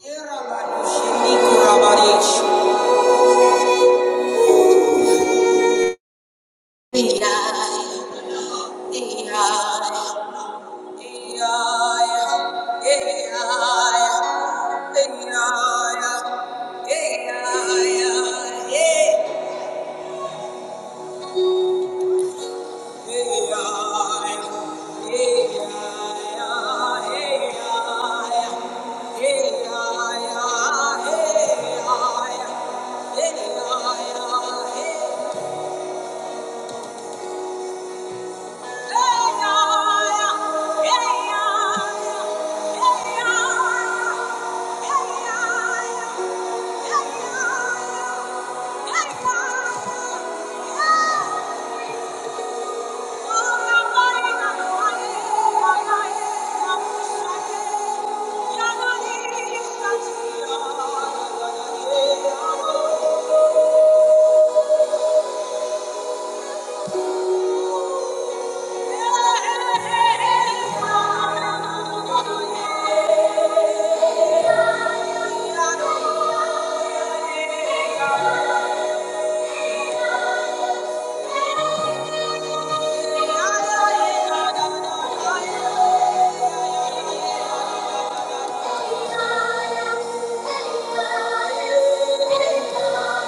Yeah. Yeah.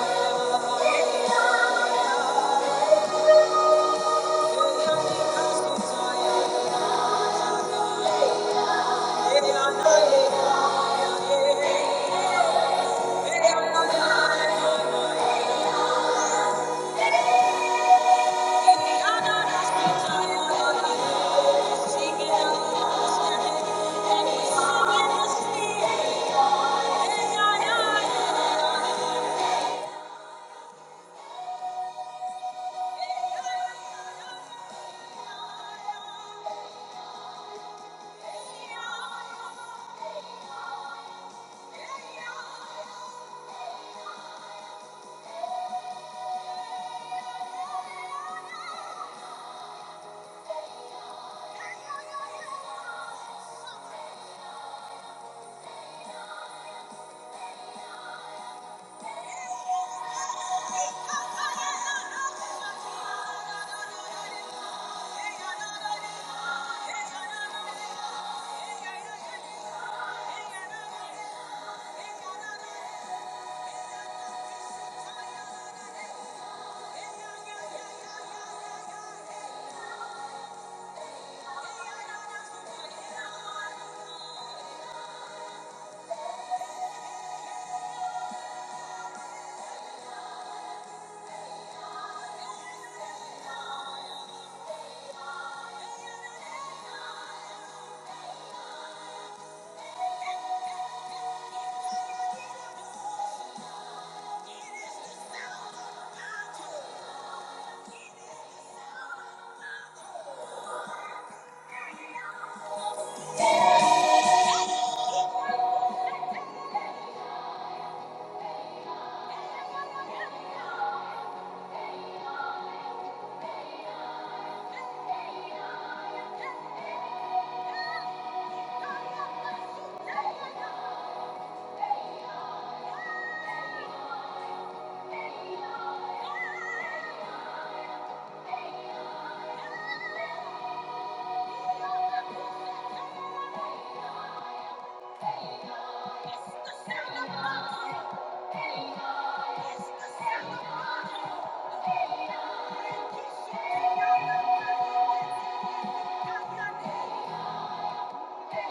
Yeah. Thank you. Hey! Thank you. Yeah.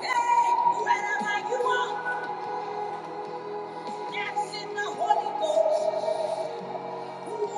Hey, wherever you are, dance the Holy Ghost. Thank you.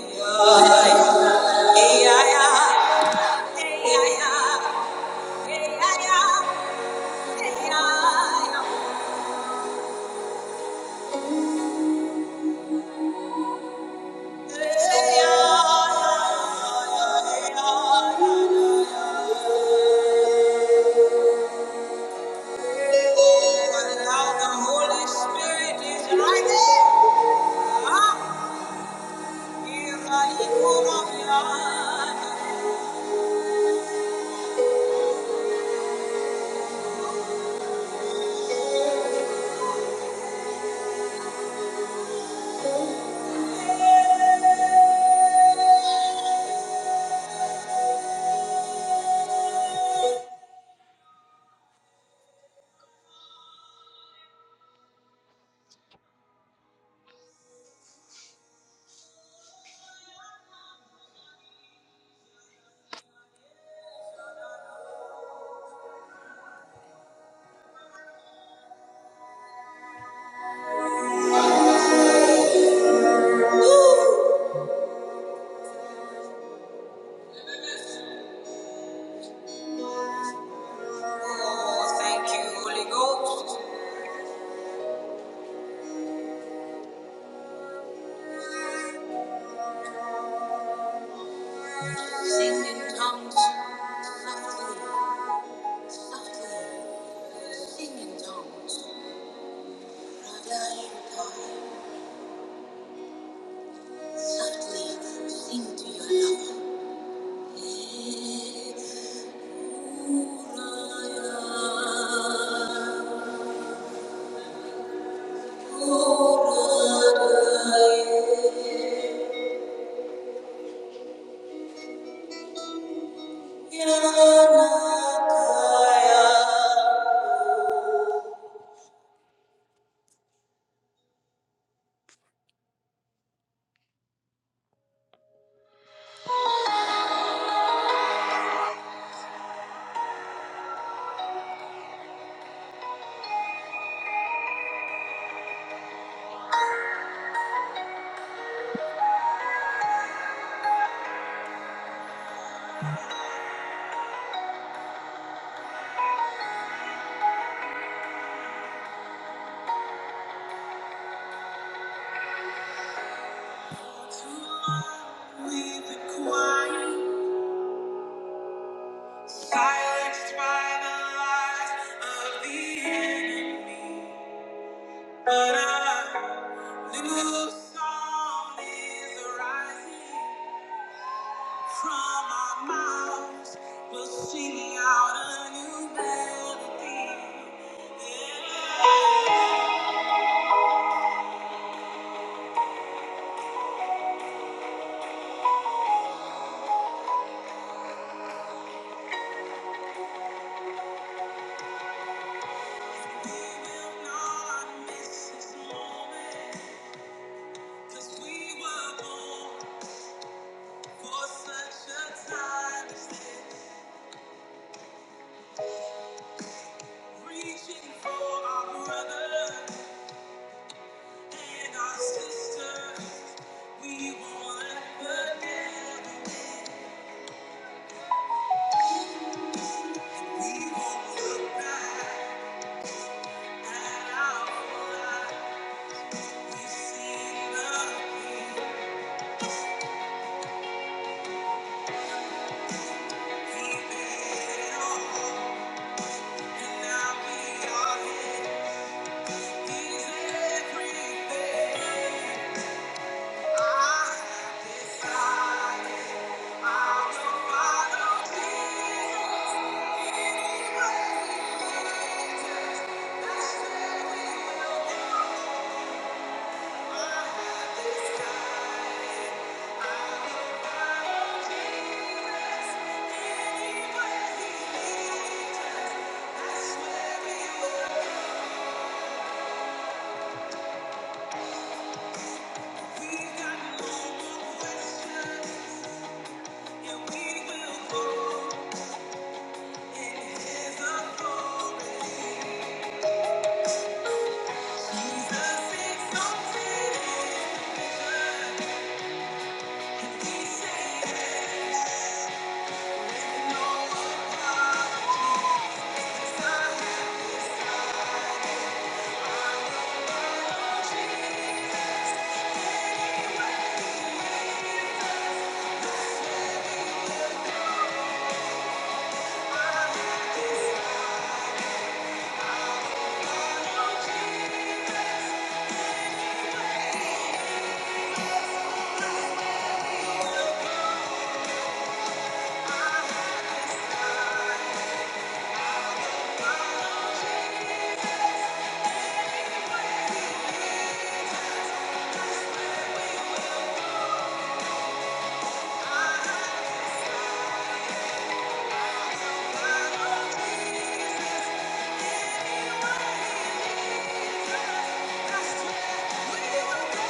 Yeah. Oh, thank you, Holy Ghost. Sing in tongues. Softly, softly, sing in tongues. Softly, sing to your Lord. Silenced by the lies of the enemy, but a new song is arising. From our mouths, we'll sing out a new melody. Yeah. We will not miss this moment, 'cause we were born for such a time as this. Reaching for our brothers and our sisters, we won't let the devil win. We won't look back at our lives. Thank you. Thank you. Thank you. Thank you.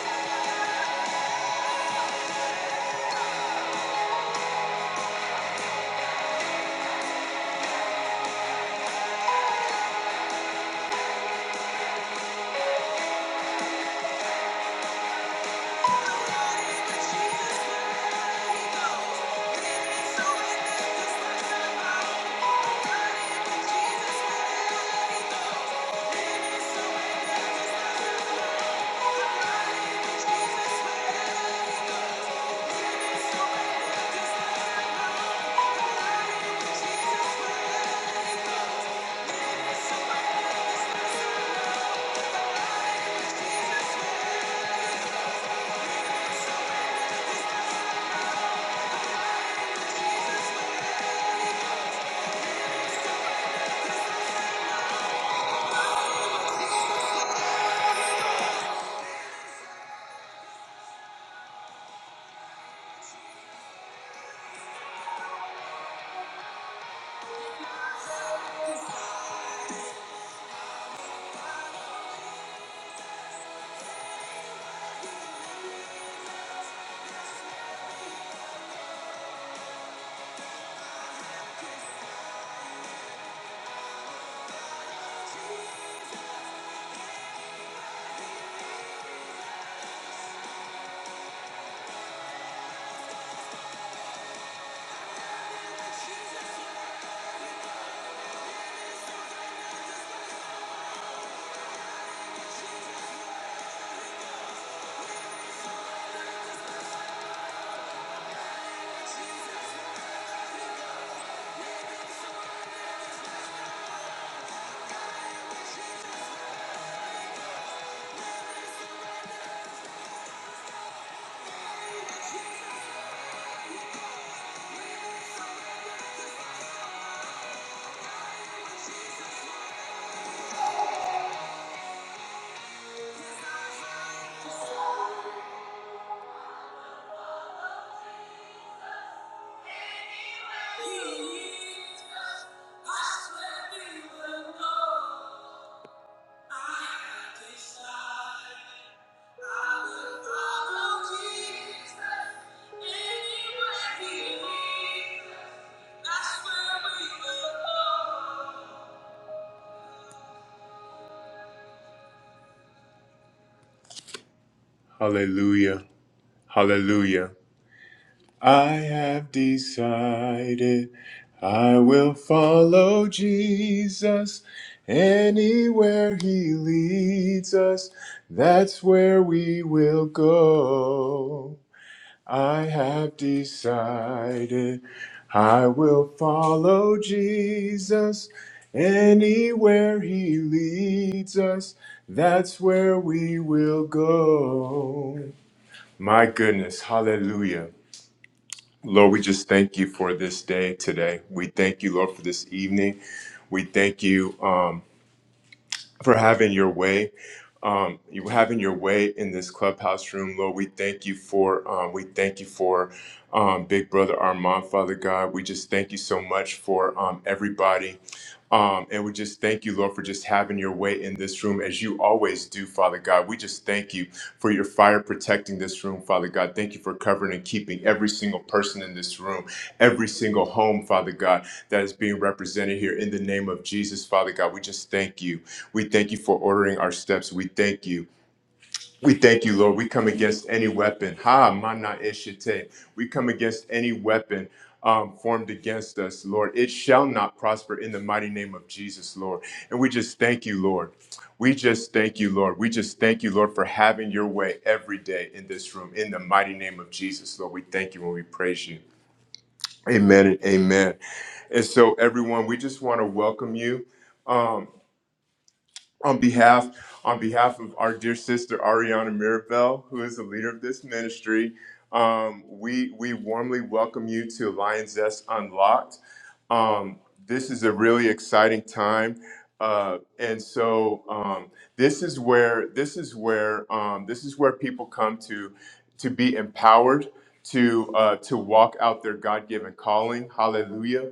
Jesus. Hallelujah. Hallelujah. I have decided I will follow Jesus anywhere he leads us. That's where we will go. I have decided I will follow Jesus anywhere he leads us. That's where we will go. My goodness, hallelujah. Lord, we just thank you for this day today. We thank you, Lord, for this evening. We thank you um, for having your way. Um, you having your way in this clubhouse room, Lord. We thank you for um, we thank you for um, Big Brother Armand, Father God. We just thank you so much for um, everybody um, and we just thank you, Lord, for just having your way in this room as you always do, Father God. We just thank you for your fire protecting this room, Father God. Thank you for covering and keeping every single person in this room, every single home, Father God, that is being represented here in the name of Jesus, Father God. We just thank you. We thank you for ordering our steps. We thank you we thank you, Lord. We come against any weapon. Ha, mana ishite. We come against any weapon um, formed against us, Lord. It shall not prosper in the mighty name of Jesus, Lord. And we just thank you, Lord. We just thank you, Lord. We just thank you, Lord, for having your way every day in this room. In the mighty name of Jesus, Lord, we thank you and we praise you. Amen and amen. And so, everyone, we just want to welcome you. Um, on behalf on behalf of our dear sister Ariana Mirabel, who is the leader of this ministry. Um, we we warmly welcome you to Lions Zest Unlocked. Um, this is a really exciting time, uh, and so um, this is where this is where um, this is where people come to to be empowered to uh, to walk out their God given calling. Hallelujah.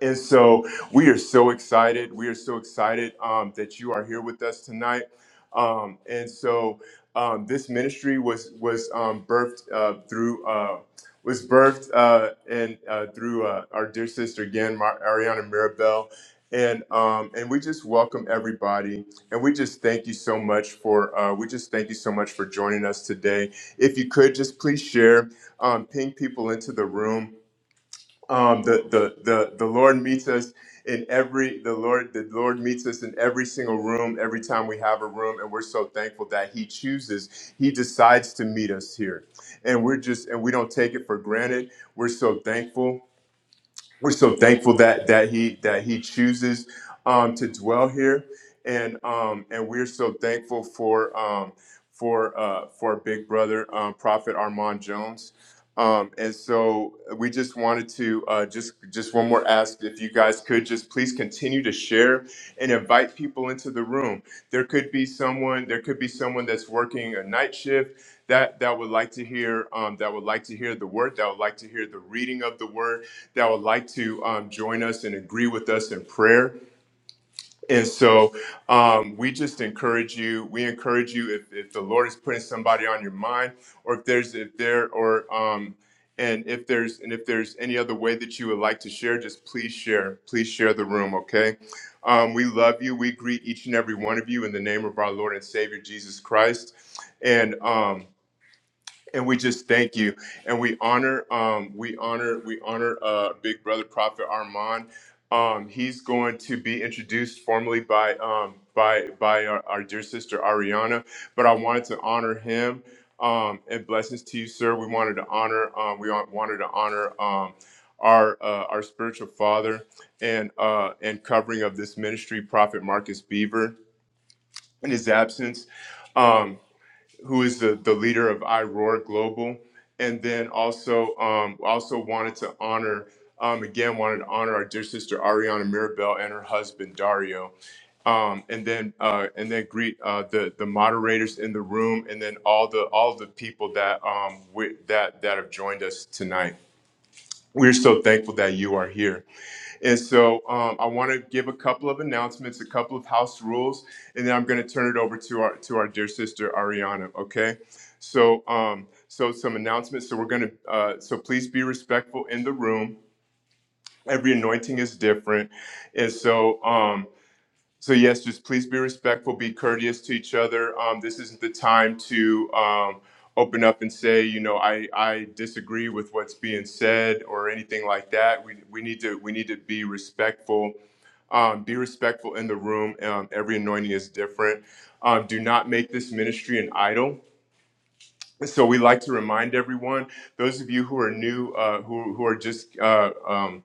And so we are so excited. We are so excited um, that you are here with us tonight. Um, and so um, this ministry was was um, birthed uh, through uh, was birthed uh, and uh, through uh, our dear sister again, Mar- Ariana Mirabel. And um, and we just welcome everybody, and we just thank you so much for uh, we just thank you so much for joining us today. If you could just please share, um, ping people into the room um, the, the the the Lord meets us in every the Lord the Lord meets us in every single room every time we have a room and we're so thankful that he chooses he decides to meet us here and we're just and we don't take it for granted we're so thankful we're so thankful that that he that he chooses um, to dwell here and um, and we're so thankful for um, for uh, for Big Brother um, Prophet Armand Jones um, and so we just wanted to uh, just just one more ask if you guys could just please continue to share and invite people into the room. There could be someone there could be someone that's working a night shift that that would like to hear um, that would like to hear the word that would like to hear the reading of the word that would like to um, join us and agree with us in prayer. And so um, we just encourage you. We encourage you if, if the Lord is putting somebody on your mind, or if there's if there or um, and if there's and if there's any other way that you would like to share, just please share. Please share the room, okay? Um, we love you. We greet each and every one of you in the name of our Lord and Savior Jesus Christ. And um, and we just thank you, and we honor, um, we honor, we honor, uh, Big Brother Prophet Armand. Um, he's going to be introduced formally by um, by by our, our dear sister Ariana. But I wanted to honor him, um, and blessings to you, sir. We wanted to honor, um, we want- wanted to honor um, our uh, our spiritual father and uh, and covering of this ministry, Prophet Marcus Beaver, in his absence. Um, who is the, the leader of iRoar Global, and then also um, also wanted to honor um, again wanted to honor our dear sister Ariana Mirabel and her husband Dario, um, and then uh, and then greet uh, the the moderators in the room, and then all the all the people that um, we, that that have joined us tonight. We're so thankful that you are here. And so um, I want to give a couple of announcements, a couple of house rules, and then I'm going to turn it over to our to our dear sister Ariana. Okay, so um, so some announcements. So we're going to uh, so please be respectful in the room. Every anointing is different, and so. Um, so yes, just please be respectful, be courteous to each other. Um, this isn't the time to um, open up and say, you know, I, I disagree with what's being said or anything like that. We, we need to we need to be respectful. Um, be respectful in the room. Um, every anointing is different. Um, do not make this ministry an idol. So we like to remind everyone, those of you who are new, uh, who, who are just uh, um,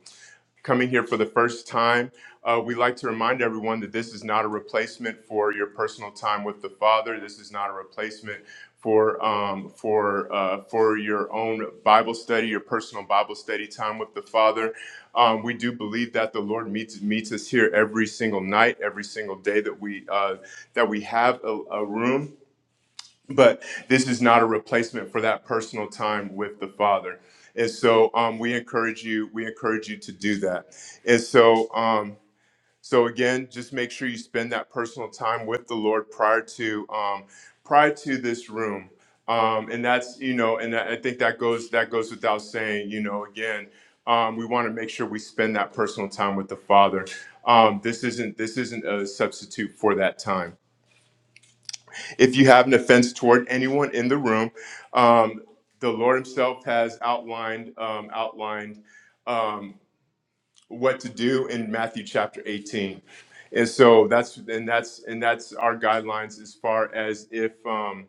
coming here for the first time, uh, we like to remind everyone that this is not a replacement for your personal time with the Father. This is not a replacement for um, for uh, for your own Bible study, your personal Bible study time with the Father. Um, we do believe that the Lord meets meets us here every single night, every single day that we uh, that we have a, a room but this is not a replacement for that personal time with the father and so um, we encourage you we encourage you to do that and so um, so again just make sure you spend that personal time with the lord prior to um, prior to this room um, and that's you know and i I think that goes that goes without saying you know again um, we want to make sure we spend that personal time with the father um, this isn't this isn't a substitute for that time if you have an offense toward anyone in the room, um, the Lord Himself has outlined um, outlined um, what to do in Matthew chapter 18, and so that's and that's and that's our guidelines as far as if um,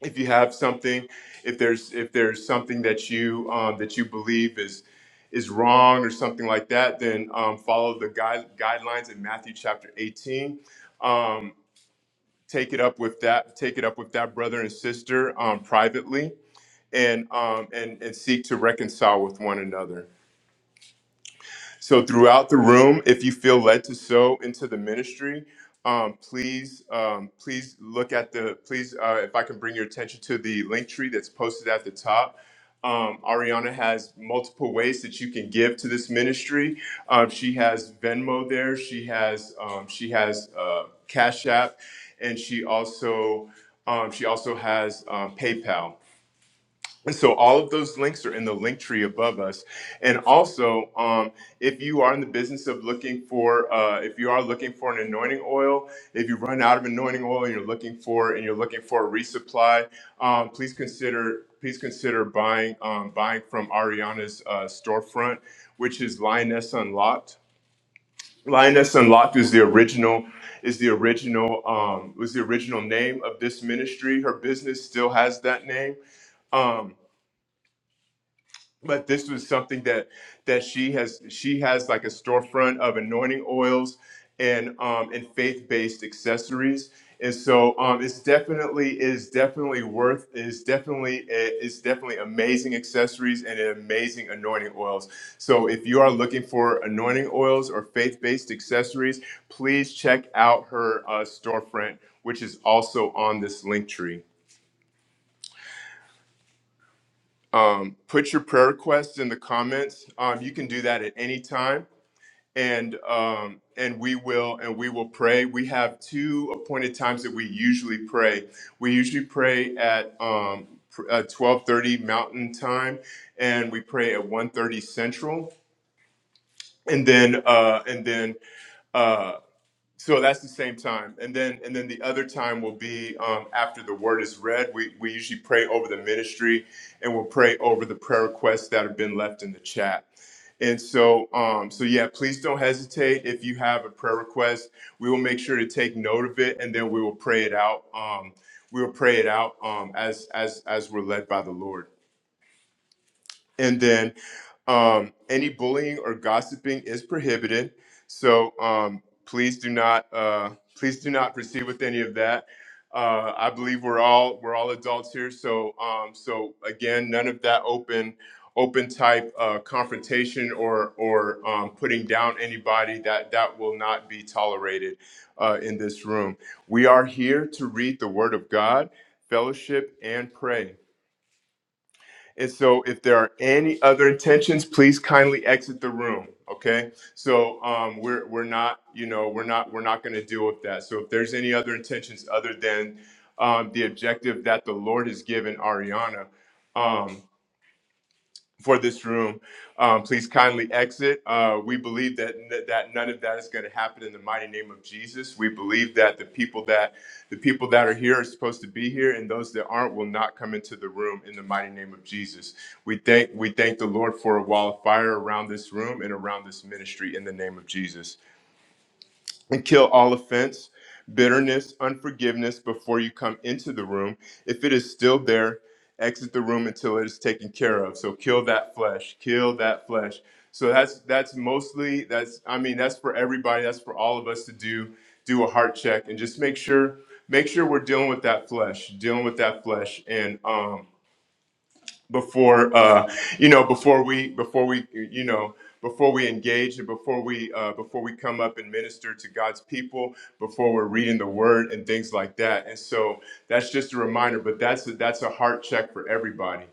if you have something, if there's if there's something that you um, that you believe is is wrong or something like that, then um, follow the guide, guidelines in Matthew chapter 18. Um, take it up with that take it up with that brother and sister um, privately and um, and and seek to reconcile with one another so throughout the room, if you feel led to sow into the ministry, um, please, um, please look at the, please, uh, if I can bring your attention to the link tree that's posted at the top. Um, Ariana has multiple ways that you can give to this ministry. Um, she has Venmo there. She has um, she has uh, Cash App, and she also um, she also has um, PayPal. And so all of those links are in the link tree above us. And also, um, if you are in the business of looking for, uh, if you are looking for an anointing oil, if you run out of anointing oil and you're looking for, and you're looking for a resupply, um, please consider, please consider buying, um, buying from Ariana's uh, storefront, which is Lioness Unlocked. Lioness Unlocked is the original is the original um, was the original name of this ministry. Her business still has that name. Um, but this was something that that she has she has like a storefront of anointing oils and um and faith-based accessories and so um it's definitely is definitely worth is definitely it's definitely amazing accessories and amazing anointing oils so if you are looking for anointing oils or faith-based accessories please check out her uh, storefront which is also on this link tree um, put your prayer requests in the comments. Um, you can do that at any time, and um, and we will and we will pray. We have two appointed times that we usually pray. We usually pray at um, pr- uh, twelve thirty Mountain Time, and we pray at 1.30 Central, and then uh, and then. uh, so that's the same time, and then and then the other time will be um, after the word is read. We we usually pray over the ministry, and we'll pray over the prayer requests that have been left in the chat. And so, um, so yeah, please don't hesitate if you have a prayer request. We will make sure to take note of it, and then we will pray it out. Um, we will pray it out um, as as as we're led by the Lord. And then um, any bullying or gossiping is prohibited. So um, please do not uh, please do not proceed with any of that. Uh, I believe we're all we're all adults here. So um, so again, none of that open open type uh, confrontation or or um, putting down anybody that that will not be tolerated uh, in this room. We are here to read the Word of God, fellowship, and pray. And so, if there are any other intentions, please kindly exit the room. Okay. So um, we're we're not, you know, we're not we're not going to deal with that. So if there's any other intentions other than um, the objective that the Lord has given Ariana, um, for this room. Um, please kindly exit. Uh, we believe that that none of that is going to happen in the mighty name of Jesus. We believe that the people that the people that are here are supposed to be here, and those that aren't will not come into the room in the mighty name of Jesus. We thank we thank the Lord for a wall of fire around this room and around this ministry in the name of Jesus and kill all offense, bitterness, unforgiveness before you come into the room. If it is still there, exit the room until it is taken care of. So kill that flesh, kill that flesh. So that's that's mostly that's I mean that's for everybody, that's for all of us to do do a heart check and just make sure make sure we're dealing with that flesh, dealing with that flesh and um before uh, you know before we before we you know before we engage and before we uh, before we come up and minister to God's people before we're reading the Word and things like that. And so that's just a reminder. But that's a, that's a heart check for everybody.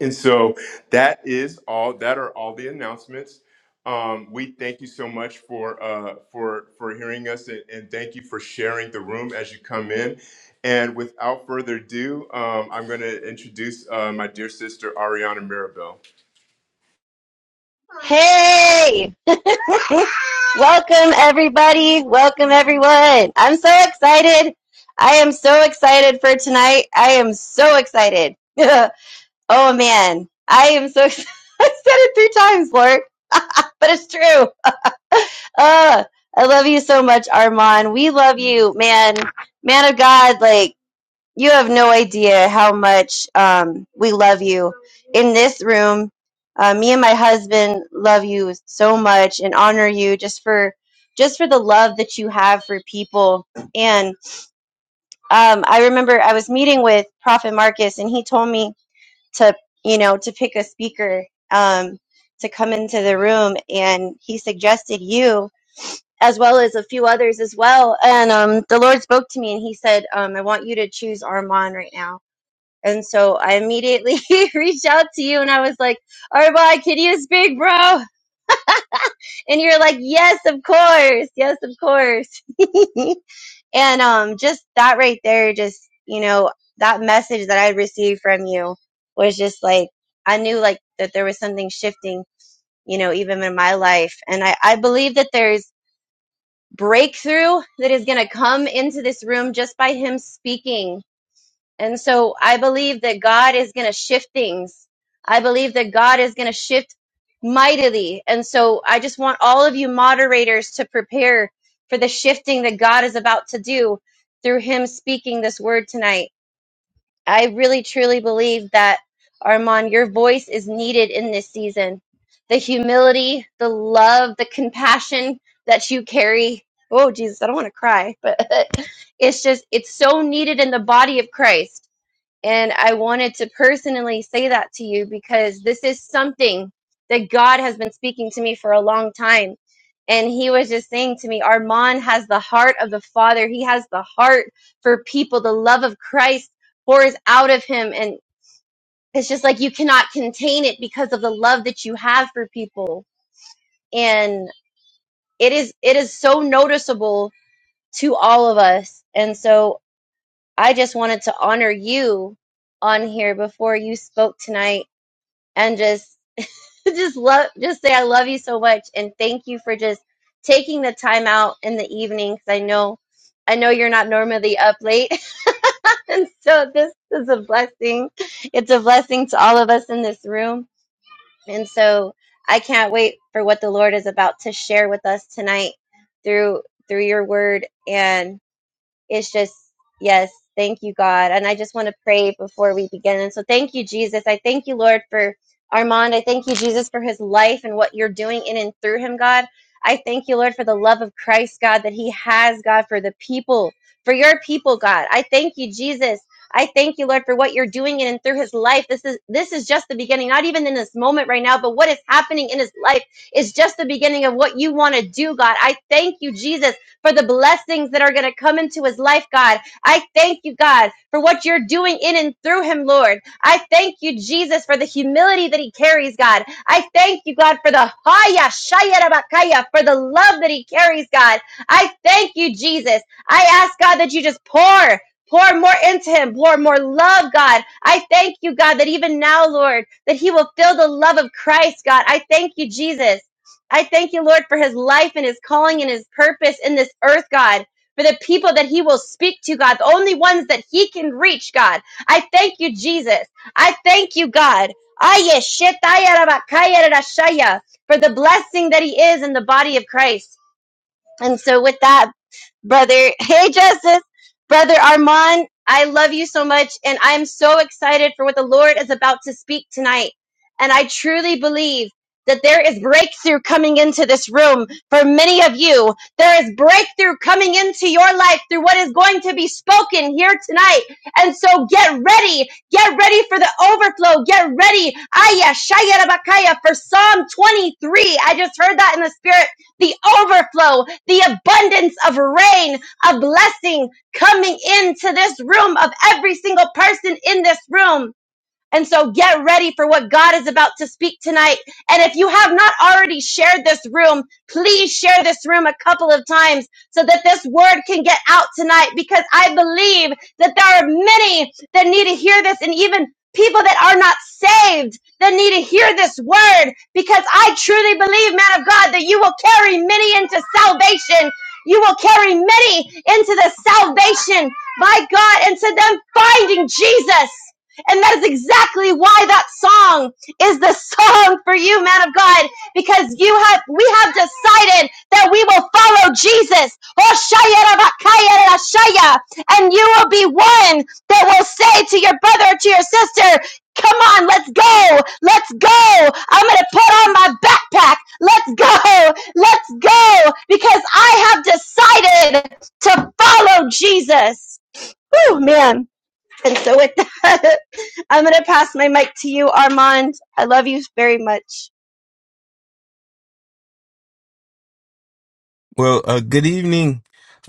And so that is all. That are all the announcements. Um, we thank you so much for uh, for for hearing us, and, and thank you for sharing the room as you come in. And without further ado, um, I'm going to introduce uh, my dear sister Ariana Mirabel. Hey! Welcome everybody. Welcome everyone. I'm so excited. I am so excited for tonight. I am so excited. oh man. I am so excited. I said it three times, Lord, but it's true. Uh, I love you so much, Armand. We love you, man. Man of God, like You have no idea how much um, we love you. In this room, uh, me and my husband love you so much and honor you just for just for the love that you have for people. And um, I remember I was meeting with Prophet Marcus, and he told me to you know to pick a speaker um, to come into the room, and he suggested you as well as a few others as well. And um, the Lord spoke to me, and he said, um, "I want you to choose Armand right now." And so I immediately reached out to you and I was like, Arba, can you speak, bro? And you're like, yes, of course. Yes, of course. and um, just that right there, just, you know, that message that I received from you was just like, I knew like that there was something shifting, you know, even in my life. And I, I believe that there's breakthrough that is going to come into this room just by him speaking And so I believe that God is going to shift things. I believe that God is going to shift mightily. And so I just want all of you moderators to prepare for the shifting that God is about to do through Him speaking this word tonight. I really truly believe that, Armand, your voice is needed in this season. The humility, the love, the compassion that you carry. Oh, Jesus, I don't want to cry, but it's just, it's so needed in the body of Christ and I wanted to personally say that to you because this is something that God has been speaking to me for a long time. And he was just saying to me, Armand has the heart of the Father. He has the heart for people. The love of Christ pours out of him. And it's just like you cannot contain it because of the love that you have for people. And it is it is so noticeable to all of us. And so I just wanted to honor you on here before you spoke tonight and just just love just say I love you so much and thank you for just taking the time out in the evening because I know I know you're not normally up late and so this is a blessing. It's a blessing to all of us in this room and so I can't wait for what the Lord is about to share with us tonight through through your word it's just yes thank you god and i just want to pray before we begin and so thank you jesus i thank you lord for armand i thank you jesus for his life and what you're doing in and through him god i thank you lord for the love of christ god that he has god for the people for your people god i thank you jesus I thank you, Lord, for what you're doing in and through his life. This is this is just the beginning, not even in this moment right now, but what is happening in his life is just the beginning of what you want to do, God. I thank you, Jesus for the blessings that are going to come into his life, God. I thank you, God, for what you're doing in and through him, Lord. I thank you, Jesus, for the humility that he carries, God. I thank you, God, for the haya shayarabakaya, for the love that he carries, God. I thank you, Jesus. I ask, God, that you just pour. Pour more into him, pour more love, God. I thank you, God, that even now, Lord, that he will feel the love of Christ, God. I thank you, Jesus. I thank you, Lord, for his life and his calling and his purpose in this earth, God. For the people that he will speak to, God, the only ones that he can reach, God. I thank you, Jesus. I thank you, God. Aye, shetaya rabakaya rashaya, For the blessing that he is in the body of Christ. And so, with that, brother. Hey, Justice, brother Armand. I love you so much, and I'm so excited for what the Lord is about to speak tonight. And I truly believe that there is breakthrough coming into this room for many of you. There is breakthrough coming into your life through what is going to be spoken here tonight. And so get ready. Get ready for the overflow. Get ready. Aya, Shaya, Rabakaya for Psalm 23. I just heard that in the spirit the overflow, the abundance of rain, a blessing coming into this room of every single person in this room. And so get ready for what God is about to speak tonight. And if you have not already shared this room, please share this room a couple of times so that this word can get out tonight because I believe that there are many that need to hear this and even people that are not saved that need to hear this word because I truly believe, man of God, that you will carry many into salvation. You will carry many into the salvation, by God, into them finding Jesus. And that is exactly why that song is the song for you, man of God, because you have we have decided that we will follow Jesus. Oh, shaya kaya raba And you will be one that will say to your brother or to your sister, Come on, let's go. Let's go. I'm going to put on my backpack. Let's go. Let's go. Because I have decided to follow Jesus. Oh, man. And so with that, I'm going to pass my mic to you, Armand. I love you very much. Well, uh, good evening,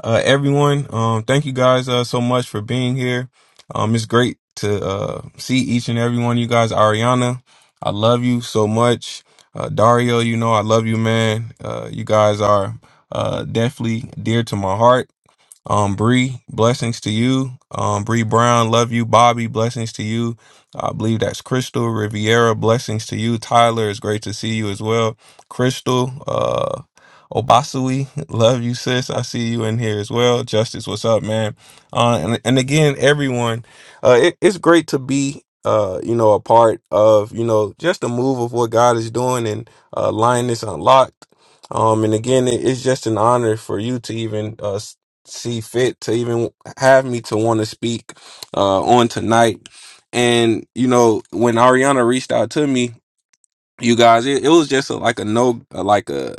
uh, everyone. Um, thank you guys uh, so much for being here. Um, it's great to uh, see each and every one of you guys. Ariana, I love you so much. Uh, Dario, you know I love you, man. Uh, you guys are uh, definitely dear to my heart. Um, Bree, blessings to you. Um, Bree Brown, love you. Bobby, blessings to you. I believe that's Crystal Riviera, blessings to you. Tyler, it's great to see you as well. Crystal, uh, Obasui, love you, sis. I see you in here as well. Justice, what's up, man? Uh, and, and again, everyone, uh, it, it's great to be, uh, you know, a part of, you know, just the move of what God is doing and uh, Lioness Unlocked. Um, and again, it, it's just an honor for you to even uh, see fit to even have me to want to speak uh, on tonight. And you know, when Ariana reached out to me, you guys it, it was just a, like a no like a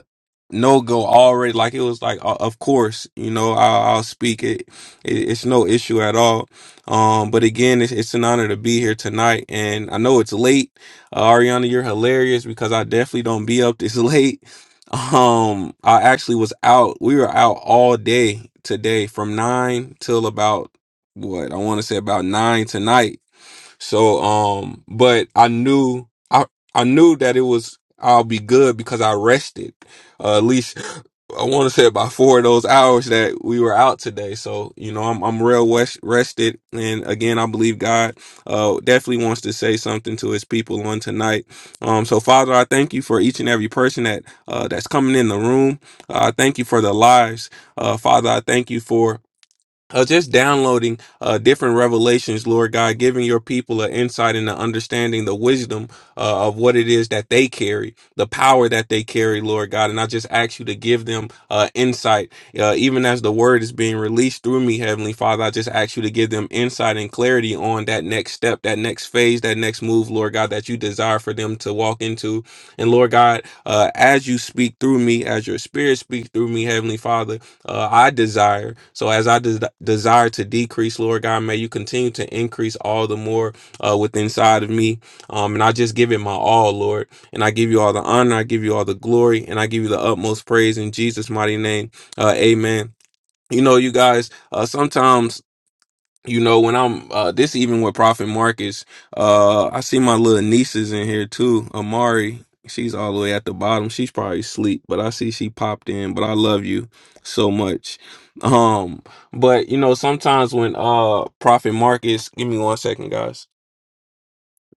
no go already like it was like uh, of course you know i'll, I'll speak it, it it's no issue at all um but again it's, it's an honor to be here tonight and i know it's late uh, ariana you're hilarious because i definitely don't be up this late um i actually was out we were out all day today from nine till about what i want to say about nine tonight so um but I knew I I knew that it was I'll be good because I rested. Uh, at least I want to say about four of those hours that we were out today. So, you know, I'm I'm real west, rested and again, I believe God uh definitely wants to say something to his people on tonight. Um so Father, I thank you for each and every person that uh that's coming in the room. Uh, I thank you for the lives. Uh Father, I thank you for uh, just downloading uh, different revelations, Lord God, giving your people an insight and an understanding, the wisdom uh, of what it is that they carry, the power that they carry, Lord God. And I just ask you to give them uh, insight, uh, even as the word is being released through me, Heavenly Father. I just ask you to give them insight and clarity on that next step, that next phase, that next move, Lord God, that you desire for them to walk into. And Lord God, uh, as you speak through me, as your spirit speaks through me, Heavenly Father uh, I desire. So as I des- desire to decrease, Lord God, may you continue to increase all the more uh, within inside of me. Um, and I just give it my all, Lord. And I give you all the honor. I give you all the glory. And I give you the utmost praise in Jesus' mighty name. Uh, amen. You know, you guys, uh, sometimes you know when i'm uh this even with prophet marcus uh i see my little nieces in here too amari she's all the way at the bottom she's probably asleep but i see she popped in but i love you so much um but you know sometimes when uh prophet marcus give me one second guys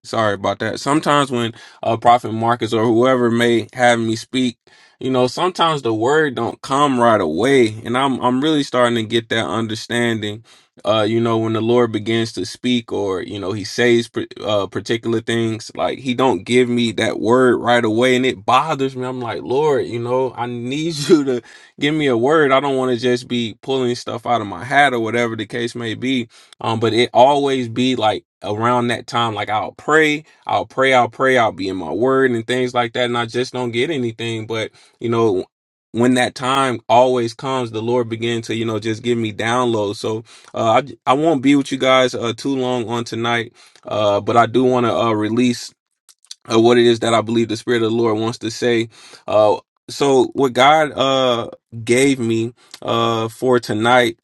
Sorry about that. Sometimes when uh, Prophet Marcus or whoever may have me speak, you know, sometimes the word don't come right away, and I'm I'm really starting to get that understanding. Uh, you know, when the Lord begins to speak, or you know, He says par- uh, particular things, like He don't give me that word right away, and it bothers me. I'm like, Lord, you know, I need you to give me a word. I don't want to just be pulling stuff out of my hat or whatever the case may be um, but it always be like around that time, like I'll pray, I'll pray, I'll pray, I'll be in my word and things like that, and I just don't get anything. But you know, when that time always comes, the Lord began to you know just give me downloads. So uh, I I won't be with you guys uh too long on tonight, uh, but I do want to uh release uh, what it is that I believe the Spirit of the Lord wants to say. Uh, so what God uh gave me uh for tonight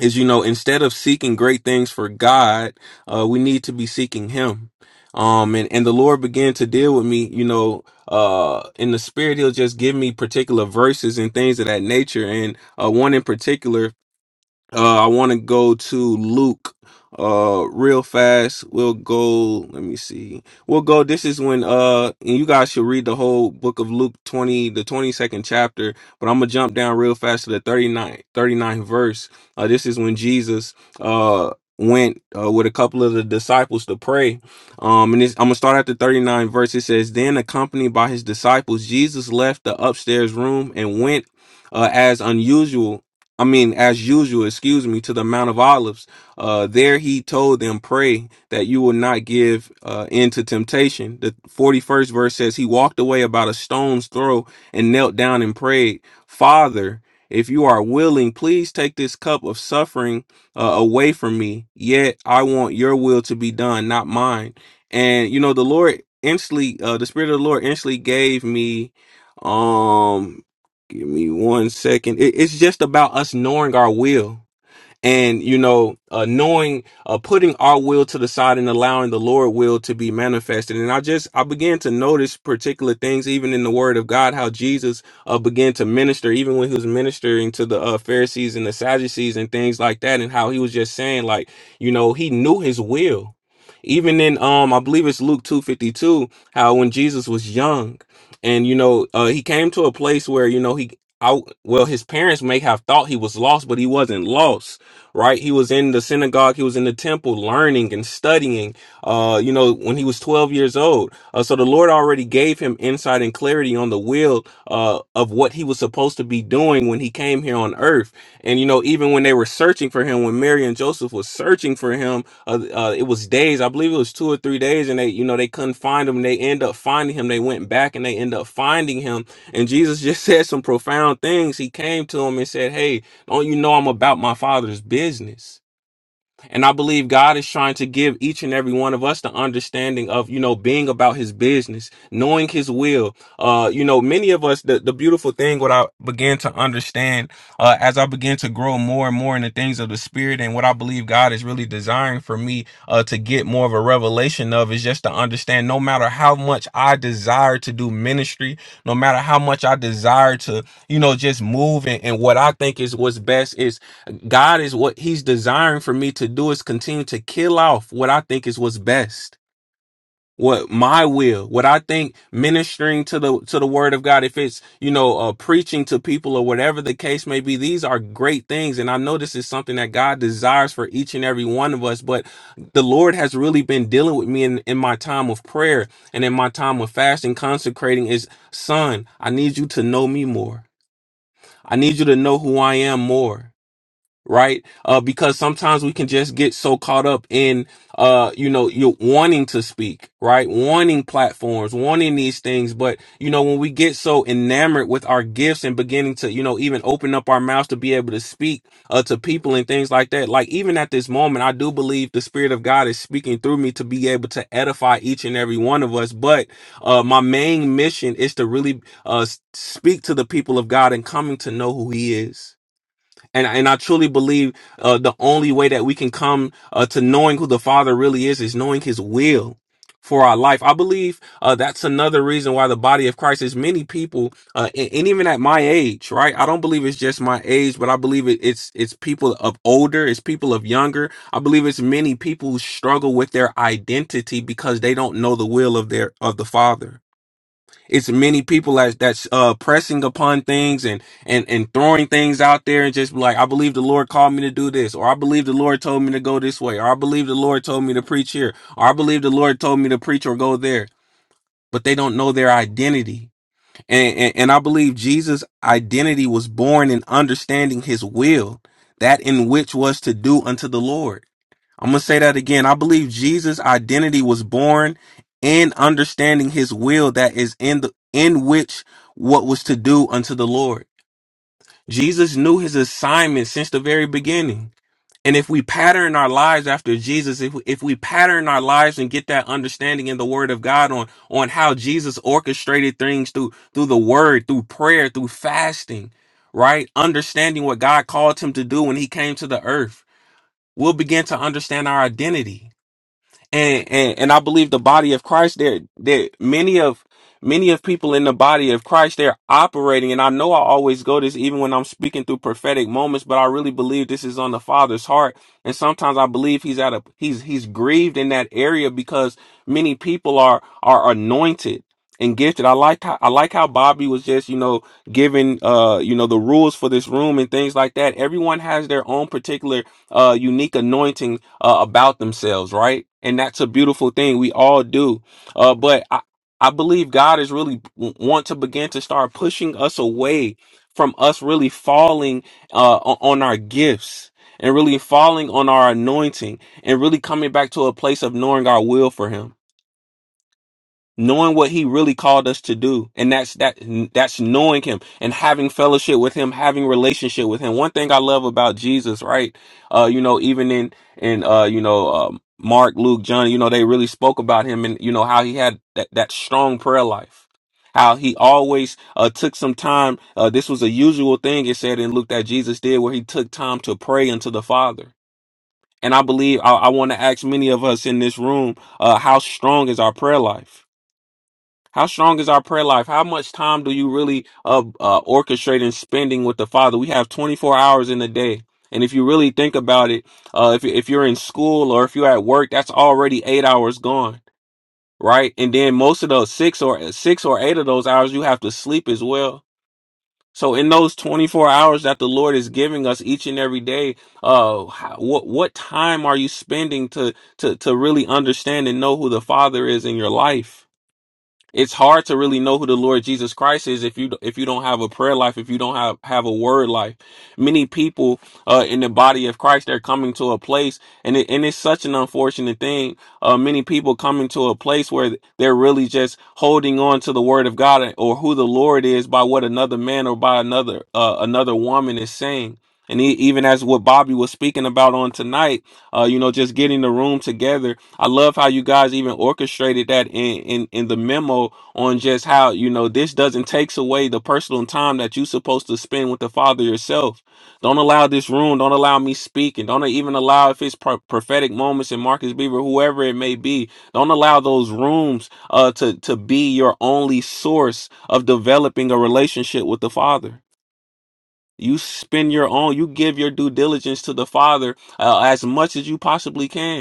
is you know instead of seeking great things for god uh we need to be seeking him um and and the lord began to deal with me you know uh in the spirit he'll just give me particular verses and things of that nature and uh one in particular uh, I want to go to Luke uh real fast. We'll go, let me see. We'll go this is when uh and you guys should read the whole book of Luke 20 the 22nd chapter, but I'm going to jump down real fast to the 39 39th verse. Uh this is when Jesus uh went uh, with a couple of the disciples to pray. Um and this, I'm going to start at the thirty ninth verse. It says, "Then accompanied by his disciples, Jesus left the upstairs room and went uh, as unusual I mean, as usual, excuse me, to the Mount of Olives. Uh, there he told them, pray that you will not give uh, in to temptation. The 41st verse says, He walked away about a stone's throw and knelt down and prayed, Father, if you are willing, please take this cup of suffering uh, away from me. Yet I want your will to be done, not mine. And, you know, the Lord instantly, uh, the Spirit of the Lord instantly gave me um Give me one second. It, it's just about us knowing our will and you know uh, knowing uh, putting our will to the side and allowing the lord will to be manifested and i just i began to notice particular things even in the word of god how jesus uh, began to minister even when he was ministering to the uh, pharisees and the sadducees and things like that and how he was just saying like you know he knew his will even in um i believe it's luke 252 how when jesus was young and you know uh, he came to a place where you know he I, well his parents may have thought he was lost but he wasn't lost right? He was in the synagogue, he was in the temple learning and studying, uh, you know, when he was 12 years old. Uh, so the Lord already gave him insight and clarity on the will uh, of what he was supposed to be doing when he came here on earth. And, you know, even when they were searching for him, when Mary and Joseph was searching for him, uh, uh, it was days, I believe it was two or three days, and they, you know, they couldn't find him. They end up finding him. They went back and they end up finding him. And Jesus just said some profound things. He came to him and said, Hey, don't you know I'm about my father's business? And I believe God is trying to give each and every one of us the understanding of, you know, being about his business, knowing his will. Uh, you know, many of us, the, the beautiful thing, what I began to understand uh, as I began to grow more and more in the things of the spirit and what I believe God is really desiring for me uh, to get more of a revelation of is just to understand no matter how much I desire to do ministry, no matter how much I desire to, you know, just move in, in what I think is what's best. is. God is what He's desiring for me to do is continue to kill off what I think is what's best, what my will, what I think ministering to the to the Word of God. If it's you know uh, preaching to people or whatever the case may be, these are great things, and I know this is something that God desires for each and every one of us. But the Lord has really been dealing with me in, in my time of prayer and in my time of fasting, consecrating. Is son, I need you to know me more. I need you to know who I am more right? Uh, because sometimes we can just get so caught up in, uh, you know, you're wanting to speak, right? Wanting platforms, wanting these things. But, you know, when we get so enamored with our gifts and beginning to, you know, even open up our mouths to be able to speak, uh, to people and things like that, like even at this moment, I do believe the Spirit of God is speaking through me to be able to edify each and every one of us. But, uh, my main mission is to really, uh, s- speak to the people of God and coming to know who He is and and I truly believe uh, the only way that we can come uh, to knowing who the Father really is is knowing His will for our life. I believe uh, that's another reason why the body of Christ is many people, uh, and, and even at my age, right? I don't believe it's just my age, but I believe it, it's it's people of older, it's people of younger. I believe it's many people who struggle with their identity because they don't know the will of their of the Father it's many people as that's uh pressing upon things and and and throwing things out there and just be like i believe the lord called me to do this or i believe the lord told me to go this way or i believe the lord told me to preach here or i believe the lord told me to preach or go there but they don't know their identity and and, and i believe jesus identity was born in understanding his will that in which was to do unto the lord I'm going to say that again. I believe Jesus' identity was born in understanding his will that is in the in which what was to do unto the Lord. Jesus knew his assignment since the very beginning. And if we pattern our lives after Jesus, if we, if we pattern our lives and get that understanding in the word of God on on how Jesus orchestrated things through through the word, through prayer, through fasting, right? Understanding what God called him to do when he came to the earth, we'll begin to understand our identity and and and I believe the body of Christ there there many of many of people in the body of Christ they're operating and I know I always go this even when I'm speaking through prophetic moments but I really believe this is on the father's heart and sometimes I believe he's at a he's he's grieved in that area because many people are are anointed and gifted. I like how I like how Bobby was just, you know, giving uh, you know, the rules for this room and things like that. Everyone has their own particular uh, unique anointing uh, about themselves, right? And that's a beautiful thing. We all do. Uh, but I, I believe God is really w- want to begin to start pushing us away from us really falling uh, o- on our gifts and really falling on our anointing and really coming back to a place of knowing our will for Him knowing what he really called us to do and that's that that's knowing him and having fellowship with him having relationship with him one thing i love about jesus right uh you know even in in uh you know um mark luke john you know they really spoke about him and you know how he had that, that strong prayer life how he always uh, took some time uh, this was a usual thing it said in luke that jesus did where he took time to pray unto the father and i believe i, I want to ask many of us in this room uh, how strong is our prayer life how strong is our prayer life? How much time do you really uh, uh, orchestrate and spending with the Father? We have 24 hours in a day. And if you really think about it, uh, if, if you're in school or if you're at work, that's already eight hours gone, right? And then most of those six or six or eight of those hours, you have to sleep as well. So in those 24 hours that the Lord is giving us each and every day, uh, how, what, what time are you spending to, to, to really understand and know who the Father is in your life? it's hard to really know who the Lord Jesus Christ is if you if you don't have a prayer life, if you don't have have a word life. Many people uh, in the body of Christ they're coming to a place, and it, and it's such an unfortunate thing. Uh, many people coming to a place where they're really just holding on to the Word of God or who the Lord is by what another man or by another uh, another woman is saying. And e even as what Bobby was speaking about on tonight, uh, you know, just getting the room together I love how you guys even orchestrated that in, in in the memo on just how you know this doesn't takes away the personal time that you're supposed to spend with the Father yourself. Don't allow this room. Don't allow me speaking. Don't even allow if it's pro- prophetic moments and Marcus Beaver, whoever it may be. Don't allow those rooms uh to to be your only source of developing a relationship with the Father. You spend your own. You give your due diligence to the Father uh, as much as you possibly can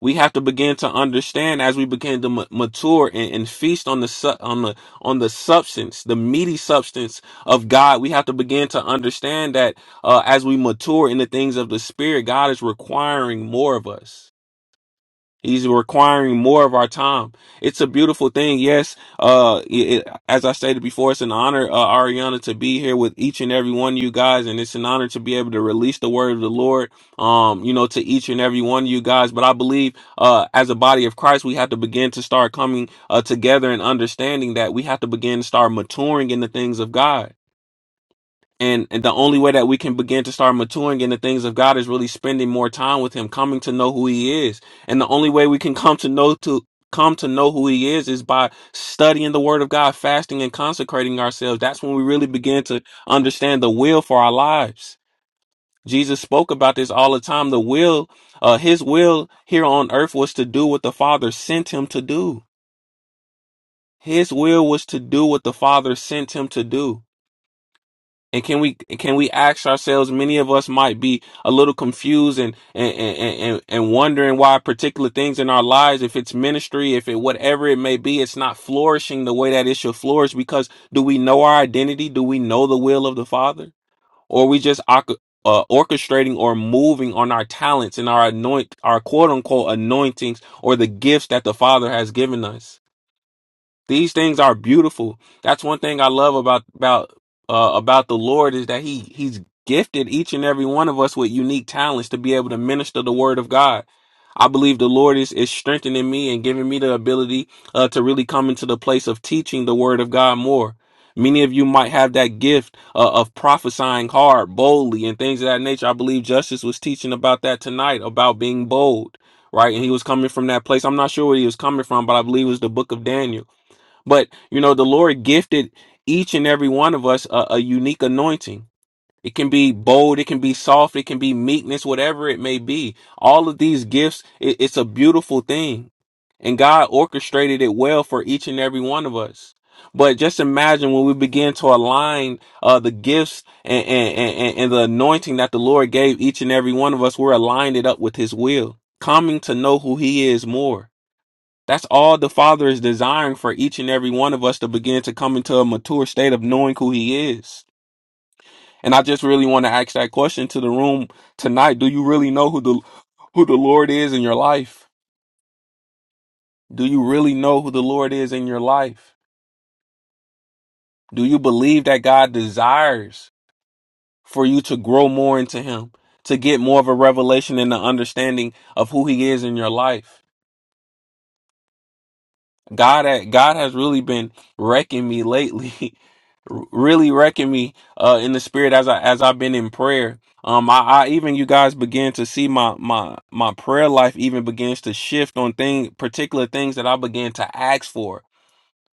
we have to begin to understand as we begin to ma- mature and, and feast on the su- on the on the substance, the meaty substance of God. We have to begin to understand that uh, as we mature in the things of the Spirit, God is requiring more of us. He's requiring more of our time. It's a beautiful thing. Yes, uh, it, as I stated before, it's an honor, uh, Ariana, to be here with each and every one of you guys, and it's an honor to be able to release the word of the Lord, um, you know, to each and every one of you guys. But I believe, uh, as a body of Christ, we have to begin to start coming uh, together and understanding that we have to begin to start maturing in the things of God and and the only way that we can begin to start maturing in the things of God is really spending more time with him coming to know who he is and the only way we can come to know to come to know who he is is by studying the word of God fasting and consecrating ourselves that's when we really begin to understand the will for our lives Jesus spoke about this all the time the will uh his will here on earth was to do what the father sent him to do his will was to do what the father sent him to do And can we can we ask ourselves? Many of us might be a little confused and and and and, and wondering why particular things in our lives, if it's ministry, if it whatever it may be, it's not flourishing the way that it should flourish. Because do we know our identity? Do we know the will of the Father, or are we just oc- uh, orchestrating or moving on our talents and our anoint our quote unquote anointings or the gifts that the Father has given us? These things are beautiful. That's one thing I love about about uh, about the Lord is that he he's gifted each and every one of us with unique talents to be able to minister the word of God. I believe the Lord is is strengthening me and giving me the ability uh, to really come into the place of teaching the word of God more. Many of you might have that gift uh, of prophesying hard, boldly, and things of that nature. I believe Justice was teaching about that tonight, about being bold, right? And he was coming from that place. I'm not sure where he was coming from, but I believe it was the book of Daniel but you know, the Lord gifted each and every one of us a, a unique anointing. It can be bold, it can be soft, it can be meekness, whatever it may be. All of these gifts, it, it's a beautiful thing. And God orchestrated it well for each and every one of us. But just imagine when we begin to align uh, the gifts and, and, and, and the anointing that the Lord gave each and every one of us, we're aligned it up with His will, coming to know who He is more. That's all the Father is desiring for each and every one of us to begin to come into a mature state of knowing who He is. And I just really want to ask that question to the room tonight. Do you really know who the who the Lord is in your life? Do you really know who the Lord is in your life? Do you believe that God desires for you to grow more into Him, to get more of a revelation and an understanding of who He is in your life? God, ha- God has really been wrecking me lately, really wrecking me uh, in the spirit as I as I've been in prayer. Um, I, I even you guys begin to see my my my prayer life even begins to shift on thing particular things that I began to ask for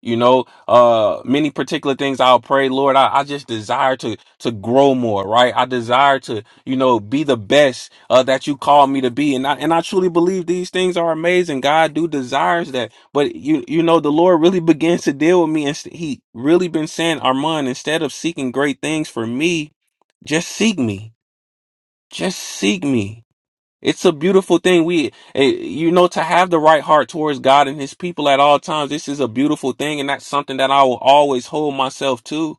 you know, uh, many particular things I'll pray, Lord, I, I just desire to, to grow more, right? I desire to, you know, be the best, uh, that you call me to be. And I, and I truly believe these things are amazing. God do desires that, but you, you know, the Lord really begins to deal with me and st- he really been saying, Armand, instead of seeking great things for me, just seek me, just seek me it's a beautiful thing. We, eh, you know, to have the right heart towards God and His people at all times. This is a beautiful thing, and that's something that I will always hold myself to,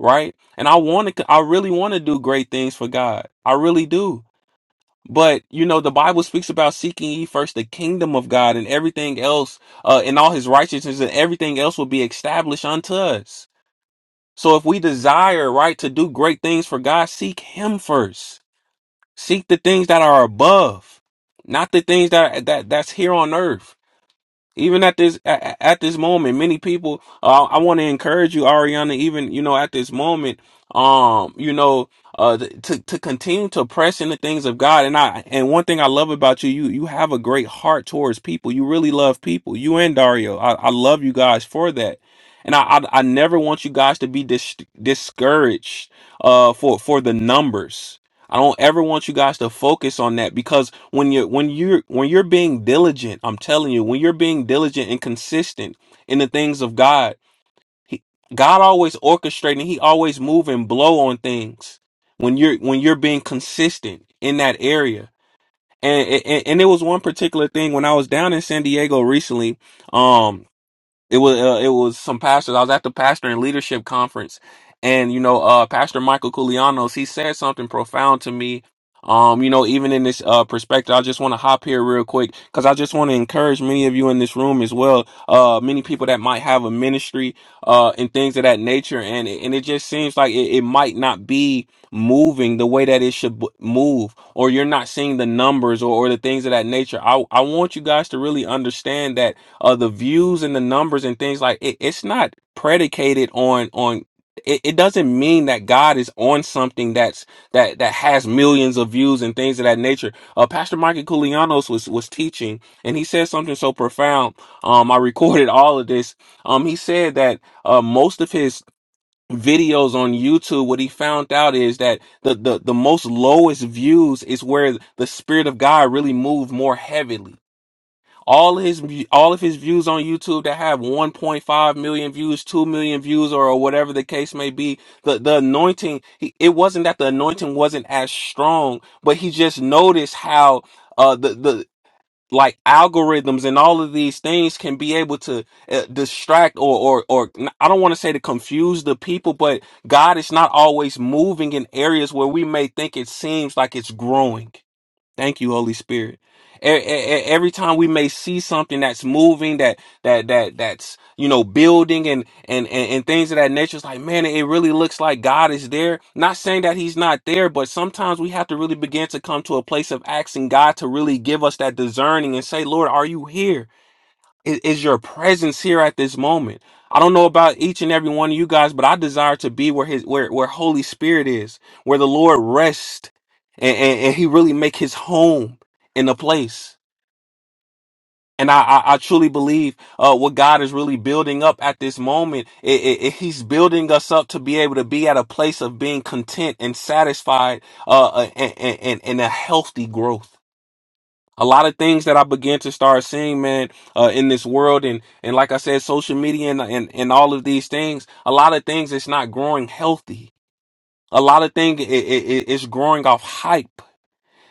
right? And I want to, I really want to do great things for God. I really do. But you know, the Bible speaks about seeking ye first the kingdom of God, and everything else, uh, and all His righteousness, and everything else will be established unto us. So if we desire, right, to do great things for God, seek Him first Seek the things that are above, not the things that that that's here on earth. Even at this at, at this moment, many people. Uh, I want to encourage you, Ariana. Even you know, at this moment, um, you know, uh, th- to to continue to press in the things of God. And I and one thing I love about you, you you have a great heart towards people. You really love people. You and Dario, I, I love you guys for that. And I, I I never want you guys to be dis- discouraged uh for for the numbers I don't ever want you guys to focus on that because when you're when you're when you're being diligent, I'm telling you, when you're being diligent and consistent in the things of God, he, God always orchestrating, He always move and blow on things when you're when you're being consistent in that area. And, and and it was one particular thing when I was down in San Diego recently. Um, it was uh, it was some pastors. I was at the pastor and leadership conference, and you know, uh, Pastor Michael Koulianos, he said something profound to me. Um, you know, even in this uh perspective, I just want to hop here real quick because I just want to encourage many of you in this room as well. Uh, many people that might have a ministry, uh, and things of that nature, and it- and it just seems like it, it might not be moving the way that it should b- move, or you're not seeing the numbers or, or the things of that nature. I I want you guys to really understand that uh the views and the numbers and things like it, it's not predicated on on it, it doesn't mean that God is on something that's that that has millions of views and things of that nature. Uh Pastor Michael Koulianos was was teaching and he said something so profound. Um I recorded all of this. Um he said that uh most of his videos on YouTube what he found out is that the the, the most lowest views is where the spirit of God really moved more heavily all his all of his views on YouTube that have 1.5 million views, 2 million views or, or whatever the case may be, the the anointing he, it wasn't that the anointing wasn't as strong, but he just noticed how uh the the like algorithms and all of these things can be able to uh, distract or or or n- I don't want to say to confuse the people, but God is not always moving in areas where we may think it seems like it's growing. Thank you, Holy Spirit. E- e- e- Every time we may see something that's moving, that that that that's you know building and and and, and things of that nature, it's like man, it really looks like God is there. Not saying that He's not there, but sometimes we have to really begin to come to a place of asking God to really give us that discerning and say, Lord, are you here? is, is your presence here at this moment. I don't know about each and every one of you guys, but I desire to be where his where where Holy Spirit is, where the Lord rests and, and, and he really make his home in the place. And I, I, I truly believe uh, what God is really building up at this moment. It, it, it- he's building us up to be able to be at a place of being content and satisfied uh, uh, and, and, and and a healthy growth a lot of things that I began to start seeing, man, uh, in this world, and and like I said, social media and and, and all of these things, a lot of things it's not growing healthy. A lot of things it, it, it- it's growing off hype.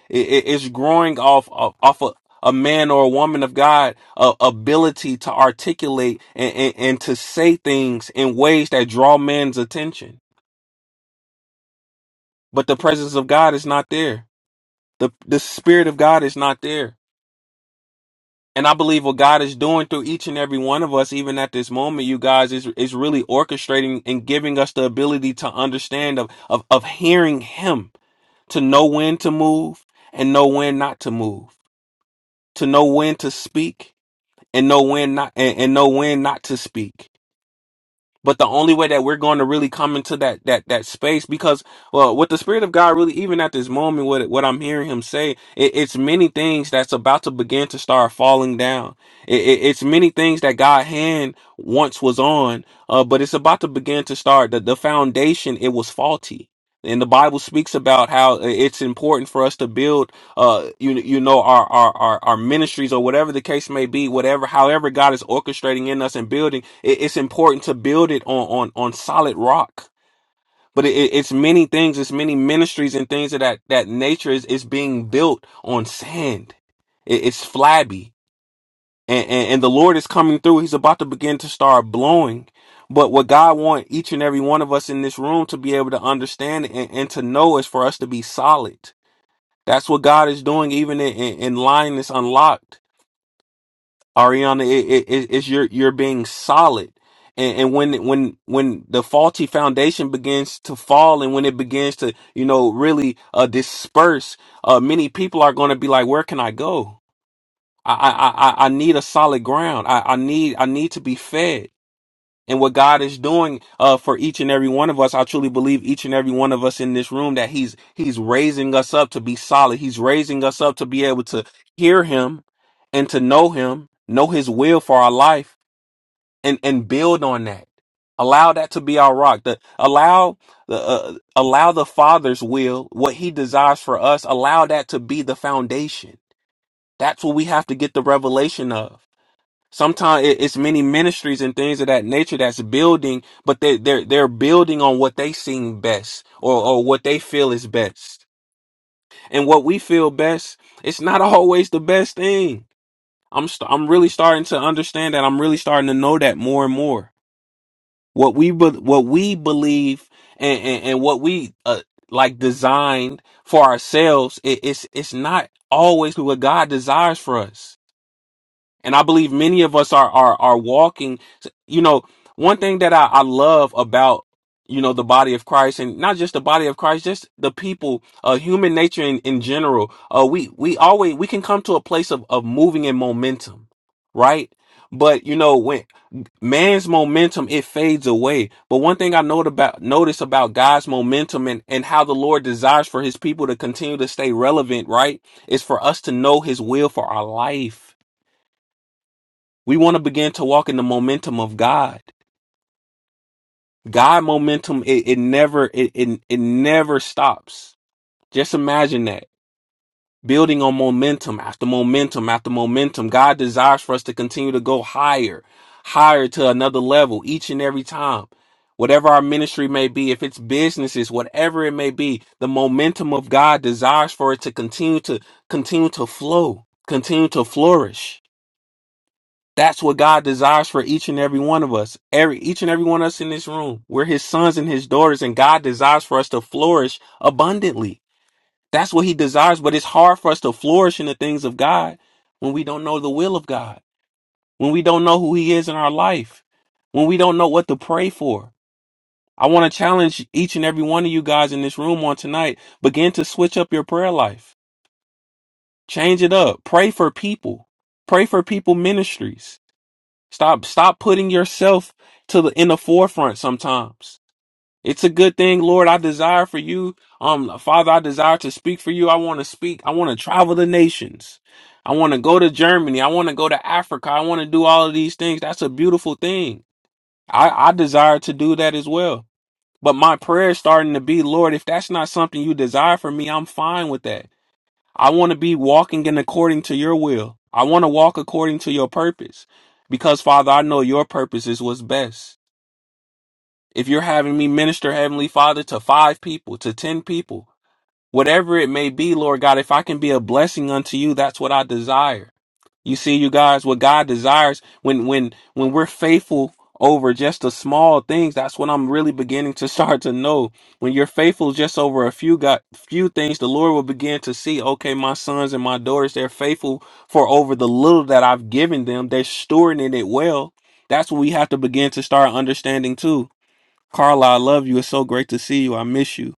It, it- it's growing off off, off a, a man or a woman of God uh, ability to articulate and, and and to say things in ways that draw man's attention. But the presence of God is not there. The the spirit of God is not there And I believe what God is doing through each and every one of us, even at this moment, you guys, is is really orchestrating and giving us the ability to understand of of of hearing Him, to know when to move and know when not to move, to know when to speak and know when not and, and know when not to speak but the only way that we're going to really come into that that that space, because well, with the spirit of God, really, even at this moment, what what I'm hearing Him say, it, it's many things that's about to begin to start falling down. It, it- it's many things that God hand once was on, uh, but it's about to begin to start. The the foundation it was faulty, and the Bible speaks about how uh, it's important for us to build uh you you know our, our our our ministries or whatever the case may be whatever however god is orchestrating in us and building it, it's important to build it on on on solid rock but it, it- it's many things it's many ministries and things of that that nature is is being built on sand it, it's flabby and, and and the lord is coming through he's about to begin to start blowing but what god want each and every one of us in this room to be able to understand and, and to know is for us to be solid that's what God is doing, even in, in, in line that's unlocked, Ariana. It, it, it's you're you're being solid, and, and when when when the faulty foundation begins to fall, and when it begins to you know really uh, disperse, uh, many people are going to be like, "Where can I go? I I I, I I need a solid ground. I, I need I need to be fed." and what God is doing uh, for each and every one of us. I truly believe each and every one of us in this room that He's He's raising us up to be solid. He's raising us up to be able to hear Him and to know Him, know His will for our life, and and build on that. Allow that to be our rock. The, allow the uh, allow the Father's will, what He desires for us. Allow that to be the foundation. That's what we have to get the revelation of. Sometimes it's many ministries and things of that nature that's building, but they, they're they're building on what they seem best or or what they feel is best. And what we feel best, it's not always the best thing. I'm st- I'm really starting to understand that. I'm really starting to know that more and more. What we be- what we believe and and, and what we uh, like designed for ourselves, it, it's it's not always what God desires for us and I believe many of us are are are walking. You know, one thing that I, I love about you know the body of Christ, and not just the body of Christ, just the people, uh, human nature in, in general. Uh, we we always we can come to a place of of moving in momentum, right? But you know when man's momentum it fades away. But one thing I note about notice about God's momentum and and how the Lord desires for His people to continue to stay relevant, right? Is for us to know His will for our life we want to begin to walk in the momentum of God. God momentum, it, it never, it, it, it never stops. Just imagine that. Building on momentum after momentum after momentum. God desires for us to continue to go higher, higher to another level each and every time. Whatever our ministry may be, if it's businesses, whatever it may be, the momentum of God desires for it to continue to continue to flow, continue to flourish. That's what God desires for each and every one of us. Every each and every one of us in this room. We're his sons and his daughters and God desires for us to flourish abundantly. That's what he desires, but it's hard for us to flourish in the things of God when we don't know the will of God, when we don't know who he is in our life, when we don't know what to pray for. I want to challenge each and every one of you guys in this room on tonight, begin to switch up your prayer life. Change it up. Pray for people. Pray for people ministries Stop stop putting yourself to the in the forefront sometimes. It's a good thing, Lord. I desire for you. Um, Father, I desire to speak for you. I want to speak. I want to travel the nations. I want to go to Germany. I want to go to Africa. I want to do all of these things. That's a beautiful thing. I, I desire to do that as well. But my prayer is starting to be, Lord, if that's not something you desire for me, I'm fine with that. I want to be walking in according to your will. I want to walk according to your purpose. Because, Father, I know your purpose is what's best. If you're having me minister, Heavenly Father, to five people, to ten people, whatever it may be, Lord God, if I can be a blessing unto you, that's what I desire. You see, you guys, what God desires when when when we're faithful over just the small things, that's what I'm really beginning to start to know. When you're faithful just over a few got few things, the Lord will begin to see, okay, my sons and my daughters, they're faithful for over the little that I've given them. They're storing in it well. That's what we have to begin to start understanding too. Carla, I love you. It's so great to see you. I miss you.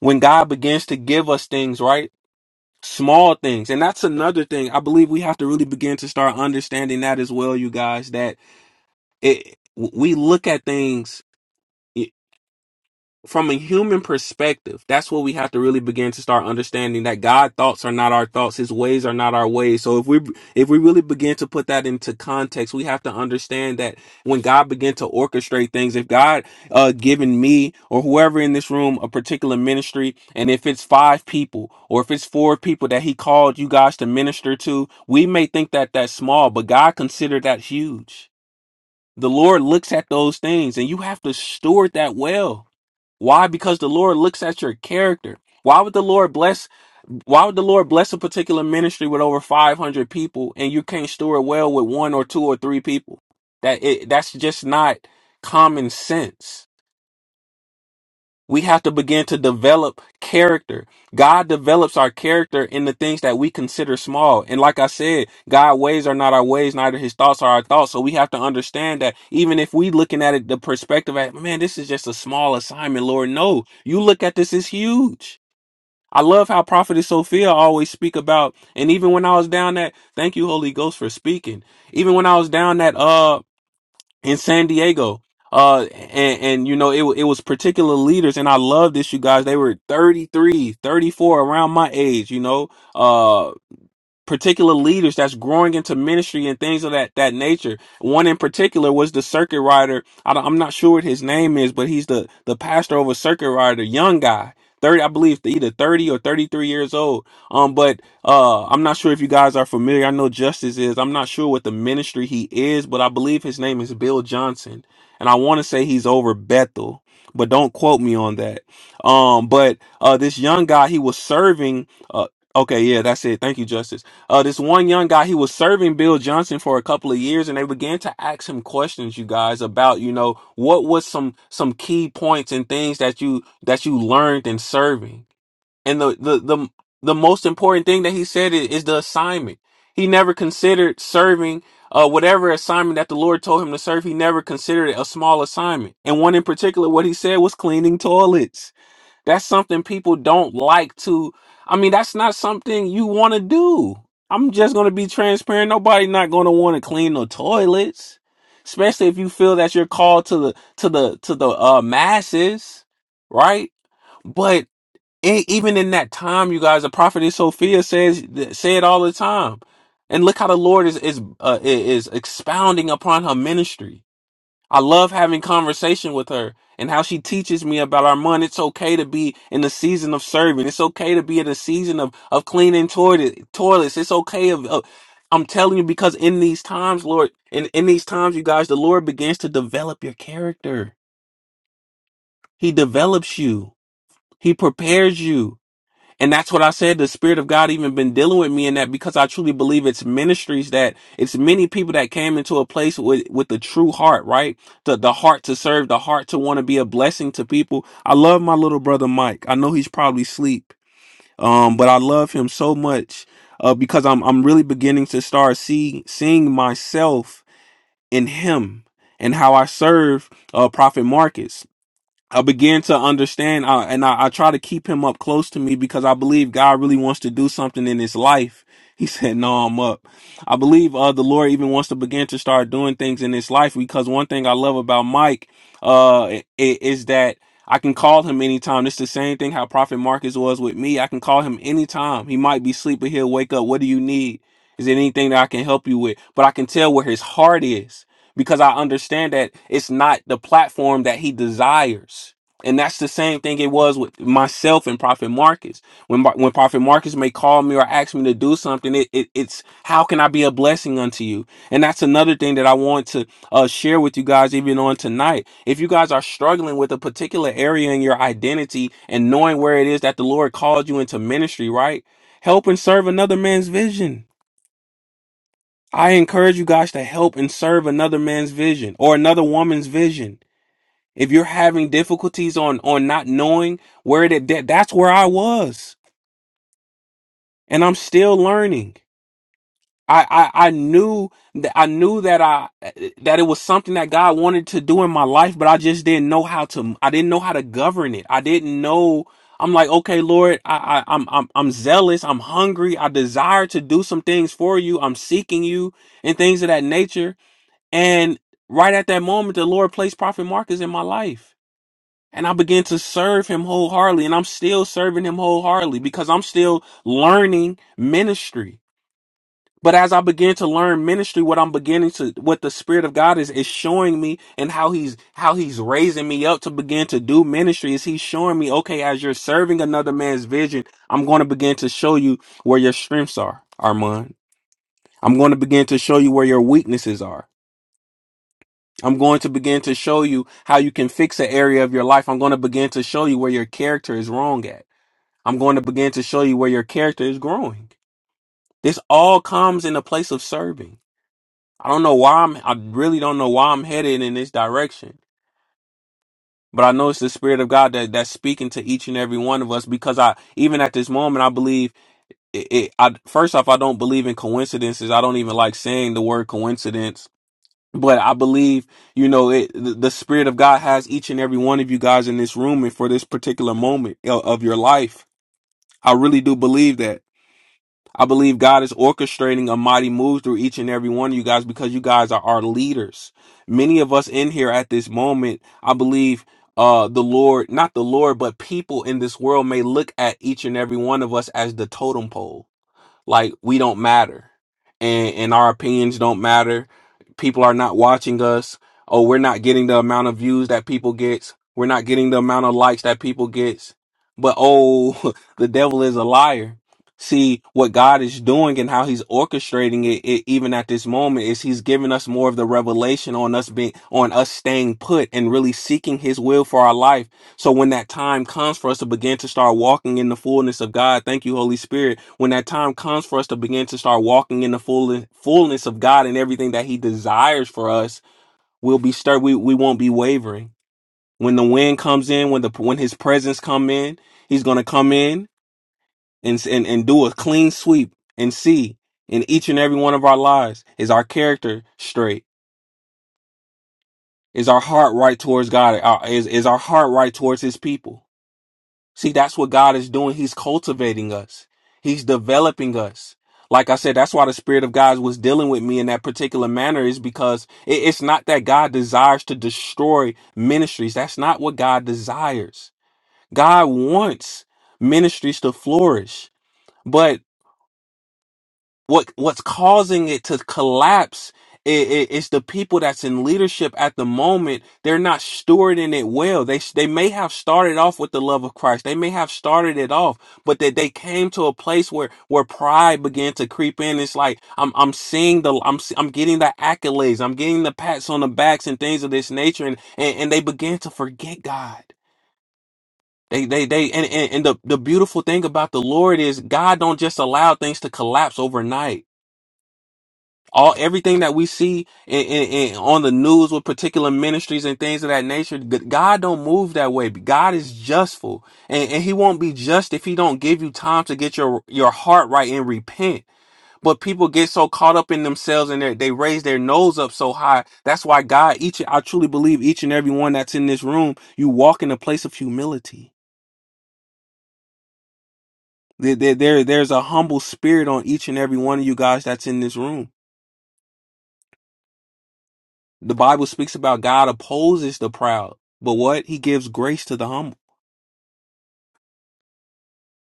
When God begins to give us things, right? small things and that's another thing i believe we have to really begin to start understanding that as well you guys that it we look at things from a human perspective, that's what we have to really begin to start understanding that God's thoughts are not our thoughts, his ways are not our ways. So if we if we really begin to put that into context, we have to understand that when God began to orchestrate things, if God uh given me or whoever in this room a particular ministry, and if it's five people or if it's four people that he called you guys to minister to, we may think that that's small, but God considered that huge. The Lord looks at those things and you have to steward that well why? Because the Lord looks at your character. Why would the Lord bless why would the Lord bless a particular ministry with over 500 people and you can't steward well with one or two or three people? That it, that's just not common sense. We have to begin to develop character. God develops our character in the things that we consider small. And like I said, God's ways are not our ways, neither his thoughts are our thoughts. So we have to understand that even if we looking at it the perspective at man, this is just a small assignment, Lord. No, you look at this as huge. I love how Prophetess Sophia always speak about, and even when I was down that, thank you, Holy Ghost, for speaking. Even when I was down that uh in San Diego. Uh, and, and you know, it, wa- it was particular leaders, and I love this, you guys. They were 33, 34, around my age, you know. uh, particular leaders that's growing into ministry and things of that that nature. One in particular was the circuit rider. I don't, I'm not sure what his name is, but he's the the pastor of a circuit rider, young guy. 30 I believe either 30 or 33 years old. Um but uh I'm not sure if you guys are familiar. I know Justice is. I'm not sure what the ministry he is, but I believe his name is Bill Johnson. And I want to say he's over Bethel, but don't quote me on that. Um but uh this young guy he was serving uh okay, yeah, that's it. Thank you Justice uh, this one young guy, he was serving Bill Johnson for a couple of years, and they began to ask him questions, you guys, about you know what was some some key points and things that you that you learned in serving. And the the the the most important thing that he said is, is the assignment. He never considered serving uh, whatever assignment that the Lord told him to serve. He never considered it a small assignment. And one in particular, what he said was cleaning toilets. That's something people don't like to. I mean, that's not something you want to do. I'm just going to be transparent. Nobody not going to want to clean the toilets, especially if you feel that you're called to the to the to the uh masses, right? But e- even in that time, you guys, the prophetess Sophia says say it all the time, and look how the Lord is is uh, is expounding upon her ministry I love having conversation with her and how she teaches me about our money. It's okay to be in the season of serving. It's okay to be in the season of, of cleaning toilet, toilets. It's okay of, of- I'm telling you, because in these times, Lord, in, in these times, you guys, the Lord begins to develop your character. He develops you. He prepares you. And that's what I said. The Spirit of God even been dealing with me in that because I truly believe it's ministries that it's many people that came into a place with with the true heart, right? The the heart to serve, the heart to want to be a blessing to people. I love my little brother Mike. I know he's probably asleep, um, but I love him so much uh, because I'm I'm really beginning to start see seeing myself in him and how I serve uh, Prophet Marcus. I began to understand, uh, and I, I try to keep him up close to me because I believe God really wants to do something in his life. He said, "No, I'm up." I believe uh, the Lord even wants to begin to start doing things in his life because one thing I love about Mike uh, i- i- is that I can call him anytime. It's the same thing how Prophet Marcus was with me. I can call him anytime. He might be sleeping, he'll wake up. What do you need? Is there anything that I can help you with? But I can tell where his heart is because I understand that it's not the platform that he desires. And that's the same thing it was with myself and Prophet Marcus. When Mar- when Prophet Marcus may call me or ask me to do something, it, it it's how can I be a blessing unto you? And that's another thing that I want to uh, share with you guys even on tonight. If you guys are struggling with a particular area in your identity and knowing where it is that the Lord called you into ministry, right? Help and serve another man's vision I encourage you guys to help and serve another man's vision or another woman's vision. If you're having difficulties on on not knowing where it that, that's where I was, and I'm still learning. I, I I knew that I knew that I that it was something that God wanted to do in my life, but I just didn't know how to. I didn't know how to govern it. I didn't know. I'm like, okay, Lord, I, I I'm I'm I'm zealous. I'm hungry. I desire to do some things for you. I'm seeking you and things of that nature And right at that moment, the Lord placed Prophet Marcus in my life. And I began to serve him wholeheartedly. And I'm still serving him wholeheartedly because I'm still learning ministry. But as I begin to learn ministry, what I'm beginning to, what the Spirit of God is, is showing me and how He's, how He's raising me up to begin to do ministry is He's showing me, okay, as you're serving another man's vision, I'm going to begin to show you where your strengths are, Armand. I'm going to begin to show you where your weaknesses are. I'm going to begin to show you how you can fix an area of your life. I'm going to begin to show you where your character is wrong at. I'm going to begin to show you where your character is growing. This all comes in the place of serving. I don't know why I'm, I really don't know why I'm headed in this direction, but I know it's the Spirit of God that, that's speaking to each and every one of us because I, even at this moment, I believe it, it I, first off, I don't believe in coincidences. I don't even like saying the word coincidence but I believe, you know, it, the, the Spirit of God has each and every one of you guys in this room and for this particular moment of, of your life. I really do believe that. I believe God is orchestrating a mighty move through each and every one of you guys because you guys are our leaders. Many of us in here at this moment, I believe uh the Lord, not the Lord, but people in this world may look at each and every one of us as the totem pole like we don't matter and and our opinions don't matter people are not watching us oh we're not getting the amount of views that people gets we're not getting the amount of likes that people gets but oh the devil is a liar see what god is doing and how he's orchestrating it, it even at this moment is he's giving us more of the revelation on us being on us staying put and really seeking his will for our life so when that time comes for us to begin to start walking in the fullness of God, thank you, Holy Spirit. When that time comes for us to begin to start walking in the full fullness of God and everything that He desires for us, we'll be stirred. We we won't be wavering. When the wind comes in, when the when His presence come in, He's gonna come in and and, and do a clean sweep and see in each and every one of our lives is our character straight, is our heart right towards God, Are- is is our heart right towards His people. See, that's what God is doing. He's cultivating us. He's developing us. Like I said, that's why the Spirit of God was dealing with me in that particular manner is because it- it's not that God desires to destroy ministries. That's not what God desires. God wants ministries to flourish. But what what's causing it to collapse i i is the people that's in leadership at the moment they're not stewarding it well they s- they may have started off with the love of Christ they may have started it off but that they came to a place where where pride began to creep in it's like I'm I'm seeing the I'm s- I'm getting the accolades I'm getting the pats on the backs and things of this nature and and, and they began to forget God they they they and, and and the the beautiful thing about the Lord is God don't just allow things to collapse overnight all everything that we see in, in, in- on the news with particular ministries and things of that nature g- god don't move that way god is justful and, and he won't be just if he don't give you time to get your your heart right and repent but people get so caught up in themselves and they they raise their nose up so high that's why god each i truly believe each and every one that's in this room you walk in a place of humility there, there, there- there's a humble spirit on each and every one of you guys that's in this room The Bible speaks about God opposes the proud, but what? He gives grace to the humble.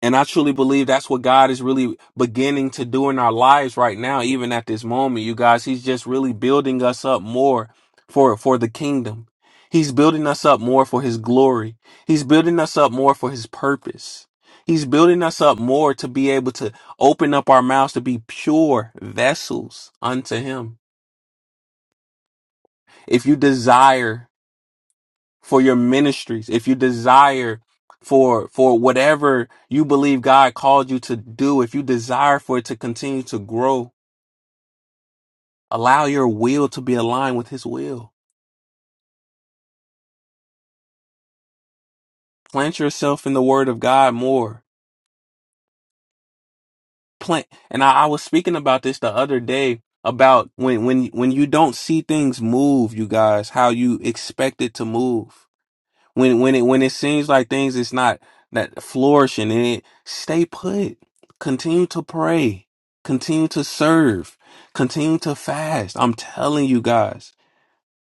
And I truly believe that's what God is really beginning to do in our lives right now, even at this moment, you guys. He's just really building us up more for, for the kingdom. He's building us up more for his glory. He's building us up more for his purpose. He's building us up more to be able to open up our mouths to be pure vessels unto him. If you desire for your ministries, if you desire for for whatever you believe God called you to do, if you desire for it to continue to grow, allow your will to be aligned with his will. Plant yourself in the word of God more. Plant and I, I was speaking about this the other day about when when when you don't see things move, you guys, how you expect it to move. when when it when it seems like things is not that flourishing in it stay put continue to pray continue to serve continue to fast i'm telling you guys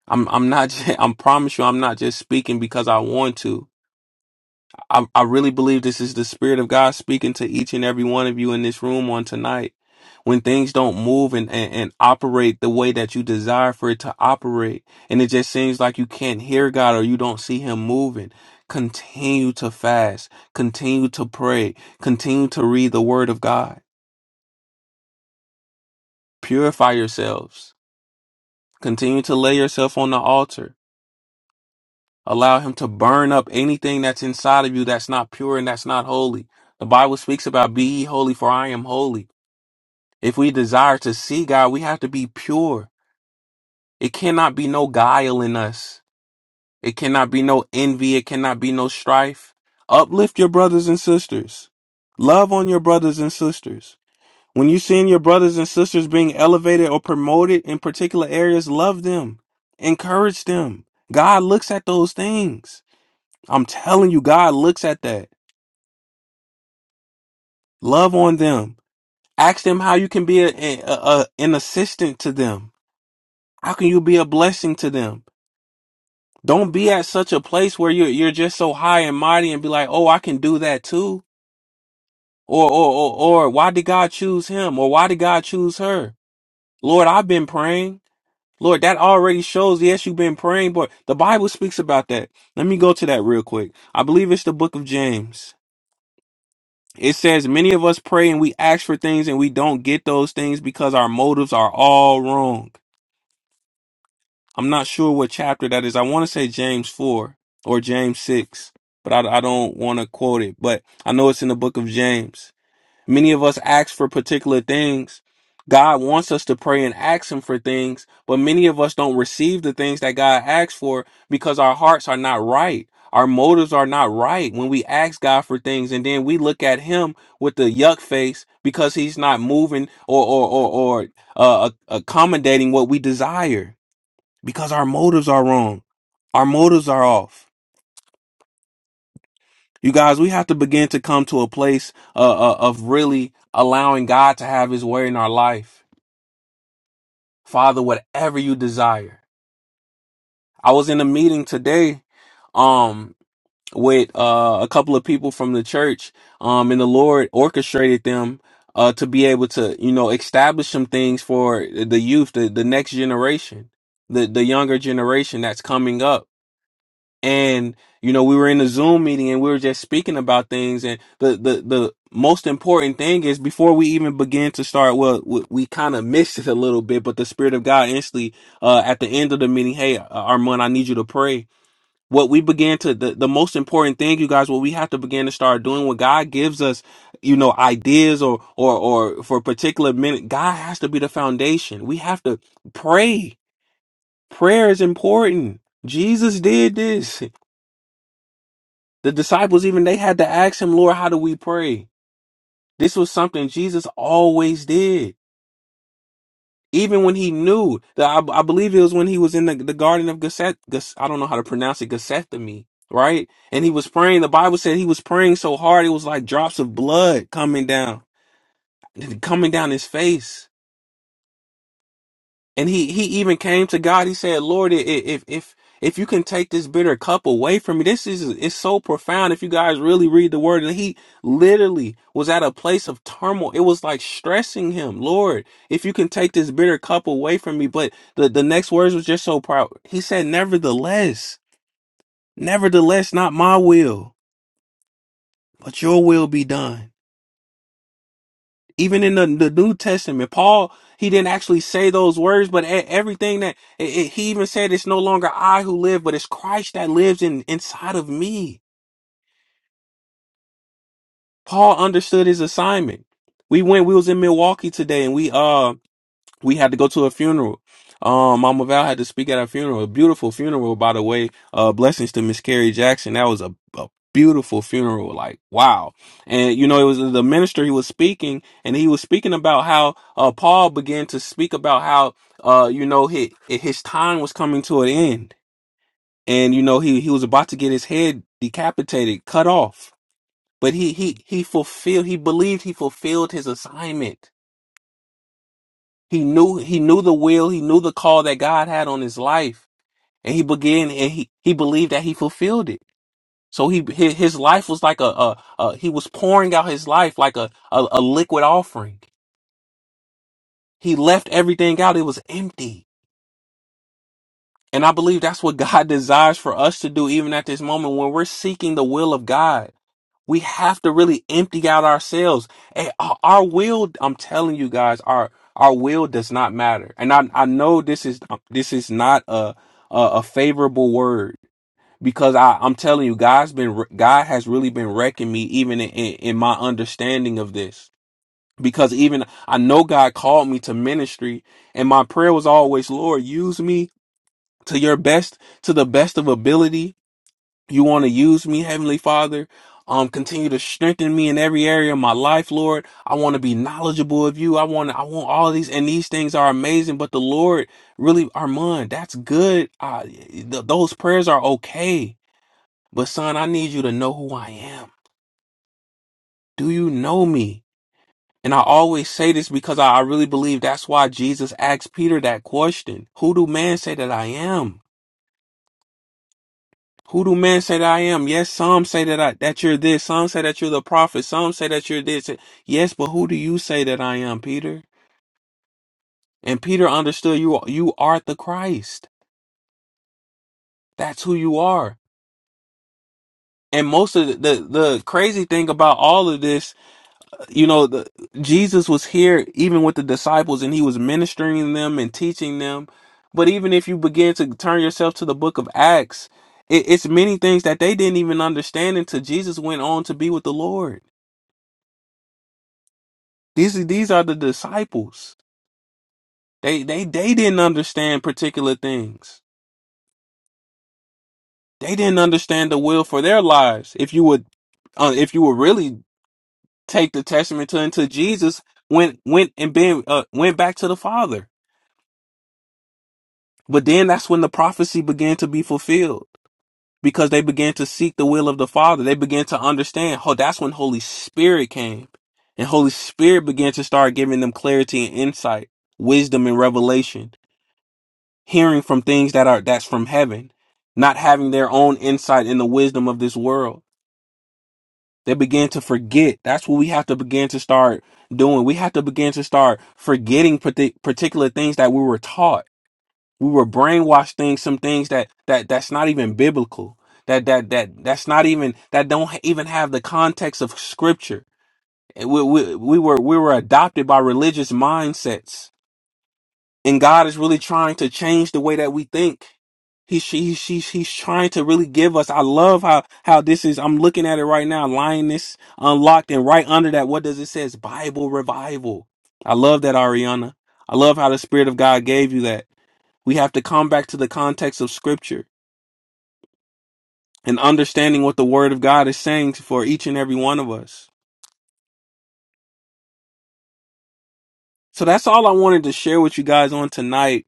i'm i'm not ju- i'm promise you i'm not just speaking because i want to I, I really believe this is the spirit of God speaking to each and every one of you in this room on tonight. When things don't move and, and, and operate the way that you desire for it to operate, and it just seems like you can't hear God or you don't see Him moving, continue to fast, continue to pray, continue to read the Word of God, purify yourselves, continue to lay yourself on the altar Allow him to burn up anything that's inside of you that's not pure and that's not holy. The Bible speaks about be ye holy for I am holy. If we desire to see God, we have to be pure. It cannot be no guile in us. It cannot be no envy. It cannot be no strife. Uplift your brothers and sisters. Love on your brothers and sisters. When you see your brothers and sisters being elevated or promoted in particular areas, love them. Encourage them. God looks at those things. I'm telling you, God looks at that. Love on them. Ask them how you can be a, a, a- an assistant to them. How can you be a blessing to them? Don't be at such a place where you're you're just so high and mighty and be like, oh, I can do that too, or or or, or why did God choose him, or why did God choose her? Lord, I've been praying. Lord, that already shows. Yes, you've been praying, but the Bible speaks about that. Let me go to that real quick. I believe it's the book of James. It says many of us pray and we ask for things and we don't get those things because our motives are all wrong. I'm not sure what chapter that is. I want to say James 4 or James 6, but I, I don't want to quote it. But I know it's in the book of James. Many of us ask for particular things. God wants us to pray and ask Him for things, but many of us don't receive the things that God asks for because our hearts are not right. Our motives are not right when we ask God for things, and then we look at Him with the yuck face because He's not moving or or or, or uh, accommodating what we desire because our motives are wrong. Our motives are off. You guys, we have to begin to come to a place uh, uh, of really allowing God to have his way in our life. Father, whatever you desire. I was in a meeting today um with uh, a couple of people from the church um and the Lord orchestrated them uh to be able to, you know, establish some things for the youth, the, the next generation, the the younger generation that's coming up and you know we were in a zoom meeting and we were just speaking about things and the the the most important thing is before we even begin to start well we, we kind of missed it a little bit but the spirit of god instantly uh at the end of the meeting hey uh, armand i need you to pray what we began to the, the most important thing you guys what we have to begin to start doing when god gives us you know ideas or or or for a particular minute god has to be the foundation we have to pray prayer is important jesus did this the disciples even they had to ask him, Lord, how do we pray? This was something Jesus always did. Even when he knew that I, I believe it was when he was in the, the garden of Gethsemane, I don't know how to pronounce it, Gethsemane, right? And he was praying. The Bible said he was praying so hard it was like drops of blood coming down, coming down his face And he he even came to God. He said, "Lord, i- i- if if if you can take this bitter cup away from me, this is it's so profound. If you guys really read the word, and he literally was at a place of turmoil. It was like stressing him, Lord, if you can take this bitter cup away from me. But the the next words was just so proud. He said, "Nevertheless, nevertheless, not my will, but your will be done." even in the, the New Testament, Paul, he didn't actually say those words, but e- everything that it, it- he even said, it's no longer I who live, but it's Christ that lives in inside of me. Paul understood his assignment. We went, we was in Milwaukee today and we, um we had to go to a funeral. Um, Mama Val had to speak at a funeral, a beautiful funeral, by the way. Uh, blessings to Miss Carrie Jackson. That was a, a beautiful funeral. Like, wow. And, you know, it was the minister, he was speaking and he was speaking about how, uh, Paul began to speak about how, uh, you know, his, his time was coming to an end and, you know, he, he was about to get his head decapitated, cut off, but he, he, he fulfilled, he believed he fulfilled his assignment he knew he knew the will, he knew the call that God had on his life, and he began and he he believed that he fulfilled it. So he his, his life was like a, a, a he was pouring out his life like a, a a liquid offering. He left everything out; it was empty. And I believe that's what God desires for us to do, even at this moment when we're seeking the will of God. We have to really empty out ourselves. And our our will, I'm telling you guys, our our will does not matter. And I I know this is um, this is not a a, a favorable word because I I'm telling you, God's been re- God has really been wrecking me even in, in, in my understanding of this. Because even I know God called me to ministry, and my prayer was always, Lord, use me to your best, to the best of ability you want to use me, Heavenly Father. Um, continue to strengthen me in every area of my life, Lord. I want to be knowledgeable of you. I want to, I want all of these, and these things are amazing. But the Lord, really, Armand, that's good. Uh, th- those prayers are okay. But son, I need you to know who I am. Do you know me? And I always say this because I, I really believe that's why Jesus asked Peter that question. Who do man say that I am? Who do men say that I am? Yes, some say that I that you're this. Some say that you're the prophet. Some say that you're this. Yes, but who do you say that I am, Peter? And Peter understood you. You are the Christ. That's who you are. And most of the the, the crazy thing about all of this, you know, the, Jesus was here even with the disciples, and he was ministering them and teaching them. But even if you begin to turn yourself to the book of Acts, it, it's many things that they didn't even understand until Jesus went on to be with the Lord These these are the disciples. They they they didn't understand particular things. They didn't understand the will for their lives. If you would, uh, if you would really take the testament to unto Jesus, went went and been uh, went back to the Father. But then that's when the prophecy began to be fulfilled because they began to seek the will of the Father. They began to understand. Oh, that's when Holy Spirit came, and Holy Spirit began to start giving them clarity and insight, wisdom and revelation hearing from things that are that's from heaven, not having their own insight in the wisdom of this world. They begin to forget. That's what we have to begin to start doing. We have to begin to start forgetting parti- particular things that we were taught. We were brainwashed things, some things that that that's not even biblical. That that that that's not even that don't even have the context of scripture. We, we, we were we were adopted by religious mindsets and God is really trying to change the way that we think. He, she, she, he's trying to really give us. I love how how this is. I'm looking at it right now. Lioness unlocked, and right under that, what does it says? Bible revival. I love that, Ariana. I love how the Spirit of God gave you that. We have to come back to the context of Scripture and understanding what the Word of God is saying for each and every one of us. So that's all I wanted to share with you guys on tonight.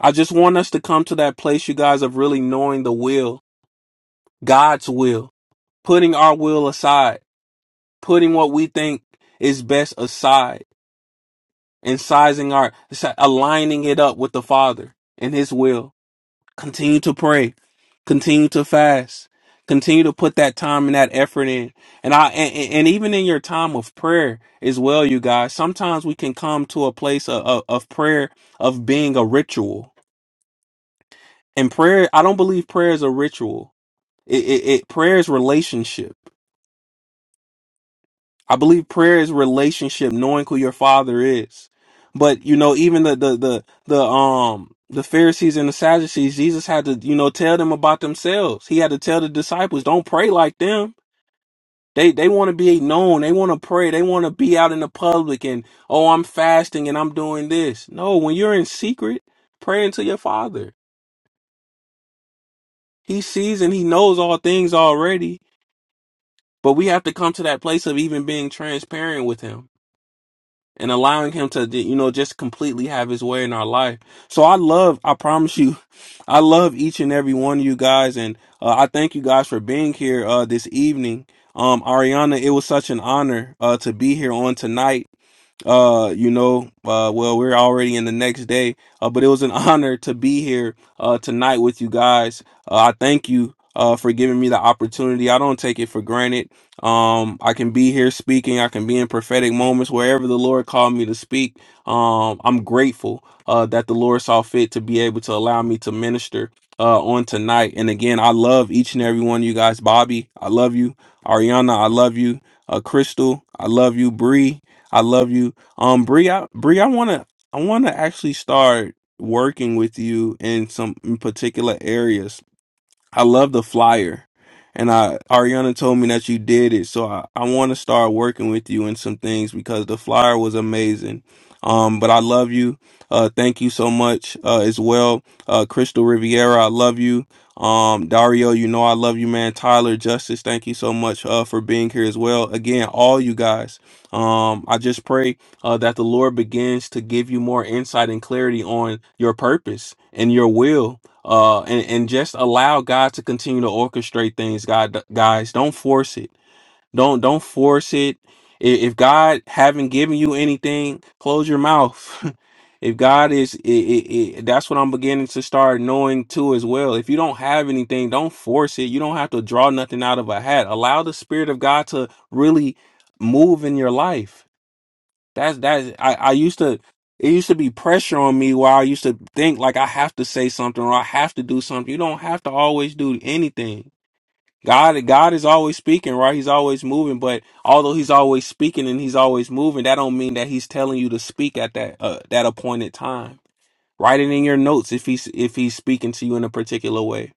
I just want us to come to that place, you guys, of really knowing the will, God's will putting our will aside, putting what we think is best aside, and sizing our si- aligning it up with the Father and His will. Continue to pray, continue to fast, continue to put that time and that effort in, and I and, and and even in your time of prayer as well, you guys. Sometimes we can come to a place of, of, of prayer of being a ritual, and prayer. I don't believe prayer is a ritual. It, it, it prayer is relationship I believe prayer is relationship, knowing who your father is. But you know, even the the the the um the Pharisees and the Sadducees, Jesus had to, you know, tell them about themselves. He had to tell the disciples, don't pray like them. They they want to be known. They want to pray. They want to be out in the public and oh, I'm fasting and I'm doing this. No, when you're in secret, praying to your father. He sees and he knows all things already. But we have to come to that place of even being transparent with him and allowing him to you know just completely have his way in our life so i love i promise you i love each and every one of you guys and uh, i thank you guys for being here uh this evening um ariana it was such an honor uh to be here on tonight uh you know uh well we're already in the next day uh but it was an honor to be here uh tonight with you guys uh, i thank you uh for giving me the opportunity i don't take it for granted um i can be here speaking i can be in prophetic moments wherever the lord called me to speak um i'm grateful uh that the lord saw fit to be able to allow me to minister uh on tonight and again i love each and every one of you guys bobby i love you ariana i love you uh crystal i love you bree I love you. Um, Bree, I, Bree, I wanna, I wanna actually start working with you in some in particular areas I love the flyer. And I Ariana told me that you did it. So I, I want to start working with you in some things because the flyer was amazing. Um, but I love you. Uh, thank you so much uh, as well. Uh, Crystal Riviera, I love you. Um, Dario, you know I love you, man. Tyler Justice, thank you so much uh, for being here as well. Again, all you guys. Um, I just pray uh, that the Lord begins to give you more insight and clarity on your purpose and your will uh and, and just allow god to continue to orchestrate things god guys don't force it don't don't force it I- if god haven't given you anything close your mouth if god is i i i that's what i'm beginning to start knowing too as well if you don't have anything don't force it you don't have to draw nothing out of a hat allow the spirit of god to really move in your life that's that's I, I used to it used to be pressure on me where I used to think like I have to say something or I have to do something. You don't have to always do anything. God God is always speaking, right? He's always moving, but although he's always speaking and he's always moving, that don't mean that he's telling you to speak at that uh, that appointed time. Write it in your notes if he's if he's speaking to you in a particular way.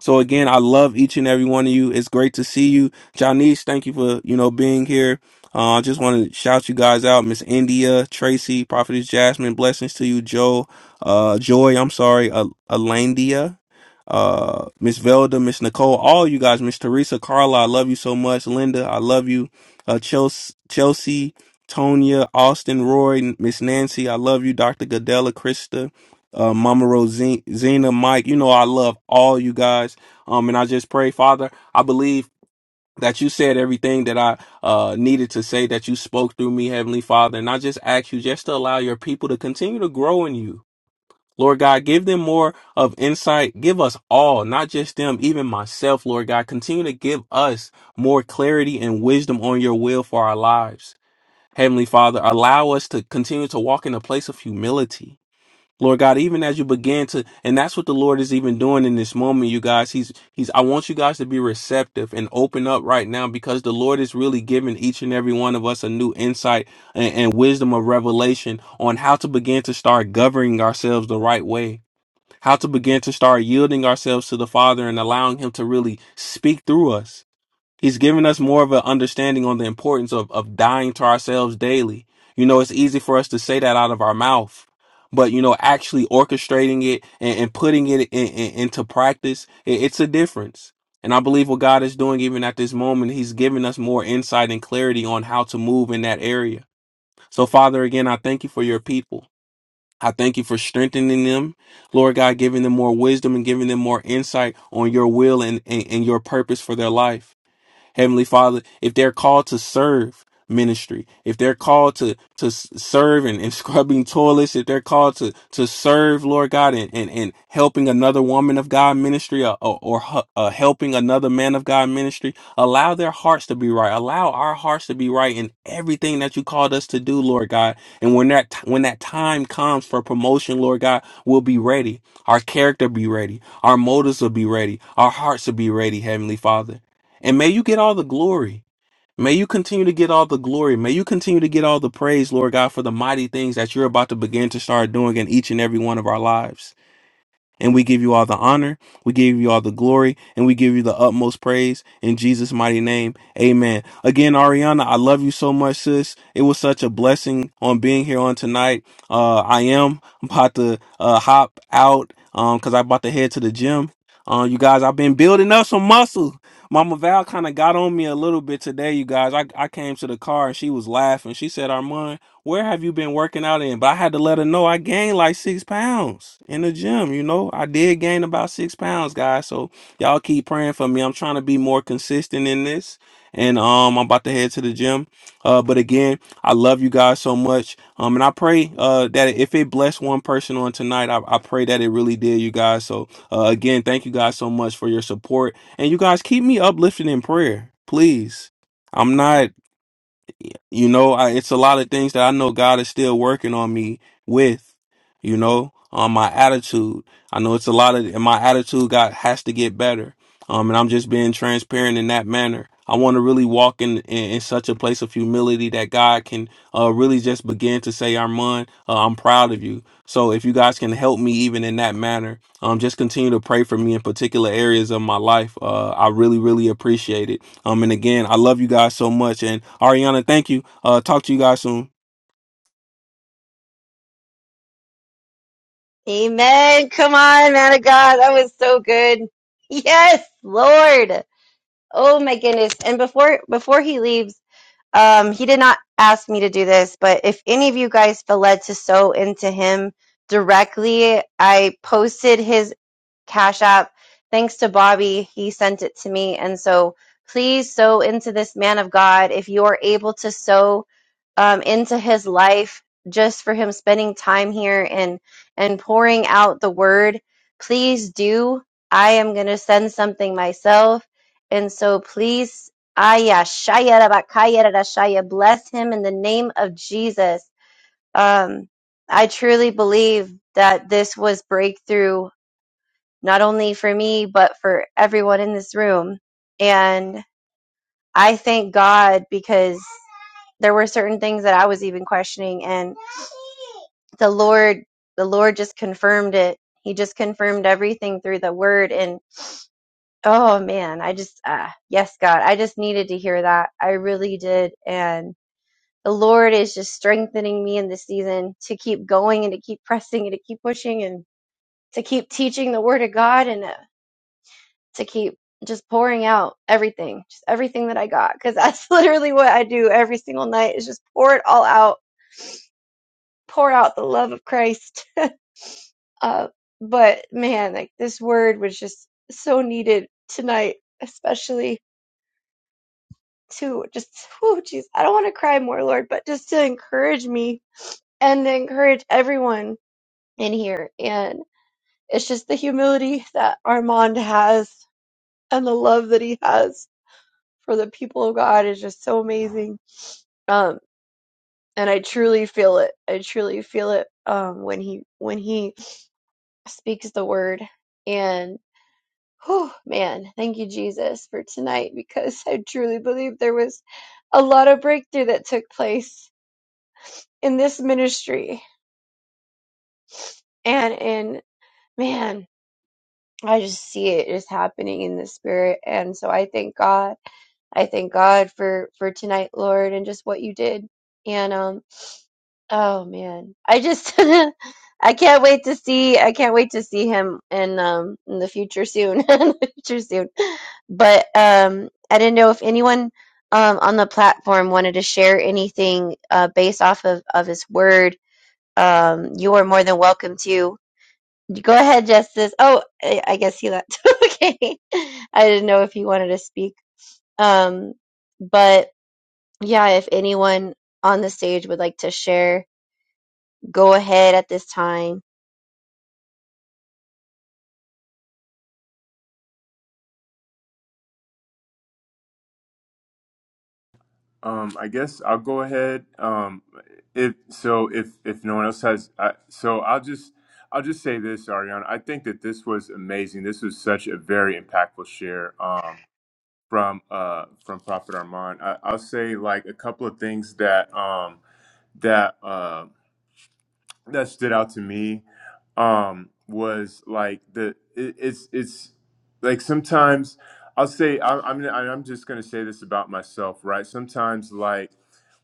So again, I love each and every one of you. It's great to see you, Janice. Thank you for you know being here. Uh, I just want to shout you guys out, Miss India, Tracy, Prophetess Jasmine. Blessings to you, Joe, uh, Joy. I'm sorry, uh, Alandia, uh, Miss Velda, Miss Nicole, all you guys, Miss Teresa, Carla. I love you so much, Linda. I love you, uh, Chelsea, Chelsea, Tonya, Austin, Roy, Miss Nancy. I love you, Doctor Godella, Krista uh, Mama Rosina, Zena, Mike. You know, I love all you guys. Um, and I just pray, Father, I believe that you said everything that I uh, needed to say, that you spoke through me, Heavenly Father. And I just ask you just to allow your people to continue to grow in you. Lord God, give them more of insight. Give us all, not just them, even myself, Lord God. Continue to give us more clarity and wisdom on your will for our lives. Heavenly Father, allow us to continue to walk in a place of humility Lord God, even as you begin to, and that's what the Lord is even doing in this moment, you guys. He's, he's, I want you guys to be receptive and open up right now because the Lord is really giving each and every one of us a new insight and, and wisdom of revelation on how to begin to start governing ourselves the right way, how to begin to start yielding ourselves to the Father and allowing Him to really speak through us. He's given us more of an understanding on the importance of, of dying to ourselves daily. You know, it's easy for us to say that out of our mouth, but you know, actually orchestrating it and, and putting it in, in- into practice, it, it's a difference. And I believe what God is doing even at this moment, He's giving us more insight and clarity on how to move in that area. So, Father, again, I thank you for your people. I thank you for strengthening them, Lord God, giving them more wisdom and giving them more insight on your will and, and, and your purpose for their life. Heavenly Father, if they're called to serve ministry, if they're called to to s- serve and, and scrubbing toilets, if they're called to to serve, Lord God, and and, and helping another woman of God ministry or, or, or hu- uh, helping another man of God ministry, allow their hearts to be right. Allow our hearts to be right in everything that you called us to do, Lord God. And when that t- when that time comes for promotion, Lord God, we'll be ready. Our character be ready. Our motives will be ready. Our hearts will be ready, Heavenly Father. And may you get all the glory. May you continue to get all the glory. May you continue to get all the praise, Lord God, for the mighty things that you're about to begin to start doing in each and every one of our lives. And we give you all the honor, we give you all the glory, and we give you the utmost praise in Jesus' mighty name. Amen. Again, Ariana, I love you so much, sis. It was such a blessing on being here on tonight. Uh, I am about to uh, hop out because I'm about to head to the gym. Uh, you guys, I've been building up some muscle. Mama Val kind of got on me a little bit today, you guys. I, I came to the car and she was laughing. She said, Armand, where have you been working out in? But I had to let her know I gained like six pounds in the gym. You know, I did gain about six pounds, guys. So y'all keep praying for me. I'm trying to be more consistent in this. And um, I'm about to head to the gym. Uh, but again, I love you guys so much. Um, and I pray uh that if it blessed one person on tonight, I, I pray that it really did, you guys. So uh, again, thank you guys so much for your support and you guys keep me uplifted in prayer, please. I'm not you know, I, it's a lot of things that I know God is still working on me with, you know, um, my attitude. I know it's a lot of, and my attitude got, has to get better. Um, and I'm just being transparent in that manner. I want to really walk in, in, in such a place of humility that God can uh, really just begin to say, Armand, uh, I'm proud of you. So if you guys can help me even in that manner, um, just continue to pray for me in particular areas of my life. Uh, I really, really appreciate it um, and again, I love you guys so much. And Ariana, thank you. Uh, talk to you guys soon. Amen. Come on, man of God. That was so good. Yes, Lord. Oh my goodness. And before, before he leaves, um, he did not ask me to do this, but if any of you guys feel led to sow into him directly, I posted his Cash App. Thanks to Bobby, he sent it to me. And so please sow into this man of God. If you are able to sow um, into his life just for him spending time here and and pouring out the word, please do. I am going to send something myself. And so please, Aya, Shaya, Rabakaya, Rashaya, bless him in the name of Jesus. Um, I truly believe that this was breakthrough not only for me, but for everyone in this room. And I thank God because there were certain things that I was even questioning and the Lord, the Lord just confirmed it. He just confirmed everything through the word. And oh man, I just, uh, yes, God, I just needed to hear that. I really did. And the Lord is just strengthening me in this season to keep going and to keep pressing and to keep pushing and to keep teaching the word of God. And uh, to keep just pouring out everything, just everything that I got. Because that's literally what I do every single night is just pour it all out, pour out the love of Christ. uh, but man, like this word was just so needed tonight, especially to just, oh, geez, I don't want to cry more, Lord, but just to encourage me and to encourage everyone in here. And it's just the humility that Armand has and the love that he has for the people of God is just so amazing um and i truly feel it i truly feel it um when he when he speaks the word and oh man thank you jesus for tonight because i truly believe there was a lot of breakthrough that took place in this ministry and in man i just see it is happening in the spirit and so i thank god i thank god for for tonight lord and just what you did and um Oh man, I just I can't wait to see I can't wait to see him in um in the future soon. In the future soon. But um I didn't know if anyone um on the platform wanted to share anything uh based off of of his word. Um you are more than welcome to. Go ahead, Justice. Oh, I, I guess he left. Okay. I didn't know if he wanted to speak. Um but yeah, if anyone on the stage would like to share go ahead at this time. Um, I guess I'll go ahead. Um, if so, if if no one else has, I, so I'll just I'll just say this, Ariana. I think that this was amazing. This was such a very impactful share. Um, from uh from Prophet Armand. I, I'll say like a couple of things that um that uh that stood out to me um was like the it, it's it's like sometimes I'll say I, I'm gonna- I'm just gonna say this about myself, right? Sometimes like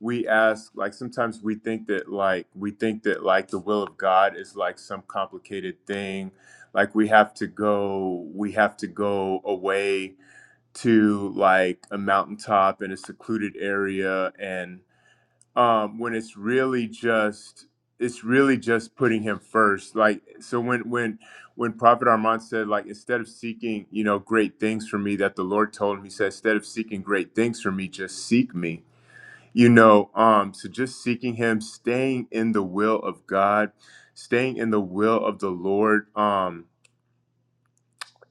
we ask like sometimes we think that like we think that like the will of God is like some complicated thing like we have to go we have to go away to like a mountaintop in a secluded area and um when it's really just it's really just putting him first like so when when when prophet armand said like instead of seeking you know great things for me that the lord told him he said instead of seeking great things for me just seek me you know um so just seeking him staying in the will of god staying in the will of the lord um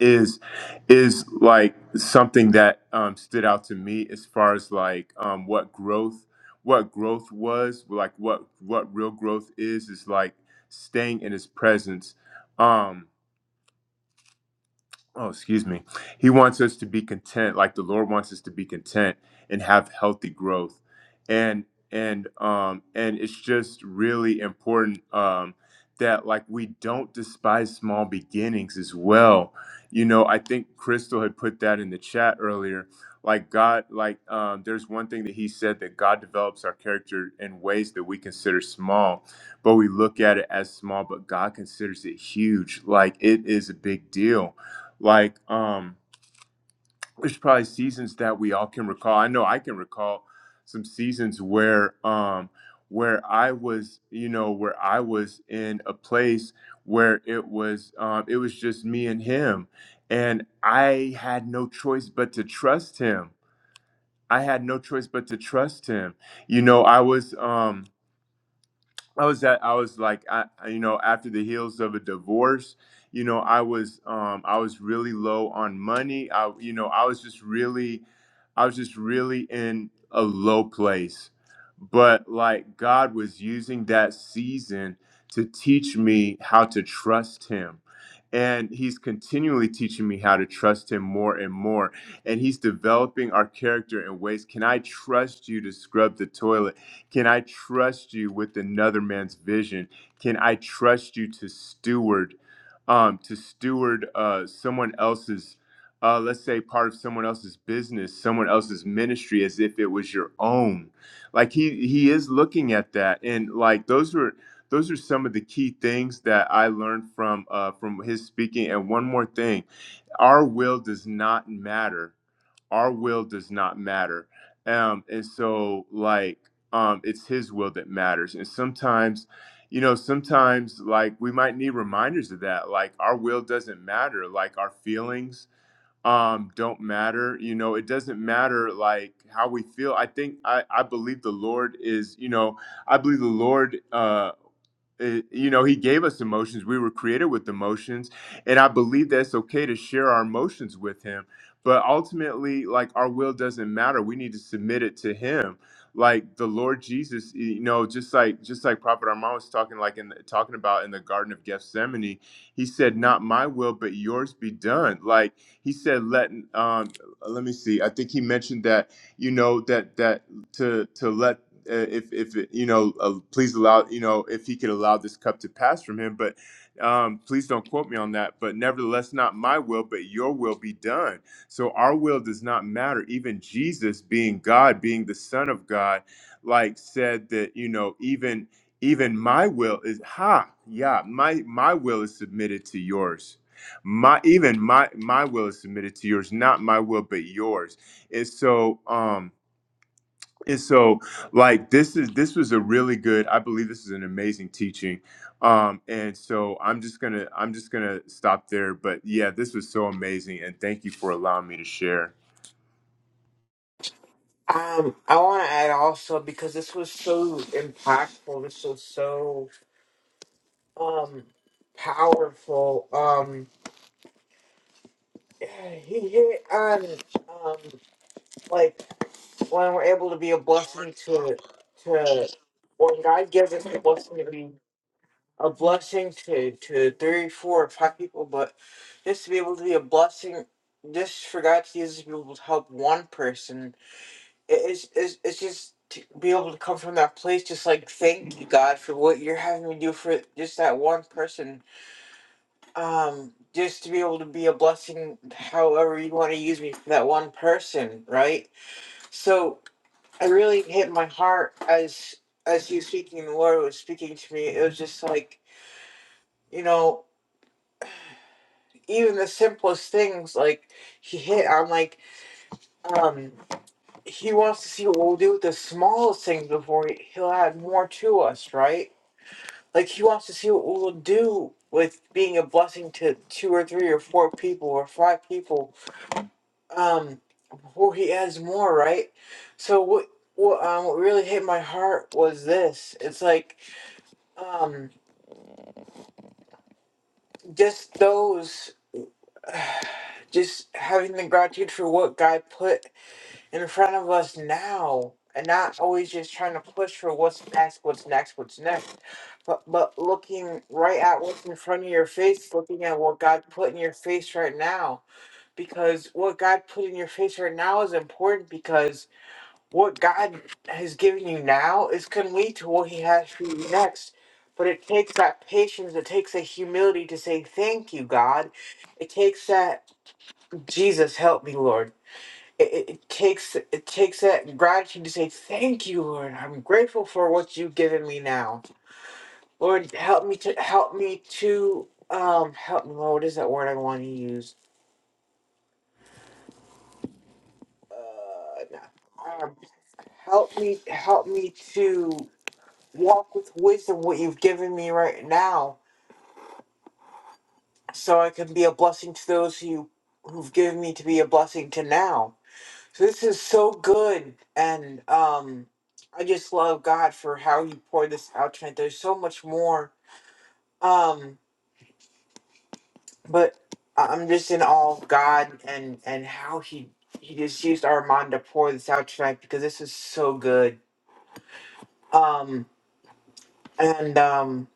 is is like something that um, stood out to me as far as like um, what growth what growth was like what what real growth is is like staying in his presence Um, oh excuse me he wants us to be content like the lord wants us to be content and have healthy growth and and um and it's just really important um that like we don't despise small beginnings as well you know i think crystal had put that in the chat earlier like god like um, there's one thing that he said that god develops our character in ways that we consider small but we look at it as small but god considers it huge like it is a big deal like, um, there's probably seasons that we all can recall. I know I can recall some seasons where, um, where I was, you know, where I was in a place where it was, um, it was just me and him, and I had no choice but to trust him. I had no choice but to trust him. You know, I was, um, I was at, I was like, I, I- you know, after the heels of a divorce, you know, I was, um, I was really low on money. I, you know, I was just really, I was just really in a low place. But like God was using that season to teach me how to trust Him. And he's continually teaching me how to trust him more and more. And he's developing our character in ways. Can I trust you to scrub the toilet? Can I trust you with another man's vision? Can I trust you to steward, um, to steward uh, someone else's, uh, let's say, part of someone else's business, someone else's ministry, as if it was your own? Like he he is looking at that, and like those were those are some of the key things that I learned from uh, from his speaking. And one more thing, our will does not matter our will does not matter um and so like um it's his will that matters and sometimes you know sometimes like we might need reminders of that like our will doesn't matter like our feelings um don't matter you know it doesn't matter like how we feel i think i i believe the lord is you know i believe the lord uh it- you know he gave us emotions we were created with emotions and i believe that it's okay to share our emotions with him but ultimately like our will doesn't matter we need to submit it to him like the lord jesus you know just like just like prophet armand was talking like in the, talking about in the garden of gethsemane he said not my will but yours be done like he said let um let me see i think he mentioned that you know that that to to let uh, if if you know, uh, please allow you know if he could allow this cup to pass from him. But um, please don't quote me on that. But nevertheless, not my will, but your will be done. So our will does not matter. Even Jesus, being God, being the Son of God, like said that you know even even my will is ha yeah my my will is submitted to yours my even my my will is submitted to yours not my will but yours and so um and so, like this is this was a really good. I believe this is an amazing teaching. Um, and so I'm just gonna I'm just gonna stop there. But yeah, this was so amazing, and thank you for allowing me to share. Um, I want to add also because this was so impactful. This was so um powerful. Um, he hit on um like when we're able to be a blessing to to when God gives us a blessing to be a blessing to to three, four, five people, but just to be able to be a blessing. Just for God to use us to be able to help one person it- it's, it's, it's just to be able to come from that place just like thank you god for what you're having me do for just that one person um just to be able to be a blessing however you want to use me for that one person right so i really hit my heart as as you speaking the lord was speaking to me it was just like you know even the simplest things like he hit on like um he wants to see what we'll do with the smallest things before he'll add more to us right Like he wants to see what we'll do with being a blessing to two or three or four people or five people. Um, before he adds more, right? So what? What, um, what really hit my heart was this. It's like, um, just those, just having the gratitude for what God put. in front of us now and not always just trying to push for what's next, what's next, what's next, but but looking right at what's in front of your face, looking at what God put in your face right now. Because what God put in your face right now is important because what God has given you now is gonna lead to what he has for you next. But it takes that patience, it takes that humility to say, Thank you, God. It takes that Jesus help me, Lord it, it takes it takes that gratitude to say thank you lord i'm grateful for what you've given me now lord help me to help me to um help me lord what is that word i want to use uh, no. um, help me help me to walk with wisdom what you've given me right now so i can be a blessing to those who who have given me to be a blessing to now So This is so good. And um I just love God for how he poured this out tonight. There's so much more. Um, but I- I'm just in awe of God and and how he he just used Armand to pour this out tonight because this is so good. Um and um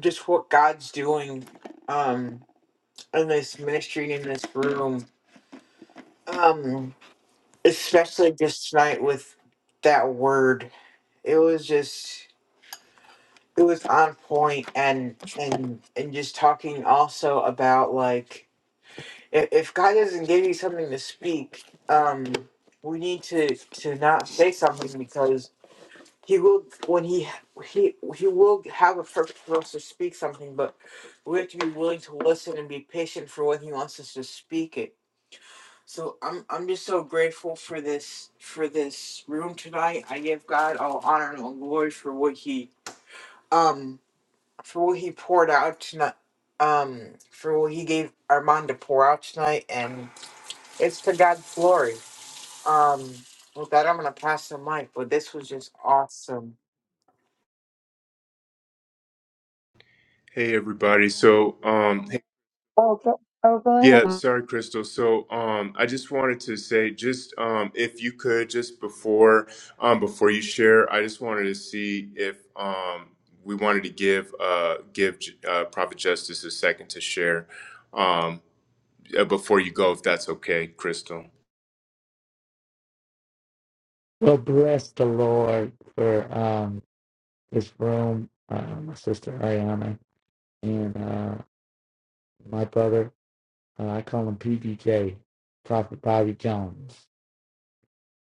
just what God's doing um in this ministry in this room. Um especially just tonight with that word. It was just it was on point and and and just talking also about like if, if god doesn't give you something to speak um we need to to not say something because he will when he he he will have a purpose for us to speak something but we have to be willing to listen and be patient for when he wants us to speak it so i'm i'm just so grateful for this for this room tonight i give god all honor and all glory for what he um for what he poured out tonight. Um, for what he gave Armand to pour out tonight, and it's for God's glory. Um, with that, I'm gonna pass the mic. But this was just awesome. Hey everybody. So um, hey- Oh, go, oh, go yeah, ahead. sorry Crystal. So um, I just wanted to say just um, if you could just before um, before you share, I just wanted to see if um, we wanted to give uh, give uh, Prophet Justice a second to share. Um, uh, before you go, if that's okay, Crystal. Well, bless the Lord for um, this room, uh, my sister Ariana, and uh, my brother. Uh, I call him PBJ, Prophet Bobby Jones.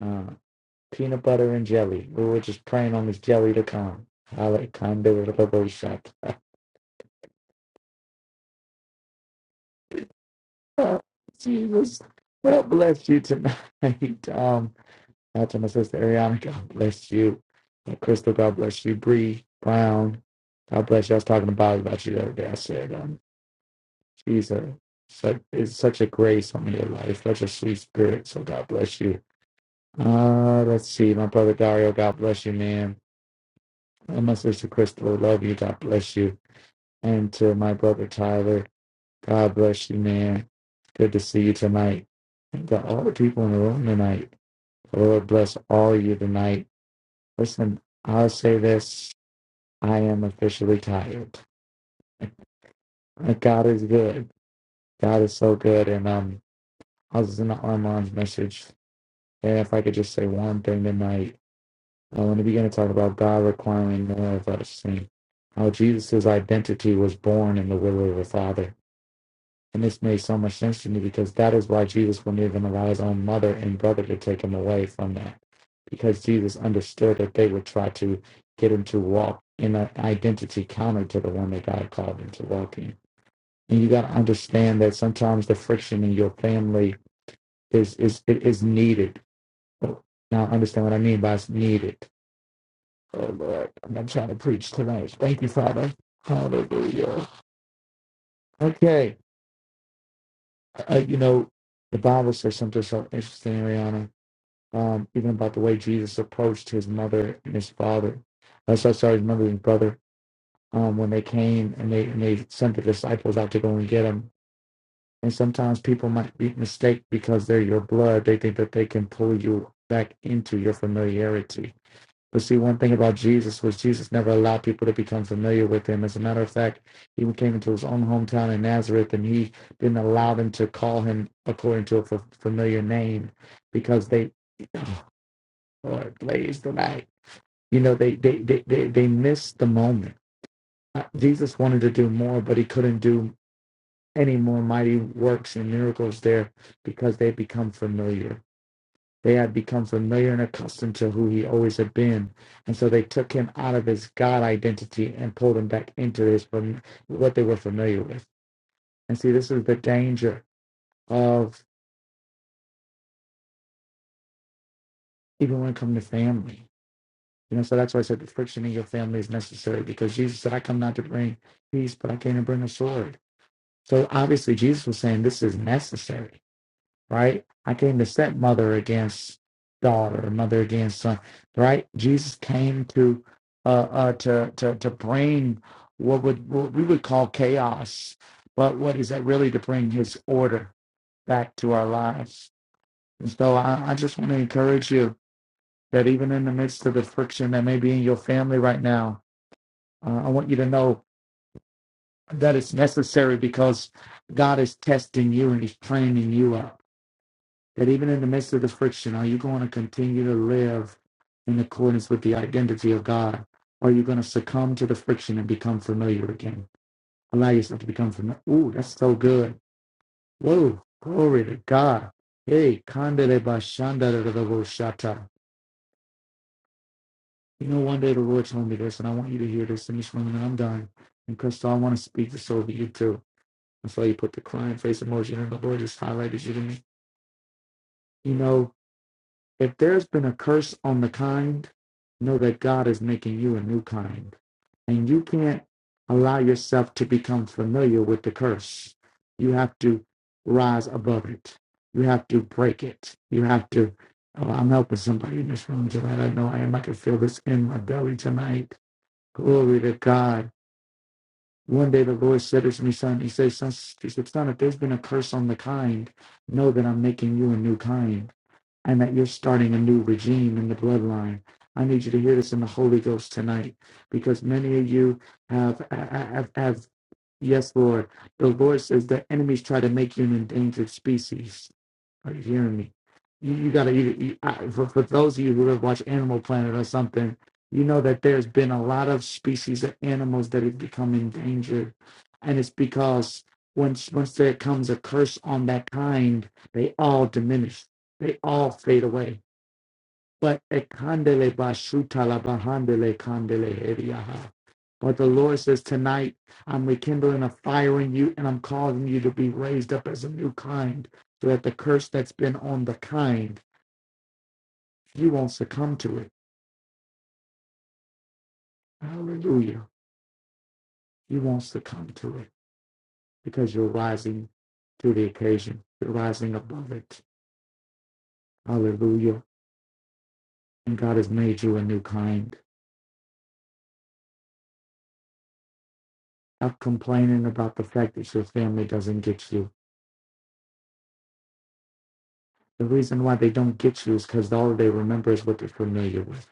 Uh, peanut butter and jelly. We were just praying on this jelly to come. I like kind of a little shot. Jesus, well, bless you tonight. Um, out to my sister Ariana, God bless you. And Crystal, God bless you. Bree Brown, God bless you. I was talking to Bobby about you the other day. I said, um, She's a such is such a grace on your life, such a sweet spirit. So God bless you. Uh let's see, my brother Dario, God bless you, man. And my sister Crystal, love you, God bless you. And to my brother Tyler, God bless you, man. Good to see you tonight. And to all the people in the room tonight. The Lord bless all of you tonight. Listen, I'll say this. I am officially tired. God is good. God is so good. And um I was in the Armand's message. And if I could just say one thing tonight, I want to begin to talk about God requiring more of us and how Jesus' identity was born in the will of the Father. And this made so much sense to me because that is why Jesus wouldn't even allow his own mother and brother to take him away from that. Because Jesus understood that they would try to get him to walk in an identity counter to the one that God called him to walk in. And you got to understand that sometimes the friction in your family is, is, it is needed now understand what I mean by it's needed. Oh Lord, I'm not trying to preach tonight. Thank you, Father. Hallelujah. Okay, uh, uh, you know the Bible says something so interesting, Ariana. Um, even about the way Jesus approached his mother and his father. Uh, so sorry, his mother and brother. Um, when they came and they and they sent the disciples out to go and get him. And sometimes people might be mistaken because they're your blood. They think that they can pull you back into your familiarity But see, one thing about Jesus was Jesus never allowed people to become familiar with him. As a matter of fact, he came into his own hometown in Nazareth and he didn't allow them to call him according to a f- familiar name because they, Lord, blaze the light. You know, they, they, they, they, they missed the moment. Uh, Jesus wanted to do more, but he couldn't do any more mighty works and miracles there because they become familiar they had become familiar and accustomed to who he always had been. And so they took him out of his God identity and pulled him back into his what they were familiar with. And see, this is the danger of even when it comes to family. You know, so that's why I said the friction in your family is necessary because Jesus said, I come not to bring peace, but I came to bring a sword. So obviously Jesus was saying this is necessary right? I came to set mother against daughter, mother against son, right? Jesus came to uh, uh, to to to bring what would what we would call chaos, but what is that really to bring His order back to our lives? And so I, I just want to encourage you that even in the midst of the friction that may be in your family right now, uh, I want you to know that it's necessary because God is testing you and He's training you up that even in the midst of the friction, are you going to continue to live in accordance with the identity of God? Or are you going to succumb to the friction and become familiar again? Allow yourself to become familiar. Ooh, that's so good. Whoa, glory to God. Hey, kandere bashanda da da da bo shata. You know, one day the Lord told me this, and I want you to hear this in this room, and I'm done. And Crystal, I want to speak this over you too. That's why you put the crying face emoji, and the Lord just highlighted you to me. You know, If there's been a curse on the kind, know that God is making you a new kind. And you can't allow yourself to become familiar with the curse. You have to rise above it. You have to break it. You have to. Oh, I'm helping somebody in this room tonight. I know I am. I can feel this in my belly tonight. Glory to God. One day the Lord said this to me, son. He says, son, he said, son, if there's been a curse on the kind, know that I'm making you a new kind and that you're starting a new regime in the bloodline. I need you to hear this in the Holy Ghost tonight, because many of you have have, have yes, Lord. The Lord says the enemies try to make you an endangered species. Are you hearing me? You, you gotta. You, you, I, for, for those of you who have watched Animal Planet or something, you know that there's been a lot of species of animals that have become endangered, and it's because once once there comes a curse on that kind, they all diminish they all fade away. But ekandele bashuta la bahandele kandele heriaha. but the Lord says tonight, I'm rekindling a fire in you and I'm causing you to be raised up as a new kind so that the curse that's been on the kind, you won't succumb to it. Hallelujah. You won't succumb to it because you're rising to the occasion. You're rising above it. Hallelujah. And God has made you a new kind. Stop complaining about the fact that your family doesn't get you The reason why they don't get you is because all they remember is what they're familiar with.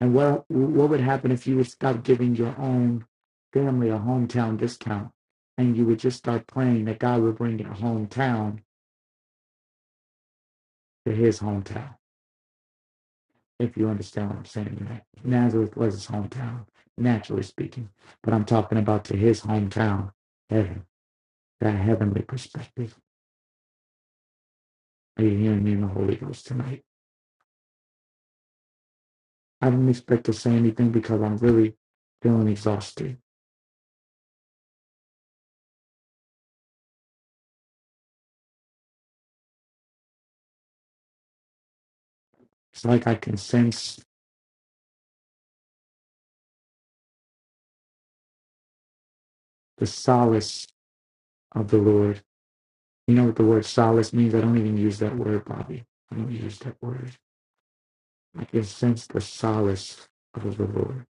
And what what would happen if you would stop giving your own family a hometown discount and you would just start praying that God would bring your hometown to his hometown, if you understand what I'm saying. Nazareth was his hometown, naturally speaking. But I'm talking about to his hometown, heaven, that heavenly perspective. Are you hearing me in the Holy Ghost tonight? I didn't expect to say anything because I'm really feeling exhausted. It's like I can sense the solace of the Lord. You know what the word solace means? I don't even use that word, Bobby. I don't use that word. I can sense the solace of the Lord.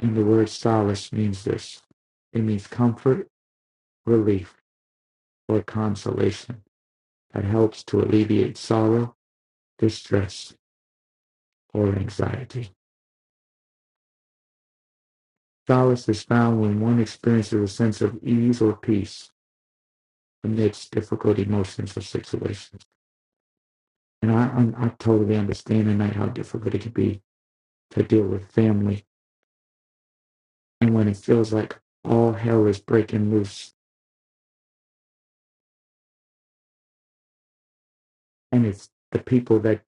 And the word solace means this it means comfort, relief, or consolation that helps to alleviate sorrow, distress, or anxiety. Solace is found when one experiences a sense of ease or peace amidst difficult emotions or situations. And I, I, I totally understand tonight how difficult it can be to deal with family. And when it feels like all hell is breaking loose, and it's the people that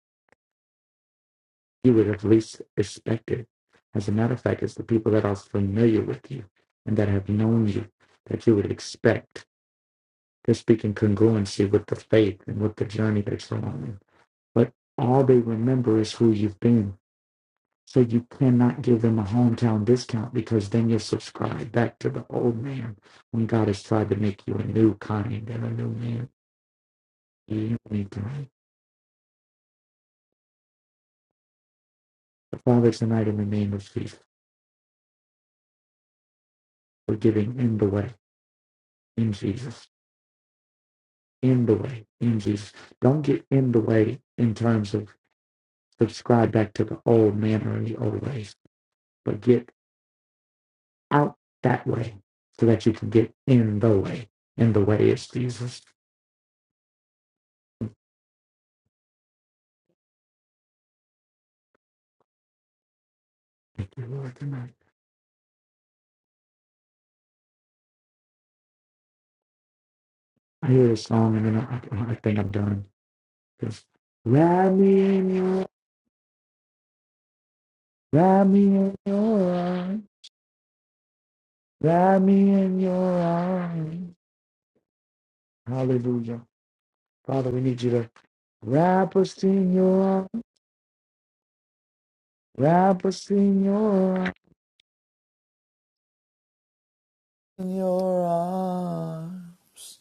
you would have least expected. As a matter of fact, it's the people that are familiar with you and that have known you that you would expect. They're speaking congruency with the faith and with the journey that you're on. But all they remember is who you've been So you cannot give them a hometown discount because then you're subscribed back to the old man when God has tried to make you a new kind and a new man. You don't need to. The Father tonight in the name of Jesus, we're giving in the way in Jesus. In the way in Jesus. Don't get in the way in terms of subscribe back to the old man or the old ways, but get out that way so that you can get in the way. And the way is Jesus. Thank you, Lord, tonight. I hear the song and then I, I think I'm done. Cause wrap me in your, wrap me in your arms, wrap me in your arms. Hallelujah. Father, we need you to wrap us in your arms, wrap us in your arms, in your arms.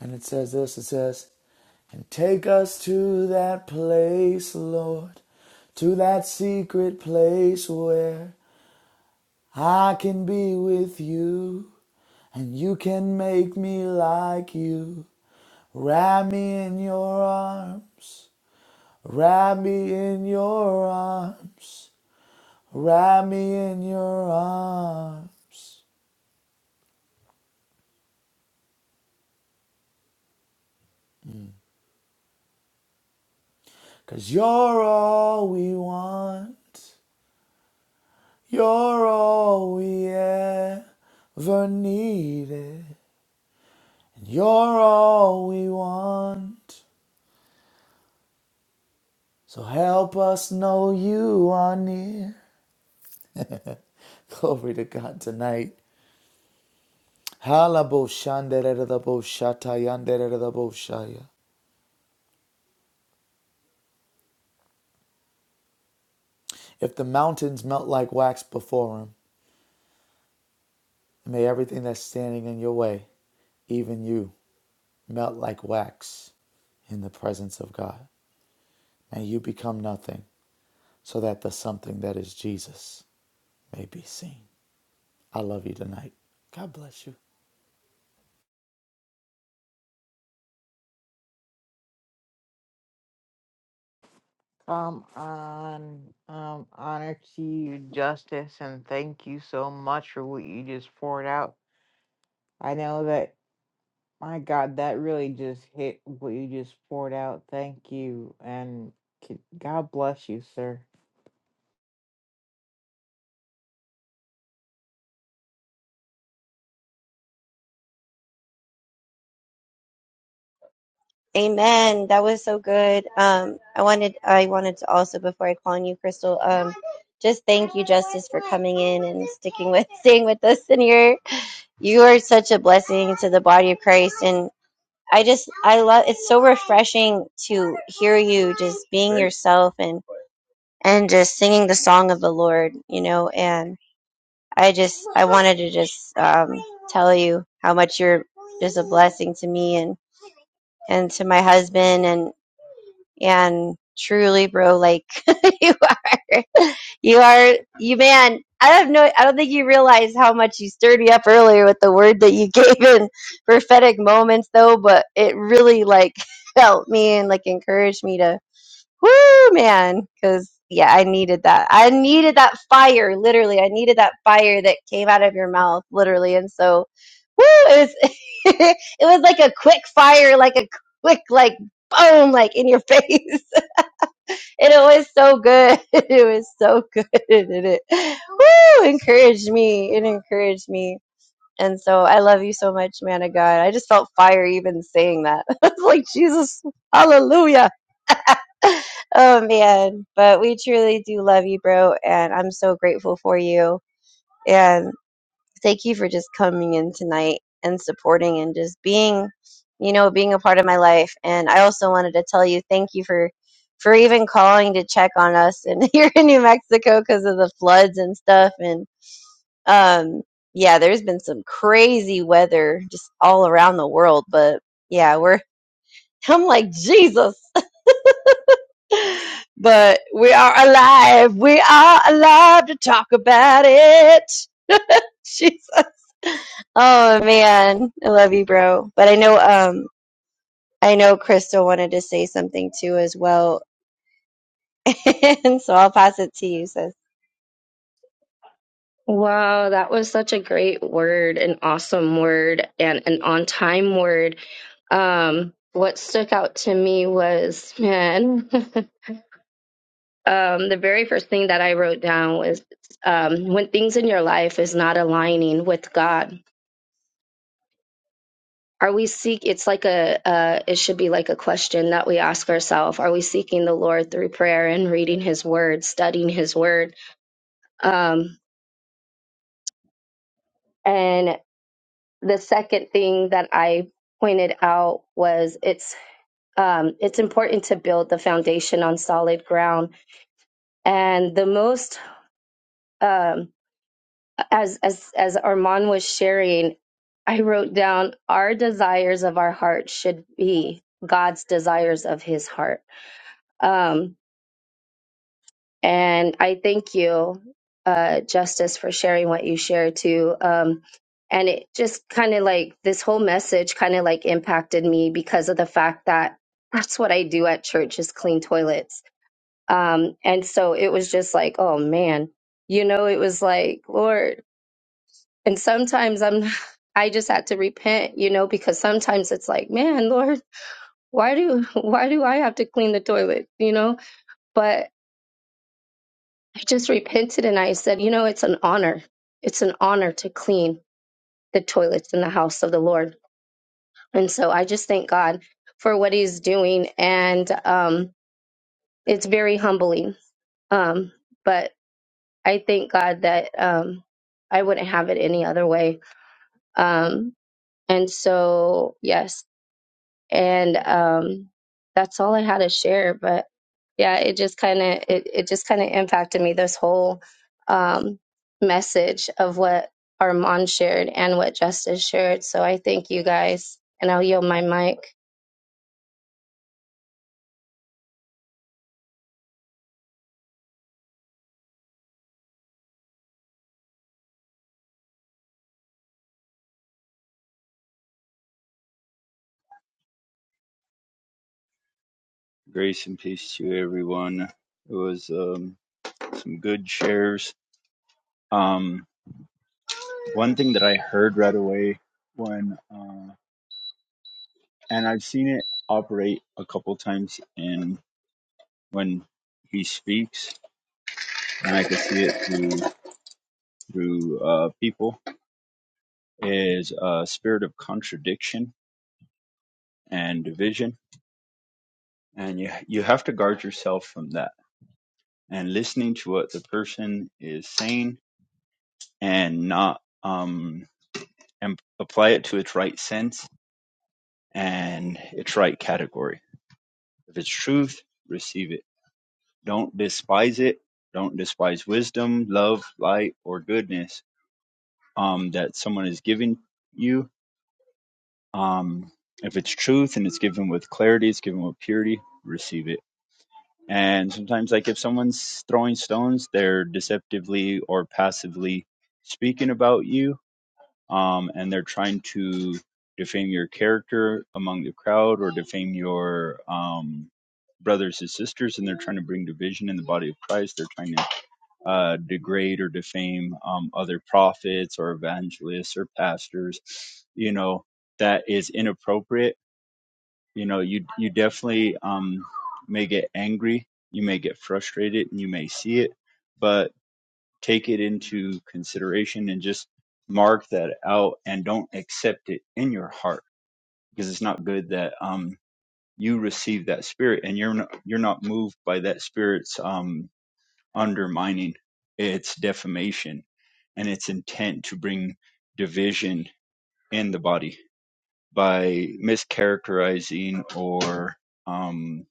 And it says this, it says, and take us to that place, Lord, to that secret place where I can be with you, and you can make me like you. Wrap me in your arms, wrap me in your arms, wrap me in your arms. you you're all we want, you're all we ever needed, and you're all we want. So help us know you are near. Glory to God tonight. Halaboshandereraboshatayanderaboshaya. If the mountains melt like wax before him, may everything that's standing in your way, even you, melt like wax in the presence of God. May you become nothing so that the something that is Jesus may be seen. I love you tonight. God bless you. Come on, um, honor to you, justice, and thank you so much for what you just poured out. I know that, my God, that really just hit what you just poured out. Thank you, and c- God bless you, sir. Amen. That was so good. Um, I wanted I wanted to also before I call on you, Crystal, um, just thank you, Justice, for coming in and sticking with staying with us in here. You are such a blessing to the body of Christ and I just I love it's so refreshing to hear you just being yourself and and just singing the song of the Lord, you know, and I just I wanted to just um, tell you how much you're just a blessing to me and. and to my husband and and truly bro like you are you are you man i don't know i don't think you realize how much you stirred me up earlier with the word that you gave in prophetic moments though but it really like helped me and like encouraged me to Woo, man. Because, yeah, I needed that. I needed that fire, literally. I needed that fire that came out of your mouth, literally. And so, woo, it was, it was like a quick fire, like a quick, like, boom, like in your face. and it was so good. It was so good. And it, woo, encouraged me. It encouraged me. And so I love you so much, man of God. I just felt fire even saying that. It's like, Jesus, hallelujah oh man, but we truly do love you, bro, and I'm so grateful for you. And thank you for just coming in tonight and supporting and just being, you know, being a part of my life. And I also wanted to tell you thank you for for even calling to check on us and here in New Mexico because of the floods and stuff. And um, yeah, there's been some crazy weather just all around the world, but yeah, we're I'm like Jesus. but we are alive. We are alive to talk about it. Jesus. Oh man, I love you, bro. But I know, um, I know Crystal wanted to say something too as well, and so I'll pass it to you, sis. Wow, that was such a great word, an awesome word, and an on time word. Um, what stuck out to me was, man, um, the very first thing that I wrote down was um, when things in your life is not aligning with God. Are we seek? It's like a, uh, it should be like a question that we ask ourselves. Are we seeking the Lord through prayer and reading His Word, studying His Word? Um, and the second thing that I pointed out was it's um, it's important to build the foundation on solid ground. And the most um, as as as Armand was sharing, I wrote down our desires of our heart should be God's desires of His heart. Um, And I thank you, uh, Justice, for sharing what you shared too. Um, and it just kind of like this whole message kind of like impacted me because of the fact that that's what I do at church is clean toilets. Um, and so it was just like, oh man, you know, it was like, Lord. And sometimes I'm, I just had to repent, you know, because sometimes it's like, man, Lord, why do, why do I have to clean the toilet, you know? But I just repented and I said, you know, it's an honor. It's an honor to clean the toilets in the house of the Lord. And so I just thank God for what he's doing. And um, it's very humbling. Um, but I thank God that um, I wouldn't have it any other way. Um, and so, yes, and um, that's all I had to share. But yeah, it just kind of it, it just kind of impacted me this whole um, message of what Armand shared and what Justice shared. So I thank you guys, and I'll yield my mic. Grace and peace to everyone. It was um, some good shares. Um, one thing that I heard right away when, uh, and I've seen it operate a couple times in when he speaks, and I can see it through through uh, people is a spirit of contradiction and division, and you you have to guard yourself from that. And listening to what the person is saying, and not um and apply it to its right sense and its right category. If it's truth, receive it. Don't despise it. Don't despise wisdom, love, light, or goodness um, that someone is giving you. Um, if it's truth and it's given with clarity, it's given with purity, receive it. And sometimes, like if someone's throwing stones, they're deceptively or passively speaking about you um, and they're trying to defame your character among the crowd or defame your um, brothers and sisters, and they're trying to bring division in the body of Christ. They're trying to uh, degrade or defame um, other prophets or evangelists or pastors. You know that is inappropriate. You know you you definitely um, may get angry, you may get frustrated, and you may see it. but take it into consideration and just mark that out and don't accept it in your heart because it's not good that um you receive that spirit and you're not you're not moved by that spirit's um undermining its defamation and its intent to bring division in the body by mischaracterizing or um.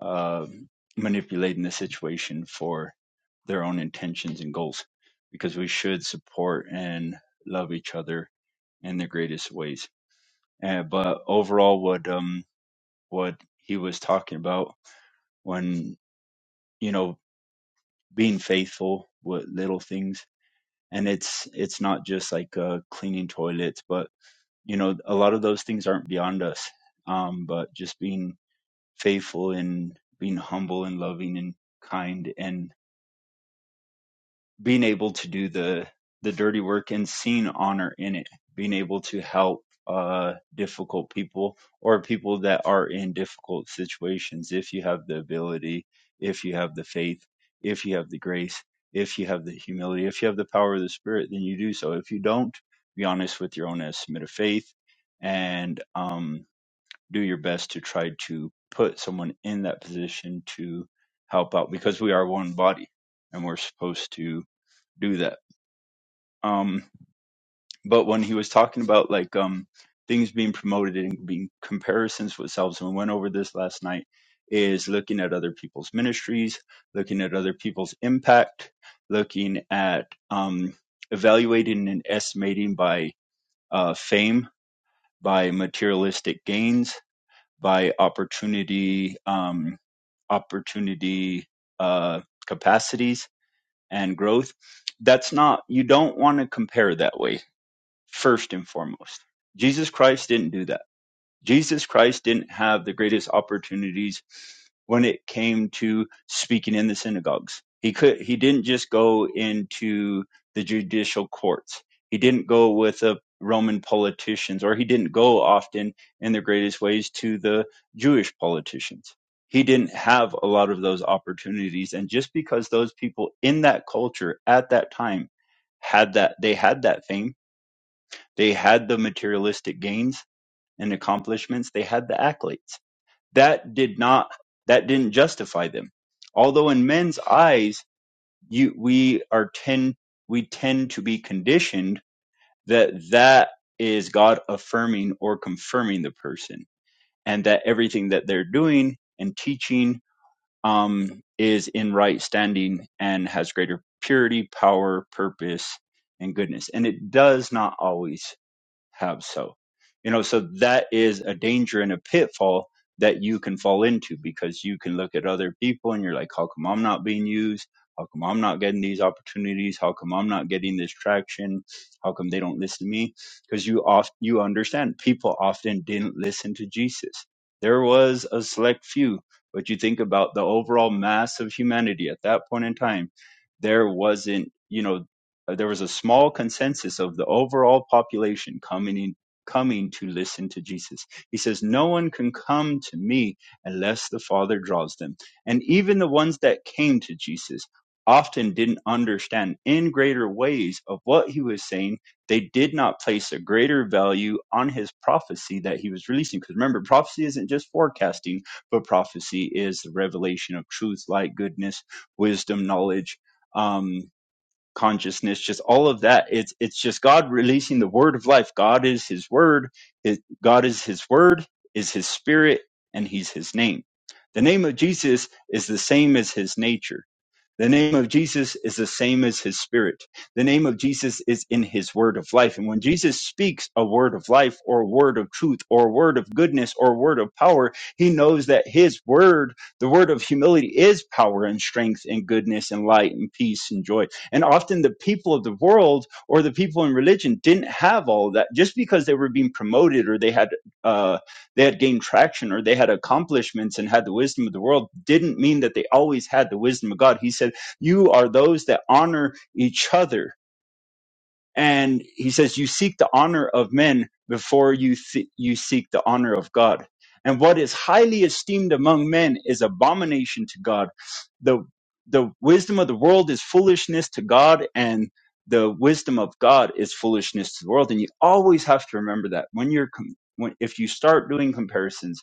uh, manipulating the situation for their own intentions and goals because we should support and love each other in the greatest ways. And, but overall, what um what he was talking about when you know being faithful with little things, and it's it's not just like uh, cleaning toilets, but you know a lot of those things aren't beyond us. Um, but just being faithful and being humble and loving and kind and being able to do the the dirty work and seeing honor in it being able to help uh difficult people or people that are in difficult situations if you have the ability if you have the faith if you have the grace if you have the humility if you have the power of the spirit then you do so if you don't be honest with your own estimate of faith and um do your best to try to put someone in that position to help out because we are one body and we're supposed to do that. Um, but when he was talking about like um, things being promoted and being comparisons with selves, and we went over this last night, is looking at other people's ministries, looking at other people's impact, looking at um, evaluating and estimating by uh, fame, by materialistic gains, by opportunity, um, opportunity uh, capacities and growth. That's not you don't want to compare that way first and foremost. Jesus Christ didn't do that. Jesus Christ didn't have the greatest opportunities when it came to speaking in the synagogues. He could he didn't just go into the judicial courts. He didn't go with the Roman politicians or he didn't go often in the greatest ways to the Jewish politicians. He didn't have a lot of those opportunities and just because those people in that culture at that time had that they had that fame they had the materialistic gains and accomplishments. They had the accolades. That did not, that didn't justify them. Although in men's eyes, you, we are tend, we tend to be conditioned that that is God affirming or confirming the person and that everything that they're doing and teaching, um, is in right standing and has greater purity, power, purpose, and goodness. And it does not always have so. You know, so that is a danger and a pitfall that you can fall into because you can look at other people and you're like, how come I'm not being used? How come I'm not getting these opportunities? How come I'm not getting this traction? How come they don't listen to me? Because you oft you understand people often didn't listen to Jesus. There was a select few, but you think about the overall mass of humanity at that point in time, there wasn't, you know, uh, there was a small consensus of the overall population coming in, coming to listen to Jesus. He says, "No one can come to me unless the Father draws them." And even the ones that came to Jesus often didn't understand in greater ways of what he was saying. They did not place a greater value on his prophecy that he was releasing. Because remember, prophecy isn't just forecasting, but prophecy is the revelation of truth, light, goodness, wisdom, knowledge. Um, consciousness just all of that it's it's just god releasing the word of life god is his word his, god is his word is his spirit and he's his name the name of jesus is the same as his nature the name of Jesus is the same as his spirit. The name of Jesus is in his word of life. And when Jesus speaks a word of life or a word of truth or a word of goodness or a word of power, he knows that his word, the word of humility, is power and strength and goodness and light and peace and joy. And often the people of the world or the people in religion didn't have all that just because they were being promoted or they had. uh, they had gained traction or they had accomplishments and had the wisdom of the world didn't mean that they always had the wisdom of God. He said, You are those that honor each other and he says you seek the honor of men before you th- you seek the honor of God and what is highly esteemed among men is abomination to God the the wisdom of the world is foolishness to God and the wisdom of God is foolishness to the world and you always have to remember that when you're com- when, if you start doing comparisons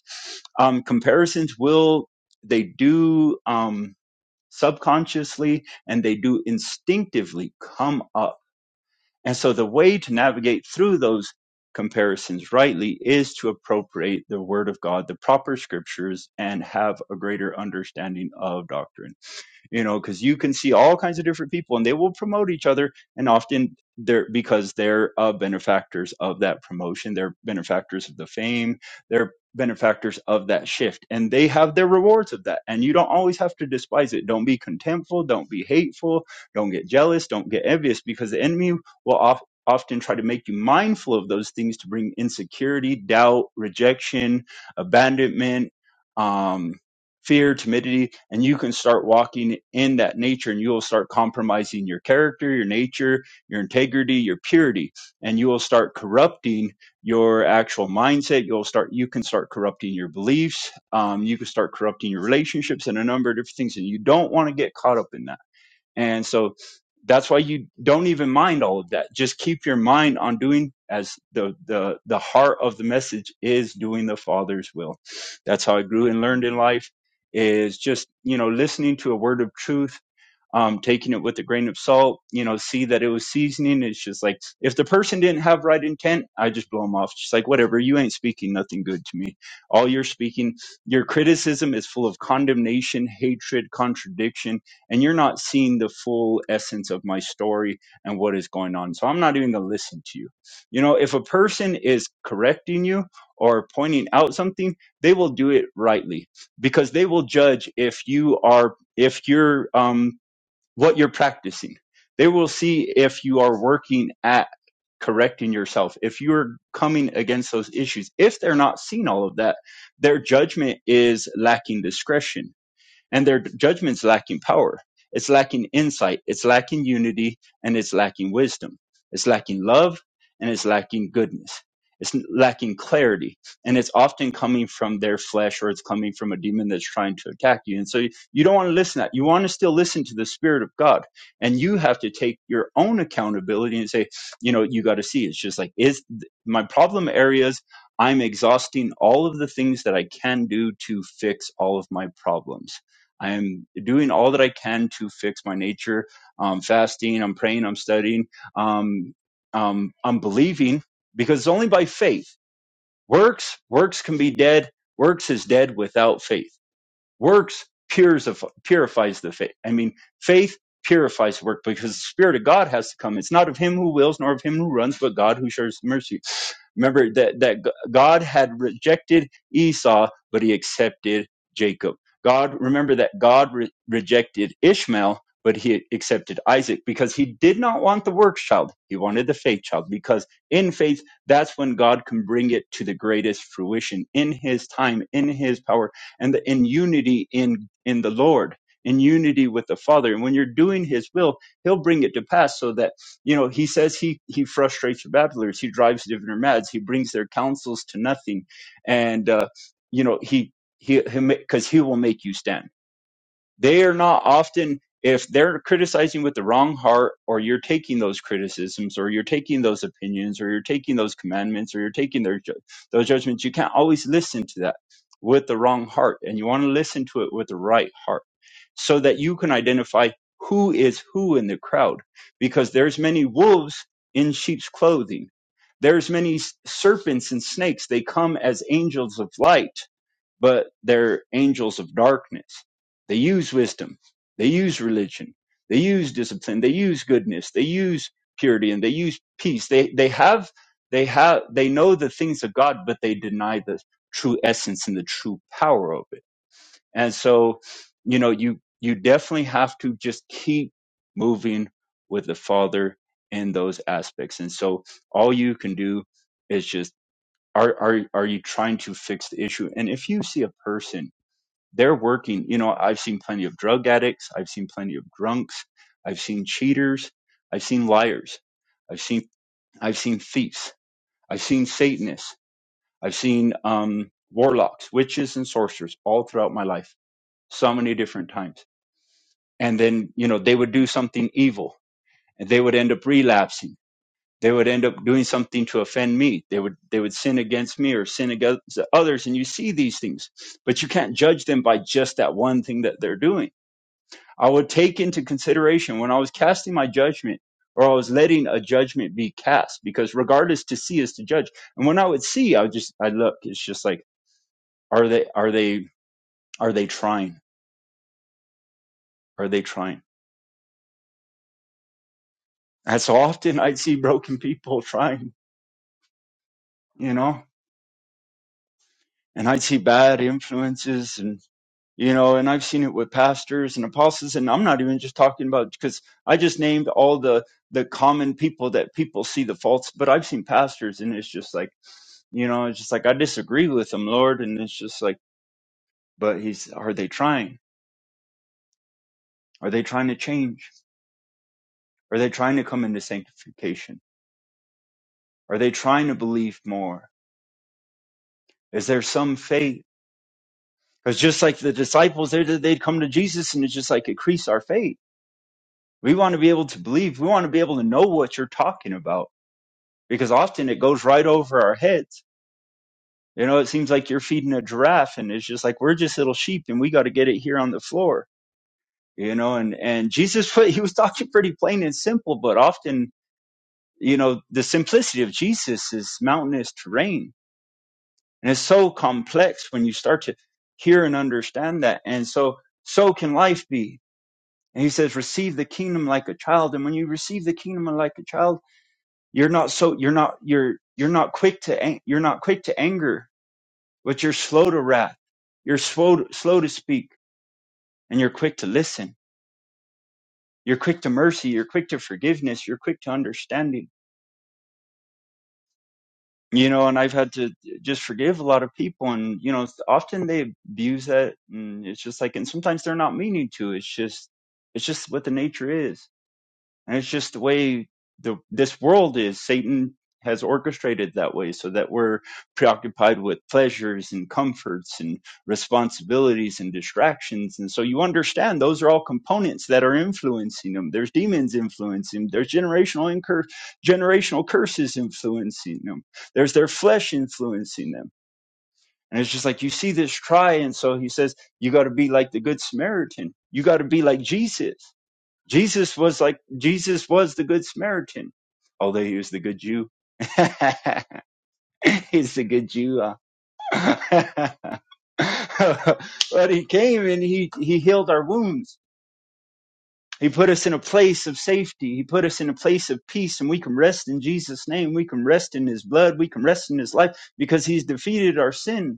um comparisons will they do um subconsciously and they do instinctively come up and so the way to navigate through those comparisons rightly is to appropriate the word of God, the proper scriptures, and have a greater understanding of doctrine you know because you can see all kinds of different people and they will promote each other and often they're because they're uh, benefactors of that promotion they're benefactors of the fame they're benefactors of that shift and they have their rewards of that and you don't always have to despise it don't be contemptful don't be hateful don't get jealous don't get envious because the enemy will of often try to make you mindful of those things to bring insecurity doubt rejection abandonment um, fear, timidity, and you can start walking in that nature and you will start compromising your character, your nature, your integrity, your purity, and you will start corrupting your actual mindset. You'll start, you can start corrupting your beliefs. Um, you can start corrupting your relationships and a number of different things. And you don't want to get caught up in that and so that's why you don't even mind all of that. Just keep your mind on doing as the the the heart of the message is doing the Father's will. That's how I grew and learned in life is just, you know, listening to a word of truth um, taking it with a grain of salt, you know, see that it was seasoning. It's just like, if the person didn't have right intent, I just blow them off. Just like, whatever, you ain't speaking nothing good to me. All you're speaking, your criticism is full of condemnation, hatred, contradiction, and you're not seeing the full essence of my story and what is going on. So I'm not even going to listen to you. You know, if a person is correcting you or pointing out something, they will do it rightly because they will judge if you are if you're um what you're practicing. They will see if you are working at correcting yourself, if you're coming against those issues. If they're not seeing all of that, their judgment is lacking discretion and their judgment's lacking power. It's lacking insight. It's lacking unity and it's lacking wisdom. It's lacking love and it's lacking goodness. It's lacking clarity and it's often coming from their flesh or it's coming from a demon that's trying to attack you. And so you you don't want to listen to that. You want to still listen to the spirit of God and you have to take your own accountability and say, you know, you got to see it's just like, is my problem areas? I'm exhausting all of the things that I can do to fix all of my problems I am doing all that I can to fix my nature. I'm fasting, I'm praying, I'm studying, um, um, I'm believing because it's only by faith. Works, works can be dead. Works is dead without faith. Works purifies the faith. I mean, faith purifies work because the Spirit of God has to come. It's not of him who wills nor of him who runs, but God who shows mercy. Remember that, that God had rejected Esau, but he accepted Jacob. God, remember that God re- rejected Ishmael, but he accepted Isaac because he did not want the works child. He wanted the faith child because in faith, that's when God can bring it to the greatest fruition in his time, in his power and the, in unity in in the Lord, in unity with the Father. And when you're doing His will, He'll bring it to pass. So that you know, He says He He frustrates the battlers, He drives diviners mad, He brings their counsels to nothing, and uh, you know He He because he, 'cause he will make you stand they are not often, if they're criticizing with the wrong heart, or you're taking those criticisms, or you're taking those opinions, or you're taking those commandments, or you're taking their ju- those judgments, you can't always listen to that with the wrong heart. And you want to listen to it with the right heart so that you can identify who is who in the crowd because there's many wolves in sheep's clothing there's many s- serpents and snakes they come as angels of light but they're angels of darkness. They use wisdom, they use religion, they use discipline, they use goodness, they use purity, and they use peace. They they have they have they know the things of God, but they deny the true essence and the true power of it. And so, you know, you you definitely have to just keep moving with the Father in those aspects. And so, all you can do is just are are are you trying to fix the issue? And if you see a person they're working. You know, I've seen plenty of drug addicts, I've seen plenty of drunks, I've seen cheaters, I've seen liars, I've seen I've seen thieves, I've seen Satanists, I've seen um, warlocks, witches, and sorcerers all throughout my life, so many different times. And then you know they would do something evil, and they would end up relapsing. They would end up doing something to offend me. They would they would sin against me or sin against others. And you see these things, but you can't judge them by just that one thing that they're doing I would take into consideration when I was casting my judgment or I was letting a judgment be cast because regardless to see is to judge. And when I would see, I would just, I look, it's just like, are they, are they, are they trying? Are they trying? And so often I'd see broken people trying, you know, and I'd see bad influences and, you know, and I've seen it with pastors and apostles. And I'm not even just talking about because I just named all the, the common people that people see the faults, but I've seen pastors and it's just like, you know it's just like i disagree with them lord and it's just like but he's are they trying are they trying to change are they trying to come into sanctification are they trying to believe more is there some faith because just like the disciples they they'd come to jesus and it's just like increase our faith we want to be able to believe we want to be able to know what you're talking about because often it goes right over our heads you know it seems like you're feeding a giraffe and it's just like we're just little sheep and we got to get it here on the floor you know and and jesus he was talking pretty plain and simple but often you know the simplicity of jesus is mountainous terrain and it's so complex when you start to hear and understand that and so so can life be and he says receive the kingdom like a child and when you receive the kingdom like a child you're not so you're not you're you're not quick to ang- you're not quick to anger but you're slow to wrath you're slow slow to speak and you're quick to listen You're quick to mercy. You're quick to forgiveness. You're quick to understanding. You know, and I've had to just forgive a lot of people, and you know, often they abuse that, and it's just like, and sometimes they're not meaning to. It's just, it's just what the nature is And it's just the way the this world is. Satan has orchestrated that way so that we're preoccupied with pleasures and comforts and responsibilities and distractions. And so you understand those are all components that are influencing them. There's demons influencing them. There's generational incur- generational curses influencing them. There's their flesh influencing them. And it's just like you see this try. And so he says, you got to be like the good Samaritan. You got to be like Jesus Jesus was like Jesus was the good Samaritan, although he was the good Jew. He's the good Jew. uh. but he came and he he healed our wounds. He put us in a place of safety. He put us in a place of peace, and we can rest in Jesus' name. We can rest in His blood. We can rest in His life because He's defeated our sin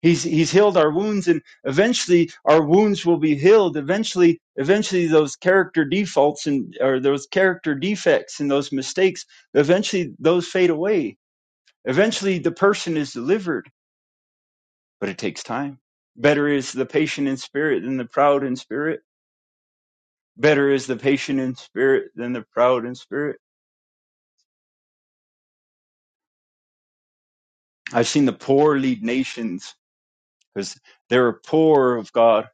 He's he's healed our wounds, and eventually our wounds will be healed. Eventually, eventually those character defaults and or those character defects and those mistakes, eventually those fade away. Eventually, the person is delivered, but it takes time. Better is the patient in spirit than the proud in spirit. Better is the patient in spirit than the proud in spirit. I've seen the poor lead nations because they're poor of God.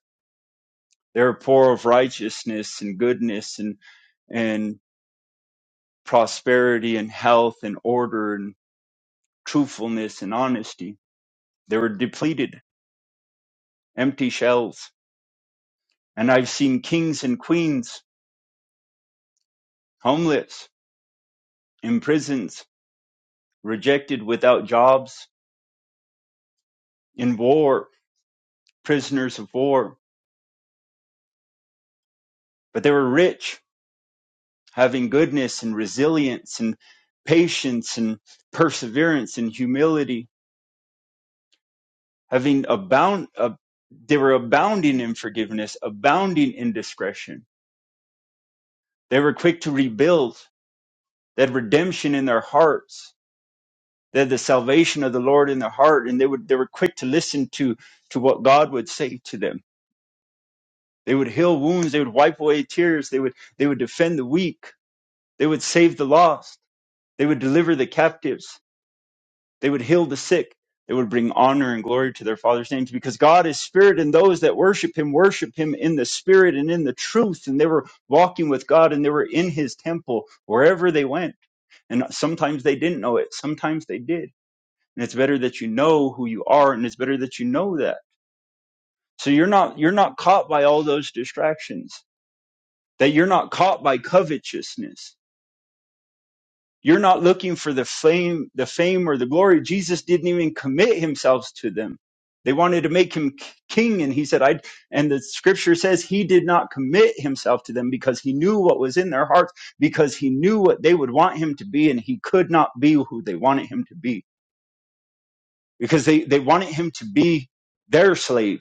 They're poor of righteousness and goodness and and. prosperity and health and order and truthfulness and honesty. They were depleted, empty shells. And I've seen kings and queens homeless, in prisons, rejected without jobs, in war, prisoners of war. But they were rich, having goodness and resilience and patience and perseverance and humility, having abound, ab- they were abounding in forgiveness, abounding in discretion. They were quick to rebuild, They had redemption in their hearts. They had the salvation of the Lord in their heart, and they would they were quick to listen to to what God would say to them. They would heal wounds. They would wipe away tears. They would they would defend the weak. They would save the lost. They would deliver the captives. They would heal the sick. They would bring honor and glory to their Father's names because God is spirit, and those that worship Him worship Him in the spirit and in the truth. And they were walking with God, and they were in His temple wherever they went. And sometimes they didn't know it. Sometimes they did and it's better that you know who you are and it's better that you know that so you're not you're not caught by all those distractions that you're not caught by covetousness you're not looking for the fame the fame or the glory jesus didn't even commit himself to them they wanted to make him k- king and he said i and the scripture says he did not commit himself to them because he knew what was in their hearts because he knew what they would want him to be and he could not be who they wanted him to be because they they wanted him to be their slave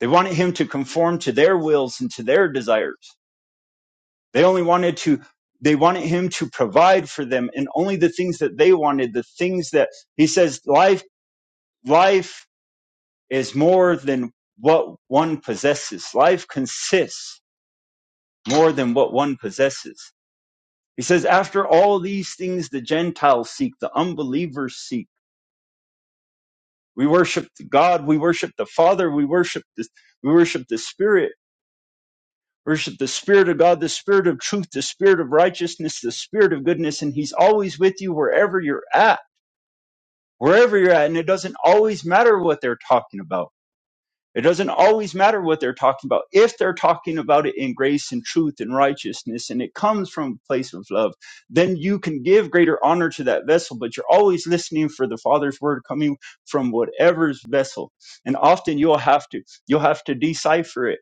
They wanted him to conform to their wills and to their desires. They only wanted to they wanted him to provide for them and only the things that they wanted, the things that he says life life is more than what one possesses. Life consists more than what one possesses. He says after all these things the Gentiles seek, the unbelievers seek. We worship God, we worship the Father, we worship the we worship the Spirit Worship the Spirit of God, the Spirit of truth, the Spirit of righteousness, the Spirit of goodness, and He's always with you wherever you're at, wherever you're at. And it doesn't always matter what they're talking about. It doesn't always matter what they're talking about if they're talking about it in grace and truth and righteousness and it comes from a place of love then you can give greater honor to that vessel but you're always listening for the father's word coming from whatever's vessel and often you'll have to you'll have to decipher it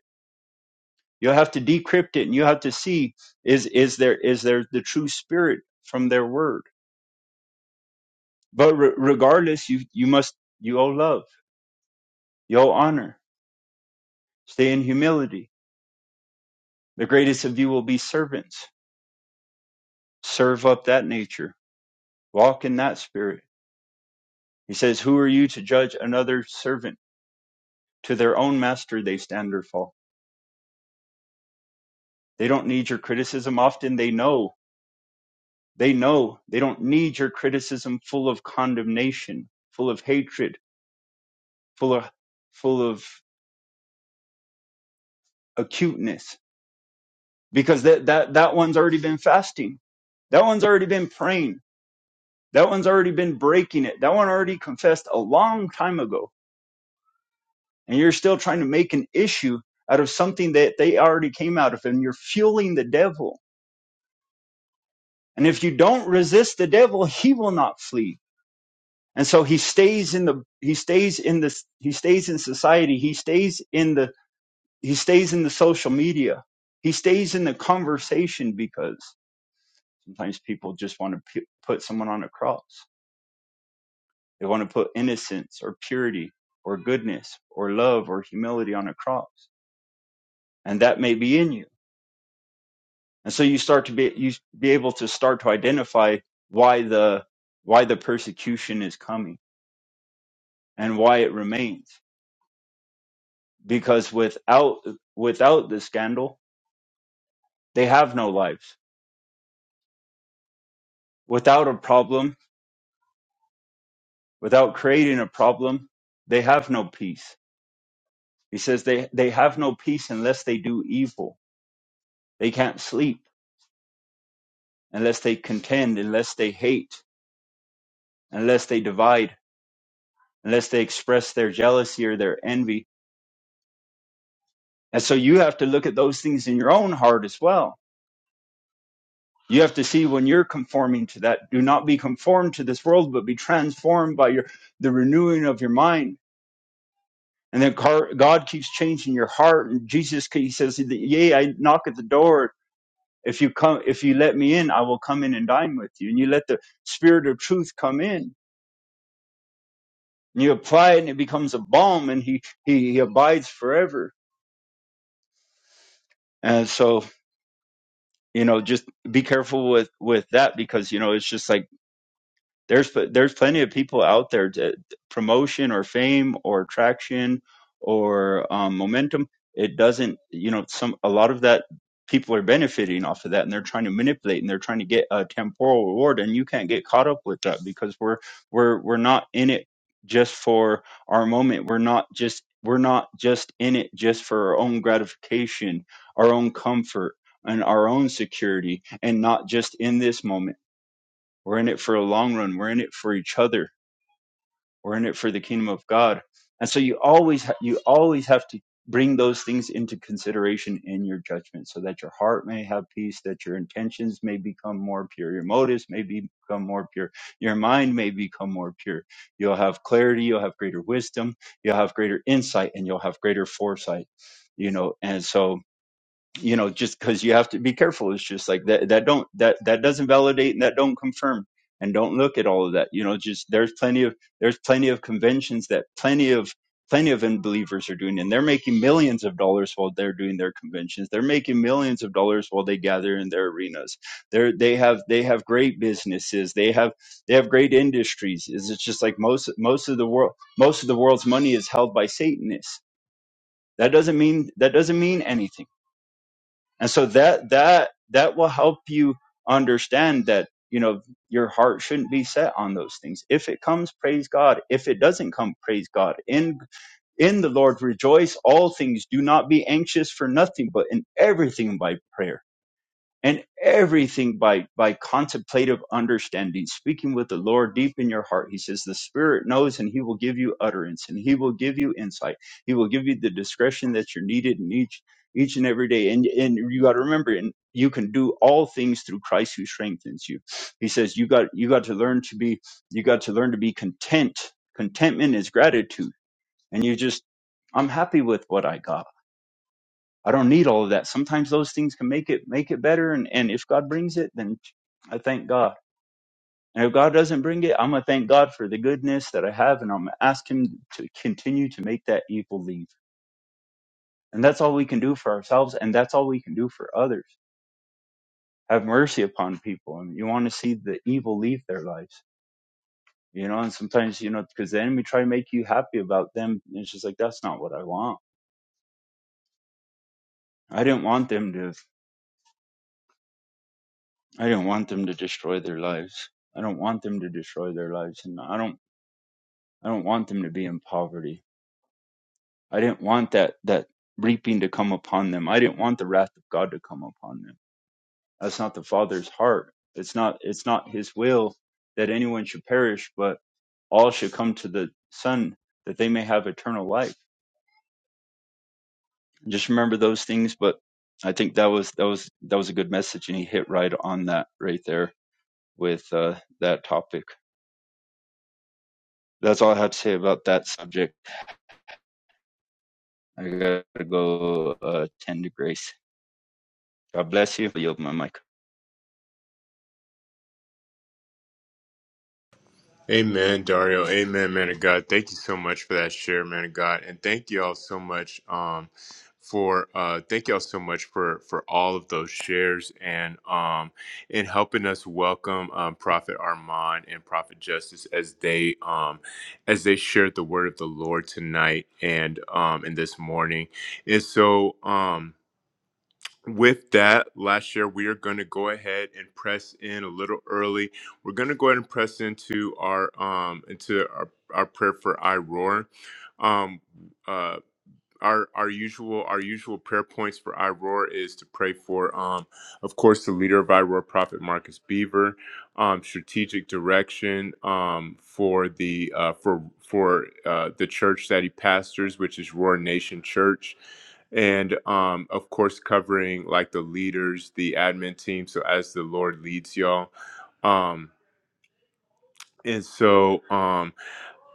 You'll have to decrypt it and you have to see is is there is there the true spirit from their word. But re- regardless, you you must you owe love, you owe honor, stay in humility. The greatest of you will be servants. Serve up that nature. Walk in that spirit. He says, Who are you to judge another servant? To their own master they stand or fall. They don't need your criticism. Often they know. They know they don't need your criticism full of condemnation, full of hatred, full of full of acuteness because that, that, that one's already been fasting. That one's already been praying. That one's already been breaking it. That one already confessed a long time ago. And you're still trying to make an issue out of something that they already came out of and you're fueling the devil. And if you don't resist the devil, he will not flee. And so he stays in the, he stays in this, he stays in society. He stays in the, he stays in the social media. He stays in the conversation because Sometimes people just want to pu- put someone on a cross. They want to put innocence or purity or goodness or love or humility on a cross. And that may be in you. And so you start to be, you be able to start to identify why the, why the persecution is coming and why it remains. Because without, without the scandal, they have no lives. Without a problem, without creating a problem, they have no peace. He says they, they have no peace unless they do evil They can't sleep unless they contend, unless they hate, unless they divide, unless they express their jealousy or their envy. And so you have to look at those things in your own heart as well. You have to see when you're conforming to that. Do not be conformed to this world, but be transformed by your the renewing of your mind. And then car- God keeps changing your heart. And Jesus, he says, "Yea, I knock at the door. If you come, if you let me in, I will come in and dine with you." And you let the Spirit of Truth come in And you apply it and it becomes a balm and he he, he abides forever and so you know just be careful with with that because you know it's just like there's there's plenty of people out there to promotion or fame or traction or um, momentum it doesn't you know some a lot of that people are benefiting off of that and they're trying to manipulate and they're trying to get a temporal reward and you can't get caught up with that because we're we're we're not in it just for our moment we're not just we're not just in it just for our own gratification our own comfort and our own security and not just in this moment we're in it for a long run. We're in it for each other. We're in it for the kingdom of God. And so you always ha- you always have to bring those things into consideration in your judgment so that your heart may have peace, that your intentions may become more pure, your motives may become more pure, your mind may become more pure. You'll have clarity, you'll have greater wisdom, you'll have greater insight and you'll have greater foresight. You know, and so you know just because you have to be careful it's just like that that don't that that doesn't validate and that don't confirm and don't look at all of that you know just there's plenty of there's plenty of conventions that plenty of plenty of unbelievers are doing and they're making millions of dollars while they're doing their conventions they're making millions of dollars while they gather in their arenas they're they have they have great businesses they have they have great industries it's just like most most of the world most of the world's money is held by satanists that doesn't mean that doesn't mean anything and so that that that will help you understand that you know your heart shouldn't be set on those things. If it comes, praise God. If it doesn't come, praise God. In in the Lord rejoice all things. Do not be anxious for nothing, but in everything by prayer and everything by by contemplative understanding speaking with the lord deep in your heart he says the spirit knows and he will give you utterance and he will give you insight he will give you the discretion that you're needed in each each and every day and and you got to remember and you can do all things through christ who strengthens you he says you got you got to learn to be you got to learn to be content contentment is gratitude and you just i'm happy with what i got I don't need all of that. Sometimes those things can make it make it better and, and if God brings it, then I thank God. And if God doesn't bring it, I'm gonna thank God for the goodness that I have and I'm gonna ask him to continue to make that evil leave. And that's all we can do for ourselves and that's all we can do for others. Have mercy upon people and you want to see the evil leave their lives. You know, and sometimes, you know, because the enemy try to make you happy about them. And it's just like, that's not what I want. I didn't want them to I don't want them to destroy their lives. I don't want them to destroy their lives and I don't I don't want them to be in poverty. I didn't want that that reaping to come upon them. I didn't want the wrath of God to come upon them. That's not the Father's heart. It's not it's not his will that anyone should perish, but all should come to the Son that they may have eternal life. Just remember those things, but I think that was that was that was a good message and he hit right on that right there with uh that topic. That's all I have to say about that subject. I gotta go uh, attend to Grace. God bless you. I yield my mic. Amen, Dario. Amen, man of God. Thank you so much for that share, man of God, and thank y'all so much um, for uh, thank y'all so much for for all of those shares and um, and helping us welcome um, Prophet Armand and Prophet Justice as they um, as they shared the word of the Lord tonight and um, and this morning. And so. Um, with that, last year, we are going to go ahead and press in a little early. We're going to go ahead and press into our um into our, our prayer for I roar. Um, uh, our our usual our usual prayer points for iRoar is to pray for um of course the leader of iRoar Prophet Marcus Beaver, um strategic direction um for the uh for for uh the church that he pastors which is Roar Nation Church and um of course covering like the leaders, the admin team so as the Lord leads y'all. Um and so um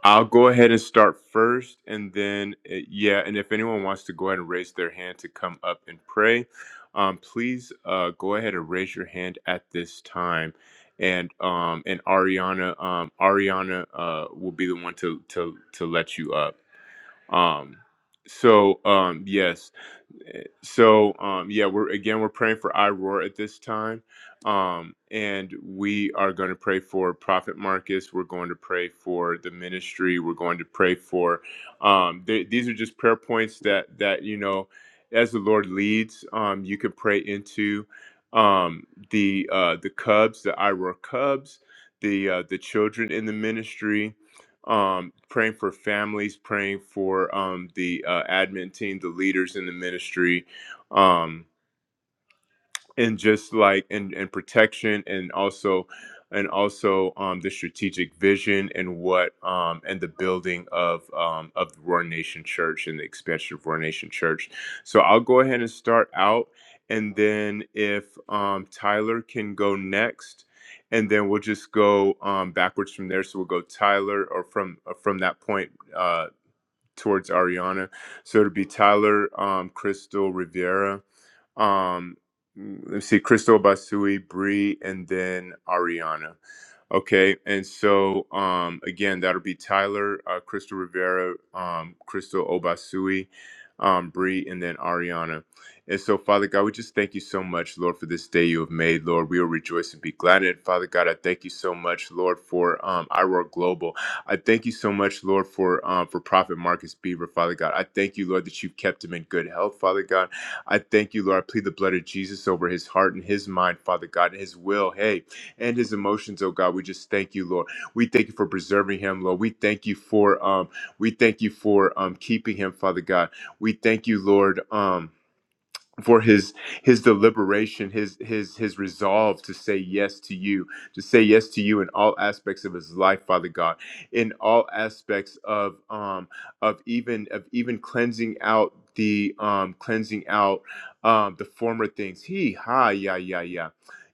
I'll go ahead and start first, and then uh, yeah, and if anyone wants to go ahead and raise their hand to come up and pray, um, please uh, go ahead and raise your hand at this time, and um, and Ariana, um, Ariana uh, will be the one to to to let you up. Um, so um, yes, Eh, so um yeah we're again we're praying for iroar at this time um and we are going to pray for prophet marcus we're going to pray for the ministry we're going to pray for um th- these are just prayer points that that you know as the lord leads um you can pray into um the uh the cubs the iroar cubs the uh the children in the ministry um, praying for families, praying for um, the uh, admin team, the leaders in the ministry. Um, and just like and and protection and also and also um the strategic vision and what um and the building of um of the Roar Nation Church and the expansion of Roar Nation Church. So I'll go ahead and start out and then if um Tyler can go next and then we'll just go um backwards from there so we'll go Tyler or from uh, from that point uh towards Ariana. So it'd be Tyler, um, Crystal Rivera, um, let me see, Crystal Basui, Bree, and then Ariana. Okay, and so um, again, that'll be Tyler, uh, Crystal Rivera, um, Crystal Obasui, um, Bree, and then Ariana. And so, Father God, we just thank you so much, Lord, for this day you have made. Lord, we will rejoice and be glad in it. Father God, I thank you so much, Lord, for um, Iroar Global. I thank you so much, Lord, for um, for Prophet Marcus Beaver, Father God. I thank you, Lord, that you've kept him in good health, Father God. I thank you, Lord. I plead the blood of Jesus over his heart and his mind, Father God, and his will, hey, and his emotions, oh God. We just thank you, Lord. We thank you for preserving him, Lord. We thank you for um, we thank you for um, keeping him, Father God. We thank you, Lord. Um, for his his deliberation his his his resolve to say yes to you to say yes to you in all aspects of his life father god in all aspects of um of even of even cleansing out the um cleansing out um the former things he ha yeah yeah yeah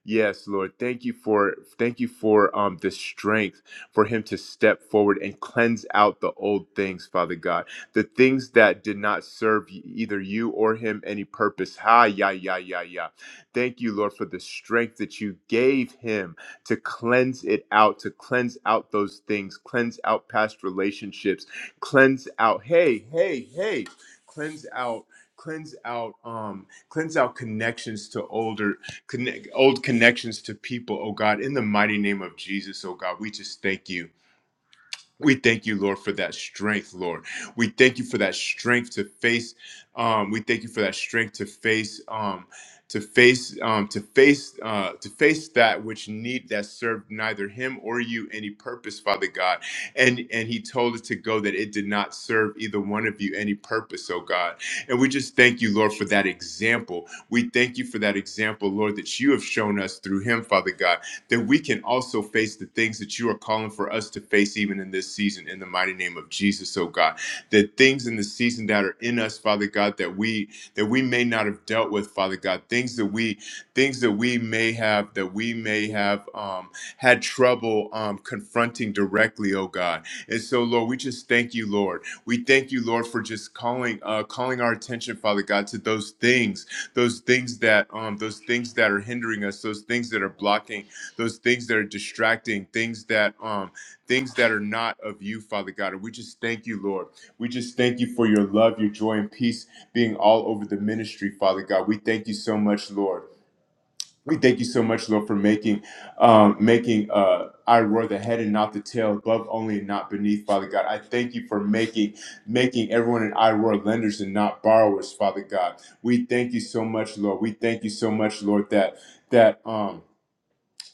Yes, Lord, thank you for thank you for um the strength for him to step forward and cleanse out the old things, Father God the things that did not serve y- either you or him any purpose. Ha, yeah, yeah, yeah, yeah. Thank you, Lord, for the strength that you gave him to cleanse it out, to cleanse out those things, cleanse out past relationships, cleanse out, hey, hey, hey, cleanse out. Cleanse out, um, cleanse out connections to older, connect, old connections to people. Oh God, in the mighty name of Jesus, oh God, we just thank you. We thank you, Lord, for that strength, Lord. We thank you for that strength to face. Um, we thank you for that strength to face, um, to face, um, to face, uh, to face that which need that served neither him or you any purpose, Father God. And and He told us to go that it did not serve either one of you any purpose, oh God. And we just thank you, Lord, for that example. We thank you for that example, Lord, that you have shown us through Him, Father God that we can also face the things that you are calling for us to face even in this season in the mighty name of Jesus, oh God. The things in the season that are in us, Father God, that we that we may not have dealt with, Father God, things that we things that we may have that we may have um, had trouble um, confronting directly, oh God. And so, Lord, we just thank you, Lord. We thank you, Lord, for just calling uh, calling our attention, Father God, to those things, those things that um, those things that are hindering us, those things that are blocking those things that are distracting things that um things that are not of you father god and we just thank you lord we just thank you for your love your joy and peace being all over the ministry father god we thank you so much lord we thank you so much lord for making um making uh I roar the head and not the tail, above only and not beneath, Father God. I thank you for making making everyone in I roar lenders and not borrowers, Father God. We thank you so much, Lord. We thank you so much, Lord, that that um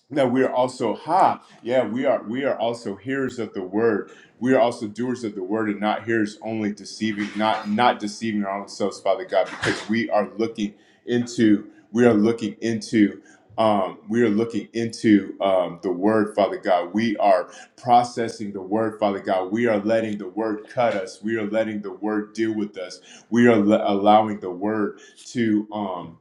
now we are also ha, yeah, we are we are also hearers of the word. We are also doers of the word and not hearers only deceiving, not not deceiving our own selves, Father God, because we are looking into we are looking into um, we are looking into um, the word, Father God. We are processing the word, Father God. We are letting the word cut us. We are letting the word deal with us. We are le- allowing the word to um,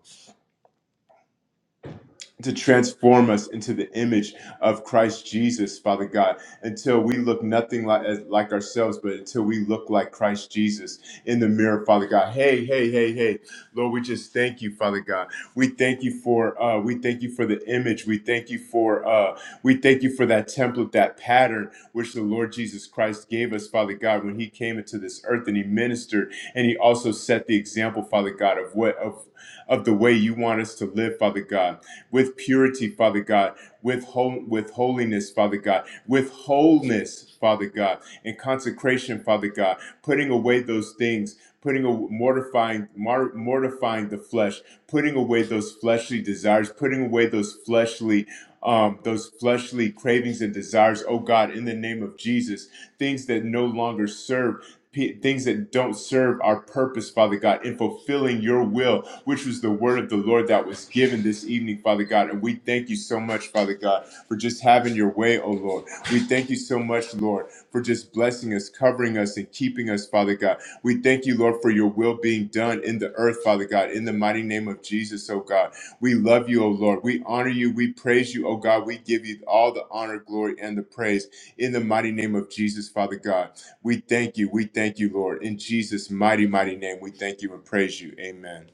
to transform us into the image of Christ Jesus, Father God, until we look nothing like as, like ourselves, but until we look like Christ Jesus in the mirror, Father God. Hey, hey, hey, hey, Lord, we just thank you, Father God. We thank you for uh, we thank you for the image. We thank you for uh, we thank you for that template, that pattern which the Lord Jesus Christ gave us, Father God, when He came into this earth and He ministered, and He also set the example, Father God, of what of of the way you want us to live, Father God with purity, Father God, with, hol- with holiness, Father God, with wholeness, Father God, and consecration, Father God, putting away those things, putting a, mortifying mar- mortifying the flesh, putting away those fleshly desires, putting away those fleshly um, those fleshly cravings and desires, oh God, in the name of Jesus, things that no longer serve, p- things that don't serve our purpose, Father God, in fulfilling your will, which was the word of the Lord that was given this evening, Father God. And we thank you so much, Father God, for just having your way, oh Lord. We thank you so much, Lord, for just blessing us, covering us, and keeping us, Father God. We thank you, Lord, for your your will being done in the earth, Father God, in the mighty name of Jesus, oh God. We love you, oh Lord. We honor you. We praise you, oh God. We give you all the honor, glory, and the praise in the mighty name of Jesus, Father God. We thank you. We thank you, Lord. In Jesus' mighty, mighty name, we thank you and praise you. Amen.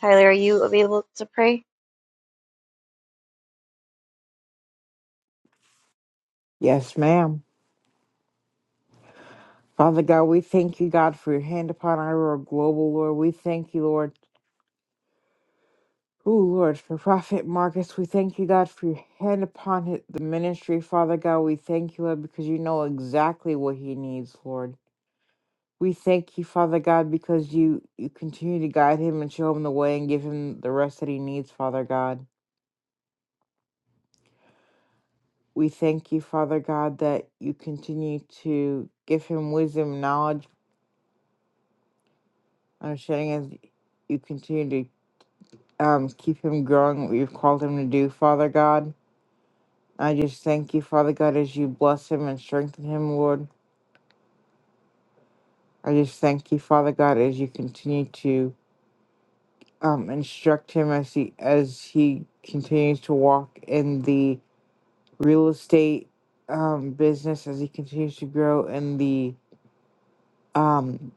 Tyler, are you available to pray? Yes, ma'am. Father God, we thank you, God, for your hand upon our global, Lord. We thank you, Lord. Ooh, Lord, for Prophet Marcus, we thank you, God, for your hand upon hi- the ministry, Father God. We thank you, Lord, because you know exactly what he needs, Lord. We thank you, Father God, because you, you continue to guide him and show him the way and give him the rest that he needs, Father God. We thank you, Father God, that you continue to give him wisdom, knowledge, understanding as you continue um, keep him growing what you've called him to do, Father God. I just thank you, Father God, as you bless him and strengthen him, Lord. I just thank you, Father God, as you continue to um, instruct him as he as he continues to walk in the real estate um, business, as he continues to grow in the um,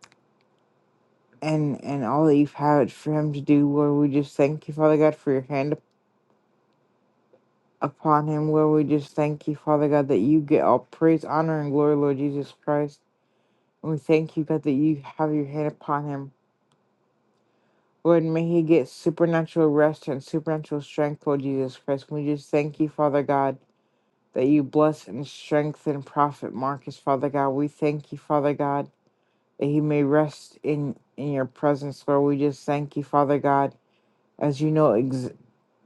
and and all that you've had for him to do, Lord. We just thank you, Father God, for your hand upon him. Lord, we just thank you, Father God, that you get all praise, honor, and glory, Lord Jesus Christ. And we thank you, God, that you have your hand upon him. Lord, may he get supernatural rest and supernatural strength, Lord Jesus Christ. We just thank you, Father God, that you bless and strengthen Prophet Marcus, Father God. We thank you, Father God, that he may rest in, in your presence, Lord. We just thank you, Father God, as you know ex-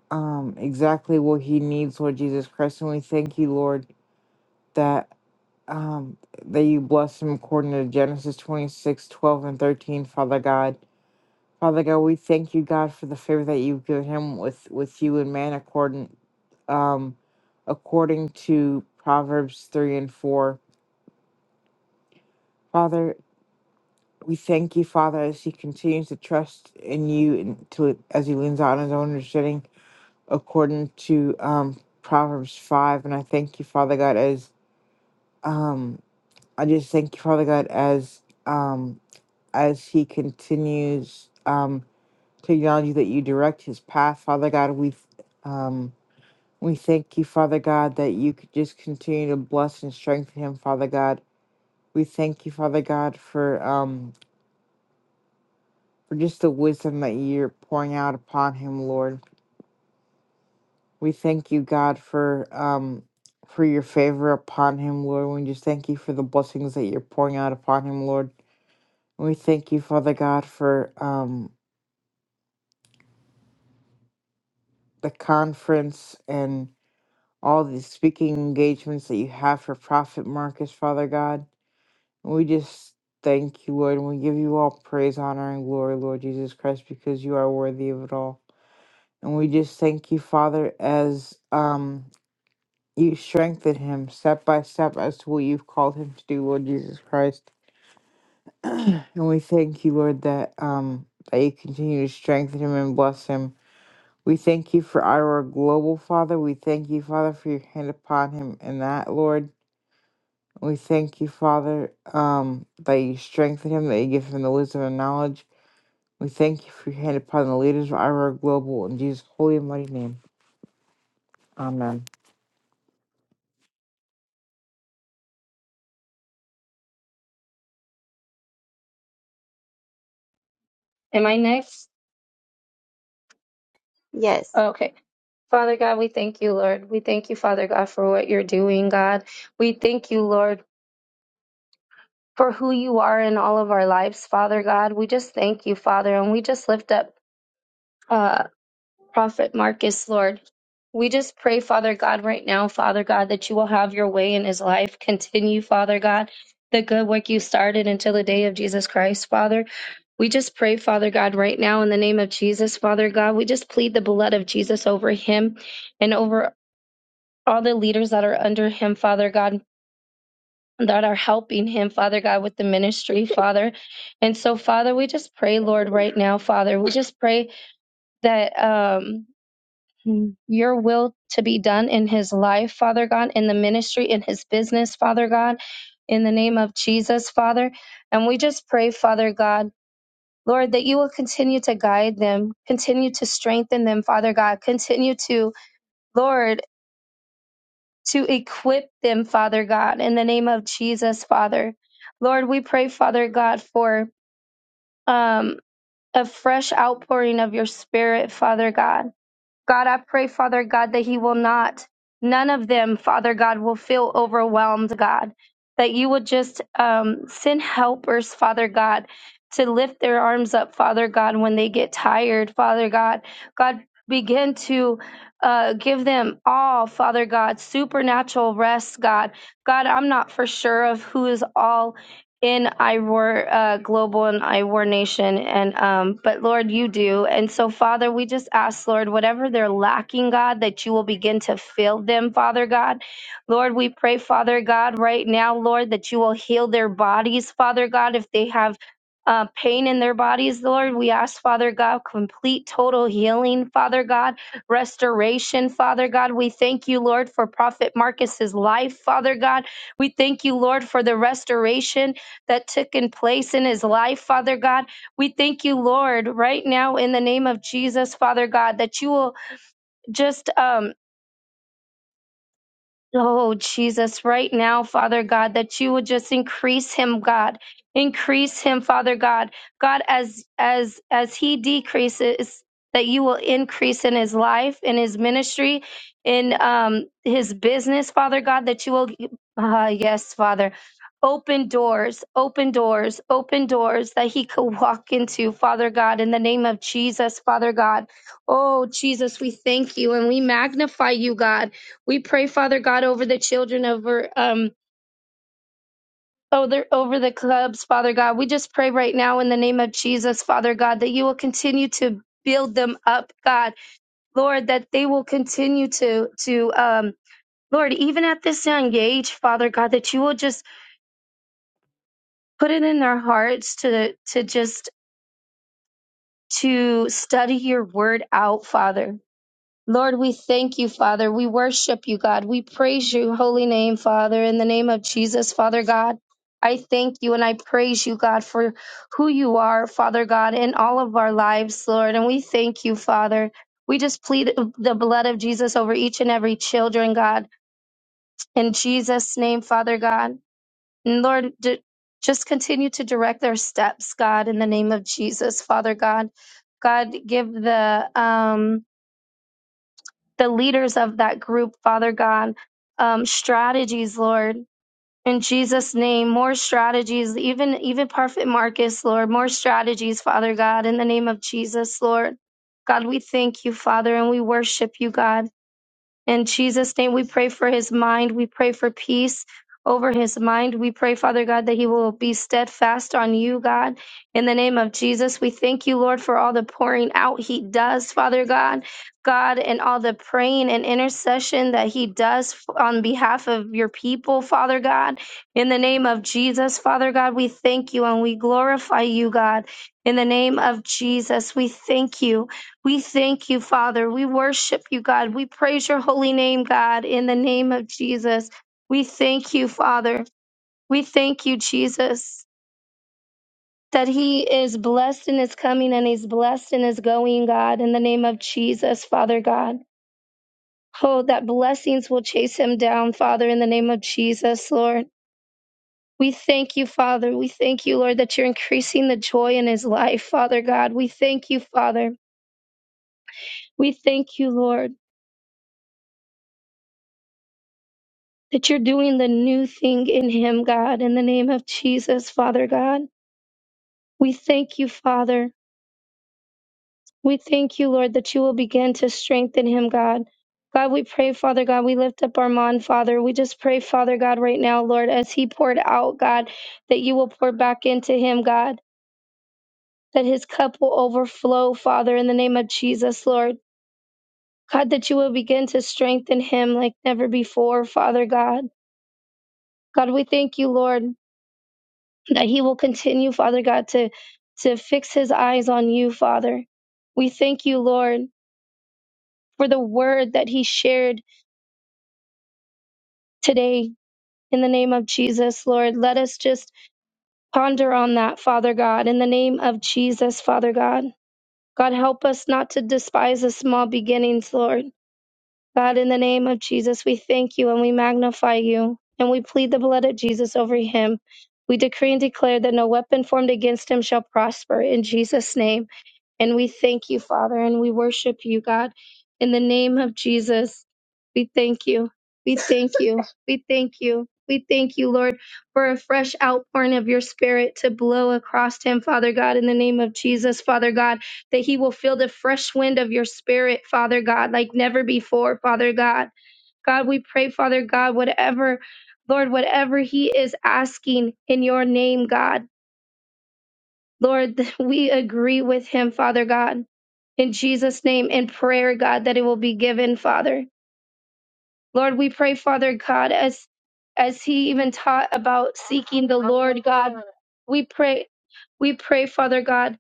um, exactly what he needs, Lord Jesus Christ. And we thank you, Lord that um, that you bless them according to Genesis 26 12 and 13, Father God. Father God, we thank you, God, for the favor that you've given him with, with you and man according, um, according to Proverbs 3 and 4. Father, we thank you, Father, as he continues to trust in you and to as he leans out on his own understanding according to um, Proverbs 5. And I thank you, Father God, as um, I just thank you, Father God, as. Um, as he continues um, to acknowledge that you direct his path, Father God. We um, we thank you, Father God, that you could just continue to bless and strengthen him, Father God. We thank you, Father God, for um, for just the wisdom that you're pouring out upon him, Lord. We thank you, God, for um, for your favor upon him, Lord. We just thank you for the blessings that you're pouring out upon him, Lord. We thank you, Father God, for um, the conference and. all the speaking engagements that you have for Prophet Marcus, Father God. And we just thank you, Lord, and we give you all praise, honor, and glory, Lord Jesus Christ, because you are worthy of it all. And we just thank you, Father, as um you strengthen him step by step as to what you've called him to do, Lord Jesus Christ. and we thank you, Lord, that um that you continue to strengthen him and bless him. We thank you for Ira Global, Father. We thank you, Father, for your hand upon him and that, Lord. We thank you, Father, um, that you strengthen him, that you give him the wisdom and knowledge. We thank you for your hand upon the leaders of Ira Global in Jesus' holy and mighty name. Amen. Am I next? Yes. Okay. Father God, we thank you, Lord. We thank you, Father God, for what you're doing, God. We thank you, Lord, for who you are in all of our lives, Father God. We just thank you, Father, and we just lift up. uh, Prophet Marcus, Lord. We just pray, Father God, right now, Father God, that you will have your way in his life. Continue, Father God, the good work you started until the day of Jesus Christ, Father. We just pray, Father God, right now in the name of Jesus, Father God, we just plead the blood of Jesus over him and over all the leaders that are under him, Father God, that are helping him, Father God, with the ministry, Father. And so, Father, we just pray, Lord, right now, Father, we just pray that. Um, Mm. your will to be done in his life, Father God, in the ministry, in his business, Father God, in the name of Jesus, Father. And we just pray, Father God, Lord, that you will continue to guide them, continue to strengthen them, Father God, continue to, Lord, to equip them, Father God, in the name of Jesus, Father. Lord, we pray, Father God, for um, a fresh outpouring of your spirit, Father God God, I pray, Father God, that he will not, none of them, Father God, will feel overwhelmed, God, that you would just um, send helpers, Father God, to lift their arms up, Father God, when they get tired, Father God. God, begin to uh, give them all, Father God, supernatural rest, God. God, I'm not for sure of who is all in Iwar uh, Global and Iwar Nation, and um, but Lord, you do, and so Father, we just ask Lord, whatever they're lacking, God, that you will begin to fill them, Father God. Lord, we pray, Father God, right now, Lord, that you will heal their bodies, Father God, if they have. Uh, pain in their bodies, Lord. We ask, Father God, complete total healing, Father God, restoration, Father God. We thank you, Lord, for Prophet Marcus's life, Father God. We thank you, Lord, for the restoration that took in place in his life, Father God. We thank you, Lord, right now in the name of Jesus, Father God, that you will just um Oh, Jesus, right now, Father God, that you would just increase him, God. Increase him, Father God. God, as as as he decreases, that you will increase in his life, in his ministry, in um his business, Father God, that you will uh, yes, Father. Open doors, open doors, open doors that he could walk into, Father God, in the name of Jesus, Father God. Oh, Jesus, we thank you and we magnify you, God. We pray, Father God, over the children, over um over over the clubs, Father God. We just pray right now in the name of Jesus, Father God, that you will continue to build them up, God, Lord, that they will continue to to um Lord, even at this young age, Father God, that you will just put it in their hearts to to just to study your word out, Father. Lord, we thank you, Father. We worship you, God. We praise your holy name, Father, in the name of Jesus, Father God. I thank you and I praise you, God, for who you are, Father God, in all of our lives, Lord. And we thank you, Father. We just plead the blood of Jesus over each and every children, God, in Jesus' name, Father God. And Lord, d- just continue to direct their steps, God, in the name of Jesus, Father God. God, give the um, the leaders of that group, Father God, um, strategies, Lord. In Jesus' name, more strategies, even even Prophet Marcus, Lord, more strategies, Father God, in the name of Jesus, Lord. God, we thank you, Father, and we worship you, God. In Jesus' name, we pray for his mind. We pray for peace over his mind. We pray, Father God, that he will be steadfast on you, God. In the name of Jesus, we thank you, Lord, for all the pouring out he does, Father God, God, and all the praying and intercession that he does on behalf of your people, Father God. In the name of Jesus, Father God, we thank you and we glorify you, God. In the name of Jesus, we thank you. We thank you, Father. We worship you, God. We praise your holy name, God, in the name of Jesus. We thank you, Father. We thank you, Jesus, that he is blessed in his coming and he's blessed in his going, God, in the name of Jesus, Father God. Oh, that blessings will chase him down, Father, in the name of Jesus, Lord. We thank you, Father. We thank you, Lord, that you're increasing the joy in his life, Father God. We thank you, Father. We thank you, Lord. that you're doing the new thing in him, God, in the name of Jesus, Father God. We thank you, Father. We thank you, Lord, that you will begin to strengthen him, God. God, we pray, Father God, we lift up Armand, Father. We just pray, Father God, right now, Lord, as he poured out, God, that you will pour back into him, God, that his cup will overflow, Father, in the name of Jesus, Lord. God, that you will begin to strengthen him like never before, Father God. God, we thank you, Lord. that he will continue, Father God, to, to fix his eyes on you, Father. We thank you, Lord, for the word that he shared today in the name of Jesus, Lord. Let us just ponder on that, Father God, in the name of Jesus, Father God. God, help us not to despise the small beginnings, Lord. God, in the name of Jesus, we thank you and we magnify you and we plead the blood of Jesus over him. We decree and declare that no weapon formed against him shall prosper in Jesus' name. And we thank you, Father, and we worship you, God. In the name of Jesus, we thank you. We thank you. We thank you. We thank you, Lord, for a fresh outpouring of your spirit to blow across him, Father God, in the name of Jesus, Father God, that he will feel the fresh wind of your spirit, Father God, like never before, Father God. God, we pray, Father God, whatever, Lord, whatever he is asking in your name, God. Lord, we agree with him, Father God, in Jesus' name in prayer, God, that it will be given, Father. Lord, we pray, Father God, as as he even taught about seeking the Lord God. We pray, we pray, Father God,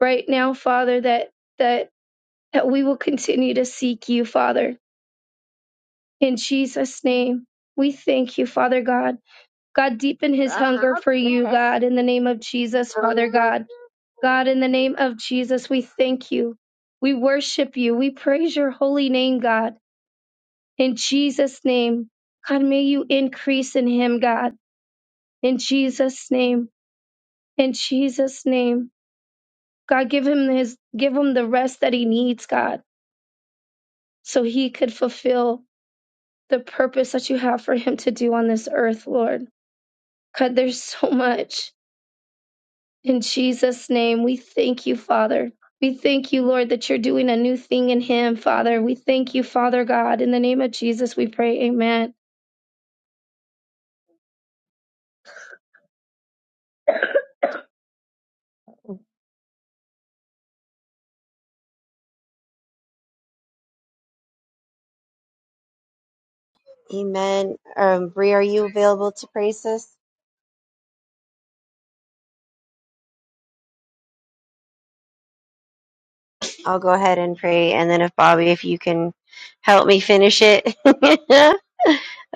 right now, Father, that that that we will continue to seek you, Father. In Jesus' name. We thank you, Father God. God, deepen his hunger for you, God, in the name of Jesus, Father God. God, in the name of Jesus, we thank you. We worship you. We praise your holy name, God. In Jesus' name, God, may you increase in him, God. In Jesus' name. In Jesus' name. God, give him his give him the rest that he needs, God, so he could fulfill the purpose that you have for him to do on this earth, Lord. God, there's so much. In Jesus' name, we thank you, Father. We thank you, Lord, that you're doing a new thing in him, Father. We thank you, Father God. In the name of Jesus, we pray. Amen. Amen. Um, Bree, are you available to pray, sis? I'll go ahead and pray, and then if Bobby, if you can help me finish it.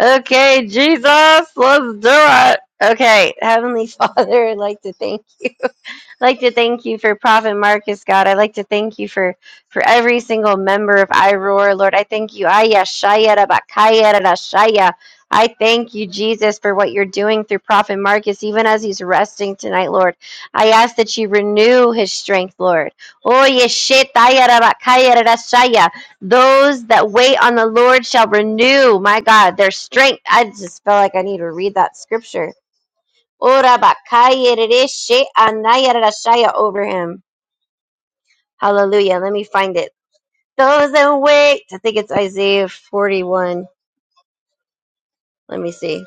okay, Jesus, let's do it. Okay, Heavenly Father, I'd like to thank you. I'd like to thank you for Prophet Marcus, God. I'd like to thank you for for every single member of iRoar, Lord. I thank you. Aya Shaya Rabakaya Shaya. I thank you, Jesus, for what you're doing through Prophet Marcus, even as he's resting tonight, Lord. I ask that you renew his strength, Lord. Oh, yeshetaya Rabakaya Shaya. Those that wait on the Lord shall renew, my God, their strength. I just felt like I need to read that scripture Ora bakaya rereshe anaya rashaya over him. Hallelujah. Let me find it. Those that wait. I think it's Isaiah 41. Let me see.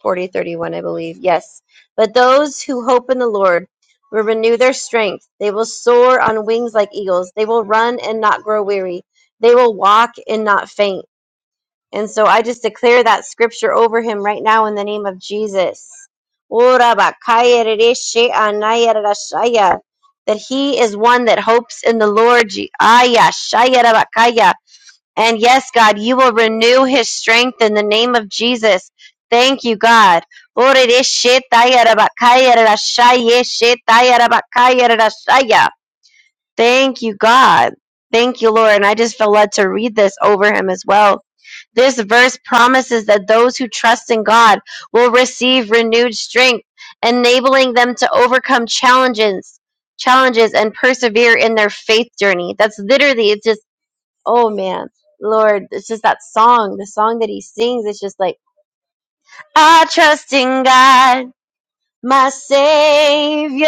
40 31, I believe. Yes. But those who hope in the Lord will renew their strength. They will soar on wings like eagles. They will run and not grow weary. They will walk and not faint. And so I just declare that scripture over him right now in the name of Jesus. That he is one that hopes in the Lord. And yes, God, you will renew his strength in the name of Jesus. Thank you, God. Thank you, God. Thank you, Lord. And I just feel led to read this over him as well. This verse promises that those who trust in God will receive renewed strength, enabling them to overcome challenges, challenges and persevere in their faith journey. That's literally it's just oh man, Lord, it's just that song, the song that he sings, it's just like I trust in God my savior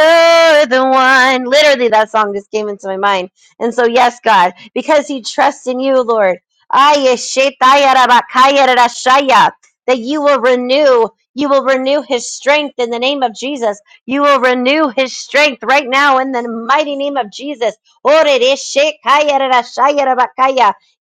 the one literally that song just came into my mind and so yes god because he trusts in you lord that you will renew you will renew his strength in the name of jesus you will renew his strength right now in the mighty name of jesus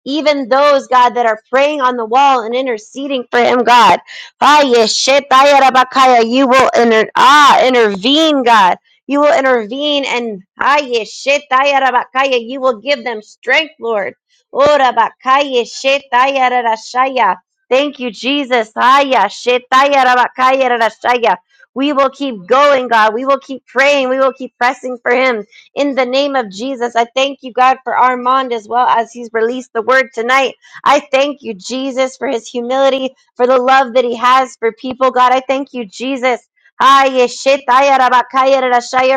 even those god that are praying on the wall and interceding for him god Ah, yes, ah, yeah, rabakaya, You will inter- ah, intervene, God. You will intervene and ah, yes, ah, yeah, rabakaya, you will give them strength, Lord. Oh, rabakaya, shit, ah, yeah, rarashaya. Thank you, Jesus. Ah, yeah, ah, yeah, rabakaya, rarashaya. We will keep going, God. We will keep praying. We will keep pressing for Him in the name of Jesus. I thank you, God, for Armand as well as he's released the word tonight. I thank you, Jesus, for his humility for the love that he has for people. God, I thank you, Jesus. Ah,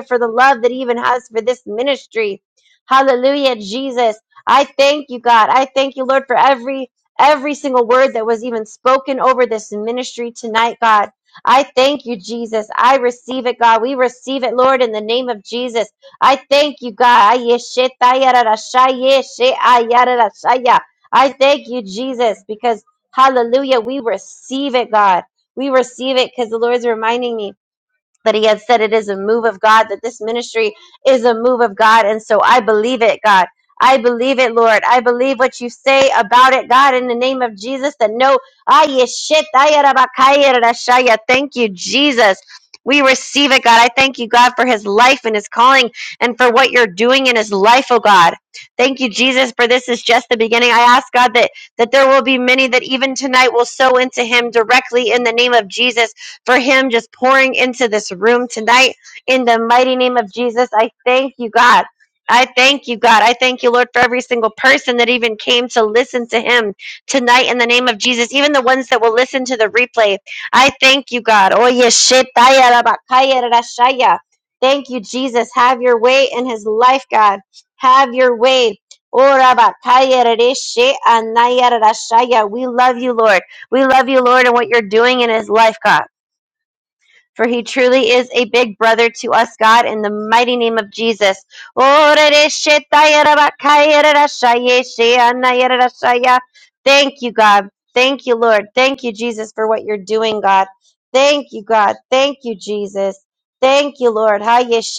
For the love that he even has for this ministry. Hallelujah, Jesus. I thank you, God. I thank you, Lord, for every every single word that was even spoken over this ministry tonight, God. I thank you, Jesus. I receive it, God. We receive it, Lord, in the name of Jesus. I thank you, God. I thank you, Jesus, because Hallelujah. We receive it, God. We receive it because the Lord's reminding me but he has said it is a move of God, that this ministry is a move of God. And so I believe it, God. I believe it, Lord. I believe what you say about it, God, in the name of Jesus, that no, ah, yes, shit, ah, yeah, yeah, thank you, Jesus. We receive it, God. I thank you, God, for his life and his calling and for what you're doing in his life, oh God. Thank you, Jesus, for this is just the beginning. I ask, God, that, that there will be many that even tonight will sow into him directly in the name of Jesus for him just pouring into this room tonight. In the mighty name of Jesus, I thank you, God. I thank you, God. I thank you, Lord, for every single person that even came to listen to him tonight in the name of Jesus, even the ones that will listen to the replay. I thank you, God. Oh, yes, shit, taya, rabakaya, rarashaya. Thank you, Jesus. Have your way in his life, God. Have your way. Oh, rabakaya, rareshe, anaya, rarashaya. We love you, Lord. We love you, Lord, and what you're doing in his life, God. For he truly is a big brother to us, God, in the mighty name of Jesus. Thank you, God. Thank you, Lord. Thank you, Jesus, for what you're doing, God. Thank you, God. Thank you, Jesus. Thank you, Lord. I thank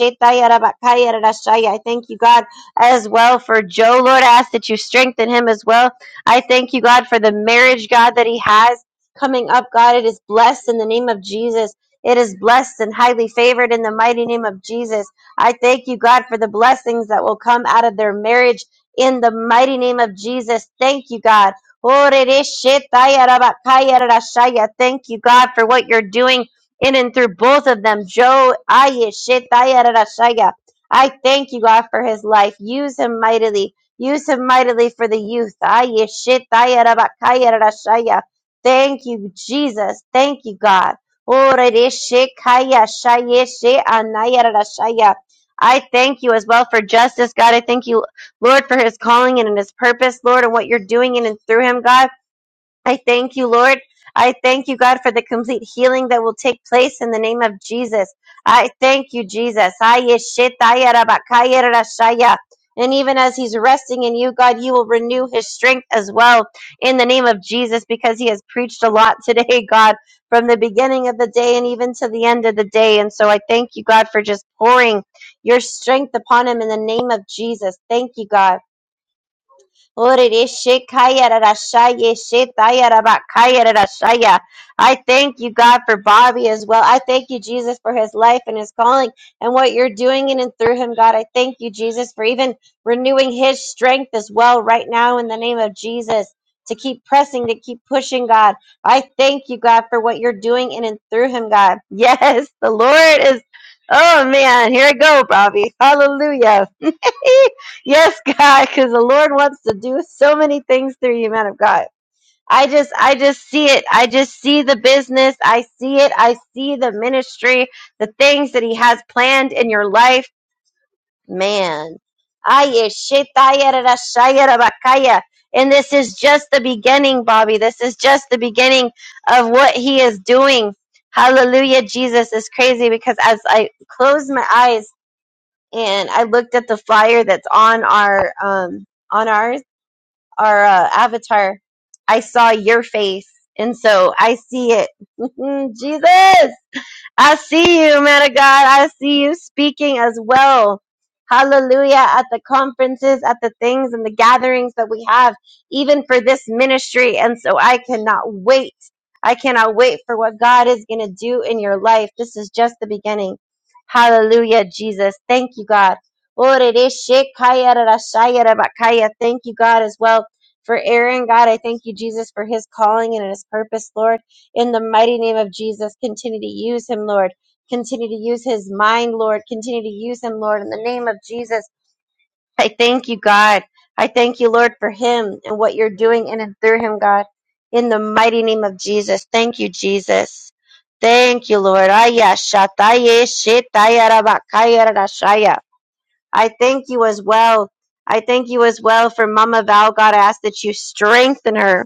you, God, as well for Joe. Lord, I ask that you strengthen him as well. I thank you, God, for the marriage, God, that he has coming up, God. It is blessed in the name of Jesus. It is blessed and highly favored in the mighty name of Jesus. I thank you, God, for the blessings that will come out of their marriage in the mighty name of Jesus. Thank you, God. Thank you, God, for what you're doing in and through both of them. Joe, I thank you, God, for his life. Use him mightily. Use him mightily for the youth. Thank you, Jesus. Thank you, God. Orereshe kaya shayeshe anayarashaya. I thank you as well for justice, God. I thank you, Lord, for his calling and in his purpose, Lord, and what you're doing in and through him, God. I thank you, Lord. I thank you, God, for the complete healing that will take place in the name of Jesus. I thank you, Jesus. Aye, And even as he's resting in you, God, you will renew his strength as well in the name of Jesus because he has preached a lot today, God, from the beginning of the day and even to the end of the day. And so I thank you, God, for just pouring your strength upon him in the name of Jesus. Thank you, God. Orereshekayararashayeshetayarabakayararashaya. I thank you, God, for Bobby as well. I thank you, Jesus, for his life and his calling and what you're doing in and through him, God. I thank you, Jesus, for even renewing his strength as well right now in the name of Jesus to keep pressing, to keep pushing, God. I thank you, God, for what you're doing in and through him, God. Yes, the Lord is. Oh, man. Here I go, Bobby. Hallelujah. yes, God, because the Lord wants to do so many things through you, man of God. I just, I just see it. I just see the business. I see it. I see the ministry, the things that He has planned in your life, man. Aye, shitayarashayarabakaya. And this is just the beginning, Bobby. This is just the beginning of what He is doing. Hallelujah, Jesus is crazy because as I close my eyes and I looked at the flyer that's on our um on ours our uh, avatar. I saw your face, and so I see it. Jesus, I see you, man of God. I see you speaking as well. Hallelujah. At the conferences, at the things and the gatherings that we have, even for this ministry. And so I cannot wait. I cannot wait for what God is going to do in your life. This is just the beginning. Hallelujah, Jesus. Thank you, God. Thank you, God, as well for Aaron. God, I thank you, Jesus, for his calling and his purpose, Lord in the mighty name of Jesus. Continue to use him, Lord. Continue to use his mind, Lord. Continue to use him, Lord, in the name of Jesus. I thank you, God. I thank you, Lord, for him and what you're doing in and through him, God. In the mighty name of Jesus. Thank you, Jesus. Thank you, Lord. Aya shataye shetaya rabakaya rarashaya. I thank you as well. I thank you as well for Mama Val, God. I ask that you strengthen her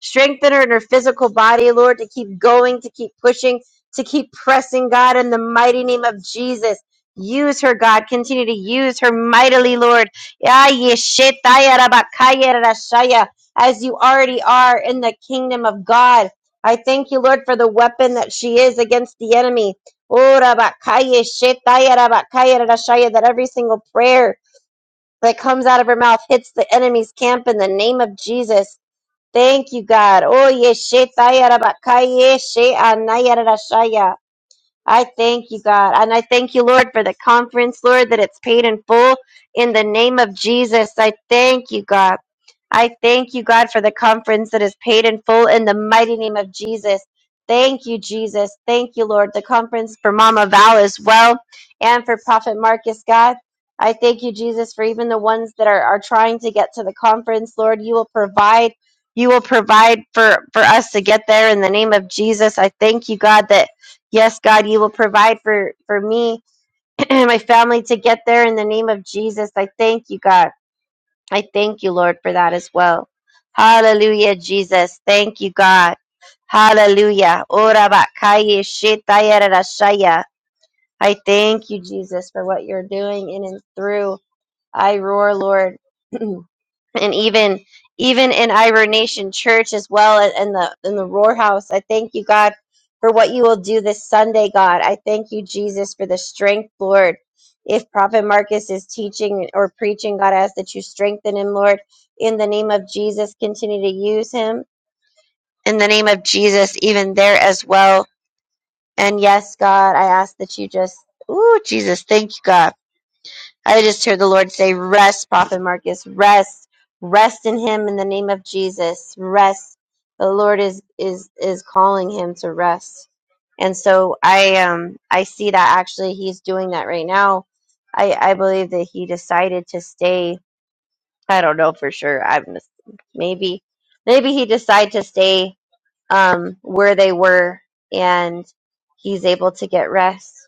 Strengthen her in her physical body, Lord, to keep going, to keep pushing, to keep pressing, God, in the mighty name of Jesus. Use her, God. Continue to use her mightily, Lord. Ya yeshetaya rabakaya rarashaya, As you already are in the kingdom of God. I thank you, Lord, for the weapon that she is against the enemy. Oh, rabakaya shetaya rabakaya rarashaya, That every single prayer that comes out of her mouth hits the enemy's camp in the name of Jesus. Thank you, God. Oh, yes, she tayarabakaye, she anayarashaya. I thank you, God. And I thank you, Lord, for the conference, Lord, that it's paid in full in the name of Jesus. I thank you, God. I thank you, God, for the conference that is paid in full in the mighty name of Jesus. Thank you, Jesus. Thank you, Lord. The conference for Mama Val as well and for Prophet Marcus, God. I thank you, Jesus, for even the ones that are, are trying to get to the conference, Lord. You will provide. You will provide for, for us to get there in the name of Jesus. I thank you, God, that Yes, God, you will provide for, for me and my family to get there in the name of Jesus. I thank you, God. I thank you, Lord, for that as well. Hallelujah, Jesus. Thank you, God. Hallelujah. Ora bakaya shetaya rarashaya. I thank you, Jesus, for what you're doing in and through. I roar, Lord. and even even in Iver Nation Church as well a- and the in the Roar House. I thank you, God, for what you will do this Sunday, God. I thank you, Jesus, for the strength, Lord. If Prophet Marcus is teaching or preaching, God, I ask that you strengthen him, Lord. In the name of Jesus, continue to use him. In the name of Jesus, even there as well. And yes, God, I ask that you just, ooh, Jesus, thank you, God I just heard the Lord say, Rest, Prophet Marcus, rest, rest in him in the name of Jesus. Rest. The Lord is is is calling him to rest. And so I um I see that actually he's doing that right now. I, I believe that he decided to stay. I don't know for sure. I'm just, maybe maybe he decided to stay um where they were and he's able to get rest.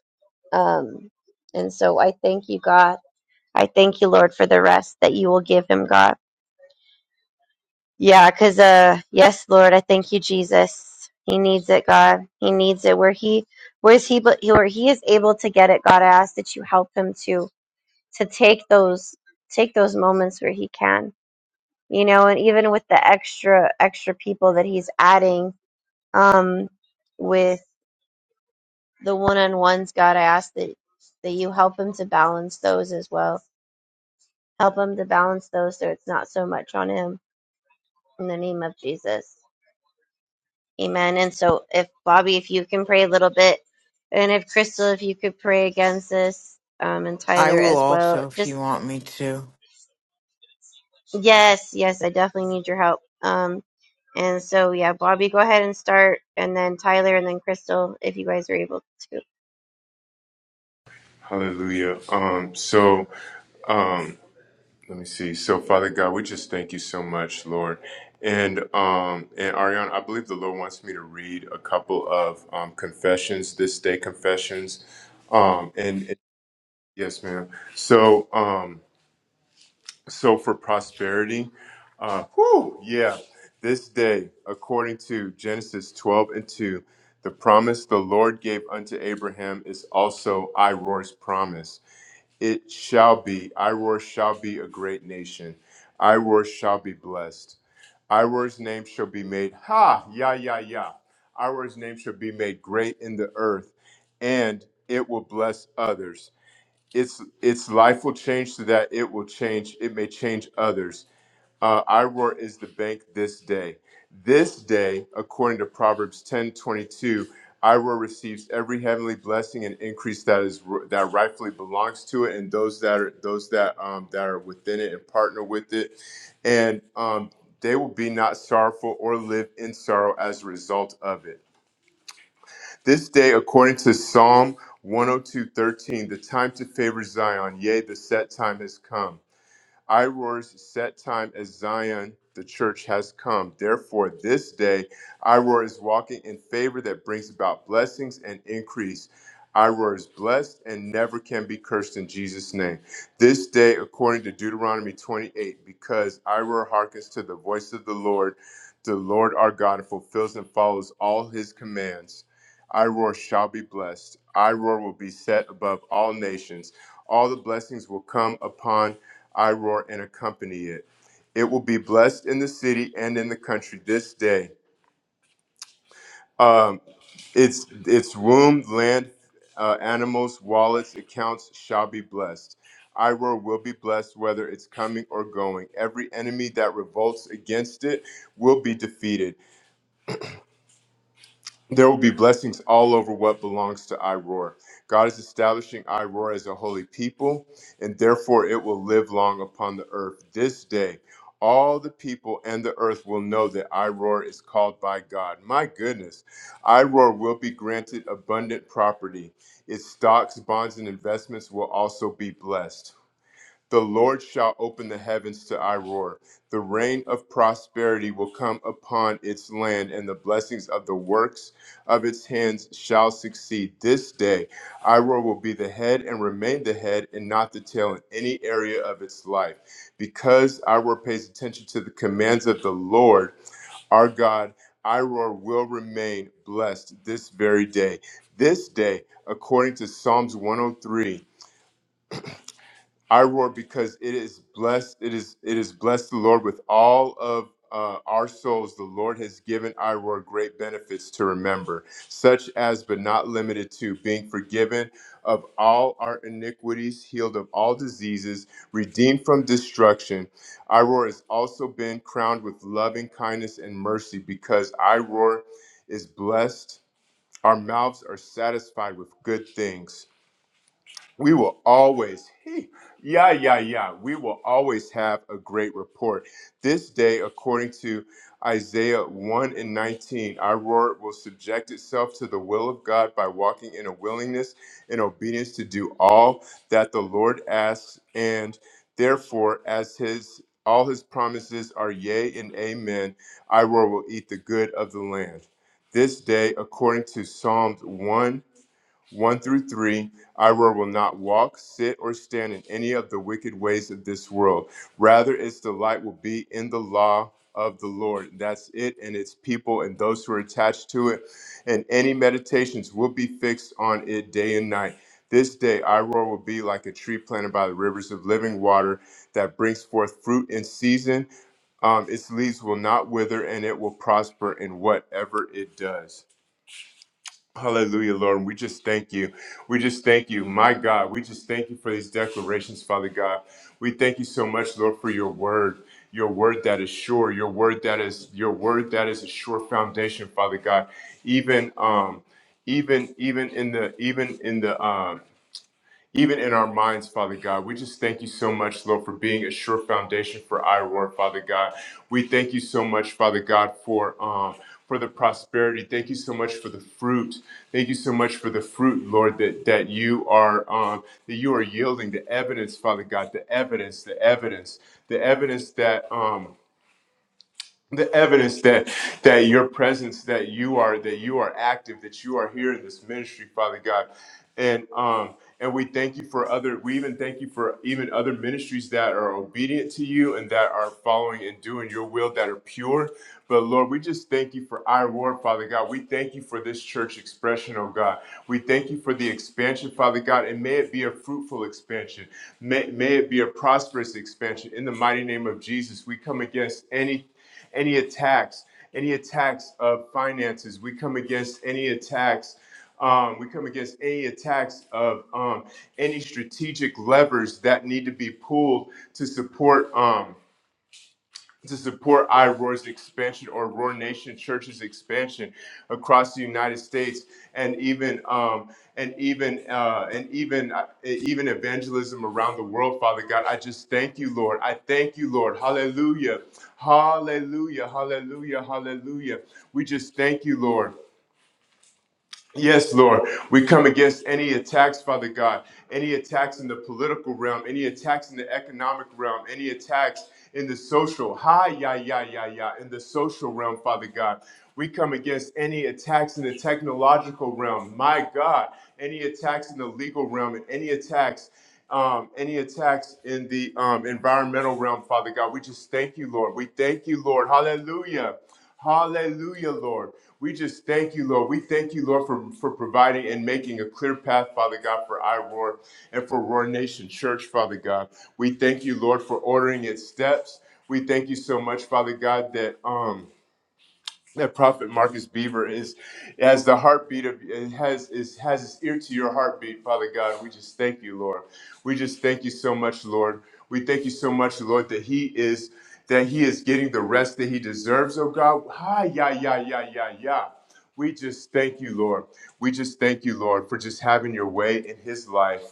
Um and so I thank you God I thank you, Lord, for the rest that you will give him, God. Yeah, because, uh, yes, Lord, I thank you, Jesus. He needs it, God. He needs it. Where he, where is he, but where he is able to get it, God, I ask that you help him to, to take those, take those moments where he can, you know, and even with the extra, extra people that he's adding, um, with the one-on-ones, God, I ask that, that you help him to balance those as well. Help him to balance those so it's not so much on him in the name of Jesus. Amen. And so, if Bobby, if you can pray a little bit, and if Crystal, if you could pray against this, um, and I Tyler will as well. also if Just you want me to. yes, yes, I definitely need your help. Um, and so yeah, Bobby, go ahead and start, and then Tyler, and then Crystal, if you guys are able to. Hallelujah. Um, so um. Let me see. So, Father God, we just thank you so much, Lord. And um, and Ariana, I believe the Lord wants me to read a couple of um, confessions, this day confessions. Um, and, and yes, ma'am. So, um, so for prosperity, uh, whew, yeah, this day, according to Genesis 12 and 2, the promise the Lord gave unto Abraham is also Iroh's promise. It shall be. Iroar shall be a great nation. Iroar shall be blessed. Iroar's name shall be made. Ha! Ya, ya, ya. Iroar's name shall be made great in the earth, and it will bless others. Its its life will change so that it will change. It may change others uh, Iroar is the bank this day. This day, according to Proverbs ten twenty two, 22, receives every heavenly blessing and increase that is that rightfully belongs to it, and those that are those that um, that are within it and partner with it, and um, they will be not sorrowful or live in sorrow as a result of it. This day, according to Psalm 102:13, the time to favor Zion, yea, the set time has come. Iroar's set time as Zion, the church has come. Therefore, this day, Iroar is walking in favor that brings about blessings and increase. Iroar is blessed and never can be cursed in Jesus' name. This day, according to Deuteronomy 28, because Iroar hearkens to the voice of the Lord, the Lord our God, and fulfills and follows all his commands. Iroar shall be blessed. Iroar will be set above all nations. All the blessings will come upon Iroar and accompany it. It will be blessed in the city and in the country this day. Um, its its womb, land, uh, animals, wallets, accounts shall be blessed. Iroar will be blessed whether it's coming or going. Every enemy that revolts against it will be defeated. There will be blessings all over what belongs to Iroar. God is establishing Iroar as a holy people, and therefore it will live long upon the earth. This day, all the people and the earth will know that Iroar is called by God. My goodness, Iroar will be granted abundant property. Its stocks, bonds, and investments will also be blessed. The Lord shall open the heavens to our roar. The rain of prosperity will come upon its land, and the blessings of the works of its hands shall succeed. This day, Iroar will be the head and remain the head and not the tail in any area of its life. Because Iroar pays attention to the commands of the Lord, our God, Iroar will remain blessed this very day. This day, according to Psalms 103. I roar because it is blessed. It is it is blessed the Lord with all of uh, our souls. The Lord has given I roar great benefits to remember, such as but not limited to being forgiven of all our iniquities, healed of all diseases, redeemed from destruction. I roar has also been crowned with loving kindness and mercy because I roar is blessed. Our mouths are satisfied with good things we will always he, yeah yeah yeah we will always have a great report this day according to isaiah 1 and 19 our word will subject itself to the will of god by walking in a willingness and obedience to do all that the lord asks and therefore as his all his promises are yea and amen i will eat the good of the land this day according to psalms 1 1 through 3 I will not walk, sit, or stand in any of the wicked ways of this world. Rather, its delight will be in the law of the Lord. That's it and its people and those who are attached to it. And any meditations will be fixed on it day and night. This day, Iroh will be like a tree planted by the rivers of living water that brings forth fruit in season. Um, its leaves will not wither, and it will prosper in whatever it does. Hallelujah, Lord. we just thank you. We just thank you, my God. We just thank you for these declarations, Father God. We thank you so much, Lord, for your word. Your word that is sure, your word that is your word that is a sure foundation, Father God. Even um, even even in the even in the um even in our minds, Father God. We just thank you so much, Lord, for being a sure foundation for iRoar, Father God. We thank you so much, Father God, for um for the prosperity. Thank you so much for the fruit. Thank you so much for the fruit, Lord, that that you are um that you are yielding the evidence, Father God, the evidence, the evidence, the evidence that um the evidence that that your presence that you are that you are active that you are here in this ministry father god and um and we thank you for other we even thank you for even other ministries that are obedient to you and that are following and doing your will that are pure but lord we just thank you for our word father god we thank you for this church expression oh god we thank you for the expansion father god and may it be a fruitful expansion may, may it be a prosperous expansion in the mighty name of jesus we come against any any attacks, any attacks of finances. We come against any attacks. Um, we come against any attacks of um, any strategic levers that need to be pulled to support. Um, to support iRoar's expansion or Roar Nation Church's expansion across the United States, and even um, and even uh, and even uh, even evangelism around the world. Father God, I just thank you, Lord. I thank you, Lord. Hallelujah, Hallelujah, Hallelujah, Hallelujah. We just thank you, Lord. Yes, Lord. We come against any attacks, Father God, any attacks in the political realm, any attacks in the economic realm, any attacks in the social, hi, ya, ya, ya, ya, in the social realm, Father God. We come against any attacks in the technological realm, my God, any attacks in the legal realm, and any attacks. Um, any attacks in the um, environmental realm, Father God, we just thank you, Lord. We thank you, Lord. Hallelujah. Hallelujah, Lord. We just thank you, Lord. We thank you, Lord, for, for providing and making a clear path, Father God, for iRoar and for Roar Nation Church, Father God. We thank you, Lord, for ordering its steps. We thank you so much, Father God, that um that Prophet Marcus Beaver is has the heartbeat of it has is has his ear to your heartbeat, Father God. We just thank you, Lord. We just thank you so much, Lord. We thank you so much, Lord, that he is that he is getting the rest that he deserves, oh God. Hi, yeah, yeah, yeah, yeah, yeah. We just thank you, Lord. We just thank you, Lord, for just having your way in his life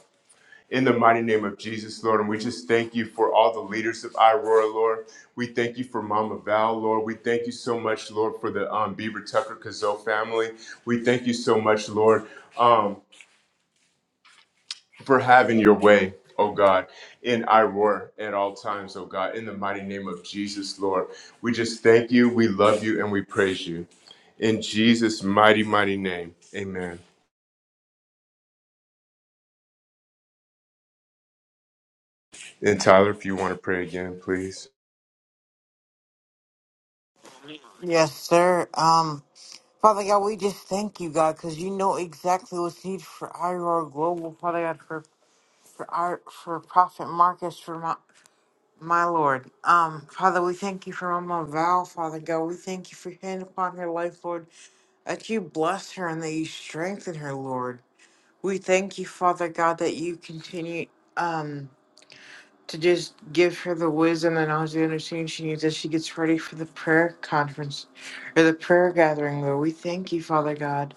in the mighty name of Jesus, Lord. And we just thank you for all the leaders of Iroar, Lord. We thank you for Mama Val, Lord. We thank you so much, Lord, for the um, Beaver Tucker Kazoo family. We thank you so much, Lord, um, for having your way, oh God, in Iroar at all times, oh God, in the mighty name of Jesus, Lord. We just thank you, we love you, and we praise you. In Jesus' mighty, mighty name, amen. And Tyler, if you want to pray again, please. Yes, sir. Um, Father God, we just thank you, God, because you know exactly what's needed for IROR Global, Father God, for for our for Prophet Marcus, for Mount. My Lord, um, Father, we thank you for Mama Val, Father God. We thank you for your hand upon her life, Lord, that you bless her and that you strengthen her, Lord. We thank you, Father God, that you continue um to just give her the wisdom and knowledge and understanding she needs as she gets ready for the prayer conference or the prayer gathering, Lord. We thank you, Father God,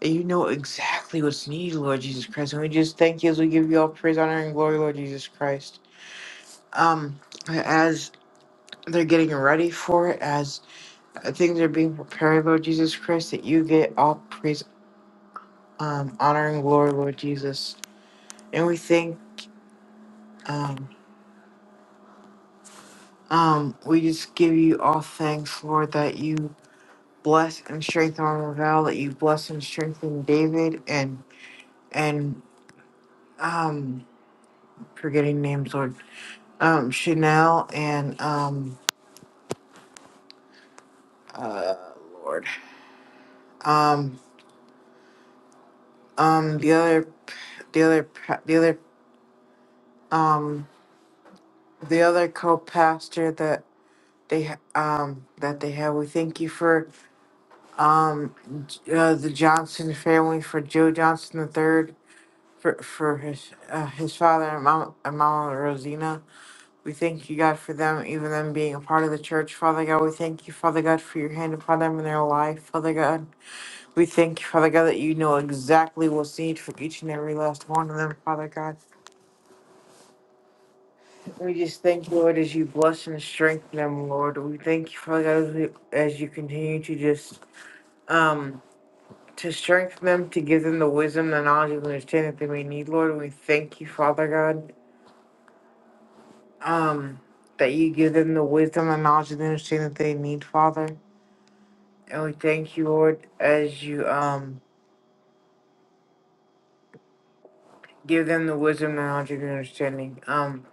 that you know exactly what's needed, Lord Jesus Christ. And we just thank you as we give you all praise, honor, and glory, Lord Jesus Christ. Um, as they're getting ready for it as uh, things are being prepared, Lord Jesus Christ, that you get all praise, um, honor, and glory, Lord Jesus. And we thank, um, um, we just give you all thanks, Lord, that you bless and strengthen Ravel, that you bless and strengthen David and, and, um, forgetting names, Lord, um, Chanel and, um, uh, Lord, um, um, the other the other the other um, the other co-pastor that they ha- um that they have. We thank you for um uh, the Johnson family for Joe Johnson the third for for his uh, his father and mom and mama Rosina. We thank you God for them, even them being a part of the church. Father God, we thank you, Father God, for your hand upon them in their life. Father God, we thank you, Father God, that you know exactly what's needed for each and every last one of them, Father God. We just thank you, Lord, as you bless and strengthen them, Lord. We thank you, Father God, as, we, as you continue to just um to strengthen them, to give them the wisdom, the knowledge, and understanding that they may need, Lord. We thank you, Father God, um, that you give them the wisdom, the knowledge, and the understanding that they need, Father. And we thank you, Lord, as you um give them the wisdom, the knowledge, and understanding. Um,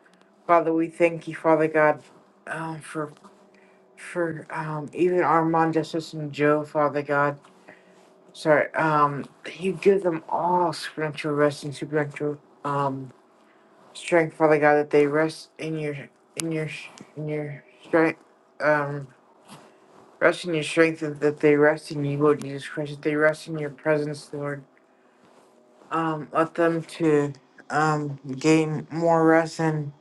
Father, we thank you, Father God, um, for for um even Armand, Justice, and Joe, Father God. Sorry, um, you give them all supernatural rest and supernatural um strength, Father God, that they rest in your in your in your strength, um, rest in your strength, and that they rest in you, Lord Jesus Christ, that they rest in your presence, Lord. Um, let them to um gain more rest and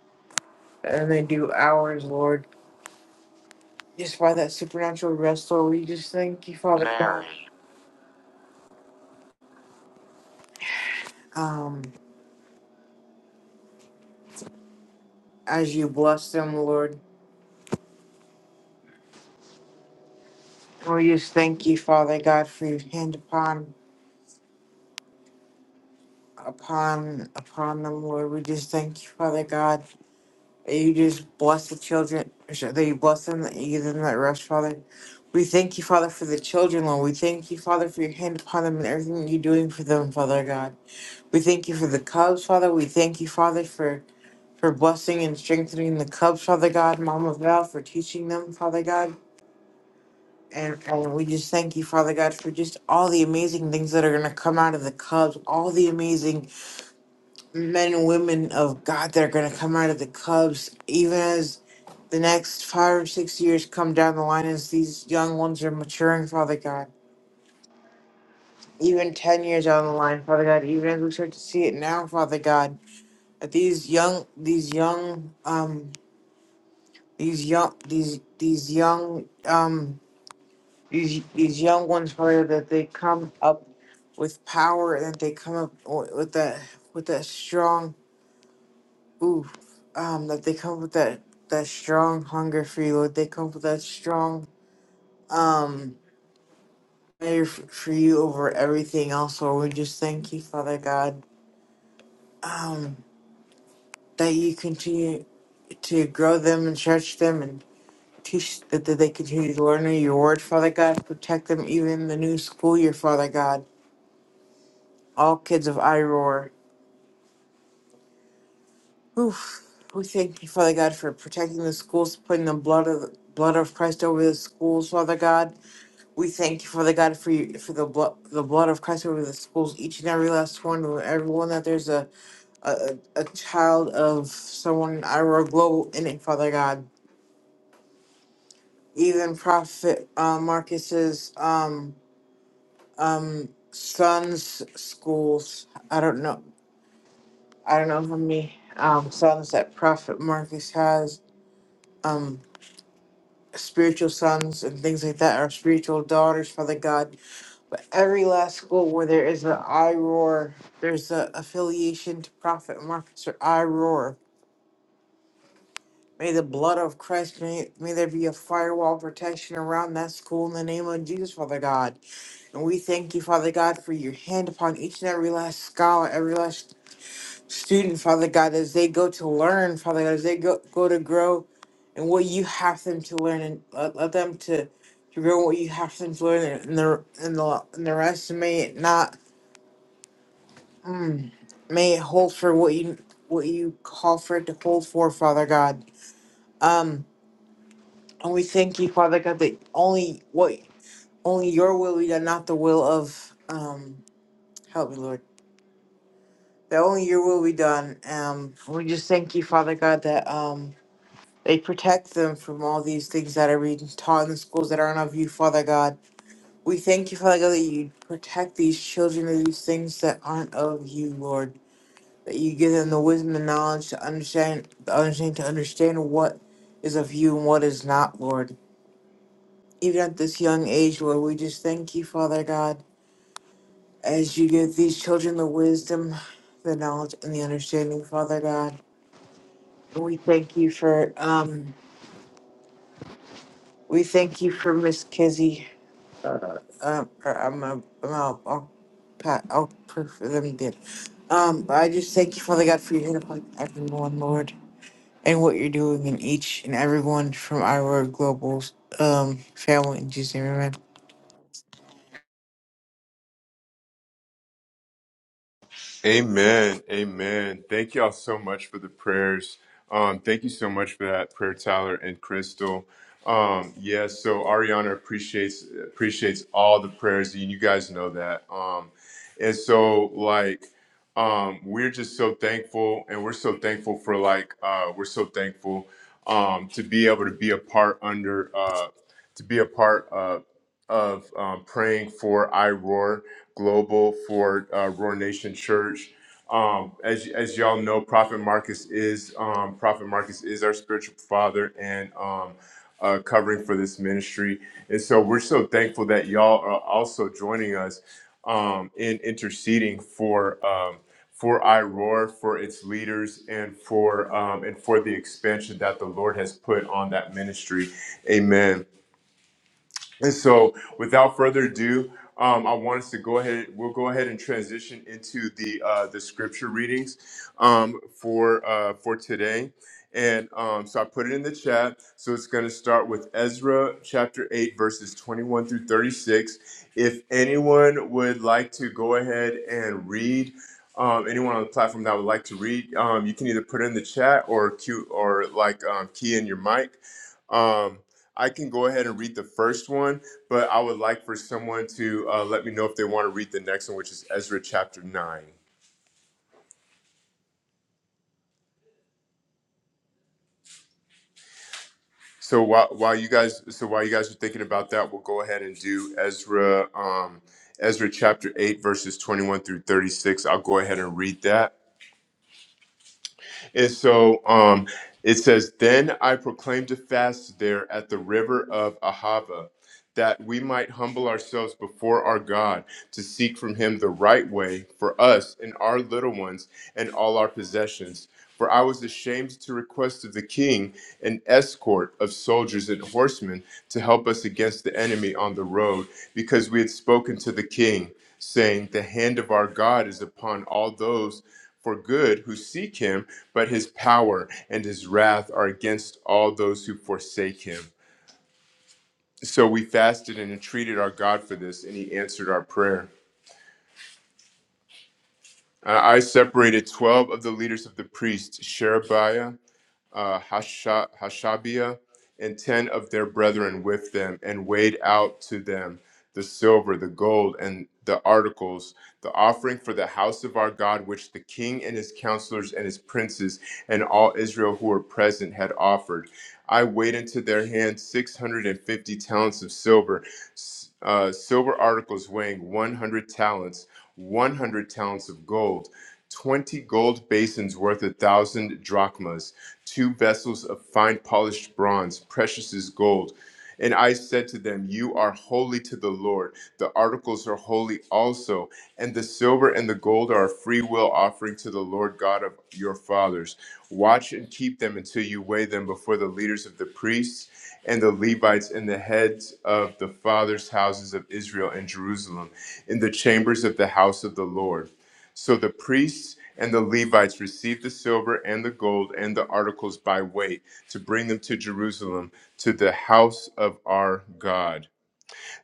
than they do hours, Lord. Just by that supernatural rest, Lord, we just thank you, Father God. Um, as you bless them, Lord. We just thank you, Father God, for your hand upon upon upon them, Lord. We just thank you, Father God, that you just bless the children, that you bless them, that you give them that rest, Father. We thank you, Father, for the children, Lord. We thank you, Father, for your hand upon them and everything that you're doing for them, Father God. We thank you for the Cubs, Father. We thank you, Father, for for blessing and strengthening the Cubs, Father God, Mama Val, for teaching them, Father God. And, and we just thank you, Father God, for just all the amazing things that are going to come out of the Cubs, all the amazing men and women of God that are going to come out of the Cubs, even as the next five or six years come down the line as these young ones are maturing, Father God. Even 10 years down the line, Father God, even as we start to see it now, Father God, that these young, these young, um, these young, these, these young, um. these these young ones pray that they come up with power and that they come up wi- with that with that strong ooh um that they come with that that strong hunger for you Lord they come with that strong um prayer f- for you over everything else Lord we just thank you Father God um that you continue to grow them and stretch them and teach that, that they continue to learn your word Father God protect them even in the new school year Father God all kids of Iroar Oof. We thank you, Father God, for protecting the schools, putting the blood of blood of Christ over the schools, Father God. We thank you, Father God, for you, for the blood the blood of Christ over the schools, each and every last one, everyone that there's a a, a child of someone in Iowa Global in it, Father God. Even Prophet uh, Marcus's um um son's schools. I don't know. I don't know how many um sons that Prophet Marcus has. Um. spiritual sons and things like that, our spiritual daughters, Father God. But every last school where there is an IROAR, there's an affiliation to Prophet Marcus or IROAR. May the blood of Christ, may, may there be a firewall of protection around that school in the name of Jesus, Father God. And we thank you, Father God, for your hand upon each and every last scholar, every last student, Father God, as they go to learn, Father God, as they go, go to grow and what you have them to learn and let, let them to, to grow what you have them to learn and the and the and the rest may it not mm, may it hold for what you what you call for it to hold for, Father God. Um and we thank you, Father God, that only what only your will be done, not the will of um help me Lord. That only your will be done. Um we just thank you, Father God, that um They protect them from all these things that are being taught in the schools that aren't of you, Father God. We thank you, Father God, that you protect these children of these things that aren't of you, Lord. That you give them the wisdom and knowledge to understand, the understanding to understand what is of you and what is not, Lord. Even at this young age, Lord, we just thank you, Father God, as you give these children the wisdom, the knowledge, and the understanding, Father God. We thank you for um, we thank you for Miss Kizzy. um, or I'm a, I'll, I'll, pa- I'll pray for them then. Um, but I just thank you, Father God, for your hand upon everyone, Lord, and what you're doing in each and everyone from our global um family in Jesus' name, amen. Amen. Amen. Thank y'all so much for the prayers. Um, thank you so much for that prayer, Tyler and Crystal. Um, yeah, so Ariana appreciates appreciates all the prayers, and you guys know that. Um, and so like um we're just so thankful and we're so thankful for like uh we're so thankful um to be able to be a part under uh to be a part of of um, praying for iRoar Global, for uh, Roar Nation Church. Um, as as y'all know, Prophet Marcus is um, Prophet Marcus is our spiritual father and um, uh, covering for this ministry, and so we're so thankful that y'all are also joining us um, in interceding for. Um, for iRoar, for its leaders, and for um, and for the expansion that the Lord has put on that ministry, Amen. And so, without further ado, um, I want us to go ahead. We'll go ahead and transition into the uh, the scripture readings um, for uh, for today. And um, so I put it in the chat. So it's going to start with Ezra chapter eight, verses twenty one through thirty six. If anyone would like to go ahead and read, um, anyone on the platform that would like to read, um, you can either put it in the chat or cue or like um, key in your mic. Um, I can go ahead and read the first one, but I would like for someone to uh, let me know if they want to read the next one, which is Ezra chapter nine. So while while you guys so while you guys are thinking about that, we'll go ahead and do Ezra um, Ezra chapter eight verses twenty one through thirty six. I'll go ahead and read that. And so um, it says, "Then I proclaimed a fast there at the river of Ahava." that we might humble ourselves before our God to seek from him the right way for us and our little ones and all our possessions. For I was ashamed to request of the king an escort of soldiers and horsemen to help us against the enemy on the road, because we had spoken to the king, saying, The hand of our God is upon all those for good who seek him, but his power and his wrath are against all those who forsake him. So we fasted and entreated our God for this, and he answered our prayer. I I separated 12 of the leaders of the priests, Sherebiah uh, Hasha- Hashabiah and ten of their brethren with them, and weighed out to them the silver, the gold, and the articles, the offering for the house of our God, which the king and his counselors and his princes and all Israel who were present had offered. I weighed into their hands 650 talents of silver, s- uh, silver articles weighing 100 talents, 100 talents of gold. 20 gold basins worth a thousand drachmas, two vessels of fine polished bronze, precious as gold. And I said to them, You are holy to the Lord. The articles are holy also, and the silver and the gold are a free will offering to the Lord God of your fathers. Watch and keep them until you weigh them before the leaders of the priests and the Levites and the heads of the fathers' houses of Israel and Jerusalem in the chambers of the house of the Lord. So the priests and the Levites received the silver and the gold and the articles by weight to bring them to Jerusalem to the house of our God.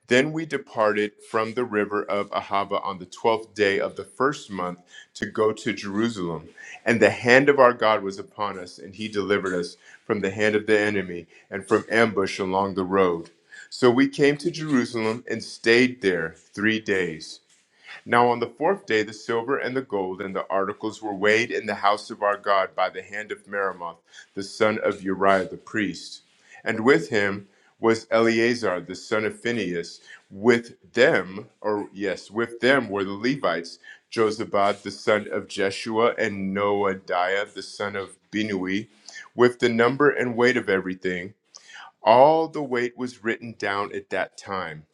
Then we departed from the river of Ahava on the twelfth day of the first month to go to Jerusalem. And the hand of our God was upon us, and he delivered us from the hand of the enemy and from ambush along the road. So we came to Jerusalem and stayed there three days. Now on the fourth day the silver and the gold and the articles were weighed in the house of our God by the hand of Meremoth, the son of Uriah the priest. And with him was Eleazar the son of Phinehas. With them, or yes, with them were the Levites, Josabad the son of Jeshua and Noadiah the son of Binui, with the number and weight of everything. All the weight was written down at that time.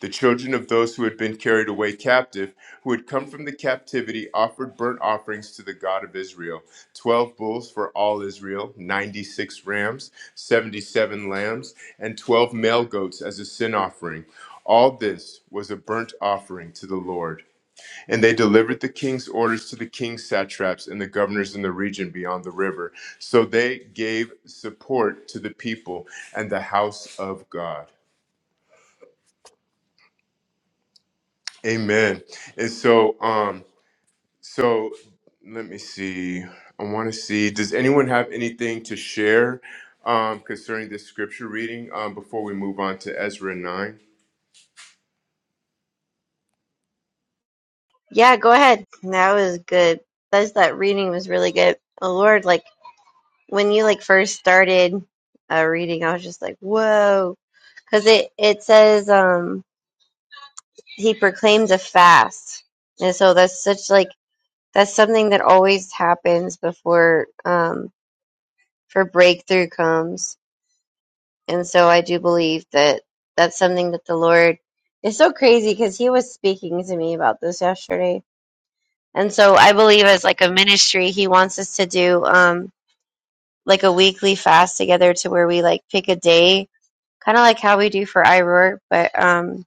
The children of those who had been carried away captive, who had come from the captivity, offered burnt offerings to the God of Israel 12 bulls for all Israel, 96 rams, 77 lambs, and 12 male goats as a sin offering. All this was a burnt offering to the Lord. And they delivered the king's orders to the king's satraps and the governors in the region beyond the river. So they gave support to the people and the house of God. Amen. And so, um, so let me see. I want to see. Does anyone have anything to share um, concerning this scripture reading um, before we move on to Ezra nine? Yeah, go ahead. That was good. That's that reading was really good. Oh Lord, like when you like first started uh, reading, I was just like, whoa, because it it says um he proclaims a fast. And so that's such like that's something that always happens before um for breakthrough comes. And so I do believe that that's something that the Lord is so crazy because he was speaking to me about this yesterday. And so I believe as like a ministry, he wants us to do um like a weekly fast together to where we like pick a day, kind of like how we do for iRoar, but um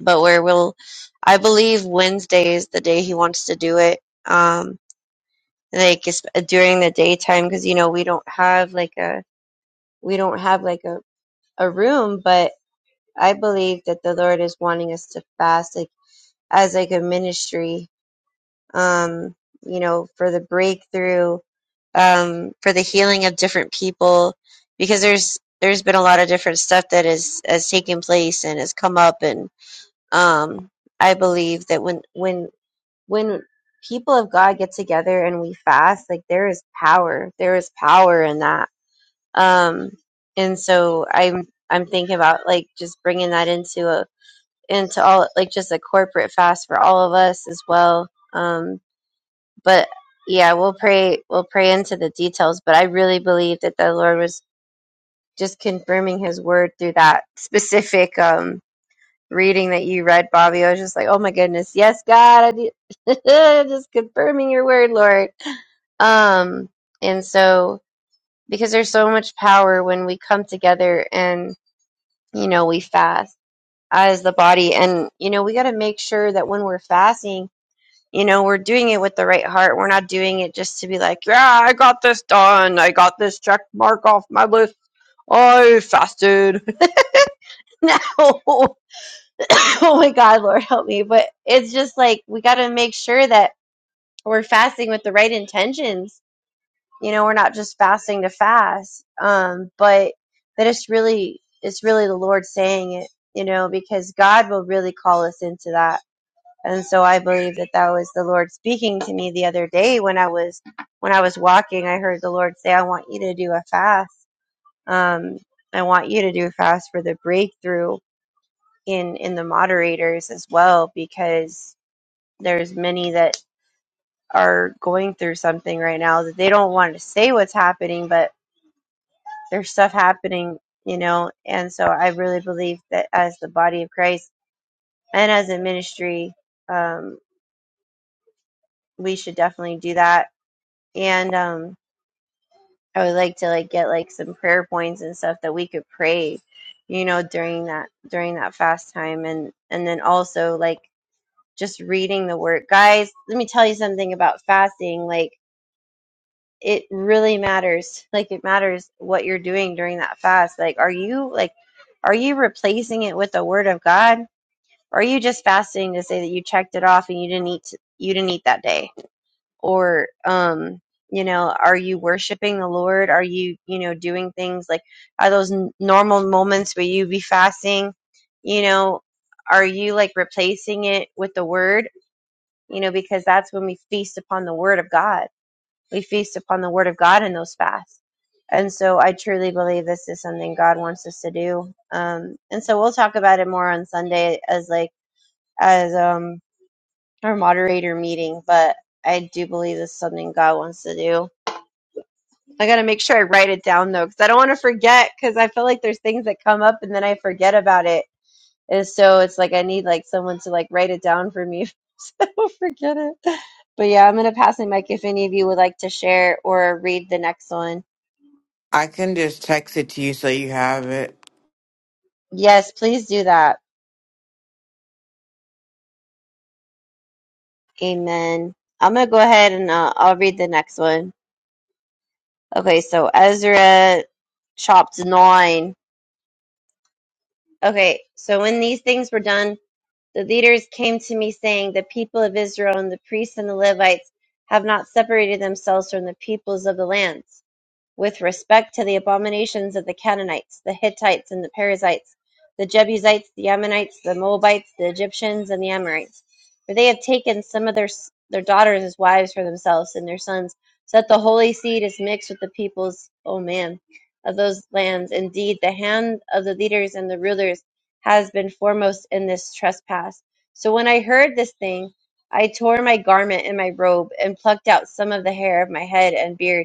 but where we'll i believe wednesday is the day he wants to do it um like it's during the daytime because you know we don't have like a we don't have like a, a room but i believe that the lord is wanting us to fast like as like a ministry um you know for the breakthrough um for the healing of different people because there's there's been a lot of different stuff that is has taken place and has come up and um I believe that when when when people of God get together and we fast, like there is power. There is power in that. Um, and so I'm I'm thinking about like just bringing that into a into all like just a corporate fast for all of us as well. Um, but yeah, we'll pray we'll pray into the details. But I really believe that the Lord was just confirming His word through that specific um reading that you read, Bobby. I was just like, oh my goodness, yes, God, I do- just confirming your word, Lord um, and so, because there's so much power when we come together and, you know, we fast as the body. And, you know, we got to make sure that when we're fasting, you know, we're doing it with the right heart. We're not doing it just to be like, yeah, I just check off my list. Oh, dude. no. oh my God, Lord help me. But it's just like, we got to make sure that we're fasting with the right intentions You know, we're not just fasting to fast, um, but that it's really it's really the Lord saying it. You know, because God will really call us into that. And so I believe that that was the Lord speaking to me the other day when I was when I was walking. I heard the Lord say, "I want you to do a fast. Um, I want you to do a fast for the breakthrough in in the moderators as well because there's many that are going through something right now that they don't want to say what's happening, but there's stuff happening, you know. And so I really believe that as the body of Christ and as a ministry, um, we should definitely do that. And um, I would like to like get like some prayer points and stuff that we could pray, you know, during that during that fast time, and and then also like just reading the word, guys. Let me tell you something about fasting, like. it really matters. Like it matters what you're doing during that fast. Like are you like are you replacing it with the word of God? Or are you just fasting to say that you checked it off and you didn't eat you didn't eat that day? Or um you know, are you worshiping the Lord? Are you, you know, doing things like are those n- normal moments where you be fasting? You know, are you like replacing it with the word? You know, because that's when we feast upon the word of God we feast upon the word of God in those fasts. And so I truly believe this is something God wants us to do. Um, and so we'll talk about it more on Sunday as like as um our moderator meeting, but I do believe this is something God wants to do. I got to make sure I write it down though, because I don't want to forget. Because I feel like there's things that come up and then I forget about it, and so it's like I need like someone to like write it down for me, so I don't forget it. But yeah, I'm gonna pass the mic if any of you would like to share or read the next one. I can just text it to you so you have it. Yes, please do that. Amen. I'm going to go ahead and uh, I'll read the next one. Okay, so Ezra chapter nine. Okay, so when these things were done, the leaders came to me saying, The people of Israel and the priests and the Levites have not separated themselves from the peoples of the lands. with respect to the abominations of the Canaanites, the Hittites, and the Perizzites, the Jebusites, the Ammonites, the Moabites, the Egyptians, and the Amorites. For they have taken some of their, their daughters as wives for themselves and their sons, so that the holy seed is mixed with the peoples, O man, of those lands. Indeed, the hand of the leaders and the rulers has been foremost in this trespass. So when I heard this thing, I tore my garment and my robe, and plucked out some of the hair of my head and beard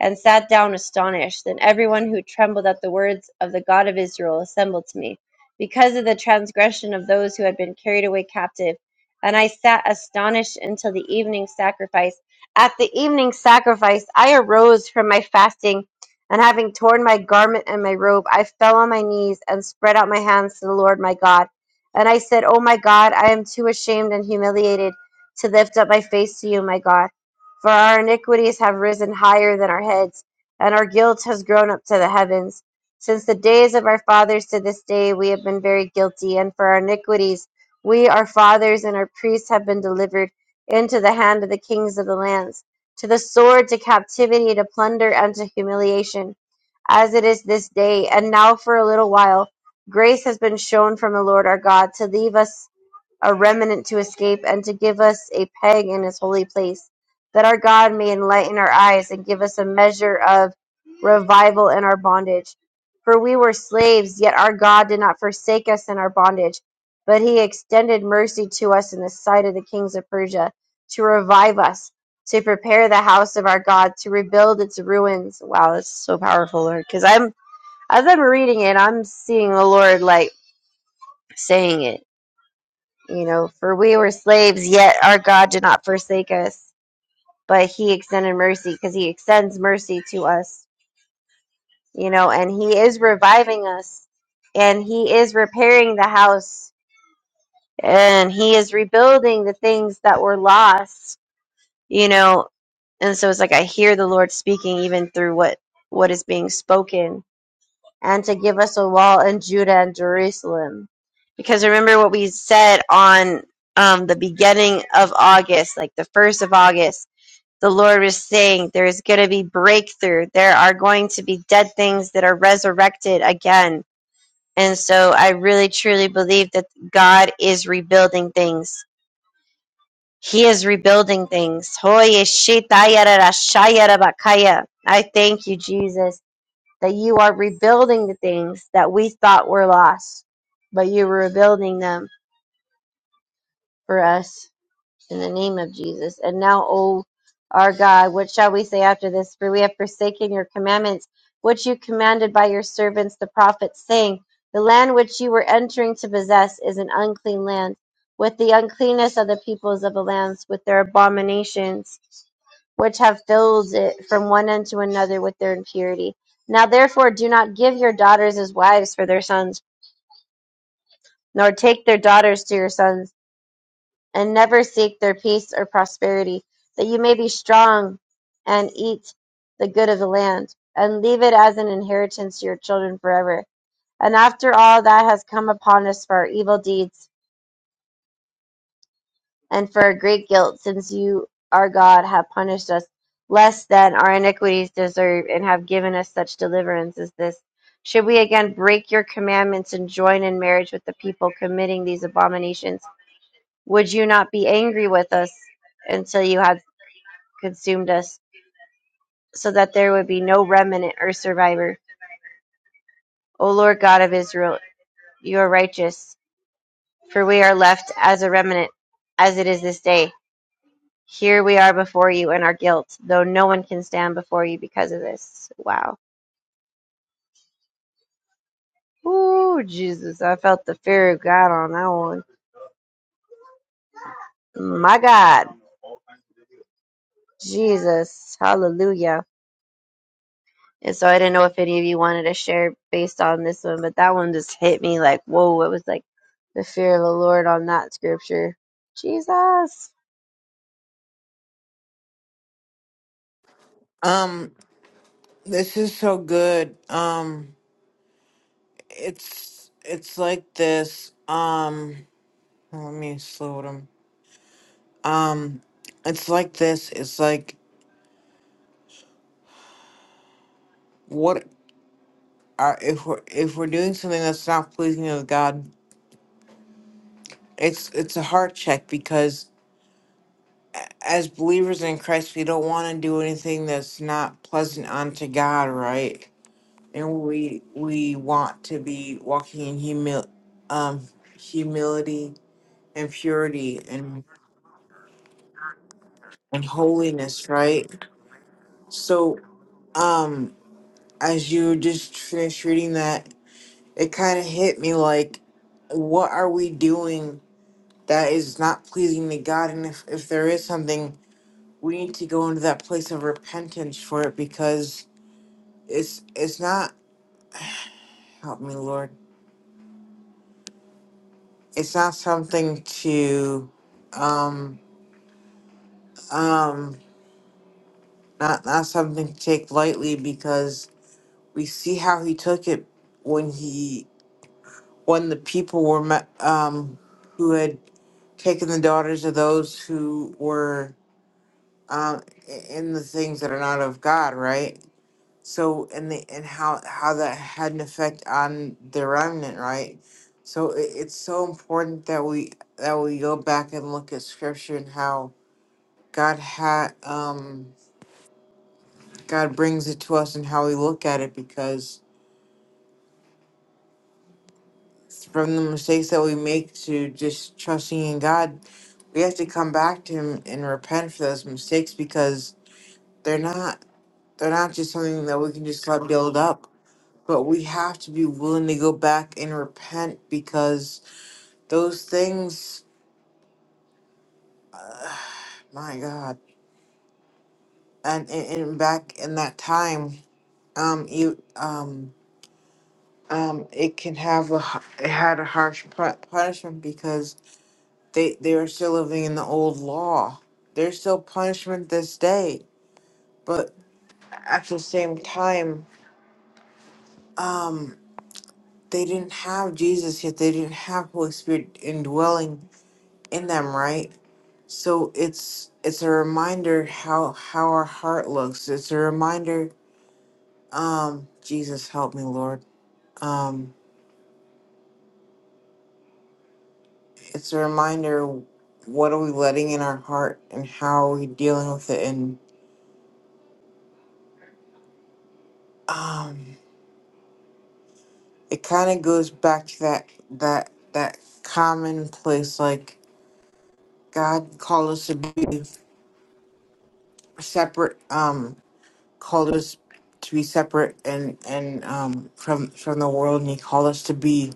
and sat down astonished. Then everyone who trembled at the words of the God of Israel assembled to me, because of the transgression of those who had been carried away captive. And I sat astonished until the evening sacrifice. At the evening sacrifice, I arose from my fasting, and having torn my garment and my robe, I fell on my knees and spread out my hands to the Lord my God. And I said, O my God, I am too ashamed and humiliated to lift up my face to you, my God. For our iniquities have risen higher than our heads, and our guilt has grown up to the heavens. Since the days of our fathers to this day, we have been very guilty, and for our iniquities, we, our fathers, and our priests have been delivered into the hand of the kings of the lands, to the sword, to captivity, to plunder, and to humiliation, as it is this day. And now, for a little while, grace has been shown from the Lord our God to leave us a remnant to escape, and to give us a peg in his holy place, that our God may enlighten our eyes and give us a measure of revival in our bondage. For we were slaves, yet our God did not forsake us in our bondage, but he extended mercy to us in the sight of the kings of Persia, to revive us, to prepare the house of our God, to rebuild its ruins. Wow, that's so powerful, Lord. Because I'm as I'm reading it, I'm seeing the Lord like saying it you know, for we were slaves, yet our God did not forsake us, but he extended mercy because he extends mercy to us, you know, and he is reviving us and he is repairing the house and he is rebuilding the things that were lost, you know. And so it's like I hear the Lord speaking even through what what is being spoken and to give us a wall in Judah and Jerusalem. Because remember what we said on um, the beginning of August, like the first of August, the Lord was saying there is going to be breakthrough. There are going to be dead things that are resurrected again. And so I really truly believe that God is rebuilding things. He is rebuilding things. Hoy eshitayarashayarabakaya. I thank you, Jesus that you are rebuilding the things that we thought were lost, but you're rebuilding them for us in the name of Jesus. And now, O our God, what shall we say after this? For we have forsaken your commandments, which you commanded by your servants the prophets, saying, The land which you were entering to possess is an unclean land, with the uncleanness of the peoples of the lands, with their abominations which have filled it from one end to another with their impurity. Now therefore do not give your daughters as wives for their sons, nor take their daughters to your sons, and never seek their peace or prosperity, that you may be strong and eat the good of the land, and leave it as an inheritance to your children forever. And after all that has come upon us for our evil deeds, and for a great guilt, since you, our God, have punished us less than our iniquities deserve, and have given us such deliverance as this. Should we again break your commandments and join in marriage with the people committing these abominations? Would you not be angry with us until you had consumed us, so that there would be no remnant or survivor? O Lord God of Israel, you are righteous, for we are left as a remnant, as it is this day. Here we are before you in our guilt, though no one can stand before you because of this. Wow. Ooh, Jesus. I felt the fear of God on that one. My God. Jesus. Hallelujah. And so I didn't know if any of you wanted to share based on this one, but that one just hit me like, whoa, it was like the fear of the Lord on that scripture. Jesus. Um, this is so good. Um, it's it's like this. Um, let me slow them. Um, it's like this. It's like what? Our, if we're if we're doing something that's not pleasing of God, it's it's a heart check because as believers in Christ, we don't want to do anything that's not pleasant unto God, right? And we we want to be walking in humil um humility and purity and and holiness, right? So um as you just finished reading that, it kind of hit me like, what are we doing? that is not pleasing to God. And if, if there is something, we need to go into that place of repentance for it because it's it's not help me Lord. It's not something to um um not not something to take lightly because we see how he took it when he when the people were met, um who had taken the daughters of those who were um i- in the things that are not of God, right? So and the and how how that had an effect on the remnant, right? So it, it's so important that we that we go back and look at scripture and how God had um God brings it to us and how we look at it because from the mistakes that we make to just trusting in God, we have to come back to him and repent for those mistakes because they're not they're not just something that we can just let build up but we have to be willing to go back and repent because those things uh, my god and, and and back in that time um you um um it can have a h- it had a harsh pu- punishment because they they are still living in the old law there's still punishment this day but at the same time um they didn't have jesus yet they didn't have holy spirit indwelling in them right So it's it's a reminder how how our heart looks. It's a reminder. Um, Jesus help me, Lord. Um, it's a reminder. What are we letting in our heart, and how are we dealing with it? And um, it kind of goes back to that that that common place. Like God called us to be separate. Um, called us to be separate and and um from from the world, and He called us to be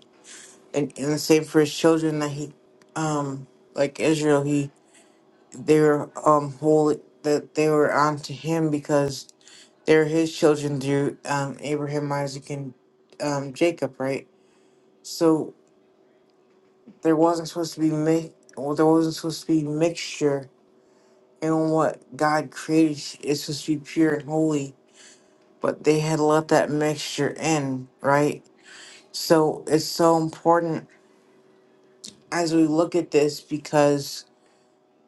and, and the same for his children that he um like Israel he they were um holy that they were onto him because they're his children through um Abraham Isaac and um Jacob right so there wasn't supposed to be mi- well there wasn't supposed to be mixture in what God created it's supposed to be pure and holy but they had let that mixture in right so it's so important as we look at this because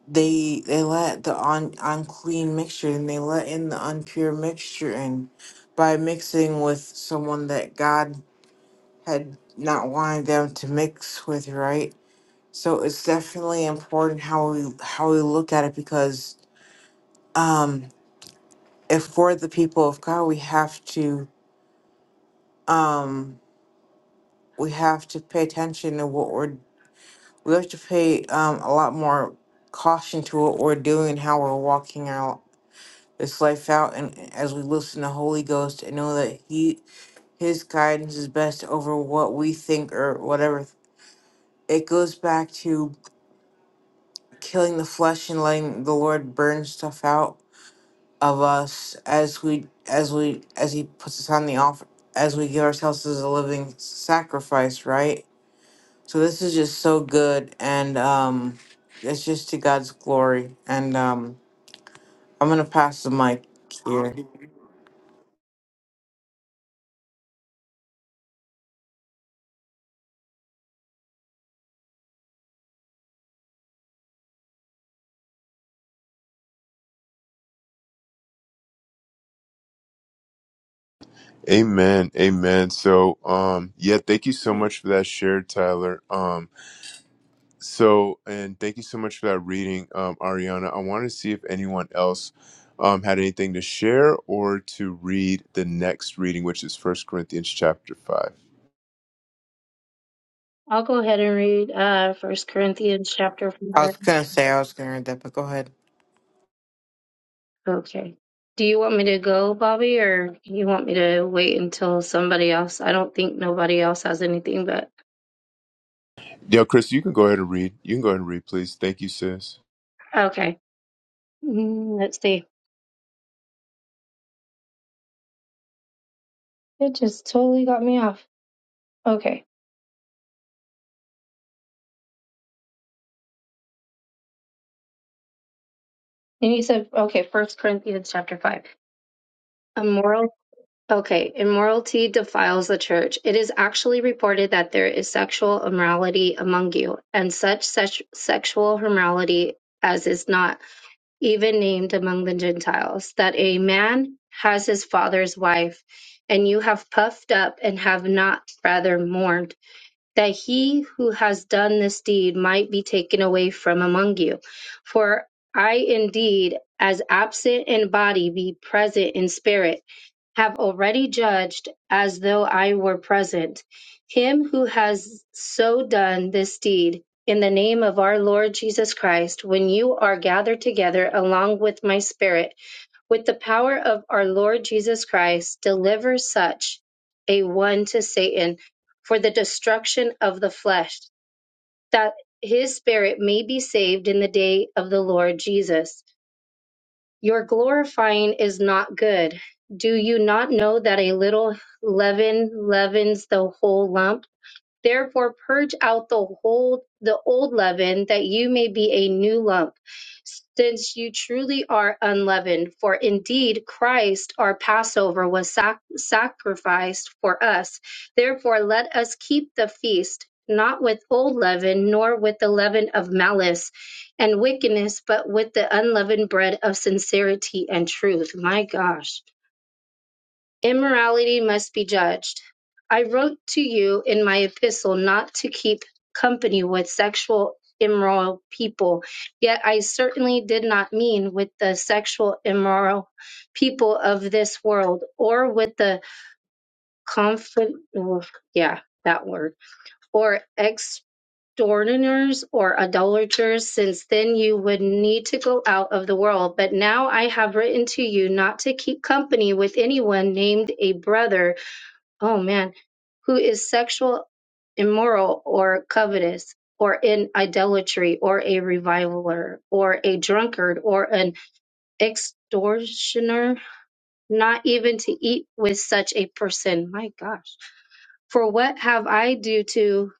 they they let the un, unclean mixture and they let in the unpure mixture in by mixing with someone that God had not wanted them to mix with, right? So it's definitely important how we how we look at it because um if we're the people of God we have to um we have to pay attention to what we're we have to pay um a lot more caution to what we're doing and how we're walking out this life out and as we listen to Holy Ghost and know that he his guidance is best over what we think or whatever. It goes back to killing the flesh and letting the Lord burn stuff out of us as we as we as he puts us on the offer as we give ourselves as a living sacrifice, right? So this is just so good and um it's just to God's glory and um I'm gonna pass the mic here. Amen. Amen. So, um, yeah, thank you so much for that share, Tyler. Um, so, and thank you so much for that reading, um, Ariana. I want to see if anyone else um, had anything to share or to read the next reading, which is First Corinthians chapter 5. I'll go ahead and read uh First Corinthians chapter I four. was gonna say I was gonna read that, but go ahead. Okay. Do you want me to go, Bobby, or you want me to wait until somebody else? I don't think nobody else has anything, but Yo, Chris, you can go ahead and read. You can go ahead and read, please. Thank you, sis. okay. Mm, let's see. It just totally got me off. Okay. And you said, okay, First Corinthians chapter five. A moral Okay, immorality defiles the church. It is actually reported that there is sexual immorality among you, and such sex- sexual immorality as is not even named among the Gentiles, that a man has his father's wife, and you have puffed up and have not rather mourned, that he who has done this deed might be taken away from among you. For I indeed, as absent in body, be present in spirit have already judged, as though I were present, him who has so done this deed in the name of our Lord Jesus Christ, when you are gathered together along with my spirit, with the power of our Lord Jesus Christ, deliver such a one to Satan for the destruction of the flesh, that his spirit may be saved in the day of the Lord Jesus. Your glorifying is not good. Do you not know that a little leaven leavens the whole lump? Therefore, purge out the whole the old leaven, that you may be a new lump, since you truly are unleavened. For indeed, Christ our Passover was sac- sacrificed for us. Therefore, let us keep the feast, not with old leaven, nor with the leaven of malice and wickedness, but with the unleavened bread of sincerity and truth. My gosh immorality must be judged. I wrote to you in my epistle not to keep company with sexual immoral people, yet I certainly did not mean with the sexual immoral people of this world, or with the conflict, yeah, that word, or extortioners or idolaters, since then you would need to go out of the world. But now I have written to you not to keep company with anyone named a brother oh man, who is sexual, immoral, or covetous, or in idolatry, or a reviler, or a drunkard, or an extortioner, not even to eat with such a person. My gosh. For what have I do to,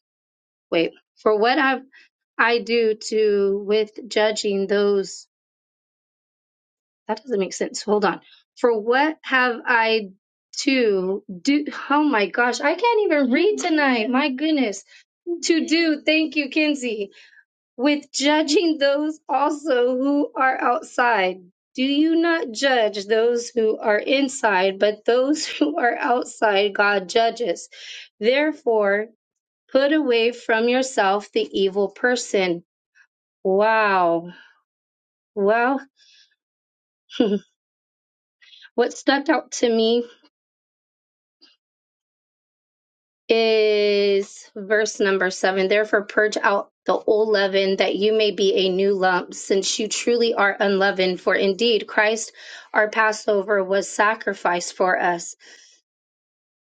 wait, for what have I do to with judging those? That doesn't make sense. Hold on. For what have I to do? Oh my gosh, I can't even read tonight. My goodness to do, thank you, Kinsey, with judging those also who are outside. Do you not judge those who are inside, but those who are outside God judges. Therefore, put away from yourself the evil person. Wow. Well, what stuck out to me is verse number seven. Therefore, purge out the old leaven that you may be a new lump, since you truly are unleavened. For indeed, Christ our Passover was sacrificed for us.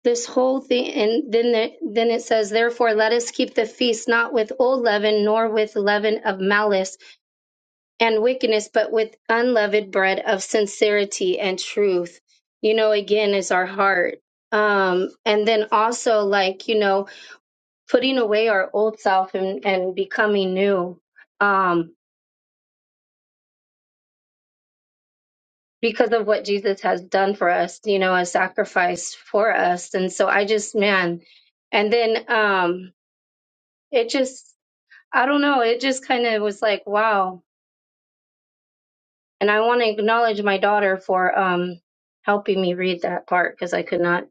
This whole thing, and then the, then it says, therefore, let us keep the feast not with old leaven, nor with leaven of malice and wickedness, but with unleavened bread of sincerity and truth. You know, again, is our heart. Um, and then also, like you know, putting away our old self and, and becoming new um, because of what Jesus has done for us, you know, a sacrifice for us. And so I just, man, and then um, it just, I don't know, it just kind of was like, wow. And I want to acknowledge my daughter for um, helping me read that part because I could not,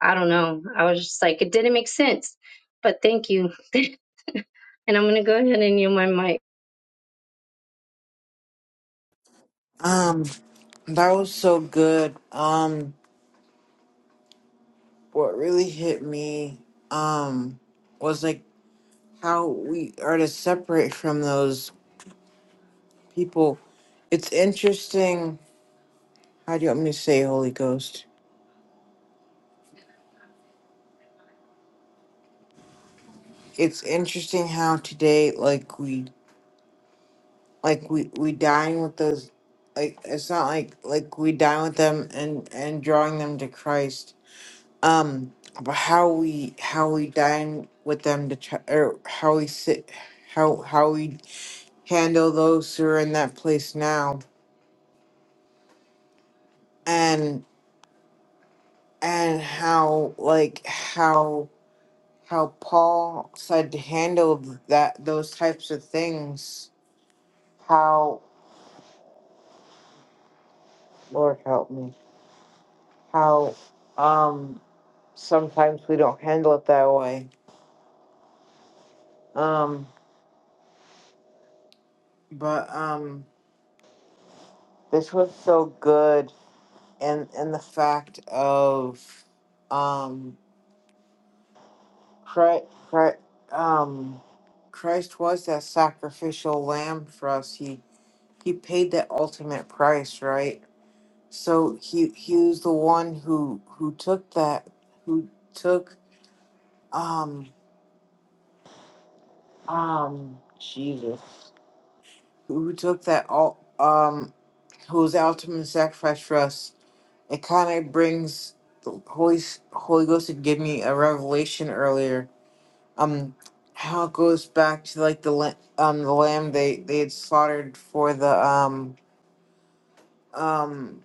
I don't know. I was just like, it didn't make sense, but thank you. and I'm going to go ahead and mute my mic. Um, that was so good. Um, what really hit me, um, was like how we are to separate from those people. It's interesting. How do you want me to say Holy Ghost? It's interesting how today, like we, like we, we dine with those. Like it's not like like we dine with them and and drawing them to Christ. um but how we how we dine with them to try, or how we sit how how we handle those who are in that place now and and how like how how paul said to handle that those types of things how lord help me how um sometimes we don't handle it that way um but um this was so good and and the fact of um Christ, um Christ was that sacrificial lamb for us. He he paid that ultimate price, right? So he he was the one who who took that who took um um Jesus who took that all um who was the ultimate sacrifice for us. It kind of brings the Holy S- Holy Ghost had given me a revelation earlier um how it goes back to like the la- um the lamb they they had slaughtered for the um um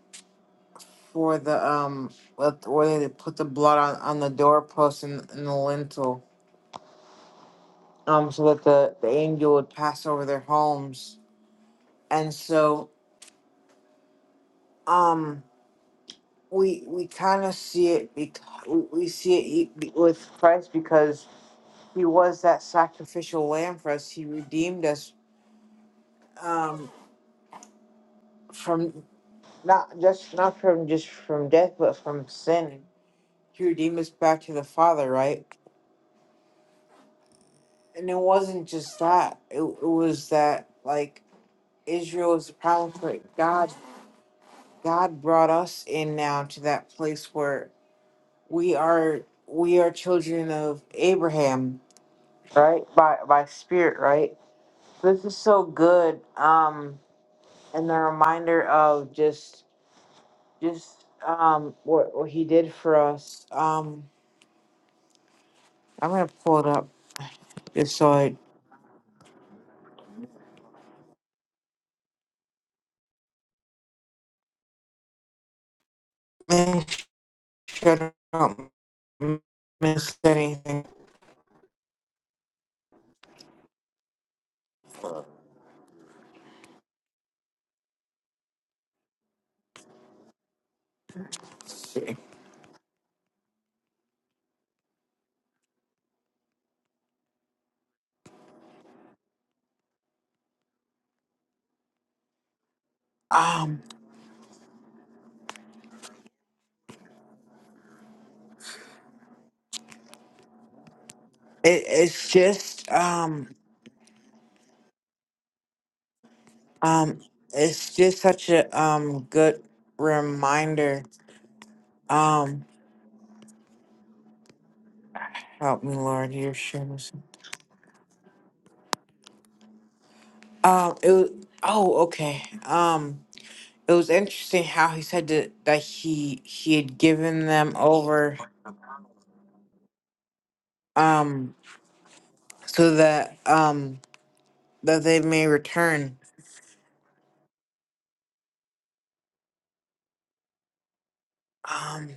for the um let- where they put the blood on on the doorpost and, and the lintel um so that the the angel would pass over their homes and so um we we kind of see it because we, we see it e- be- with Christ because he was that sacrificial lamb for us he redeemed us um from. Not just not from just from death, but from sin. He redeemed us back to the Father, right? And it wasn't just that. It, it was that like Israel is a problem for God. God brought us in now to that place where we are we are children of Abraham, right? By by spirit, right? This is so good. Um, and the reminder of just just um what what he did for us. Um, I'm gonna pull it up. Just so I make sure I don't miss anything. Let's see. Um, it, it's just um um it's just such a um good reminder. Um, help me, Lord, you're sure. Um, it was oh okay. Um, it was interesting how he said that that he he had given them over um so that um that they may return. Um,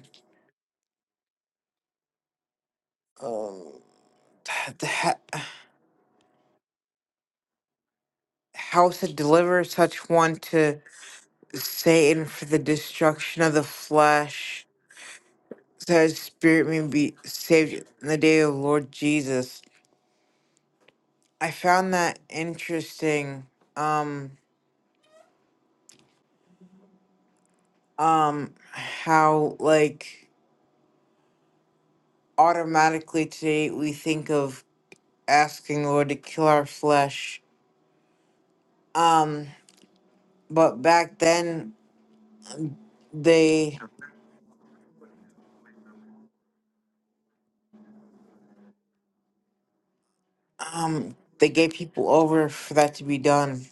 oh. the he- how to deliver such one to Satan for the destruction of the flesh, so his spirit may be saved in the day of Lord Jesus. I found that interesting. Um, um, how like automatically today we think of asking the Lord to kill our flesh. Um, but back then they um they gave people over for that to be done.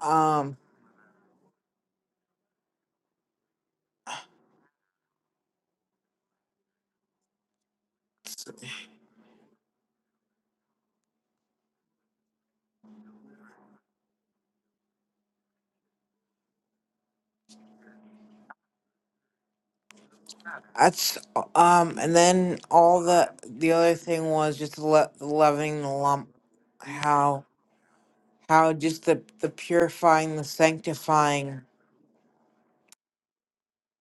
Um That's um, and then all the the other thing was just le- loving the lump, how how just the the purifying, the sanctifying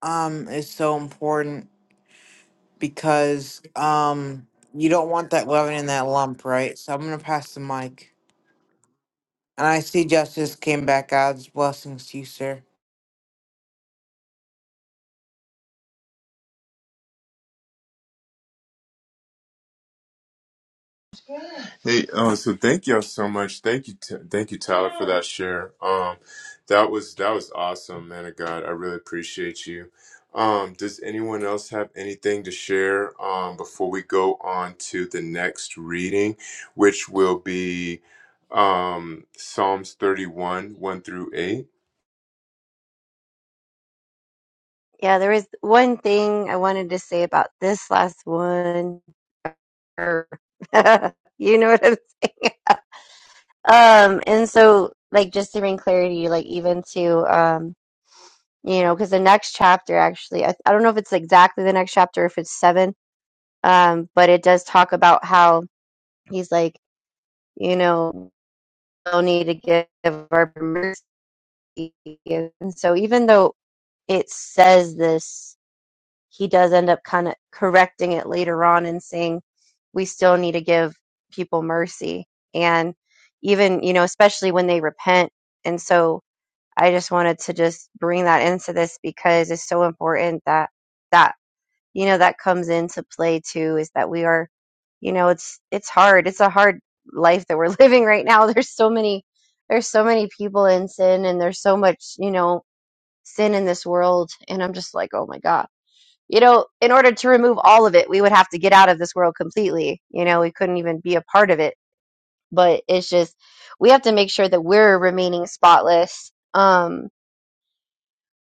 um is so important because um you don't want that leaven in that lump, right? So I'm gonna pass the mic, and I see justice came back. God's blessings to you, sir. Hey, uh, so thank y'all so much. Thank you, t- thank you, Tyler, for that share. Um, that was that was awesome, man of God. I really appreciate you. Um, does anyone else have anything to share um, before we go on to the next reading, which will be um, Psalms thirty-one, one through eight? Yeah, there was one thing I wanted to say about this last one. you know what I'm saying? Um, and so, like, just to bring clarity, like, even to, um, you know, because the next chapter actually, I, I don't know if it's exactly the next chapter, if it's seven, um, but it does talk about how he's like, you know, we'll need to give our mercy. And so, even though it says this, he does end up kind of correcting it later on and saying, we still need to give people mercy. And even, you know, especially when they repent. And so, I just wanted to just bring that into this because it's so important that that you know that comes into play too is that we are you know it's it's hard it's a hard life that we're living right now there's so many there's so many people in sin and there's so much you know sin in this world and I'm just like oh my god you know in order to remove all of it we would have to get out of this world completely you know we couldn't even be a part of it but it's just we have to make sure that we're remaining spotless um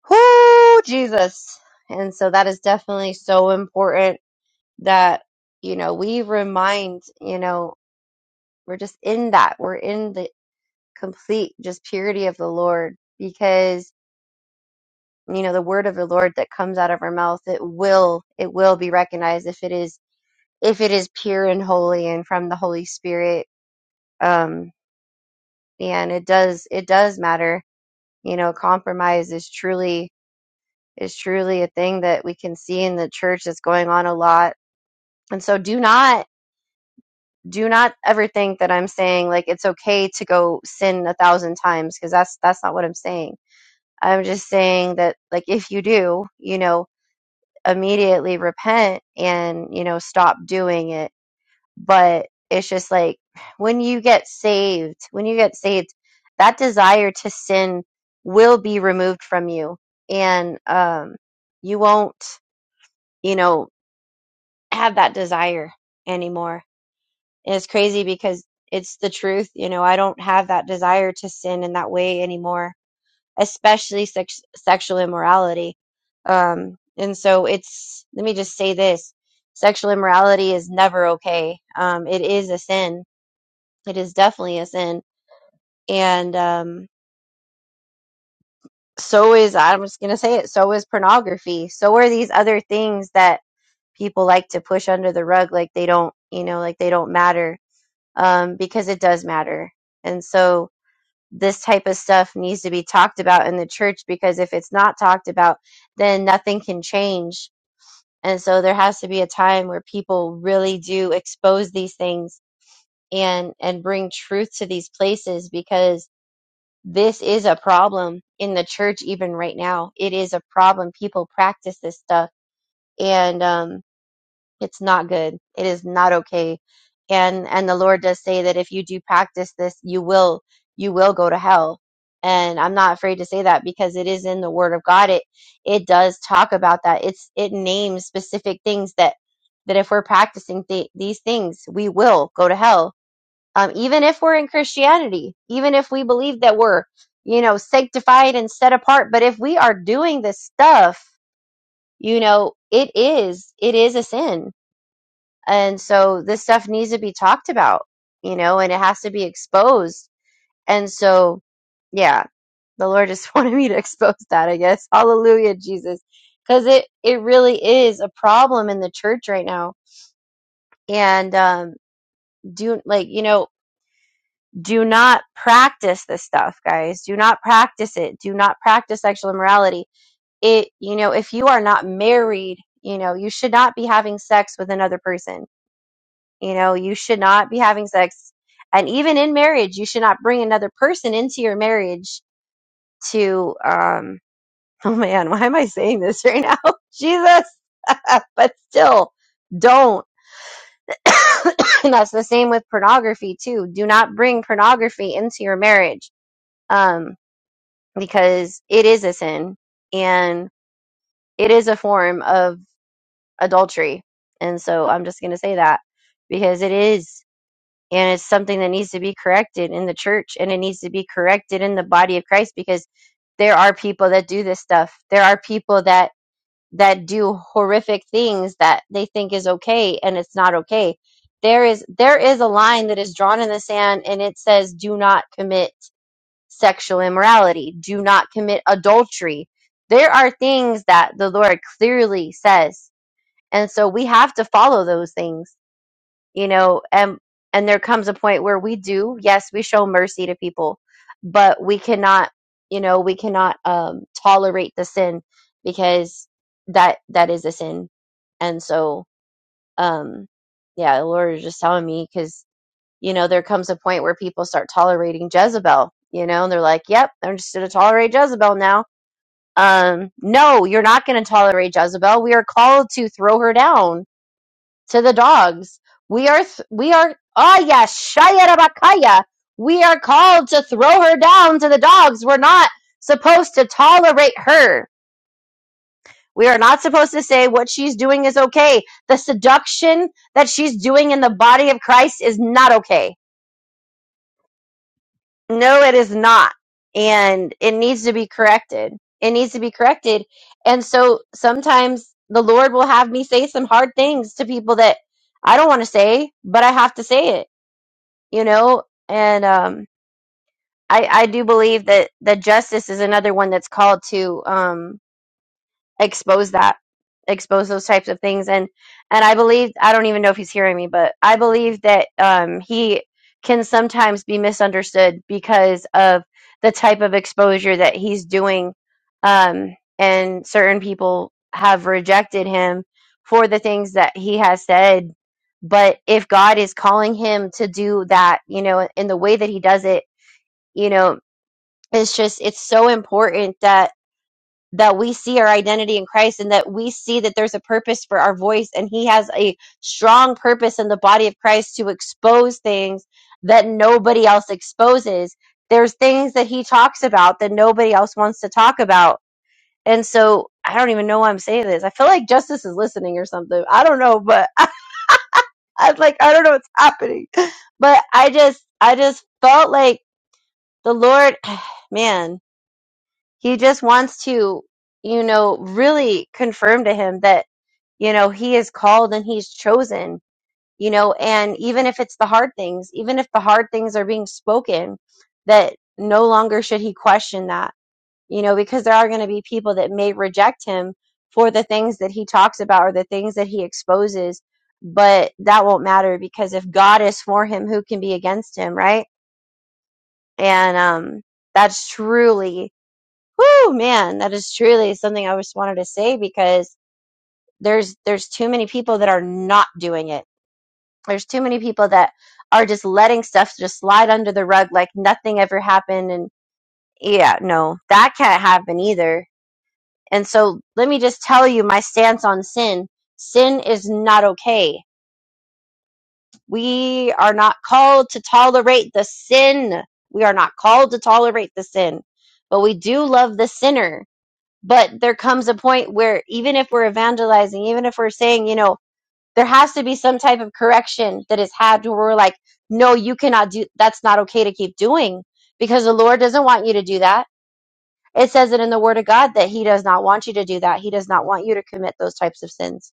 Whoo, Jesus. And so that is definitely so important that, you know, we remind, you know, we're just in that. We're in the complete just purity of the Lord because, you know, the word of the Lord that comes out of our mouth, it will, it will be recognized if it is, if it is pure and holy and from the Holy Spirit. Um, and it does, it does matter. You know, compromise is truly, is truly a thing that we can see in the church that's going on a lot And so do not do not ever think that I'm saying like it's okay to go sin a thousand times because that's that's not what I'm saying. I'm just saying that like if you do, you know, immediately repent and, you know, stop doing it. But it's just like when you get saved, when you get saved, that desire to sin will be removed from you and um you won't, you know, have that desire anymore And it's crazy because it's the truth. You know, I don't have that desire to sin in that way anymore, especially sex- sexual immorality. Um, and so it's, let me just say this sexual immorality is never okay. Um, it is a sin. It is definitely a sin. And, um, so is, I'm just going to say it, so is pornography. So are these other things that people like to push under the rug, like they don't, you know, like they don't matter, um, because it does matter. And so, this type of stuff needs to be talked about in the church because if it's not talked about, then nothing can change. And so there has to be a time where people really do expose these things and and bring truth to these places because this is a problem in the church even right now. It is a problem. People practice this stuff and um it's not good. It is not okay. And and the Lord does say that if you do practice this, you will you will go to hell. And I'm not afraid to say that because it is in the word of God. It it does talk about that. It's it names specific things that that if we're practicing th- these things, we will go to hell. Um, even if we're in Christianity, even if we believe that we're, you know, sanctified and set apart, but if we are doing this stuff, you know, it is, it is a sin and so this stuff needs to be talked about, you know, and it has to be exposed. And so, yeah, the Lord just wanted me to expose that, I guess. Hallelujah, Jesus. Because it, it really is a problem in the church right now. And um, do, like, you know, do not practice this stuff, guys. Do not practice it. Do not practice sexual immorality. It, you know, if you are not married, you know, you should not be having sex with another person You know, you should not be having sex. And even in marriage, you should not bring another person into your marriage to, um, oh man, why am I saying this right now? Jesus. but still, don't. and that's the same with pornography too. Do not bring pornography into your marriage. Um, because it is a sin and it is a form of adultery. And so I'm just going to say that because it is. and it's something that needs to be corrected in the church and it needs to be corrected in the body of Christ because there are people that do this stuff. There are people that that do horrific things that they think is okay and it's not okay. There is there is a line that is drawn in the sand and it says do not commit sexual immorality, do not commit adultery. There are things that the Lord clearly says. And so we have to follow those things you know and and there comes a point where we do yes we show mercy to people but we cannot you know we cannot um tolerate the sin because that that is a sin and so um yeah the lord is just telling me because you know there comes a point where people start tolerating jezebel you know and they're like yep i'm just gonna tolerate jezebel now um no you're not gonna tolerate jezebel we are called to throw her down to the dogs. We are, th- we are, ah, yes Shaya Rabakaya. We are called to throw her down to the dogs. We're not supposed to tolerate her. We are not supposed to say what she's doing is okay. The seduction that she's doing in the body of Christ is not okay. No, it is not. And it needs to be corrected. It needs to be corrected. And so sometimes the Lord will have me say some hard things to people that I don't want to say, but I have to say it you know and um i i do believe that that justice is another one that's called to um expose that expose those types of things and and i believe i don't even know if he's hearing me but i believe that um he can sometimes be misunderstood because of the type of exposure that he's doing um and certain people have rejected him for the things that he has said but if god is calling him to do that you know in the way that he does it you know it's just it's so important that that we see our identity in Christ and that we see that there's a purpose for our voice and he has a strong purpose in the body of Christ to expose things that nobody else exposes. There's things that he talks about that nobody else wants to talk about. And so I don't even know why I'm saying this. I feel like justice is listening or something. I don't know, but I, I like I don't know what's happening. But I just I just felt like the Lord man he just wants to, you know, really confirm to him that, you know, he is called and he's chosen, you know, and even if it's the hard things, even if the hard things are being spoken, that no longer should he question that, you know, because there are going to be people that may reject him for the things that he talks about or the things that he exposes. But that won't matter because if God is for him, who can be against him, right? And um, that's truly Whoo, man, that is truly something I just wanted to say because there's there's too many people that are not doing it. There's too many people that are just letting stuff just slide under the rug like nothing ever happened and yeah, no, that can't happen either. And so let me just tell you my stance on sin. Sin is not okay. We are not called to tolerate the sin. We are not called to tolerate the sin, but we do love the sinner but there comes a point where even if we're evangelizing even if we're saying you know there has to be some type of correction that is had where we're like no you cannot do that's not okay to keep doing because the lord doesn't want you to do that it says it in the word of god that he does not want you to do that he does not want you to commit those types of sins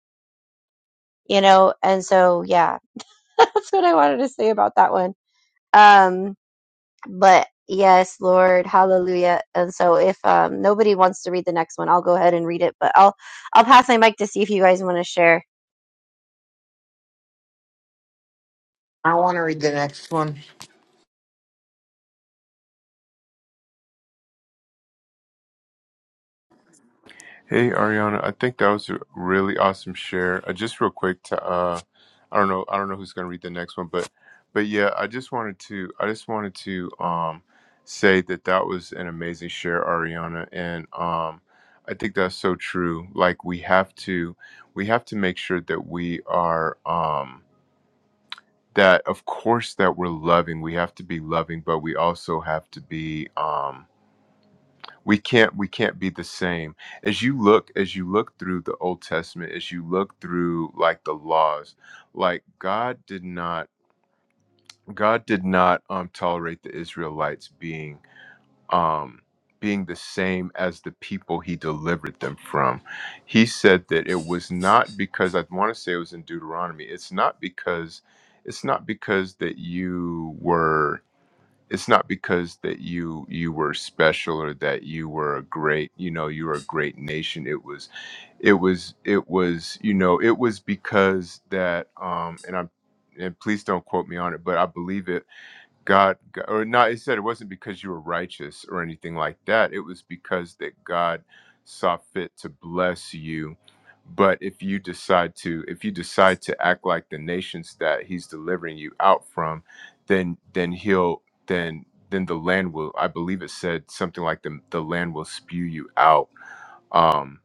you know and so yeah that's what i wanted to say about that one um But yes, Lord, hallelujah. And so if um, nobody wants to read the next one, I'll go ahead and read it, but I'll I'll pass my mic to see if you guys want to share. I want to read the next one. Hey Ariana, I think that was a really awesome share. Uh, just real quick to uh I don't know I don't know who's gonna read the next one, but but yeah, I just wanted to I just wanted to um say that that was an amazing share, Ariana, and um I think that's so true. Like we have to we have to make sure that we are um that of course that we're loving. We have to be loving, but we also have to be um we can't we can't be the same as you look as you look through the old testament as you look through like the laws like god did not god did not um tolerate the israelites being um being the same as the people he delivered them from he said that it was not because i want to say it was in deuteronomy it's not because it's not because that you were it's not because that you you were special or that you were a great you know you were a great nation it was it was it was you know it was because that um and i'm and please don't quote me on it but i believe it God, God or not, it said it wasn't because you were righteous or anything like that. It was because that God saw fit to bless you. But if you decide to, if you decide to act like the nations that He's delivering you out from, then then He'll then then the land will. I believe it said something like the the land will spew you out. Um,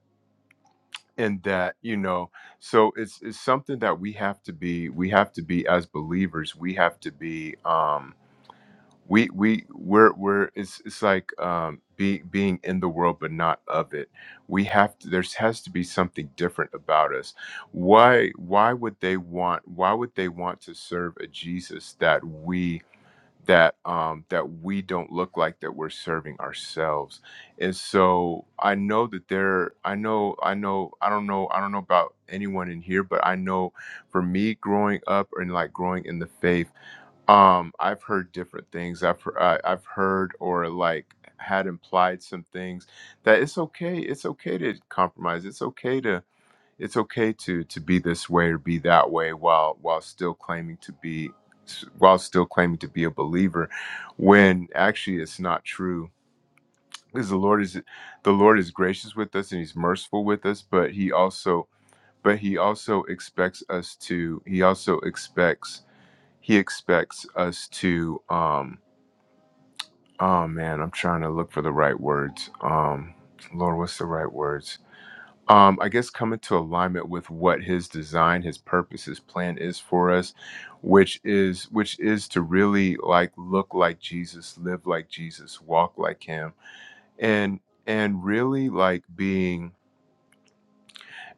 and that you know, so it's it's something that we have to be. We have to be as believers. We have to be. Um, we we we're we're it's it's like um being being in the world but not of it we have to there's has to be something different about us why why would they want why would they want to serve a jesus that we that um that we don't look like that we're serving ourselves and so i know that there i know i know i don't know i don't know about anyone in here but i know for me growing up and like growing in the faith um, I've heard different things. I've heard, I, I've heard or like had implied some things that it's okay. It's okay to compromise. It's okay to it's okay to to be this way or be that way while while still claiming to be while still claiming to be a believer when actually it's not true because the lord is the lord is gracious with us and he's merciful with us but he also but he also expects us to he also expects he expects us to um oh man i'm trying to look for the right words um lord what's the right words um i guess come into alignment with what his design his purpose his plan is for us which is which is to really like look like jesus live like jesus walk like him and and really like being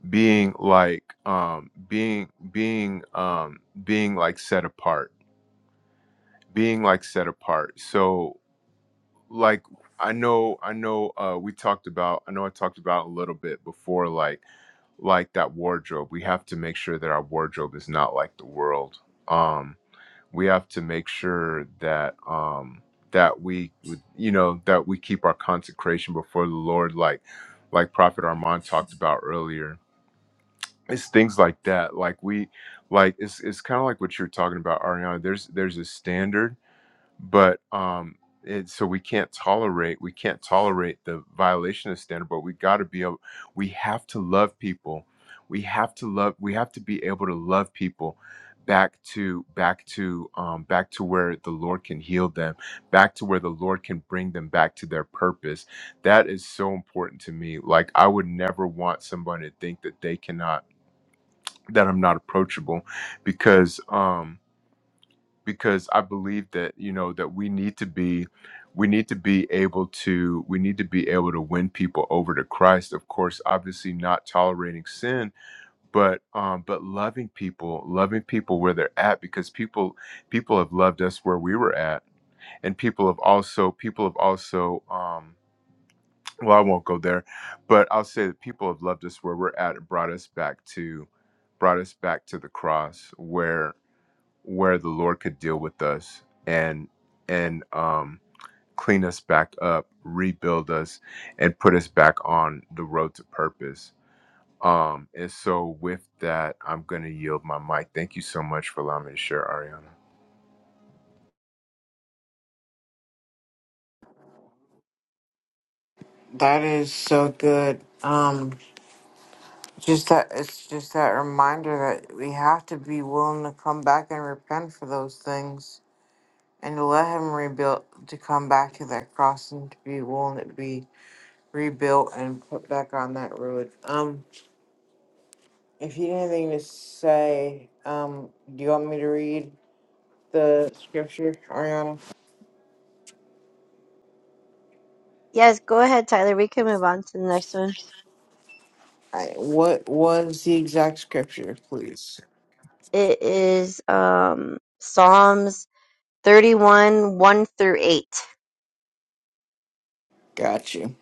being like um being being um being like set apart being like set apart so like I know I know uh we talked about I know I talked about a little bit before like like that wardrobe. We have to make sure that our wardrobe is not like the world. Um we have to make sure that um that we you know that we keep our consecration before the Lord like like Prophet Armand talked about earlier. It's things like that. Like we like it's it's kind of like what you're talking about Ariana. There's there's a standard but um and so we can't tolerate we can't tolerate the violation of standard but we got to be able we have to love people we have to love we have to be able to love people back to back to um, back to where the lord can heal them back to where the lord can bring them back to their purpose that is so important to me like i would never want somebody to think that they cannot that i'm not approachable because um, because I believe that you know that we need to be we need to be able to we need to be able to win people over to Christ of course obviously not tolerating sin but um but loving people loving people where they're at because people people have loved us where we were at and people have also people have also um well I won't go there but I'll say that people have loved us where we're at and brought us back to brought us back to the cross where where the Lord could deal with us and and um, clean us back up, rebuild us, and put us back on the road to purpose. Um, and so, with that, I'm going to yield my mic. Thank you so much for allowing me to share, Ariana. That is so good. Um. Just that it's just that reminder that we have to be willing to come back and repent for those things and to let him rebuild to come back to that cross and to be willing to be rebuilt and put back on that road. Um if you have anything to say, um do you want me to read the scripture, Ariana? Yes, go ahead, Tyler. We can move on to the next one. I, what was the exact scripture, please? It is um Psalms 31, 1 through 8. Got you.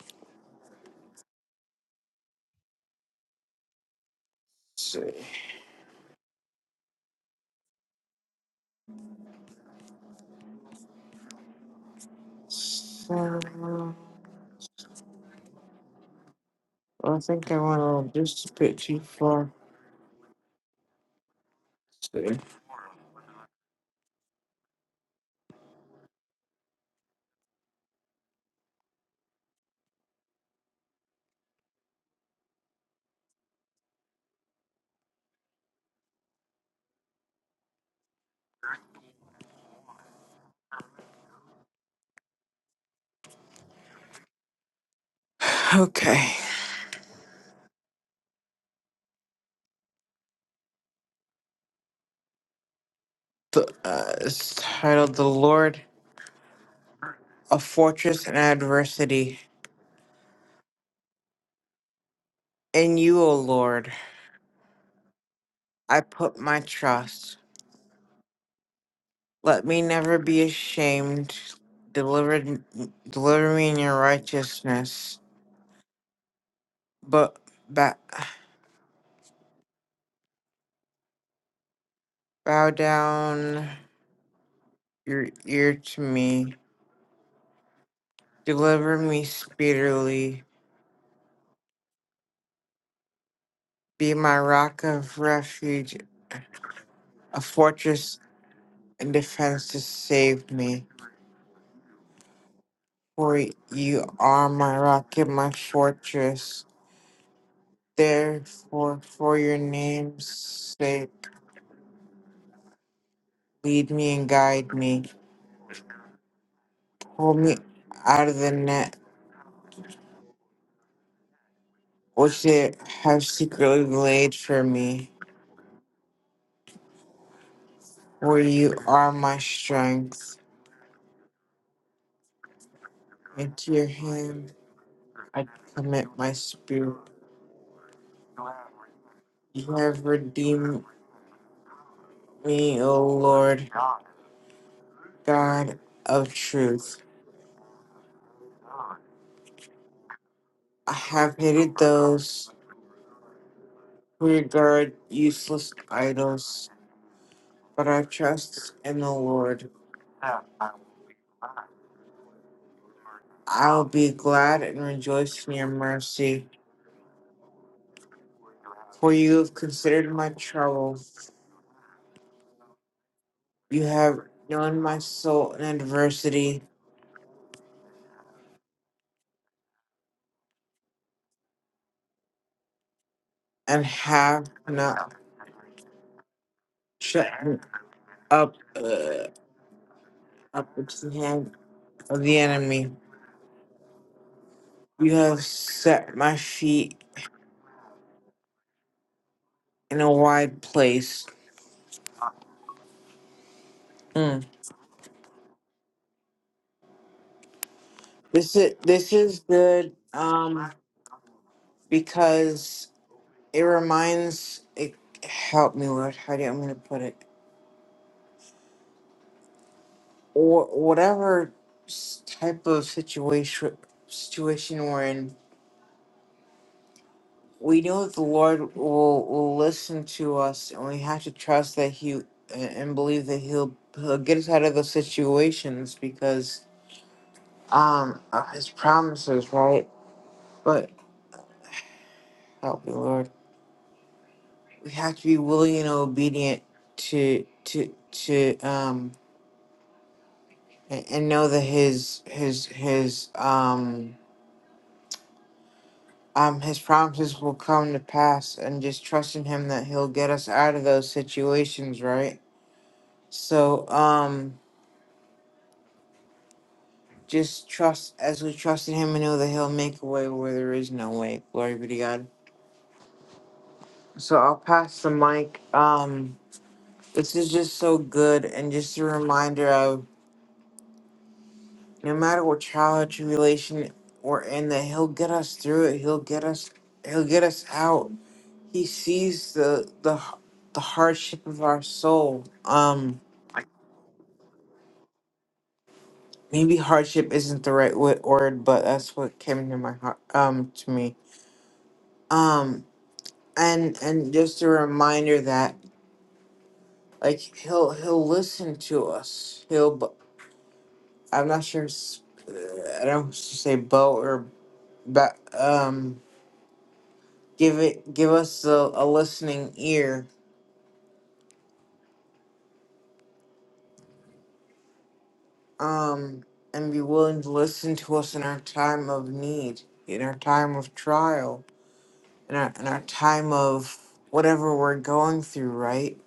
Let's see. So I think I went a little just a bit too far. Okay. The, uh, it's titled The Lord, a Fortress in Adversity. In you, O Lord, I put my trust. Let me never be ashamed. Deliver, deliver me in your righteousness. But ba- bow down your ear to me. Deliver me speedily. Be my rock of refuge, a fortress and defense to save me. For you are my rock and my fortress. Therefore, for your name's sake, lead me and guide me. Pull me out of the net which they have secretly laid for me. For you are my strength. Into your hand I commit my spirit. You have redeemed me, O Lord, God of truth. I have hated those. regard useless idols, but I trust in the Lord. I'll be glad and rejoice in your mercy, for you have considered my trouble. You have known my soul in adversity, and have not shut me up uh, up to the hand of the enemy. You have set my feet in a wide place. Mm. This is this is good um because it reminds it help me with how do I'm going to put it or whatever s- type of situation situation we're in we know that the lord will, will listen to us and we have to trust that he a- and believe that he'll, he'll get us out of those situations because um of his promises right but help me lord we have to be willing and obedient to to to um and, and know that his his his um um his promises will come to pass and just trust in him that he'll get us out of those situations right so um just trust as we trust in him and know that he'll make a way where there is no way glory be to god so i'll pass the mic um this is just so good and just a reminder of no matter what trial or tribulation we're in that he'll get us through it he'll get us he'll get us out He sees the the the hardship of our soul. Um, maybe hardship isn't the right wo- word, but that's what came to my heart. Um, to me. Um, and and just a reminder that like he'll he'll listen to us. He'll. b- I'm not sure. s- uh, I don't s- say bow or but um give it give us a, a listening ear um, and be willing to listen to us in our time of need, in our time of trial, in our, in our time of whatever we're going through, right?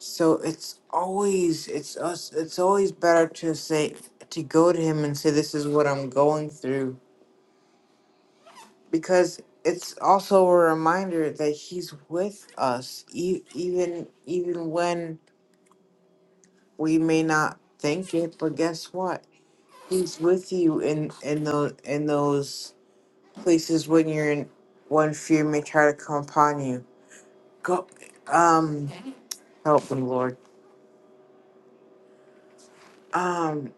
So it's always it's us it's always better to say to go to him and say this is what I'm going through because it's also a reminder that he's with us e- even even when we may not think it but guess what he's with you in in those in those places when you're in when fear may try to come upon you. Go um help me, Lord. Um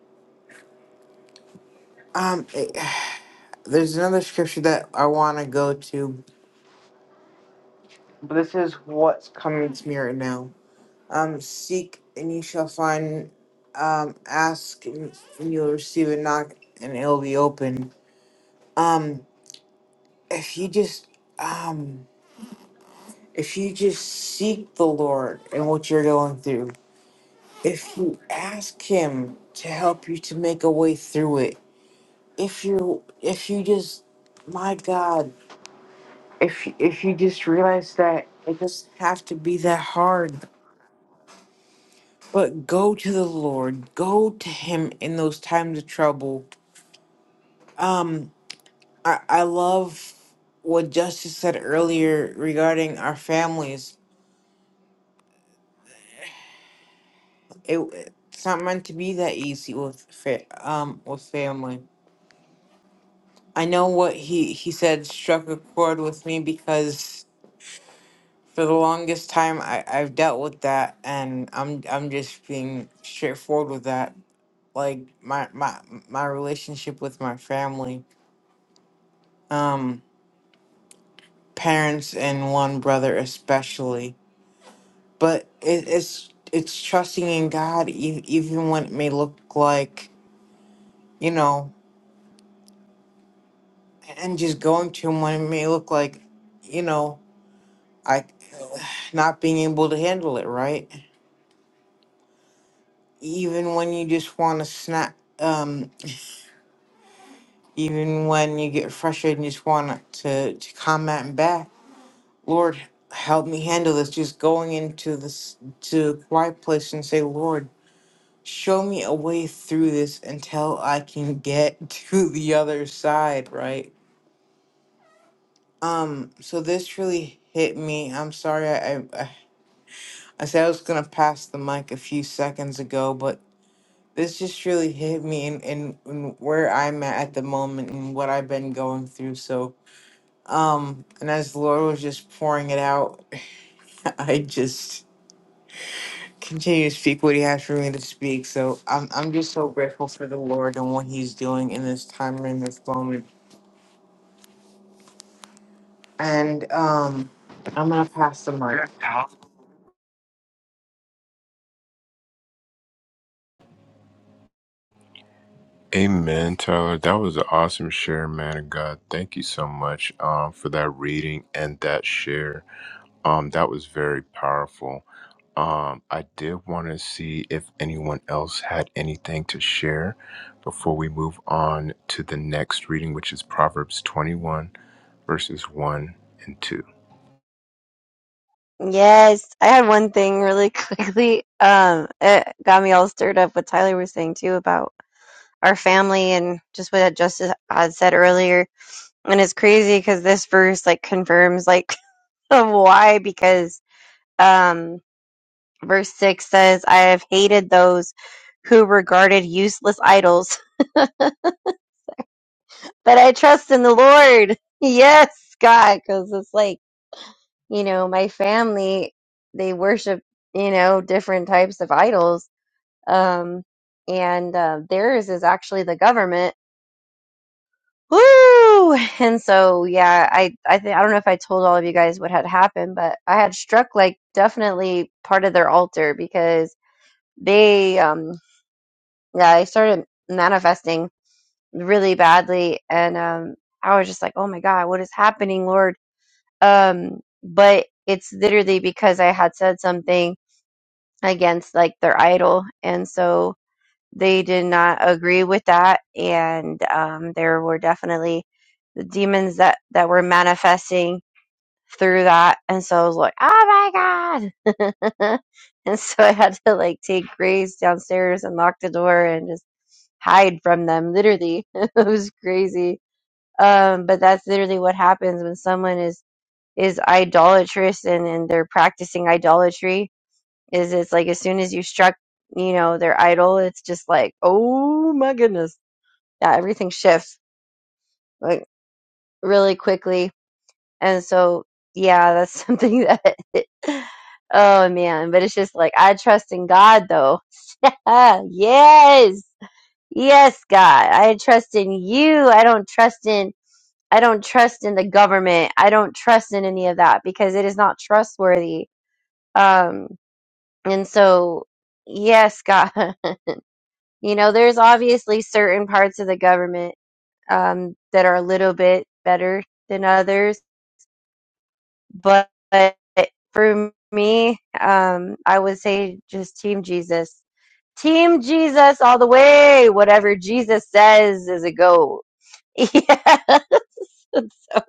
um it- there's another scripture that I wanna go to, but this is what's coming to me right now. Um seek and you shall find um ask and and you'll receive a knock and it'll be open. Um if you just um if you just seek the Lord and what you're going through if you ask him to help you to make a way through it if you if you just my god if if you just realize that it doesn't have to be that hard but go to the lord go to him in those times of trouble um i i love what justice said earlier regarding our families it it's not meant to be that easy with fa- um with family I know what he he said struck a chord with me because for the longest time I I've dealt with that and I'm I'm just being straightforward with that. Like my my my relationship with my family, um, parents and one brother especially. But it, it's it's trusting in God e- even when it may look like you know, and just going to Him when it may look like, you know, I not being able to handle it, right? even when you just want to snap, um, even when you get frustrated and just want to to comment back, Lord, help me handle this. Just going into this to a quiet place and say, Lord, show me a way through this until I can get to the other side, right? Um, so this really hit me. I'm sorry, I I, I said I was gonna pass the mic a few seconds ago, but this just really hit me in, in, in where I'm at at the moment and what I've been going through. So, um, and as the Lord was just pouring it out, I just continue to speak what He has for me to speak. So I'm I'm just so grateful for the Lord and what He's doing in this time and in this moment. And um, I'm gonna pass the mic. Amen, Tyler. That was an awesome share, man of God. Thank you so much um, for that reading and that share. Um, that was very powerful. Um, I did want to see if anyone else had anything to share before we move on to the next reading, which is Proverbs 21, verses 1 and 2. Yes, I had one thing really quickly. Um, it got me all stirred up what Tyler was saying too about our family and just what Justice had said earlier. And it's crazy because this verse like confirms like of Why? Because um, verse 6 says, I have hated those who regarded useless idols, but I trust in the Lord. Yes, God, because it's like, you know, my family, they worship, you know, different types of idols. Um, and uh, theirs is actually the government. Woo! And so, yeah, I, I think, I don't know if I told all of you guys what had happened, but I had struck like definitely part of their altar because they um yeah i started manifesting really badly and um i was just like oh my god what is happening lord um but it's literally because i had said something against like their idol and so they did not agree with that and um there were definitely the demons that that were manifesting through that and so i was like oh my god and so i had to like take grace downstairs and lock the door and just hide from them literally it was crazy um but that's literally what happens when someone is is idolatrous and and they're practicing idolatry is it's like as soon as you struck you know their idol it's just like oh my goodness yeah everything shifts like really quickly and so yeah that's something that oh man but it's just like i trust in god though ah yes yes god i trust in you i don't trust in I don't trust in the government. I don't trust in any of that because it is not trustworthy. Um, and so, yes, God, you know, there's obviously certain parts of the government um, that are a little bit better than others. But, but for me, um, I would say just Team Jesus. Team Jesus all the way. Whatever Jesus says is a go Yeah. And so,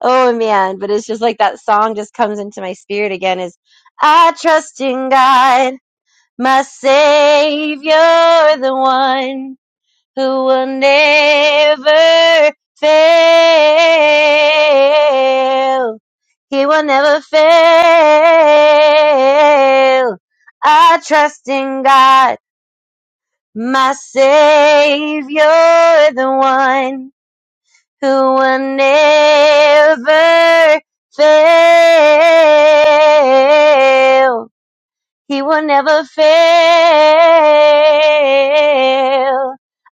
oh man, but it's just like that song just comes into my spirit again is I trust in God, my savior, the one who will never fail. He will never fail. I trust in God, my savior, the one who will never fail. He will never fail.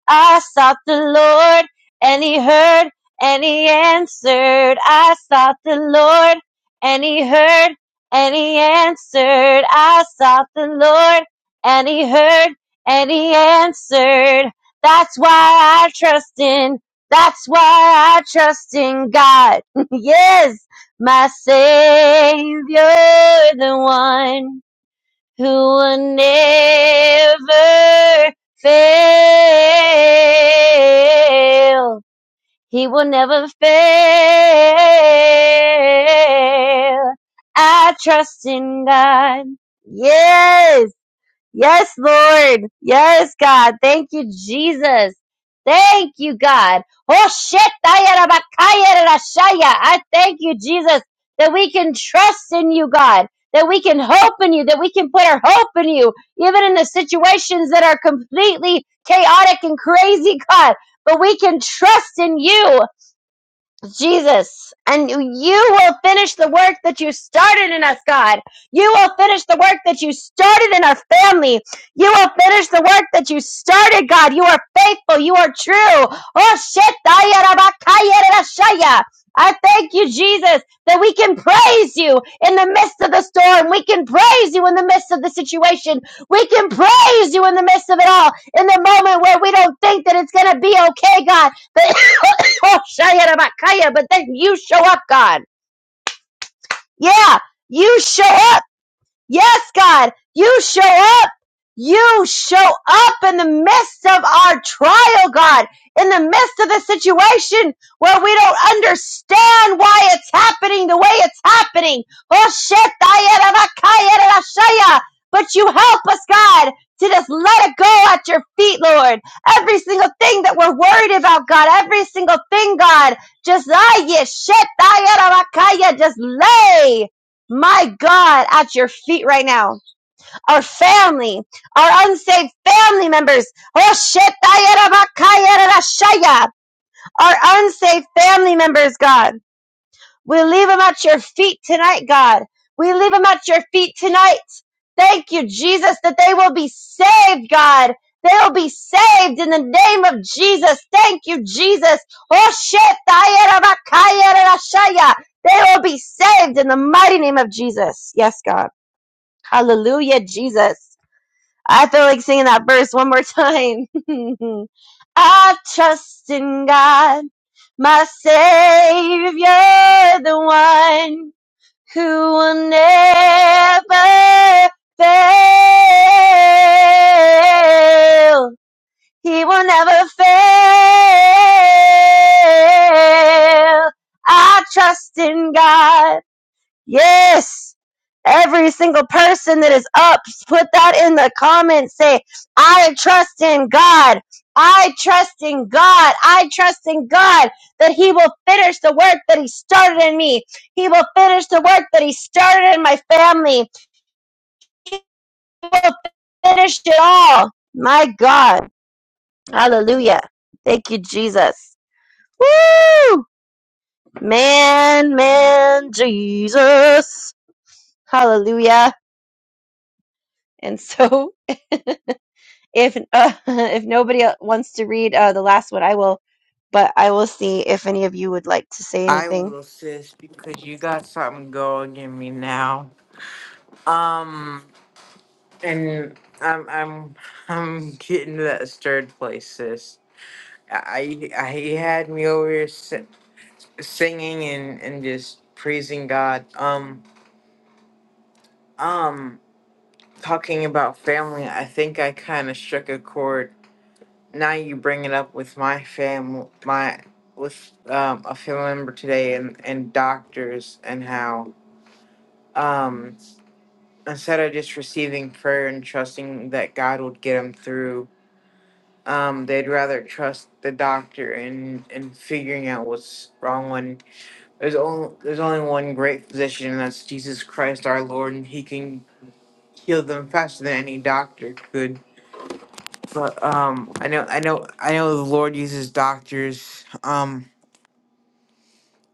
I sought the Lord and he heard and he answered. I sought the Lord and he heard and he answered. I sought the Lord and he heard and he answered. That's why I trust in. That's why I trust in God. yes, my Savior, the one who will never fail. He will never fail. I trust in God. Yes. Yes, Lord. Yes, God. Thank you, Jesus. Thank you, God. Oh shit. I thank you, Jesus, that we can trust in you, God, that we can hope in you, that we can put our hope in you, even in the situations that are completely chaotic and crazy, God. But we can trust in you. Jesus, and you will finish the work that you started in us, God. You will finish the work that you started in our family. You will finish the work that you started, God. You are faithful. You are true. Oh, shit. I thank you, Jesus, that we can praise you in the midst of the storm. We can praise you in the midst of the situation. We can praise you in the midst of it all. In the moment where we don't think that it's going to be okay, God. But But then you show up, God. Yeah, you show up. Yes, God, you show up. You show up in the midst of our trial, God, in the midst of the situation where we don't understand why it's happening the way it's happening. Oh shit, but you help us, God, to just let it go at your feet, Lord. Every single thing that we're worried about, God, every single thing, God, just, ah, yeah, shit, just lay my God, at your feet right now. Our family, our unsaved family members, oh shit, our unsaved family members, God, we leave them at your feet tonight, God. We leave them at your feet tonight. Thank you, Jesus, that they will be saved, God. They will be saved in the name of Jesus. Thank you, Jesus. Oh shit, they will be saved in the mighty name of Jesus. Yes, God. Hallelujah, Jesus. I feel like singing that verse one more time. I trust in God, my Savior, the one who will never fail. He will never fail. I trust in God. Yes. Every single person that is up, put that in the comments. Say, I trust in God. I trust in God. I trust in God that He will finish the work that He started in me. He will finish the work that He started in my family. He will finish it all. My God. Hallelujah. Thank you, Jesus. Woo! Man, man, Jesus. Hallelujah. And so, if uh, if nobody el- wants to read uh, the last one, I will. But I will see if any of you would like to say I anything. will, sis, because you got something going in me now. Um. And I'm I'm I'm getting to that stirred place, sis. I I he had me over here si- singing and and just praising God. Um um talking about family, I think I kind of struck a chord. Now you bring it up with my family, my with um a family member today and and doctors and how um instead of just receiving prayer and trusting that God would get him through Um, they'd rather trust the doctor in in figuring out what's wrong when there's only there's only one great physician and that's Jesus Christ our Lord and he can heal them faster than any doctor could. But um I know I know I know the Lord uses doctors, um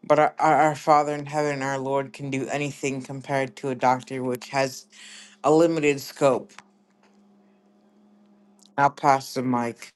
but our, our our Father in heaven, our Lord can do anything compared to a doctor which has a limited scope. I'll pass the mic.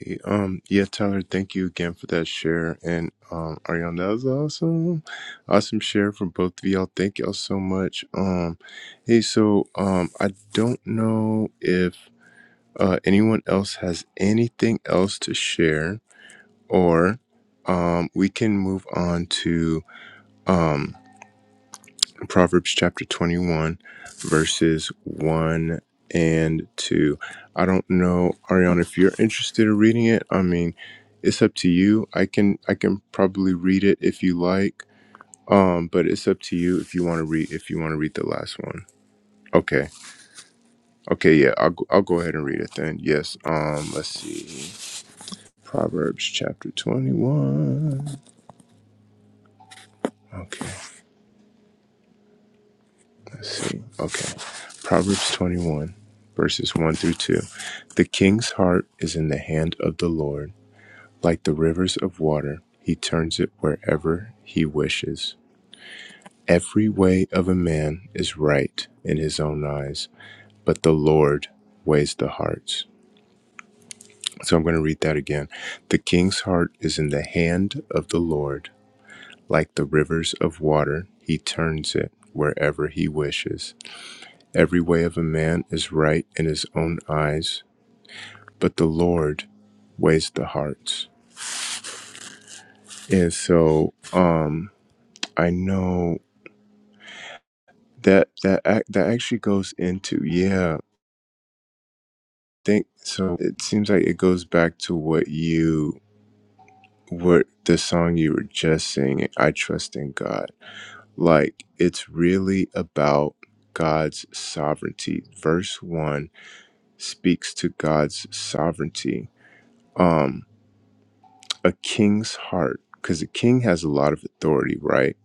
Hey, um, yeah, Tyler, thank you again for that share. And um, Ariana, that was awesome. Awesome share from both of y'all. Thank y'all so much. Um, hey, so um, I don't know if uh, anyone else has anything else to share, or um, we can move on to um, Proverbs chapter 21, verses 1 and 2. I don't know, Ariana, if you're interested in reading it. I mean, it's up to you. I can I can probably read it if you like. Um, but it's up to you if you want to read if you want to read the last one. Okay. Okay, yeah. I'll go- I'll go ahead and read it then. Yes. Um, let's see. Proverbs chapter 21. Okay. Let's see. Okay. Proverbs 21, verses 1 through 2. The king's heart is in the hand of the Lord. Like the rivers of water, he turns it wherever he wishes. Every way of a man is right in his own eyes, but the Lord weighs the hearts. So I'm going to read that again. The king's heart is in the hand of the Lord. Like the rivers of water, he turns it wherever he wishes. Every way of a man is right in his own eyes, but the Lord weighs the hearts. And so, um, I know that that ac- that actually goes into yeah. I Think so. It seems like it goes back to what you what the song you were just singing. I trust in God. Like it's really about God's sovereignty. Verse one speaks to God's sovereignty. Um, a king's heart, because a king has a lot of authority, right?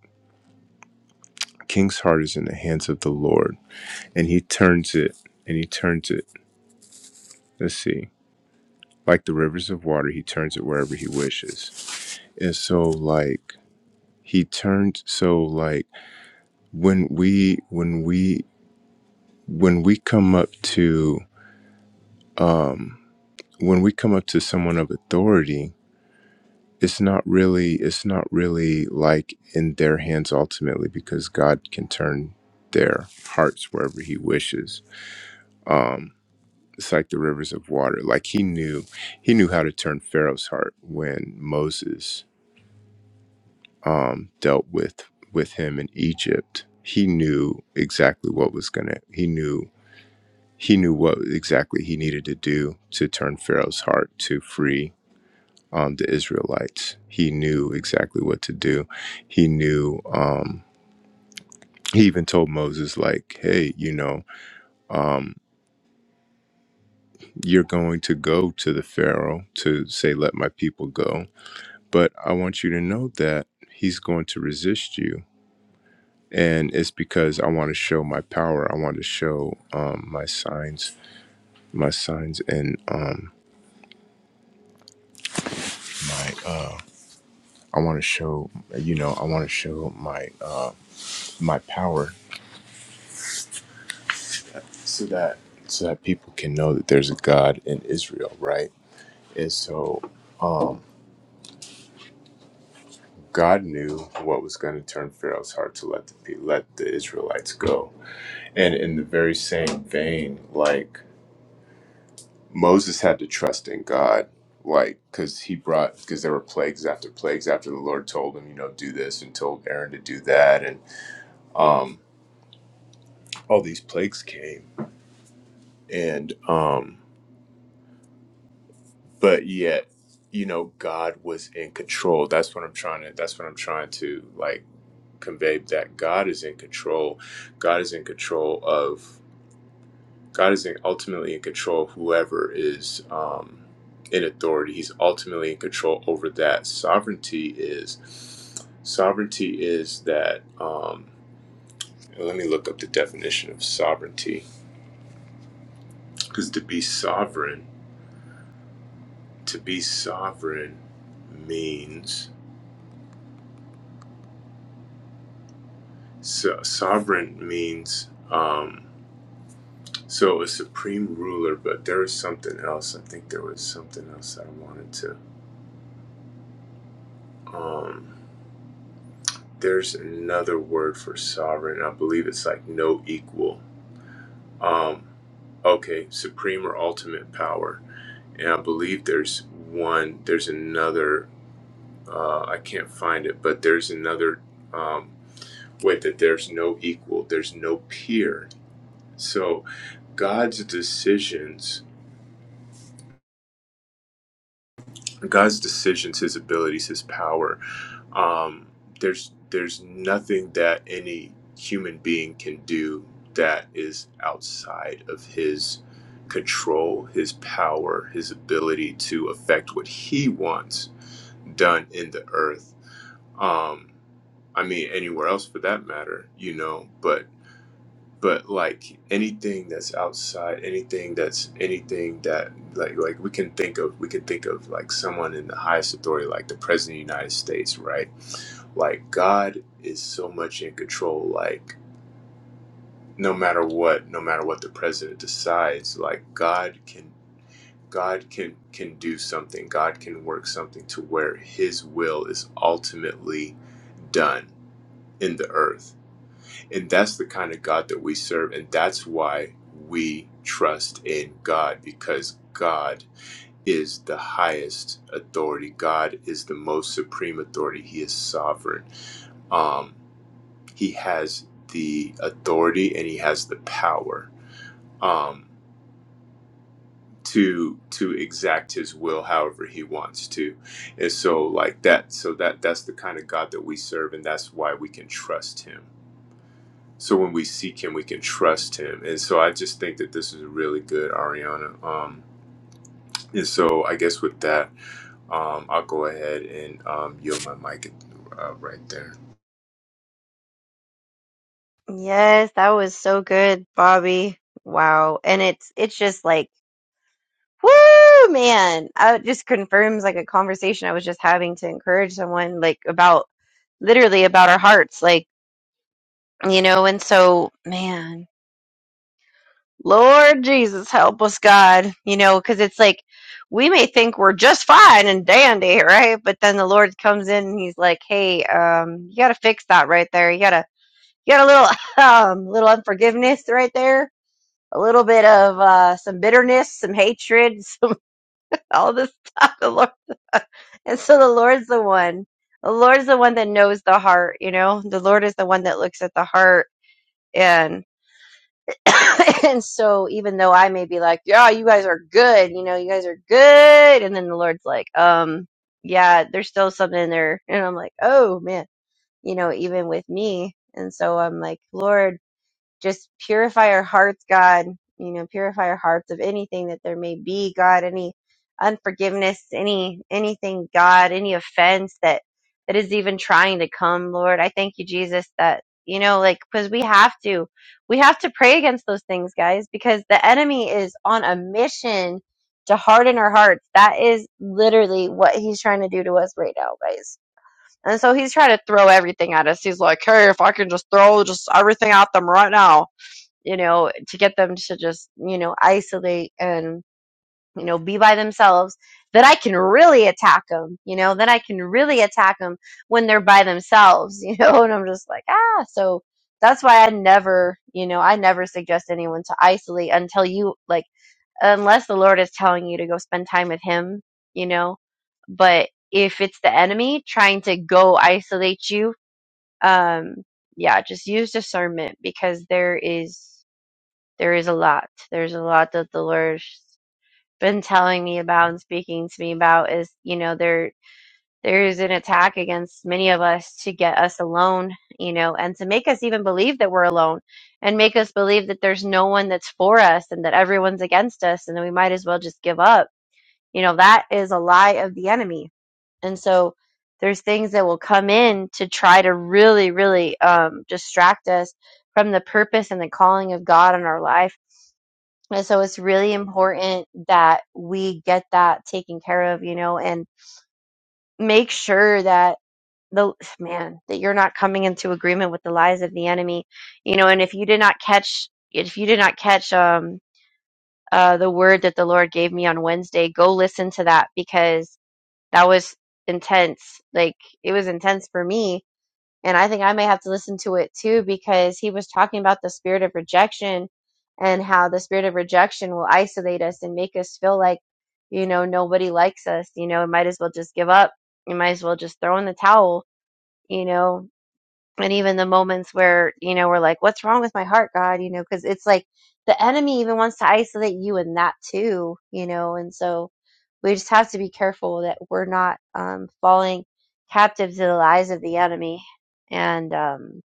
A King's heart is in the hands of the Lord, and he turns it, and he turns it. Let's see. Like the rivers of water, he turns it wherever he wishes. And so, like, he turned, so, like, when we, when we, when we come up to, um, when we come up to someone of authority, it's not really it's not really like in their hands ultimately because god can turn their hearts wherever he wishes um it's like the rivers of water like he knew he knew how to turn pharaoh's heart when moses um dealt with with him in egypt he knew exactly what was gonna he knew he knew what exactly he needed to do to turn pharaoh's heart to free um, the Israelites. He knew exactly what to do. He knew. Um, he even told Moses, like, "Hey, you know, um, you're going to go to the Pharaoh to say, let my people go, but I want you to know that he's going to resist you." And it's because I want to show my power. I want to show um, my signs, my signs, and um, my. Uh, I want to show, you know, I want to show my uh, my power so that so that people can know that there's a God in Israel, right? And so um, God knew what was going to turn Pharaoh's heart to let the pe- let the Israelites go, and in the very same vein, like Moses had to trust in God, like because he brought because there were plagues after plagues after the Lord told him, you know, do this and told Aaron to do that, and um, all these plagues came, and um, but yet you know god was in control that's what i'm trying to that's what i'm trying to like convey that god is in control god is in control of god is in, ultimately in control of whoever is um in authority he's ultimately in control over that sovereignty is sovereignty is that um let me look up the definition of sovereignty because to be sovereign to be sovereign means So, sovereign means um, so a supreme ruler, but there was something else. I think there was something else that I wanted to. Um, there's another word for sovereign. I believe it's like no equal. Um, okay, supreme or ultimate power. And I believe there's one. There's another. Uh, I can't find it, but there's another. Um, wait, that there's no equal. There's no peer. So God's decisions God's decisions, His abilities, His power. Um, there's there's nothing that any human being can do that is outside of His control, His power, His ability to affect what He wants done in the earth. Um, I mean, anywhere else for that matter, you know. But but like anything that's outside anything that's anything that like like we can think of we can think of like someone in the highest authority like the president of the united states right like god is so much in control like no matter what no matter what the president decides like god can god can can do something god can work something to where his will is ultimately done in the earth and that's the kind of God that we serve. And that's why we trust in God because God is the highest authority. God is the most supreme authority. He is sovereign. Um, he has the authority and he has the power um, to to exact his will however he wants to. And so like that, so that that's the kind of God that we serve and that's why we can trust him. So when we seek him, we can trust him. And so I just think that this is really good, Ariana. Um, and so I guess with that, um, I'll go ahead and um, yield my mic uh, right there. Yes, that was so good, Bobby. Wow, and it's it's just like woo, man. Uh, It just confirms like a conversation I was just having to encourage someone like about literally about our hearts, like you know. And so, man. Lord Jesus, help us, God. You know, because it's like we may think we're just fine and dandy, right? But then the Lord comes in and He's like, "Hey, um, you got to fix that right there. You gotta, you got a little, um, little unforgiveness right there, a little bit of uh, some bitterness, some hatred, some all this stuff." The Lord, and so the Lord's the one. The Lord's the one that knows the heart. You know, the Lord is the one that looks at the heart and so even though I may be like, yeah, you guys are good, you know, you guys are good, and then the Lord's like, um, yeah, there's still something in there, and I'm like, oh man, you know, even with me, and so I'm like, Lord just purify our hearts, God. You know, purify our hearts of anything that there may be, God, any unforgiveness, any anything, God, any offense that that is even trying to come, Lord. I thank you, Jesus, that you know, like because we have to, we have to pray against those things, guys, because the enemy is on a mission to harden our hearts. That is literally what he's trying to do to us right now, guys. And so he's trying to throw everything at us. He's like, hey, if I can just throw just everything at them right now you know, to get them to just, you know, isolate and, you know, be by themselves, that I can really attack them, you know, that I can really attack them when they're by themselves, you know, and I'm just like, ah, so that's why I never, you know, I never suggest anyone to isolate until you, like, unless the Lord is telling you to go spend time with Him, you know, but if it's the enemy trying to go isolate you, um, yeah, just use discernment because there is. There is a lot. There's a lot that the Lord's been telling me about and speaking to me about is, you know, there there is an attack against many of us to get us alone, you know, and to make us even believe that we're alone and make us believe that there's no one that's for us and that everyone's against us and that we might as well just give up. You know, that is a lie of the enemy. And so there's things that will come in to try to really, really um, distract us from the purpose and the calling of God in our life and so it's really important that we get that taken care of, you know, and make sure that the man that you're not coming into agreement with the lies of the enemy, you know, and if you did not catch if you did not catch um uh the word that the Lord gave me on Wednesday, go listen to that because that was intense. Like it was intense for me and I think I may have to listen to it too because he was talking about the spirit of rejection and how the spirit of rejection will isolate us and make us feel like, you know, nobody likes us. You know, we might as well just give up. You might as well just throw in the towel, you know, and even the moments where you know we're like what's wrong with my heart god you know because it's like the enemy even wants to isolate you in that too you know and so we just have to be careful that we're not um, falling captive to the lies of the enemy and um,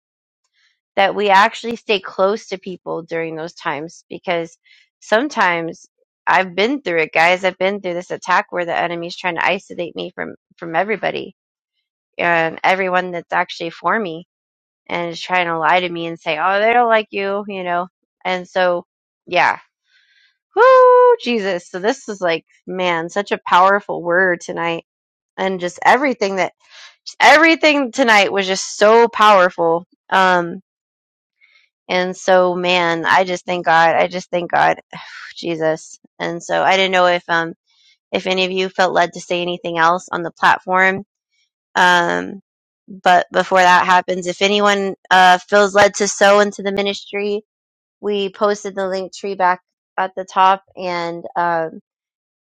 that we actually stay close to people during those times because sometimes i've been through it guys i've been through this attack where the enemy's trying to isolate me from from everybody and everyone that's actually for me and is trying to lie to me and say, "Oh, they don't like you," you know. And so, yeah, whoo, Jesus. So this is like, man, such a powerful word tonight, and just everything that, just everything tonight was just so powerful. Um, and so, man, I just thank God. I just thank God, Jesus. And so, I didn't know if um if any of you felt led to say anything else on the platform. Um, but before that happens, if anyone uh, feels led to sow into the ministry, we posted the link tree back at the top and um,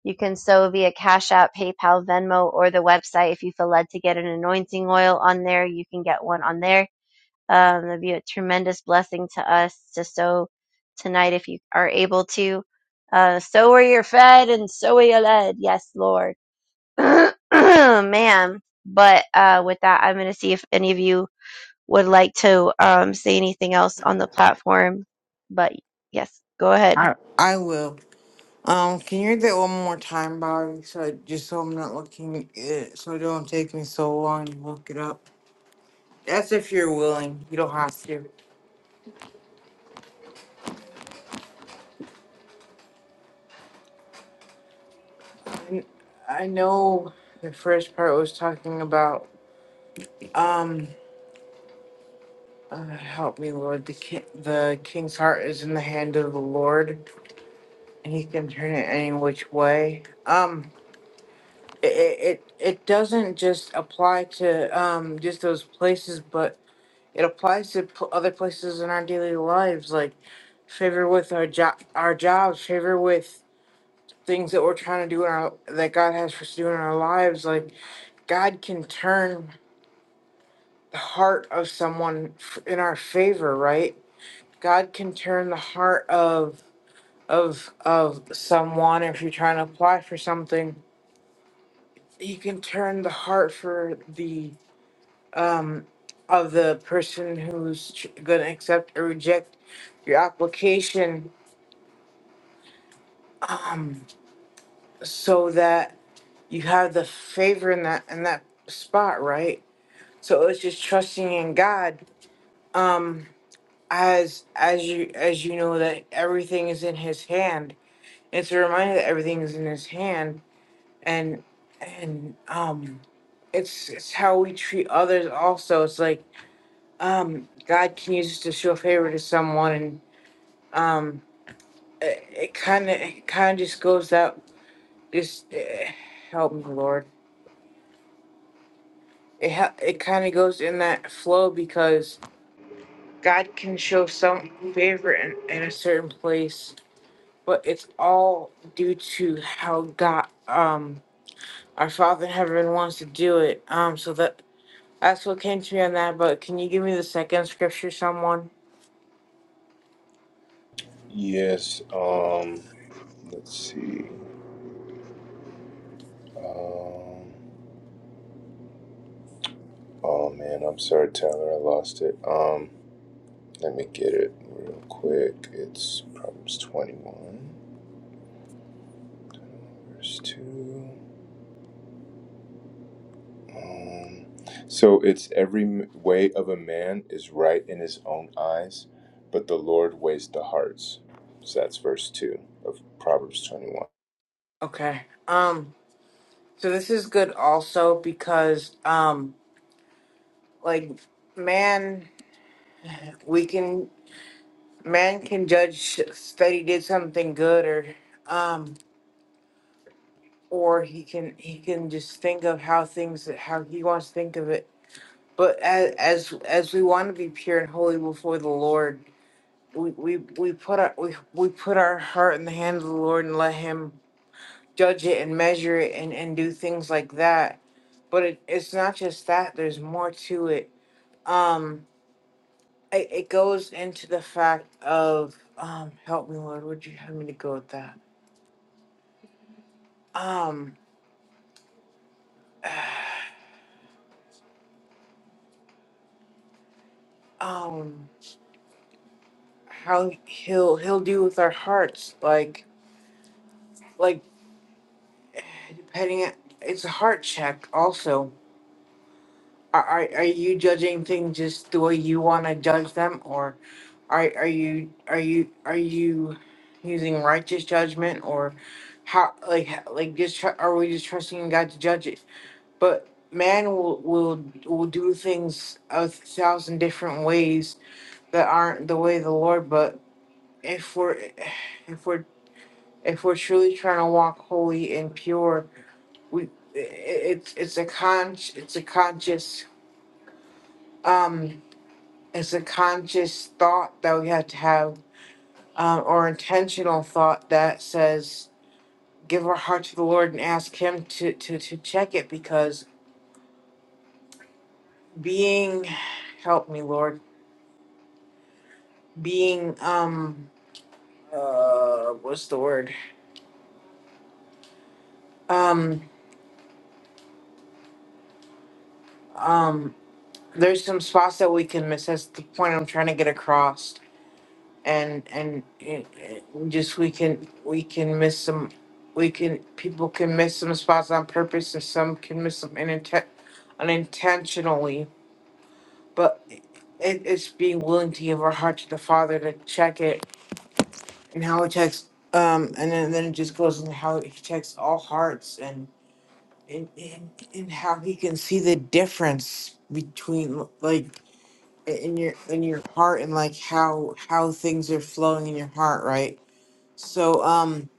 you can sow via cash app paypal venmo or the website if you feel led to get an anointing oil on there you can get one on there um, that'd be a tremendous blessing to us to sow tonight if you are able to uh, sow where you're fed and sow where you're led yes lord man but uh, with that i'm going to see if any of you would like to um, say anything else on the platform, but yes, go ahead. I I will. Um, can you read that one more time, Bobby? So I- just so I'm not looking at it, so it don't take me so long to look it up. That's if you're willing. You don't have to. And I know the first part was talking about um. Uh, help me, Lord. The ki- the king's heart is in the hand of the Lord, and He can turn it any which way. Um, it it it it doesn't just apply to um just those places, but. it applies to p- other places in our daily lives, like favor with our job, our jobs, favor with things that we're trying to do in our that God has for us to do in our lives. Like God can turn the heart of someone f- in our favor, right? God can turn the heart of of of someone if you're trying to apply for something. He can turn the heart for the um of the person who's tr- gonna accept or reject your application um, so that you have the favor in that in that spot, right? So it's just trusting in God. Um, as as you as you know that everything is in His hand. It's a reminder that everything is in His hand, and and um, it's it's how we treat others. Also, it's like um, God can use us to show favor to someone, and um, it kind of it kind of just goes out. Just eh, help me, Lord it ha- it kind of goes in that flow because God can show some favor in, in a certain place, but it's all due to how God, um, our Father in heaven wants to do it. Um, so that that's what came to me on that. But can you give me the second scripture, someone? Yes. Um. Let's see. Um. Oh man, I'm sorry, Tyler. I lost it. Um. Let me get it real quick. It's Proverbs 21, verse 2. Um, so it's every m- way of a man is right in his own eyes, but the Lord weighs the hearts. So that's verse 2 of Proverbs 21. Okay. Um. So this is good also because um, like man, we can man can judge that he did something good or um or he can he can just think of how things how he wants to think of it. But as as as we want to be pure and holy before the Lord, we we, we put our we, we put our heart in the hand of the Lord and let Him judge it and measure it and and do things like that. But it, it's not just that. There's more to it. Um, it, it goes into the fact of um, help me, Lord. Would you have me to go with that? Um, um. how he'll he'll deal with our hearts like like depending on, it's a heart check also are, are, are you judging things just the way you want to judge them or are, are you are you are you using righteous judgment or how like like just tr- are we just trusting in god to judge it but man will will will do things a thousand different ways that aren't the way of the lord but if we're if we're if we're truly trying to walk holy and pure, we i- i- it's it's a con it's a conscious um it's a conscious thought that we have to have um, or intentional thought that says give our heart to the Lord and ask Him to to to check it because being help me Lord being um uh what's the word um um there's some spots that we can miss that's the point I'm trying to get across and and it, it- just we can we can miss some we can people can miss some spots on purpose and some can miss them ininten- unintentionally but it, it's being willing to give our heart to the father to check it and how it checks um and then, then it just goes into how he checks all hearts and and, and and how he can see the difference between like in your in your heart and like how how things are flowing in your heart right so, um,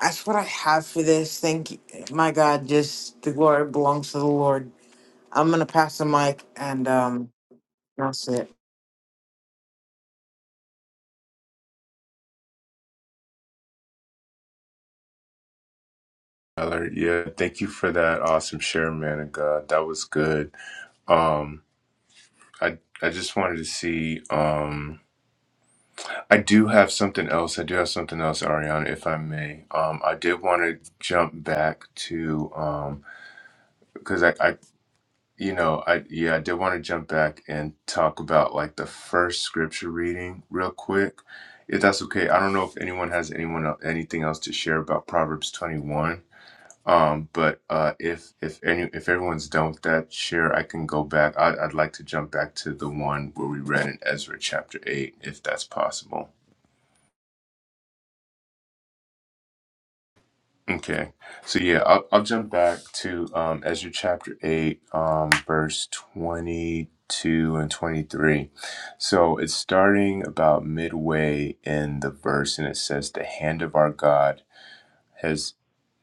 that's what I have for this. Thank you. My God, just the glory belongs to the Lord. I'm going to pass the mic and, um, that's it. Tyler, yeah, thank you for that awesome share, man of God. That was good. Um, I I just wanted to see. Um, I do have something else. I do have something else, Ariana, if I may. Um, I did want to jump back to um, because I, I You know, I yeah, I did want to jump back and talk about like the first scripture reading real quick, if that's okay. I don't know if anyone has anyone el- anything else to share about Proverbs twenty one. Um, but uh, if if any if everyone's done with that, share. I can go back. I, I'd like to jump back to the one where we read in Ezra chapter eight, if that's possible. Okay. So yeah, I'll, I'll jump back to um, Ezra chapter 8, um, verse 22 and 23. So it's starting about midway in the verse, and it says, The hand of our God has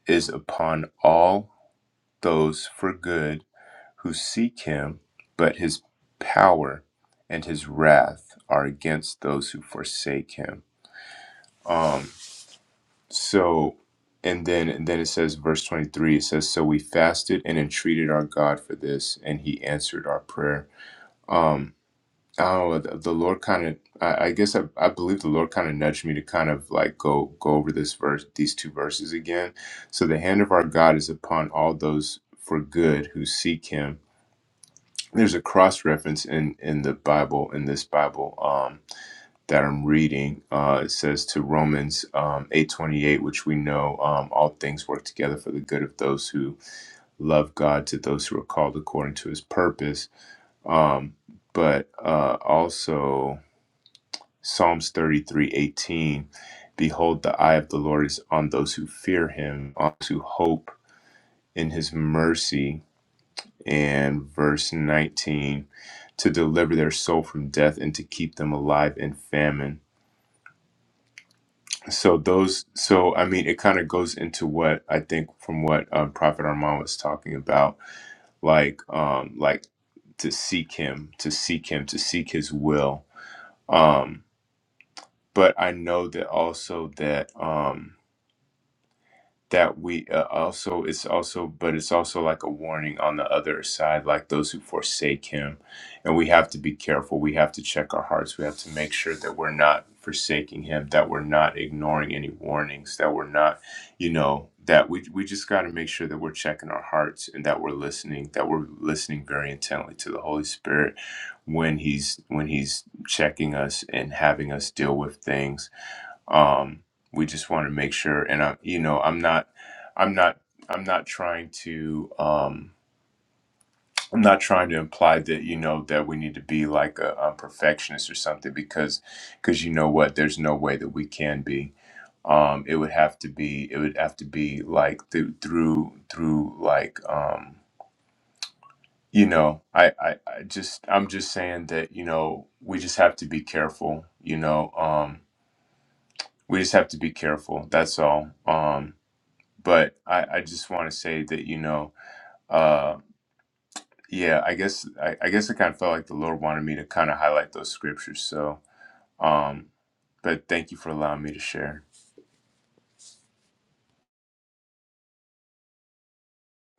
is upon all those for good who seek him, but his power and his wrath are against those who forsake him. Um, So, and then and then it says, verse twenty three. It says, "So we fasted and entreated our God for this, and He answered our prayer." Um, I don't know. The, the Lord kind of, I, I guess, I, I believe the Lord kind of nudged me to kind of like go go over this verse, these two verses again. So the hand of our God is upon all those for good who seek Him. There's a cross reference in in the Bible in this Bible. Um that I'm reading. Uh, it says to Romans um, 8:28, which we know um, all things work together for the good of those who love God, to those who are called according to His purpose. Um, but uh, also Psalms 33:18, behold, the eye of the Lord is on those who fear Him, on those who hope in His mercy. And verse 19, to deliver their soul from death and to keep them alive in famine. So those, so I mean, it kind of goes into what I think from what um, Prophet Armand was talking about, like, um, like to seek him, to seek him, to seek his will. Um, but I know that also that, um, that we uh, also it's also but it's also like a warning on the other side like those who forsake him and we have to be careful we have to check our hearts we have to make sure that we're not forsaking him that we're not ignoring any warnings that we're not you know that we, we just got to make sure that we're checking our hearts and that we're listening that we're listening very intently to the holy spirit when he's when he's checking us and having us deal with things um we just want to make sure and i you know i'm not i'm not i'm not trying to um i'm not trying to imply that you know that we need to be like a, a perfectionist or something because because you know what there's no way that we can be um it would have to be it would have to be like th- through through like um you know I, I i just i'm just saying that you know we just have to be careful you know um we just have to be careful that's all um but I, I just want to say that you know, uh, yeah, I guess I, I guess I kind of felt like the Lord wanted me to kind of highlight those scriptures. So, um, but thank you for allowing me to share.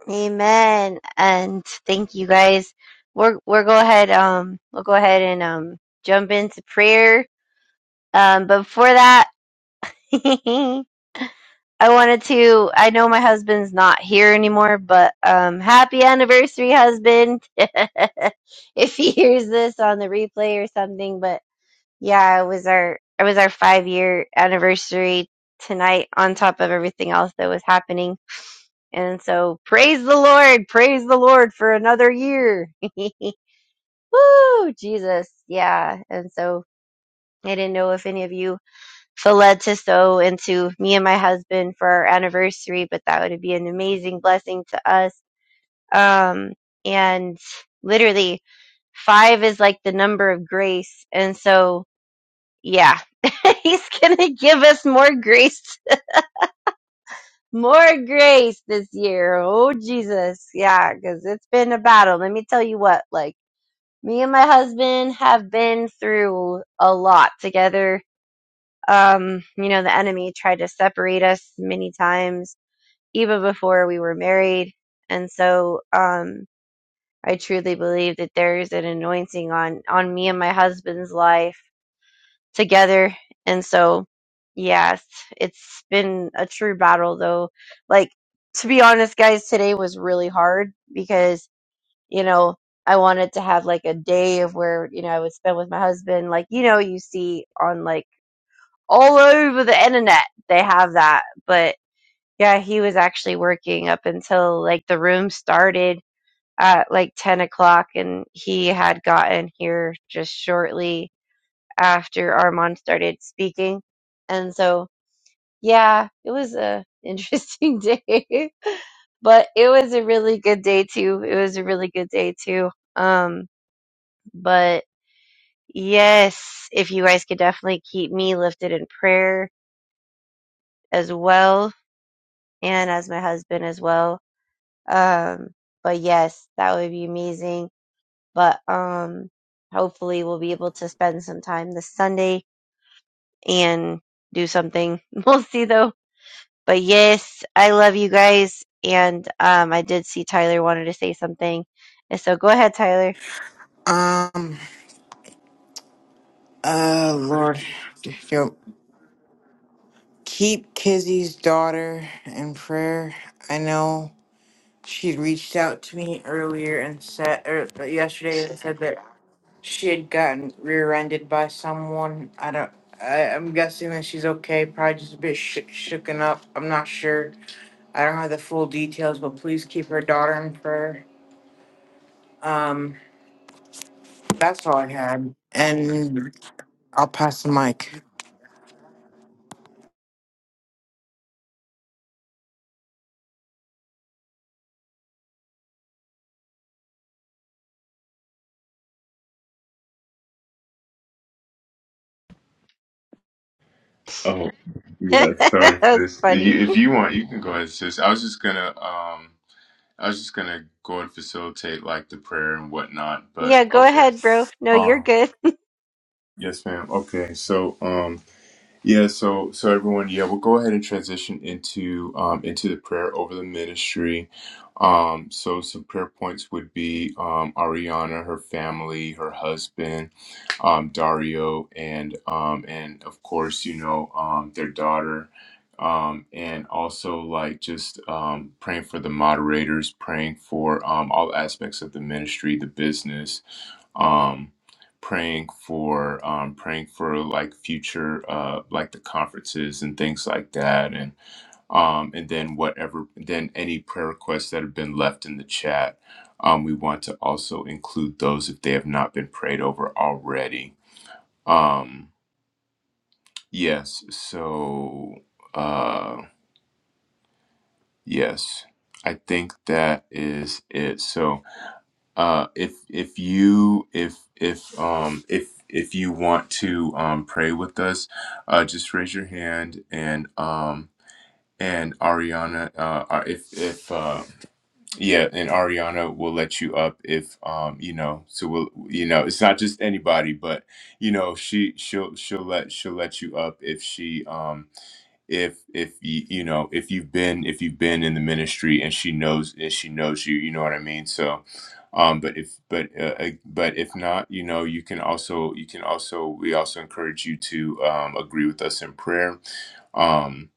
Amen. And thank you guys. We're we're go ahead. Um, we'll go ahead and um jump into prayer. Um, but before that, I wanted to. I know my husband's not here anymore, but um, happy anniversary, husband. if he hears this on the replay or something, but Yeah, it was our it was our five year anniversary tonight on top of everything else that was happening. And so praise the Lord, praise the Lord for another year. Woo, Jesus. Yeah. And so I didn't know if any of you feel led to sow into me and my husband for our anniversary, but that would be an amazing blessing to us. Um and literally five is like the number of grace. And so yeah, he's gonna give us more grace, more grace this year. Oh Jesus, yeah, because it's been a battle. Let me tell you what, like me and my husband have been through a lot together. Um, you know, the enemy tried to separate us many times, even before we were married, and so um, I truly believe that there's an anointing on on me and my husband's life together. And so, yes, it's been a true battle though. Like, to be honest, guys, today was really hard because, you know, I wanted to have like a day of where, you know, I would spend with my husband. Like, you know, you see on like all over the internet, they have that. But yeah, he was actually working up until like the room started at like 10 o'clock and he had gotten here just shortly after Armand started speaking. And so, yeah, it was a interesting day, but it was a really good day too. It was a really good day too. Um, but yes, if you guys could definitely keep me lifted in prayer as well and as my husband as well. Um, but yes, that would be amazing. But um hopefully we'll be able to spend some time this Sunday and do something. We'll see though But yes, I love you guys. And um, I did see Tyler wanted to say something. And so go ahead, Tyler. Um, uh, Lord, yo, keep Kizzy's daughter in prayer. I know she reached out to me earlier and said, or yesterday and said that she had gotten rear-ended by someone. I don't, I, I'm guessing that she's okay, probably just a bit sh- shooken up. I'm not sure I don't have the full details, but please keep her daughter in prayer. Um, that's all I had. And I'll pass the mic. Oh, yeah, that sorry, was sis. If funny. you, if you want, you can go ahead, sis. I was just gonna, um, I was just gonna go and facilitate like the prayer and whatnot. But Yeah, go okay. ahead, bro. No, you're Um, good. yes, ma'am. Okay, so um. Yeah, so so everyone, yeah, we'll go ahead and transition into um into the prayer over the ministry. Um so some prayer points would be um Ariana, her family, her husband, um Dario and um and of course, you know, um their daughter. Um and also like just um praying for the moderators, praying for um all aspects of the ministry, the business. Um, praying for um, praying for like future uh, like the conferences and things like that and um, and then whatever then any prayer requests that have been left in the chat um, we want to also include those if they have not been prayed over already um, yes so uh, yes I think that is it so uh if if you if if um if if you want to um pray with us uh just raise your hand and um and ariana uh uh, if if uh yeah, and Ariana will let you up if um you know so we'll you know it's not just anybody but you know she she'll she'll let she'll let you up if she um if if you you know if you've been if you've been in the ministry and she knows and she knows you you know what I mean so um but if but uh, uh, but if not you know you can also you can also we also encourage you to um agree with us in prayer um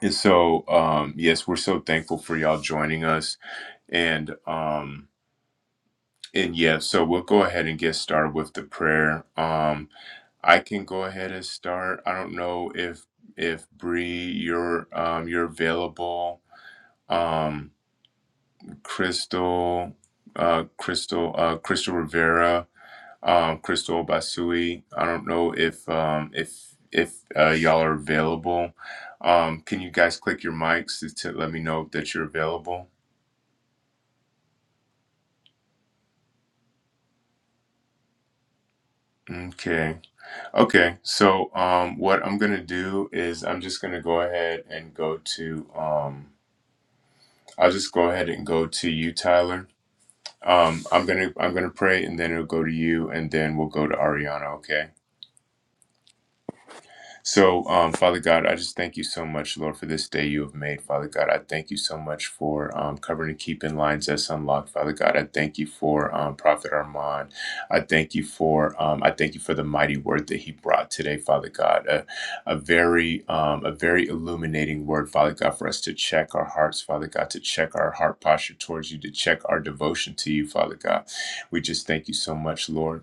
and so um yes we're so thankful for y'all joining us and um and yeah, so we'll go ahead and get started with the prayer. Um I can go ahead and start. I don't know if if Bree you're um you're available. Um Crystal uh Crystal uh Crystal Rivera, um Crystal Basui. I don't know if um if if uh, y'all are available. Um can you guys click your mics to, to let me know that you're available? Okay. Okay, so um, what I'm gonna do is I'm just gonna go ahead and go to um, I'll just go ahead and go to you, Tyler. Um, I'm gonna I'm gonna pray, and then it'll go to you, and then we'll go to Ariana. Okay. So, um, Father God, I just thank you so much, Lord, for this day you have made. Father God, I thank you so much for um, covering and keeping lines that's unlocked. Father God, I thank you for um, Prophet Armand. I thank you for um, I thank you for the mighty word that he brought today, Father God. A, a very um, a very illuminating word, Father God, for us to check our hearts, Father God, to check our heart posture towards you, to check our devotion to you, Father God. We just thank you so much, Lord.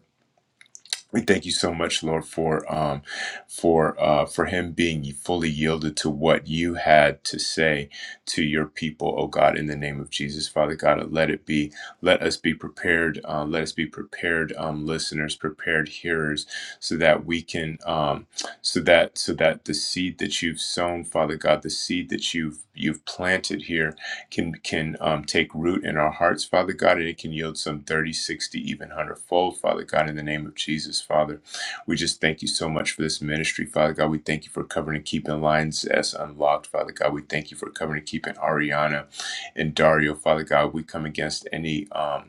We thank you so much, Lord, for um, for uh, for him being fully yielded to what you had to say to your people, oh God, in the name of Jesus, Father God, let it be. Let us be prepared. Uh, let us be prepared, um, listeners, prepared hearers, so that we can, um, so that so that the seed that you've sown, Father God, the seed that you've you've planted here can can um, take root in our hearts, Father God, and it can yield some 30, 60, even 100 fold, Father God, in the name of Jesus, Father. We just thank you so much for this ministry, Father God. We thank you for covering and keeping lines as unlocked, Father God. We thank you for covering and keeping Ariana and Dario, Father God. We come against any. Um,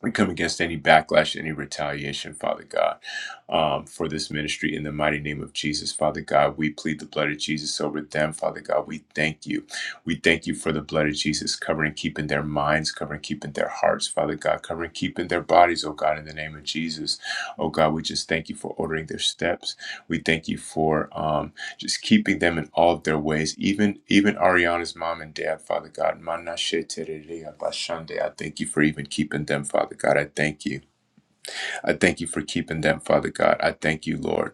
we come against any backlash, any retaliation, Father God, um, for this ministry in the mighty name of Jesus, Father God. We plead the blood of Jesus over them, Father God. We thank you. We thank you for the blood of Jesus covering, keeping their minds, covering, keeping their hearts, Father God, covering, keeping their bodies, oh God, in the name of Jesus. Oh God, we just thank you for ordering their steps. We thank you for. Um, just keeping them in all of their ways. Even even Ariana's mom and dad, Father God, Manashe Tererea Bashande, I thank you for even keeping them, Father God. I thank you. I thank you for keeping them, Father God. I thank you, Lord.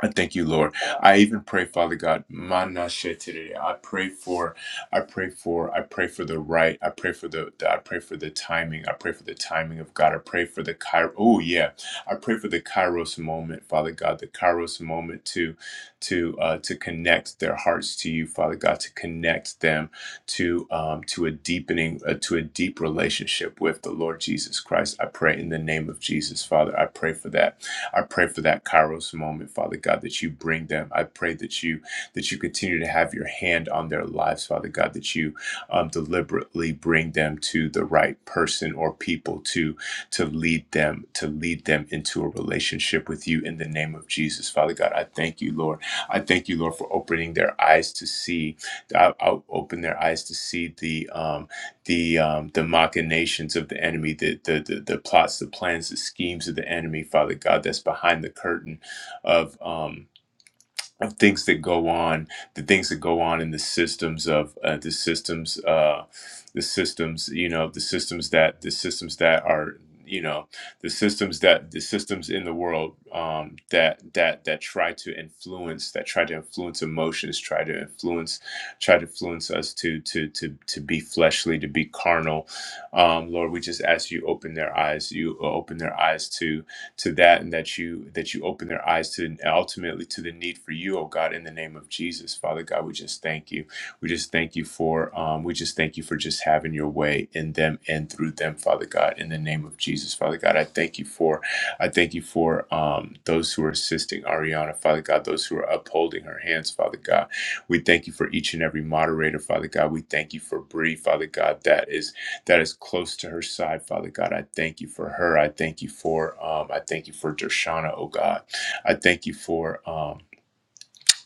I thank you, Lord. I even pray, Father God, mana she today. I pray for, I pray for, I pray for the right. I pray for the, the- I pray for the timing. I pray for the timing of God. I pray for the Kairos. Oh yeah, I pray for the Kairos moment, Father God, the Kairos moment to, to, uh, to connect their hearts to you, Father God, to connect them to, um, to a deepening, uh, to a deep relationship with the Lord Jesus Christ. I pray in the name of Jesus, Father. I pray for that. I pray for that Kairos moment, Father God, that you bring them. I pray that you that you continue to have your hand on their lives, Father God, that you um, deliberately bring them to the right person or people to to lead them to lead them into a relationship with you in the name of Jesus, Father God. I thank you, Lord. I thank you, Lord, for opening their eyes to see. I, I'll open their eyes to see the. Um, the um, the machinations of the enemy, the, the the the plots, the plans, the schemes of the enemy, Father God, that's behind the curtain of. Um, of things that go on, the things that go on in the systems of uh, the systems, uh, the systems, you know, the systems that the systems that are, you know, the systems that the systems in the world um, that that that try to influence, that try to influence emotions, try to influence, try to influence us to to to to be fleshly, to be carnal. Um, Lord, we just ask you open their eyes, you open their eyes to to that and that you that you open their eyes to and ultimately to the need for you oh god in the name of jesus father god we just thank you we just thank you for um, we just thank you for just having your way in them and through them father god in the name of jesus father god i thank you for i thank you for um, those who are assisting ariana father god those who are upholding her hands father god we thank you for each and every moderator father god we thank you for bree father god that is that is close to her side, Father God. I thank you for her. I thank you for um, I thank you for Dershana, oh God. I thank you for um,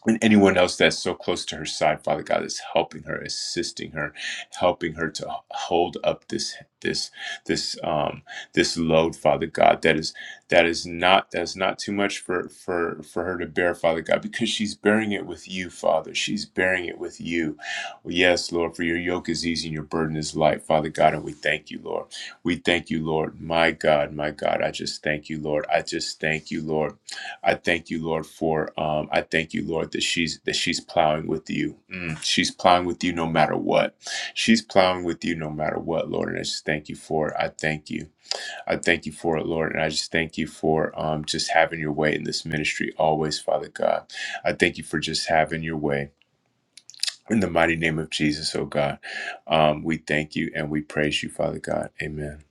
and anyone else that's so close to her side, Father God, is helping her, assisting her, helping her to hold up this this this um this load, Father God. That is that is not that's not too much for for for her to bear, Father God, because she's bearing it with you, Father. She's bearing it with you. yes, Lord, for your yoke is easy and your burden is light, Father God, and we thank you, Lord. We thank you, Lord. My God, my God, I just thank you, Lord. I just thank you, Lord. I thank you, Lord, for um, I thank you, Lord, that she's that she's plowing with you. Mm, she's plowing with you no matter what. She's plowing with you no matter what, Lord. And I just thank you for it. I thank you. I thank you for it, Lord. And I just thank you for um, just having your way in this ministry always, Father God. I thank you for just having your way. In the mighty name of Jesus, oh God, um, we thank you and we praise you, Father God. Amen.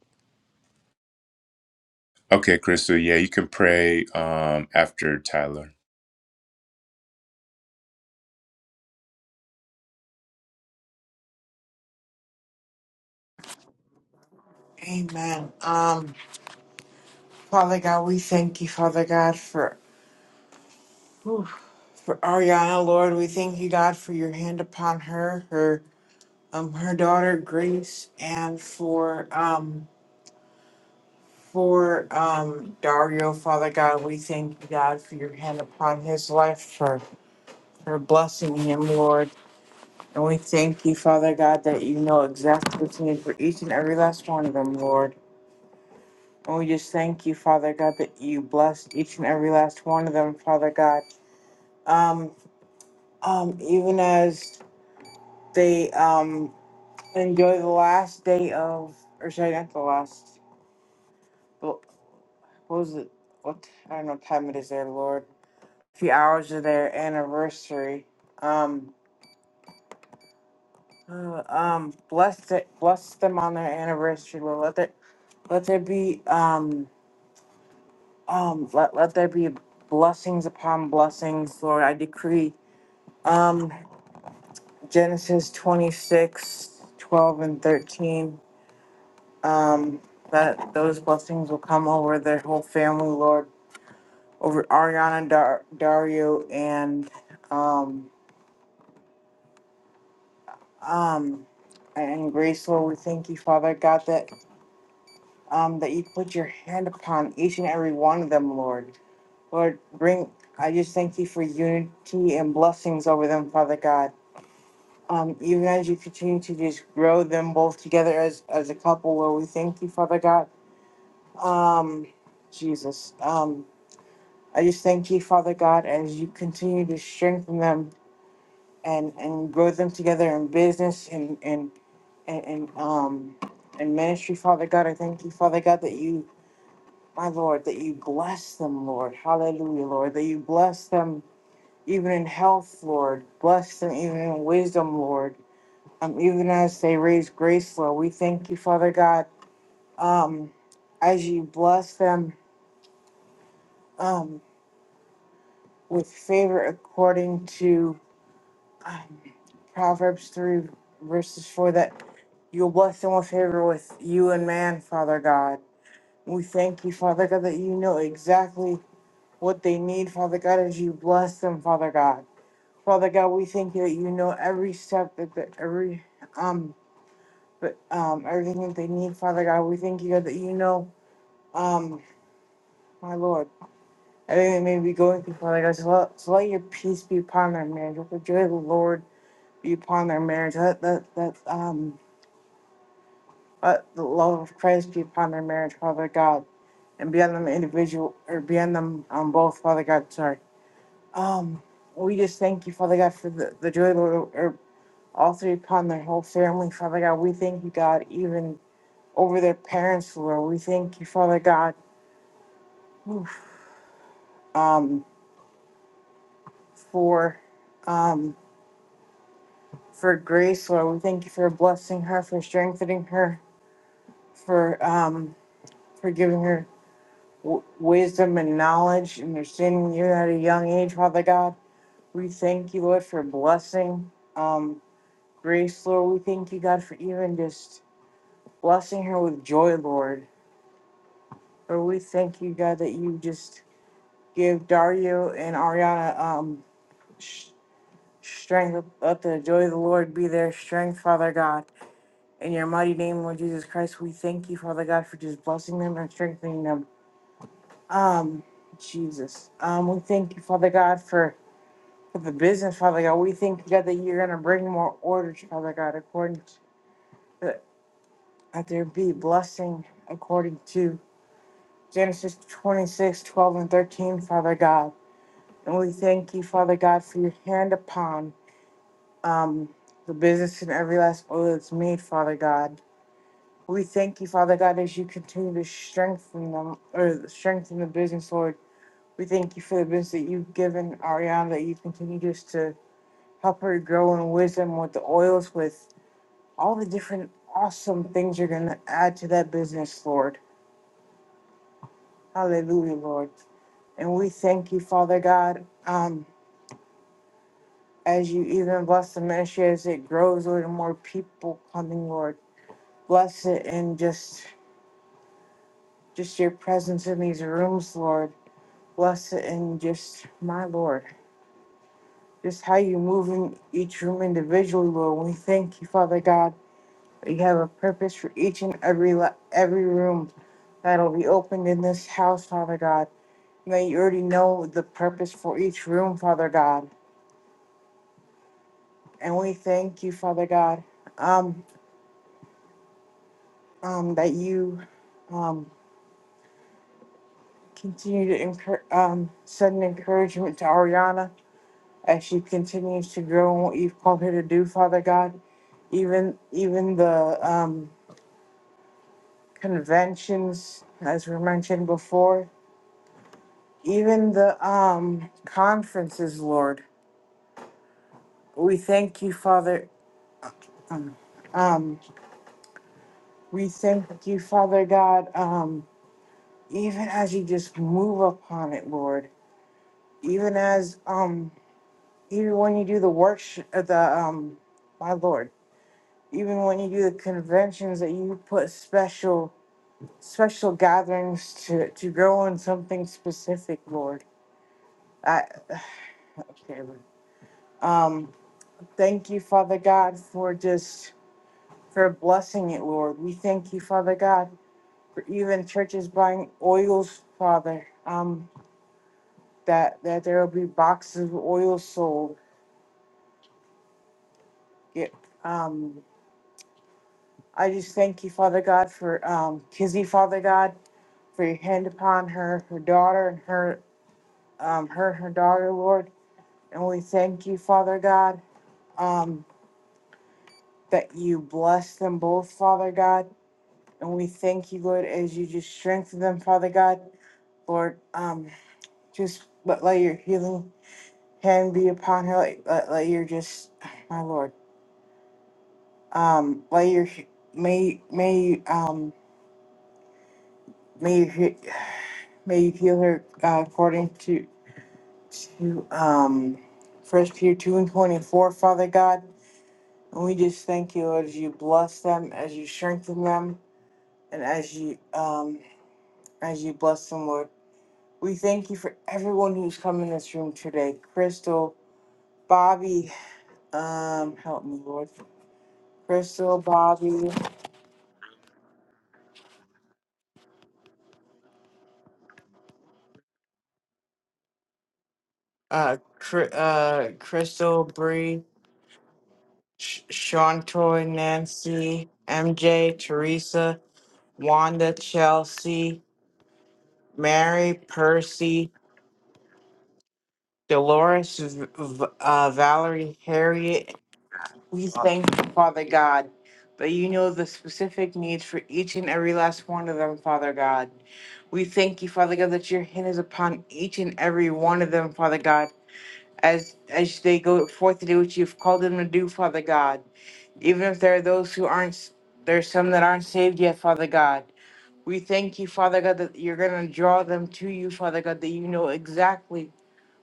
Okay, Crystal, yeah, you can pray um, after Tyler. Amen. Um, Father God, we thank you, Father God, for whew, for Ariana, Lord. We thank you, God, for your hand upon her, her um her daughter Grace, and for um for um Dario, Father God. We thank you, God, for your hand upon his life, for for blessing him, Lord. And we thank you, Father God, that you know exactly what's needed for each and every last one of them, Lord. And we just thank you, Father God, that you bless each and every last one of them, Father God. Um, um, even as they um enjoy the last day of, or sorry, not the last. What was it? What I don't know what time it is there, Lord. A few hours of their anniversary. Um, uh, um, bless it, bless them on their anniversary, Lord. Let it, let there be um Um, let, let there be blessings upon blessings, Lord. I decree um, Genesis 26, 12 and 13 um, that those blessings will come over their whole family, Lord, over Ariana, Dar- Dario, and um, um, and grace, Lord. We thank you, Father God, that um, that you put your hand upon each and every one of them, Lord. Lord, bring. I just thank you for unity and blessings over them, Father God. um, even as you continue to just grow them both together as as a couple, Lord, we thank you, Father God. Um, Jesus, um, I just thank you, Father God, as you continue to strengthen them and and grow them together in business and and and, and um and ministry, Father God. I thank you, Father God, that you, my Lord, that you bless them, Lord. Hallelujah, Lord, that you bless them even in health, Lord. Bless them even in wisdom, Lord. um, even as they raise grace flow. We thank you, Father God, um, as you bless them um, with favor according to um, Proverbs 3, verses 4, that you'll bless them with favor with you and man, Father God. We thank you, Father God, that you know exactly what they need, Father God, as you bless them, Father God. Father God, we thank you that you know every step that the, every um but um everything that they need, Father God. We thank you God that you know Um, my lord, everything may be going through, Father God. So let, so let your peace be upon their marriage. Let the joy of the Lord be upon their marriage. Let that, that, um, let the love of Christ be upon their marriage, Father God, and be on them individual, or be on them on both, Father God. Sorry. Um, we just thank you, Father God, for the, the joy of the Lord, or all three upon their whole family, Father God. We thank you, God, even over their parents, Lord. We thank you, Father God, um, for, um, for grace, Lord. We thank you for blessing her, for strengthening her, for um, for giving her w- wisdom and knowledge, and understanding you at a young age, Father God. We thank you, Lord, for blessing um, grace, Lord. We thank you, God, for even just blessing her with joy, Lord. Lord, we thank you, God, that you just give Dario and Ariana um, sh- strength. Let the joy of the Lord be their strength, Father God. In your mighty name, Lord Jesus Christ, we thank you, Father God, for just blessing them and strengthening them. Um, Jesus. Um, we thank you, Father God, for, for the business, Father God. We thank you, God, that you're gonna bring more order, Father God, according to that there be blessing according to Genesis 26:12 and 13, Father God. And we thank you, Father God, for your hand upon um the business and every last oil that's made, Father God. We thank you, Father God, as you continue to strengthen them or strengthen the business, Lord. We thank you for the business that you've given Ariana, that you continue just to help her grow in wisdom with the oils, with all the different awesome things you're going to add to that business, Lord. Hallelujah, Lord. And we thank you, Father God, um, as you even bless the ministry as it grows, Lord, and more people coming, Lord. Bless it and just just your presence in these rooms, Lord bless it and just my Lord, just how you move in each room individually, Lord. We thank you, Father God. that You have a purpose for each and every la- every room that'll be opened in this house, Father God. And that you already know the purpose for each room, Father God. And we thank you, Father God, um, um, that you um, continue to encour- um, send encouragement to Ariana as she continues to grow in what you've called her to do, Father God. Even even the um, conventions, as we mentioned before, even the um, conferences, Lord. We thank you, Father. Um, um, we thank you, Father God. Um, even as you just move upon it, Lord. Even as um, even when you do the worship, uh, the um, my Lord. Even when you do the conventions that you put special special gatherings to, to grow in something specific, Lord. I, okay, Lord. um, thank you, Father God, for just for blessing it, Lord. We thank you, Father God, for even churches buying oils, Father. Um, that that there will be boxes of oil sold. Yeah, um, I just thank you, Father God, for um, Kizzy, Father God, for your hand upon her, her daughter, and her, um, her, and her daughter, Lord. And we thank you, Father God um, that you bless them both, Father God. And we thank you, Lord, as you just strengthen them, Father God. Lord, um, just let, let your healing hand be upon her. Let, let, let your just, my Lord, um, let your, he- may, may, you, um, may you, he- may you heal her uh, according to, to, um, First Peter 2 and 24, Father God. And we just thank you, Lord, as you bless them, as you strengthen them, and as you, um, as you bless them, Lord. We thank you for everyone who's come in this room today. Crystal, Bobby, um, help me, Lord. Crystal, Bobby, uh, Cr- uh, Crystal, Bree, Sh- Shantoy, Nancy, MJ, Teresa, Wanda, Chelsea, Mary, Percy, Dolores, v- v- uh, Valerie, Harriet, We thank you, Father God, that you know the specific needs for each and every last one of them, Father God. We thank you, Father God, that your hand is upon each and every one of them, Father God, as as they go forth to do what you've called them to do, Father God. Even if there are those who aren't, there's some that aren't saved yet, Father God. We thank you, Father God, that you're going to draw them to you, Father God, that you know exactly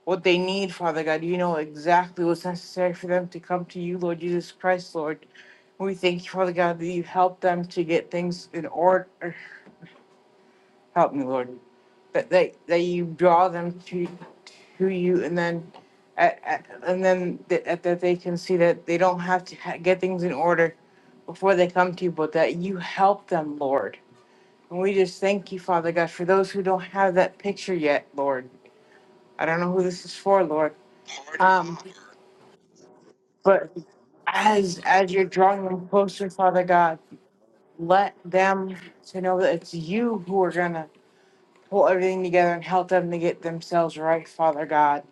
what they need, Father God. You know exactly what's necessary for them to come to you, Lord Jesus Christ, Lord. We thank you, Father God, that you help them to get things in order. Help me, Lord, that they that you draw them to to you, and then at, at, and then that, that they can see that they don't have to ha- get things in order before they come to you, but that you help them, Lord. And we just thank you, Father God, for those who don't have that picture yet, Lord. I don't know who this is for, Lord. Um, but as as you're drawing them closer, Father God let them to know that it's you who are going to pull everything together and help them to get themselves right, Father God.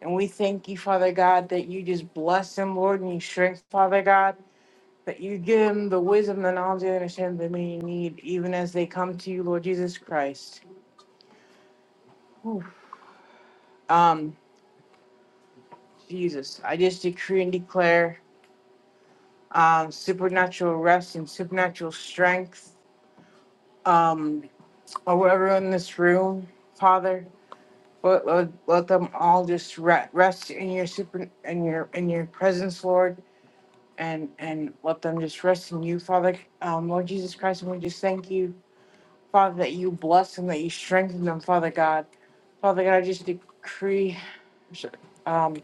And we thank you, Father God, that you just bless them, Lord, and you strength, Father God, that you give them the wisdom, the knowledge, and understanding that they need, even as they come to you, Lord Jesus Christ. Whew. Um, Jesus, I just decree and declare um, supernatural rest and supernatural strength um, over everyone in this room, Father. But let, let them all just re- rest in your super in your in your presence, Lord, and and let them just rest in you, Father. Um, Lord Jesus Christ, and we just thank you, Father, that you bless them, that you strengthen them, Father God. Father God, I just decree um,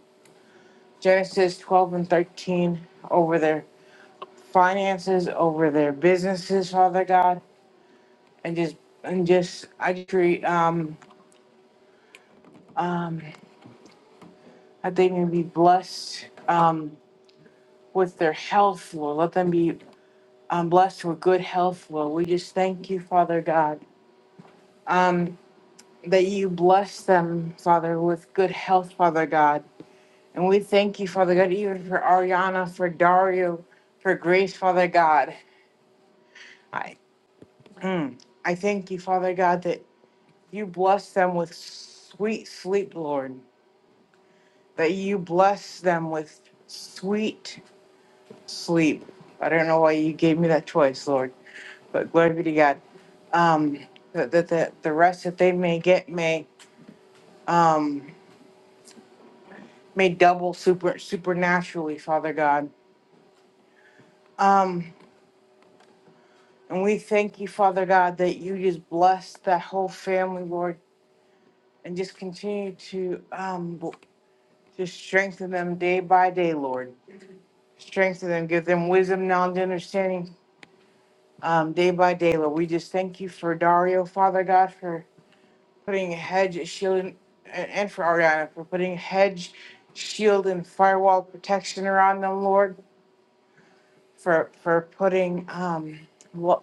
Genesis twelve and thirteen over their finances, over their businesses, Father God, and just and just I decree um um that they may be blessed. Um with their health, Lord. Let them be um, blessed with good health, Lord. We just thank you, Father God, um, that you bless them, Father, with good health, Father God. And we thank you, Father God, even for Ariana, for Dario, for Grace, Father God. I, mm, I thank you, Father God, that you bless them with sweet sleep, Lord. That you bless them with sweet sleep. I don't know why you gave me that choice, Lord but glory be to God. Um, that the, the, the rest that they may get may um may double super supernaturally, Father God. Um, and we thank you, Father God, that you just bless that whole family, Lord, and just continue to um bl- just strengthen them day by day, Lord. Strengthen them, give them wisdom, knowledge, and understanding. Um, day by day, Lord, we just thank you for Dario, Father God, for putting hedge shield and, and for Ariana for putting hedge shield and firewall protection around them, Lord, for for putting um lo-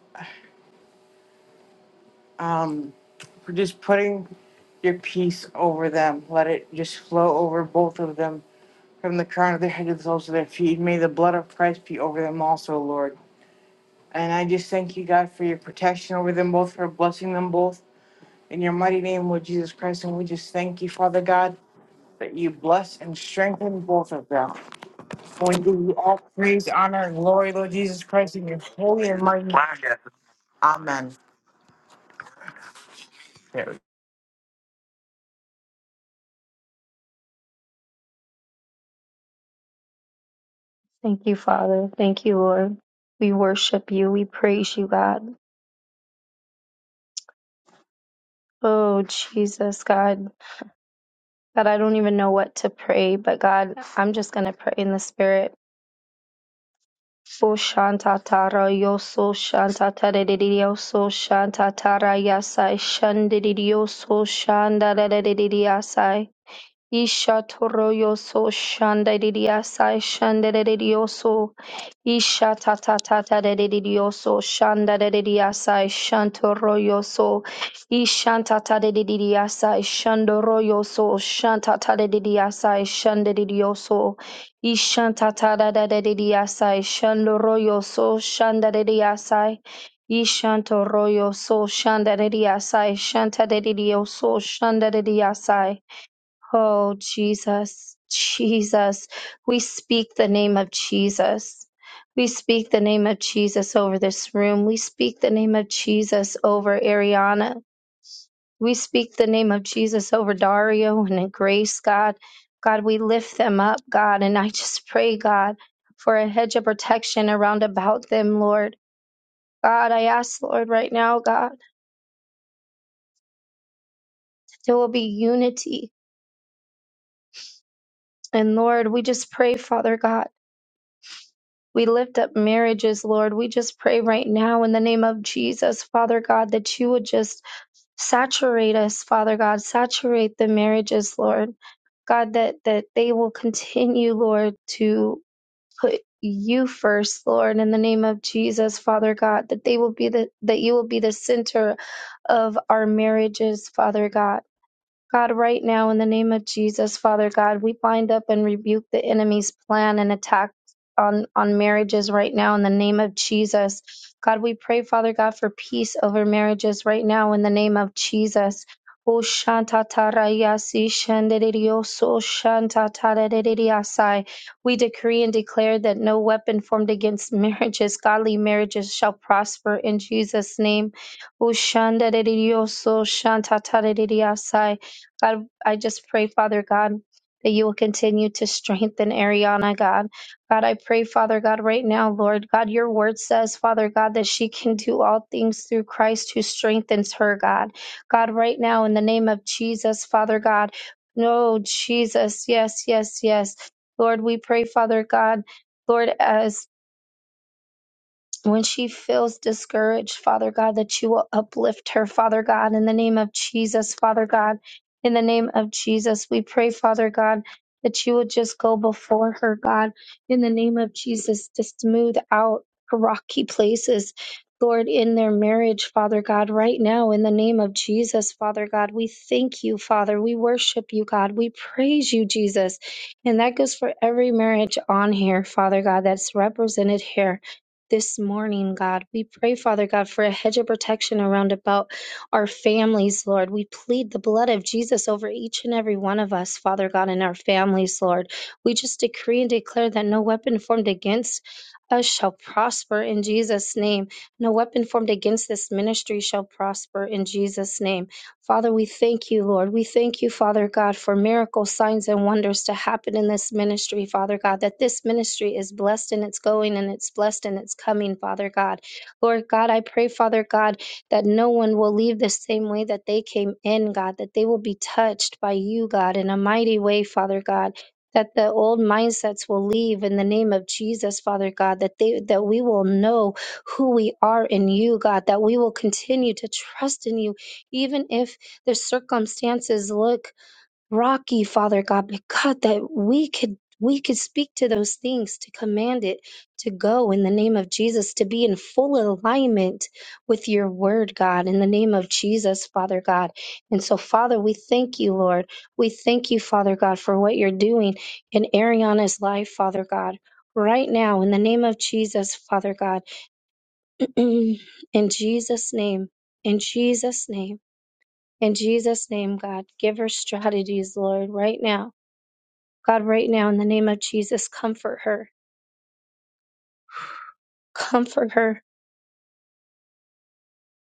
um for just putting your peace over them. Let it just flow over both of them from the crown of their head to the soles of their feet. May the blood of Christ be over them also, Lord. And I just thank you, God, for your protection over them both, for blessing them both. In your mighty name, Lord Jesus Christ, and we just thank you, Father God. that you bless and strengthen both of them. We give you all praise, honor, and glory, Lord Jesus Christ, in your holy and mighty name. Amen. Thank you, Father. Thank you, Lord. We worship you. We praise you, God. Oh, Jesus, God. God, I don't even know what to pray, but God, I'm just going to pray in the spirit. Oh, shanta tara yo so shanta tara di so shanta tara yasai shandidi yo so shanda yasai. Isha toroyoso shandaridiasa shandaridioso Isha tata tata dedidioso shandaridiasa shantoroyoso Ishanta dedidiasa shandoroyoso shanta tata dedidiasa shandaridioso Ishanta dedidiasa shandoroyoso shandaridiasa Ishantoroyoso, royo so shandarediasai so Oh, Jesus, Jesus. We speak the name of Jesus. We speak the name of Jesus over this room. We speak the name of Jesus over Ariana. We speak the name of Jesus over Dario and Grace, God. God, we lift them up, God. And I just pray, God, for a hedge of protection around about them, Lord. God, I ask, Lord, right now, God, there will be unity. And Lord, we just pray, Father God. We lift up marriages, Lord. We just pray right now in the name of Jesus, Father God, that you would just saturate us, Father God, saturate the marriages, Lord. God, that, that they will continue, Lord, to put you first, Lord, in the name of Jesus, Father God, that they will be the, that you will be the center of our marriages, Father God God, right now, in the name of Jesus, Father God, we bind up and rebuke the enemy's plan and attack on, on marriages right now in the name of Jesus. God, we pray, Father God, for peace over marriages right now in the name of Jesus. Oh, shantatarayasi shandererioso shantatarereriasai. We decree and declare that no weapon formed against marriages, godly marriages, shall prosper in Jesus' name. Oh, shandererioso shantatarereriasai. God, I just pray, Father God, that you will continue to strengthen Ariana, God. God, I pray, Father God, right now, Lord. God, your word says, Father God, that she can do all things through Christ who strengthens her, God. God, right now, in the name of Jesus, Father God. No, Jesus. Yes, yes, yes. Lord, we pray, Father God. Lord, as when she feels discouraged, Father God, that you will uplift her, Father God, in the name of Jesus, Father God. In the name of Jesus, we pray, Father God, that you would just go before her, God. In the name of Jesus, to smooth out rocky places, Lord, in their marriage, Father God, right now, in the name of Jesus, Father God, we thank you, Father. We worship you, God. We praise you, Jesus. And that goes for every marriage on here, Father God, that's represented here this morning, God. We pray, Father God, for a hedge of protection around about our families, Lord. We plead the blood of Jesus over each and every one of us, Father God, and our families, Lord. We just decree and declare that no weapon formed against us shall prosper in Jesus' name. No weapon formed against this ministry shall prosper in Jesus' name. Father, we thank you, Lord. We thank you, Father God, for miracles, signs, and wonders to happen in this ministry, Father God, that this ministry is blessed in its going and it's blessed in its coming, Father God. Lord God, I pray, Father God, that no one will leave the same way that they came in, God, that they will be touched by you, God, in a mighty way, Father God. That the old mindsets will leave in the name of Jesus, Father God, that they that we will know who we are in you, God, that we will continue to trust in you, even if the circumstances look rocky, Father God, but God, that we could we could speak to those things, to command it to go in the name of Jesus, to be in full alignment with your word, God, in the name of Jesus, Father God. And so, Father, we thank you, Lord. We thank you, Father God, for what you're doing in Ariana's life, Father God. Right now, in the name of Jesus, Father God. In Jesus' name. In Jesus' name. In Jesus' name, God, give her strategies, Lord, right now. God, right now, in the name of Jesus, comfort her. Comfort her.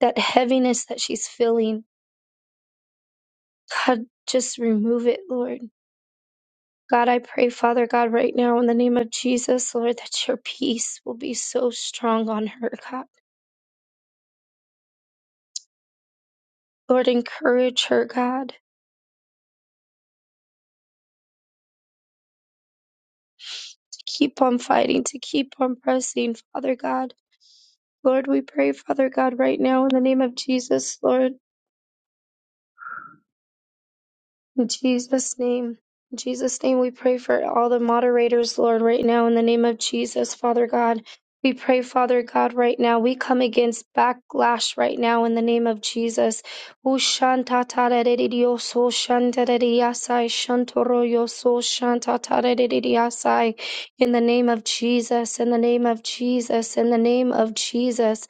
That heaviness that she's feeling, God, just remove it, Lord. God, I pray, Father God, right now, in the name of Jesus, Lord, that your peace will be so strong on her, God. Lord, encourage her, God, to keep on fighting, to keep on pressing, Father God. Lord, we pray, Father God, right now, in the name of Jesus, Lord. In Jesus' name. In Jesus' name, we pray for all the moderators, Lord, right now, in the name of Jesus, Father God. We pray, Father God, right now. We come against backlash right now in the name of Jesus. Ushantatarerediyoso, shantareriyasai, shantoroyoso, shantatarereriyasai. In the name of Jesus, in the name of Jesus, in the name of Jesus.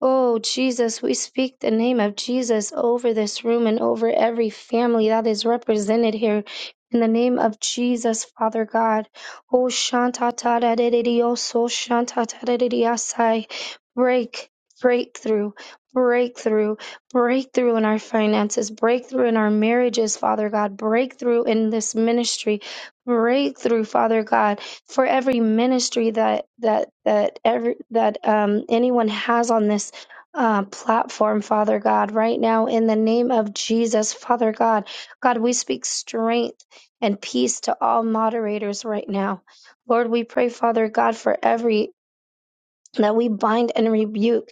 Oh, Jesus, we speak the name of Jesus over this room and over every family that is represented here. In the name of Jesus, Father God. Oh, Shanta Tadadidioso, Shanta Tadadidiasai. Break, breakthrough, breakthrough, breakthrough in our finances, breakthrough in our marriages, Father God, breakthrough in this ministry, breakthrough, Father God for every ministry that that that every that um anyone has on this uh, platform, Father God, right now in the name of Jesus, Father God. God, we speak strength and peace to all moderators right now. Lord, we pray, Father God, for every that we bind and rebuke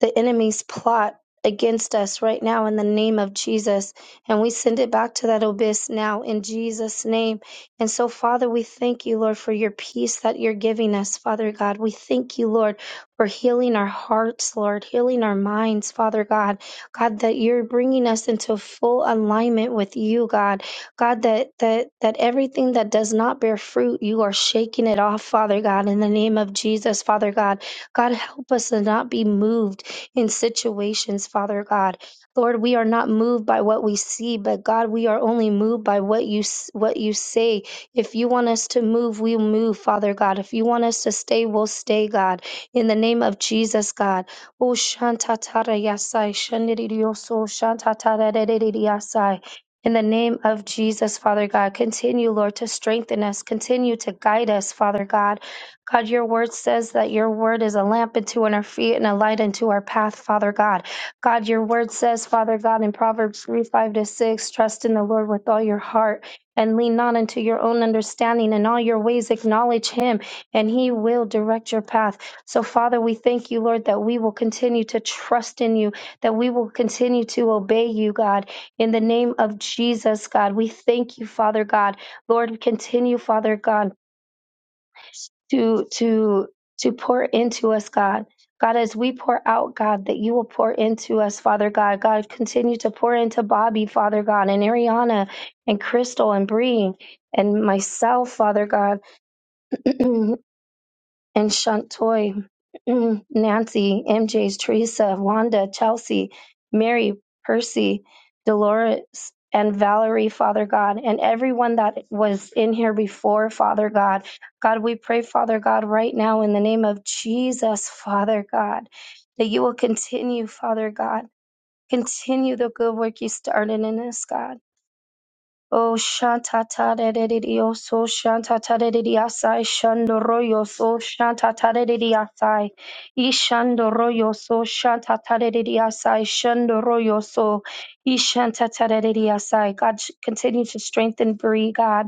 the enemy's plot against us right now in the name of Jesus. And we send it back to that abyss now in Jesus' name. And so, Father, we thank you, Lord, for your peace that you're giving us, Father God. We thank you, Lord, for healing our hearts, Lord, healing our minds, Father God. God, that you're bringing us into full alignment with you, God. God, that that that everything that does not bear fruit, you are shaking it off, Father God, in the name of Jesus, Father God. God, help us to not be moved in situations, Father God. Lord, we are not moved by what we see, but God, we are only moved by what you s- what you say. If you want us to move, we'll move, Father God. If you want us to stay, we'll stay, God. In the name of Jesus, God. Oh, shantatara yasai, shandirioso, shantatara dedediyasai. In the name of Jesus, Father God, continue, Lord, to strengthen us. Continue to guide us, Father God God, your word says that your word is a lamp unto our feet and a light unto our path, Father God. God, your word says, Father God, in Proverbs 3 5 to 6, trust in the Lord with all your heart and lean not unto your own understanding. In all your ways, acknowledge him, and he will direct your path. So, Father, we thank you, Lord, that we will continue to trust in you, that we will continue to obey you, God. In the name of Jesus, God, we thank you, Father God. Lord, continue, Father God to to to pour into us god god as we pour out god that you will pour into us father god god continue to pour into bobby father god and ariana and crystal and bree and myself father god and Shantoy, mm, Nancy, MJ's Teresa, Wanda, Chelsea, Mary, Percy, Dolores, and Valerie, Father God, and everyone that was in here before, Father God. God, we pray, Father God, right now in the name of Jesus, Father God, that you will continue, Father God, continue the good work you started in us, God. Oh shanta ta de de de de, oh so shanta ta de de de asai shandoro yo so shanta ta de de de asai ishandoro yo so shanta ta de de de asai shandoro yo so ishanta ta de de de asai. God sh- continue to strengthen Bree, God,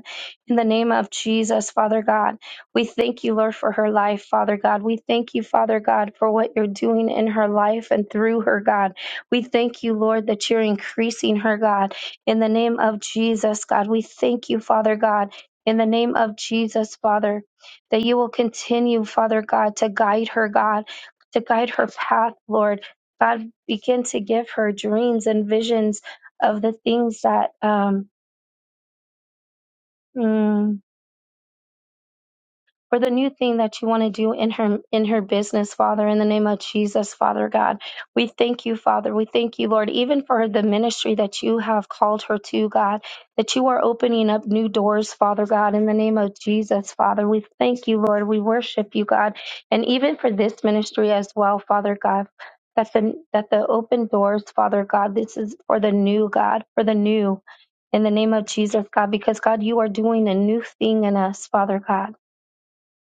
in the name of Jesus, Father God. We thank you, Lord, for her life, Father God. We thank you, Father God, for what you're doing in her life and through her, God. We thank you, Lord, that you're increasing her, God. In the name of Jesus, God, we thank you, Father God. In the name of Jesus, Father, that you will continue, Father God, to guide her, God, to guide her path, Lord. God, begin to give her dreams and visions of the things that um, mm, for the new thing that you want to do in her in her business father in the name of jesus father god we thank you father we thank you lord even for the ministry that you have called her to god that you are opening up new doors father god in the name of jesus father we thank you lord we worship you god and even for this ministry as well father god that the that the open doors father god this is for the new god for the new in the name of jesus god because god you are doing a new thing in us father god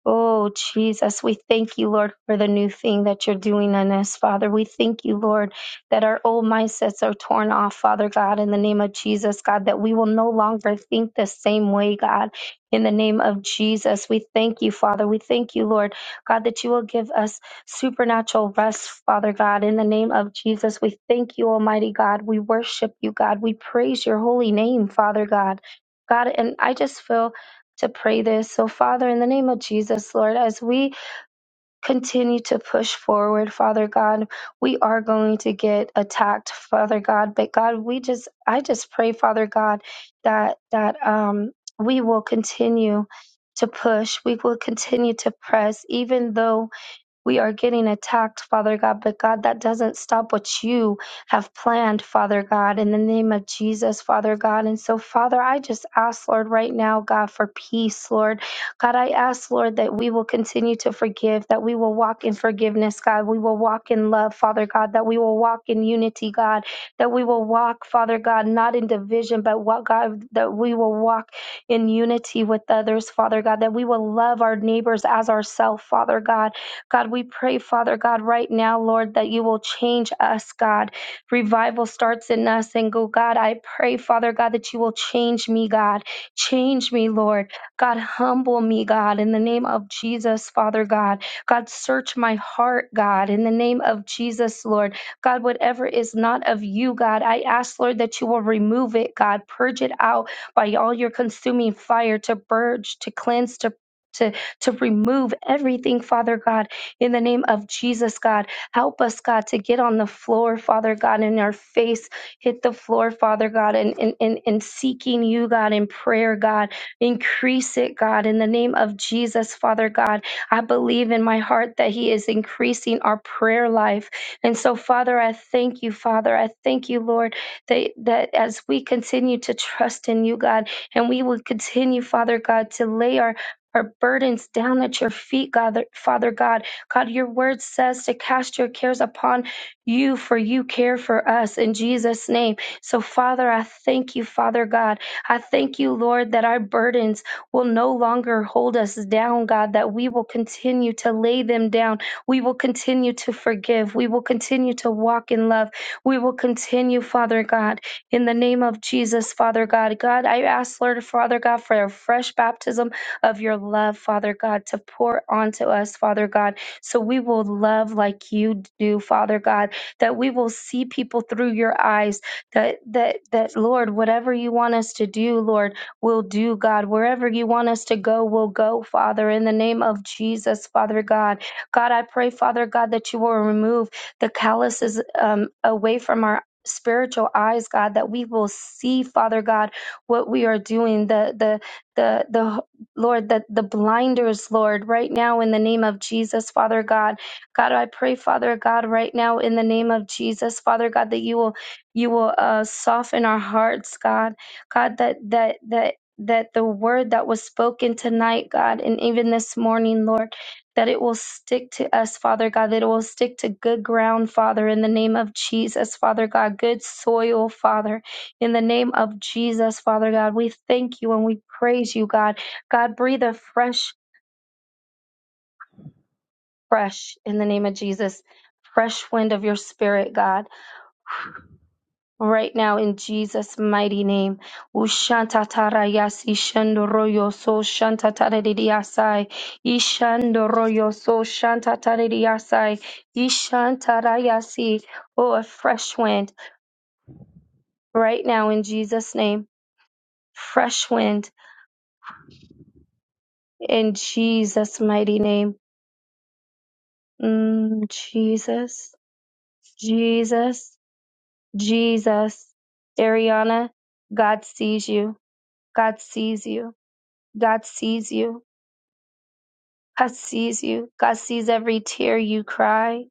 Oh, Jesus, we thank you, Lord, for the new thing that you're doing in us, Father. We thank you, Lord, that our old mindsets are torn off, Father God, in the name of Jesus, God, that we will no longer think the same way, God, in the name of Jesus. We thank you, Father. We thank you, Lord, God, that you will give us supernatural rest, Father God, in the name of Jesus. We thank you, Almighty God. We worship you, God. We praise your holy name, Father God. God, and I just feel to pray this. So, Father, in the name of Jesus, Lord, as we continue to push forward, Father God, we are going to get attacked, Father God. But God, we just, I just pray, Father God, that that um, we will continue to push. We will continue to press, even though we are getting attacked, Father God, but God, that doesn't stop what you have planned, Father God, in the name of Jesus, Father God. And so, Father, I just ask, Lord, right now, God, for peace, Lord. God, I ask, Lord, that we will continue to forgive, that we will walk in forgiveness, God. We will walk in love, Father God, that we will walk in unity, God, that we will walk, Father God, not in division, but what God, that we will walk in unity with others, Father God, that we will love our neighbors as ourselves, Father God God, we pray, Father God, right now, Lord, that you will change us, God. Revival starts in us. And go, God, I pray, Father God, that you will change me, God. Change me, Lord. God, humble me, God, in the name of Jesus, Father God. God, search my heart, God, in the name of Jesus, Lord. God, whatever is not of you, God, I ask, Lord, that you will remove it, God. Purge it out by all your consuming fire to purge, to cleanse, to to, to remove everything, Father God, in the name of Jesus, God. Help us, God, to get on the floor, Father God, and our face hit the floor, Father God, and, and, and, and seeking you, God, in prayer, God. Increase it, God, in the name of Jesus, Father God. I believe in my heart that He is increasing our prayer life. And so, Father, I thank you, Father. I thank you, Lord, that, that as we continue to trust in you, God, and we will continue, Father God, to lay our our burdens down at your feet, God, Father God. God, your word says to cast your cares upon you, for you care for us in Jesus' name. So, Father, I thank you, Father God. I thank you, Lord, that our burdens will no longer hold us down, God, that we will continue to lay them down. We will continue to forgive. We will continue to walk in love. We will continue, Father God, in the name of Jesus, Father God. God, I ask, Lord, Father God, for a fresh baptism of your love, Father God, to pour onto us, Father God. So we will love like you do, Father God, that we will see people through your eyes, that that that Lord, whatever you want us to do, Lord, we'll do, God. Wherever you want us to go, we'll go, Father, in the name of Jesus, Father God. God, I pray, Father God, that you will remove the calluses um, away from our spiritual eyes god that we will see father god what we are doing the the the the Lord, that the blinders, Lord, right now in the name of Jesus, Father God. God, I pray, Father God, right now in the name of Jesus, Father God, that you will you will uh, soften our hearts, God. God, that that that that the word that was spoken tonight, God, and even this morning, Lord, that it will stick to us, Father God, that it will stick to good ground, Father, in the name of Jesus, Father God, good soil, Father, in the name of Jesus, Father God. We thank you and we praise you, God. God, breathe a fresh, fresh in the name of Jesus. Fresh wind of your spirit, God, right now in Jesus' mighty name. Ushantatarayasi shandoroyoso shantataradidiasai. Ishandoroyoso shantataradidiasai. Ishantarayasi. Oh, a fresh wind right now in Jesus' name. Fresh wind in Jesus' mighty name. Mm, Jesus, Jesus. Jesus. Ariana, God sees you. God sees you. God sees you. God sees you. God sees every tear you cry.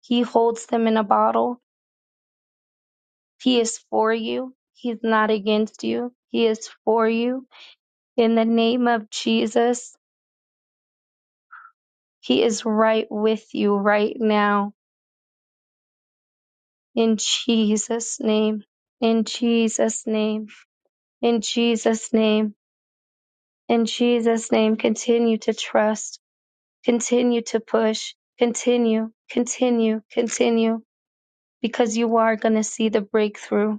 He holds them in a bottle. He is for you. He's not against you. He is for you. In the name of Jesus, He is right with you right now. In Jesus' name. In Jesus' name. In Jesus' name. In Jesus' name. Continue to trust Continue to push, continue, continue, continue, because you are going to see the breakthrough.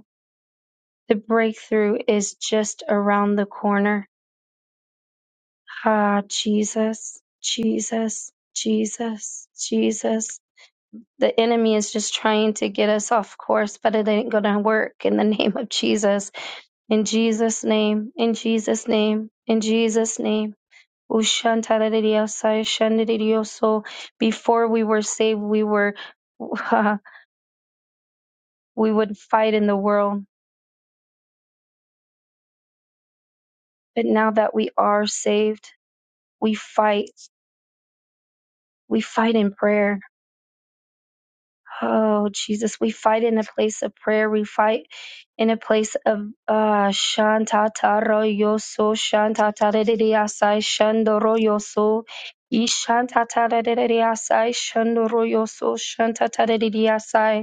The breakthrough is just around the corner. Ah, Jesus, Jesus, Jesus, Jesus. The enemy is just trying to get us off course, but it ain't going to work in the name of Jesus. In Jesus' name, in Jesus' name, in Jesus' name. So before we were saved, we were we would fight in the world, but now that we are saved, we fight. We fight in prayer. Oh Jesus, we fight in a place of prayer. We fight in a place of uh shantataro yoso shantatarediasai shandoro yoso ishantatarediasai shandoro yoso shantatarediasai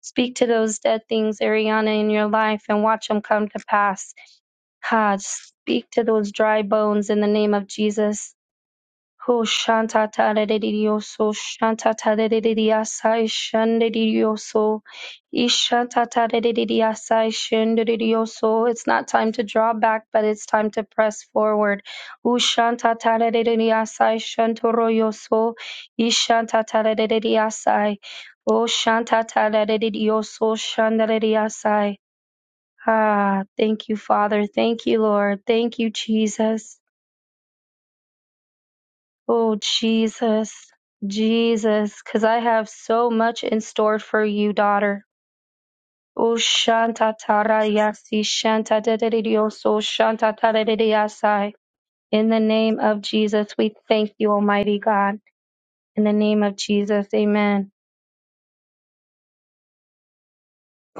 Speak to those dead things, Ariana, in your life and watch them come to pass. Ha, speak to those dry bones in the name of Jesus. Ho shanta tadadidioso, shanta tadadidiasa, ishandidioso, ishanta tadadidiasa, ishandidioso. It's not time to draw back, but it's time to press forward. Ushanta tadadidiasa, ishantoroyoso, ishanta tadadidiasa. O shanta tadadidioso, shandadidiasa. Ah, thank you, Father. Thank you, Lord. Thank you, Jesus. Oh, Jesus, Jesus, because I have so much in store for you, daughter. Oh, Shanta Tarayasi, Shanta Dedidioso, Shanta Taradidiasai. In the name of Jesus, we thank you, Almighty God. In the name of Jesus, amen.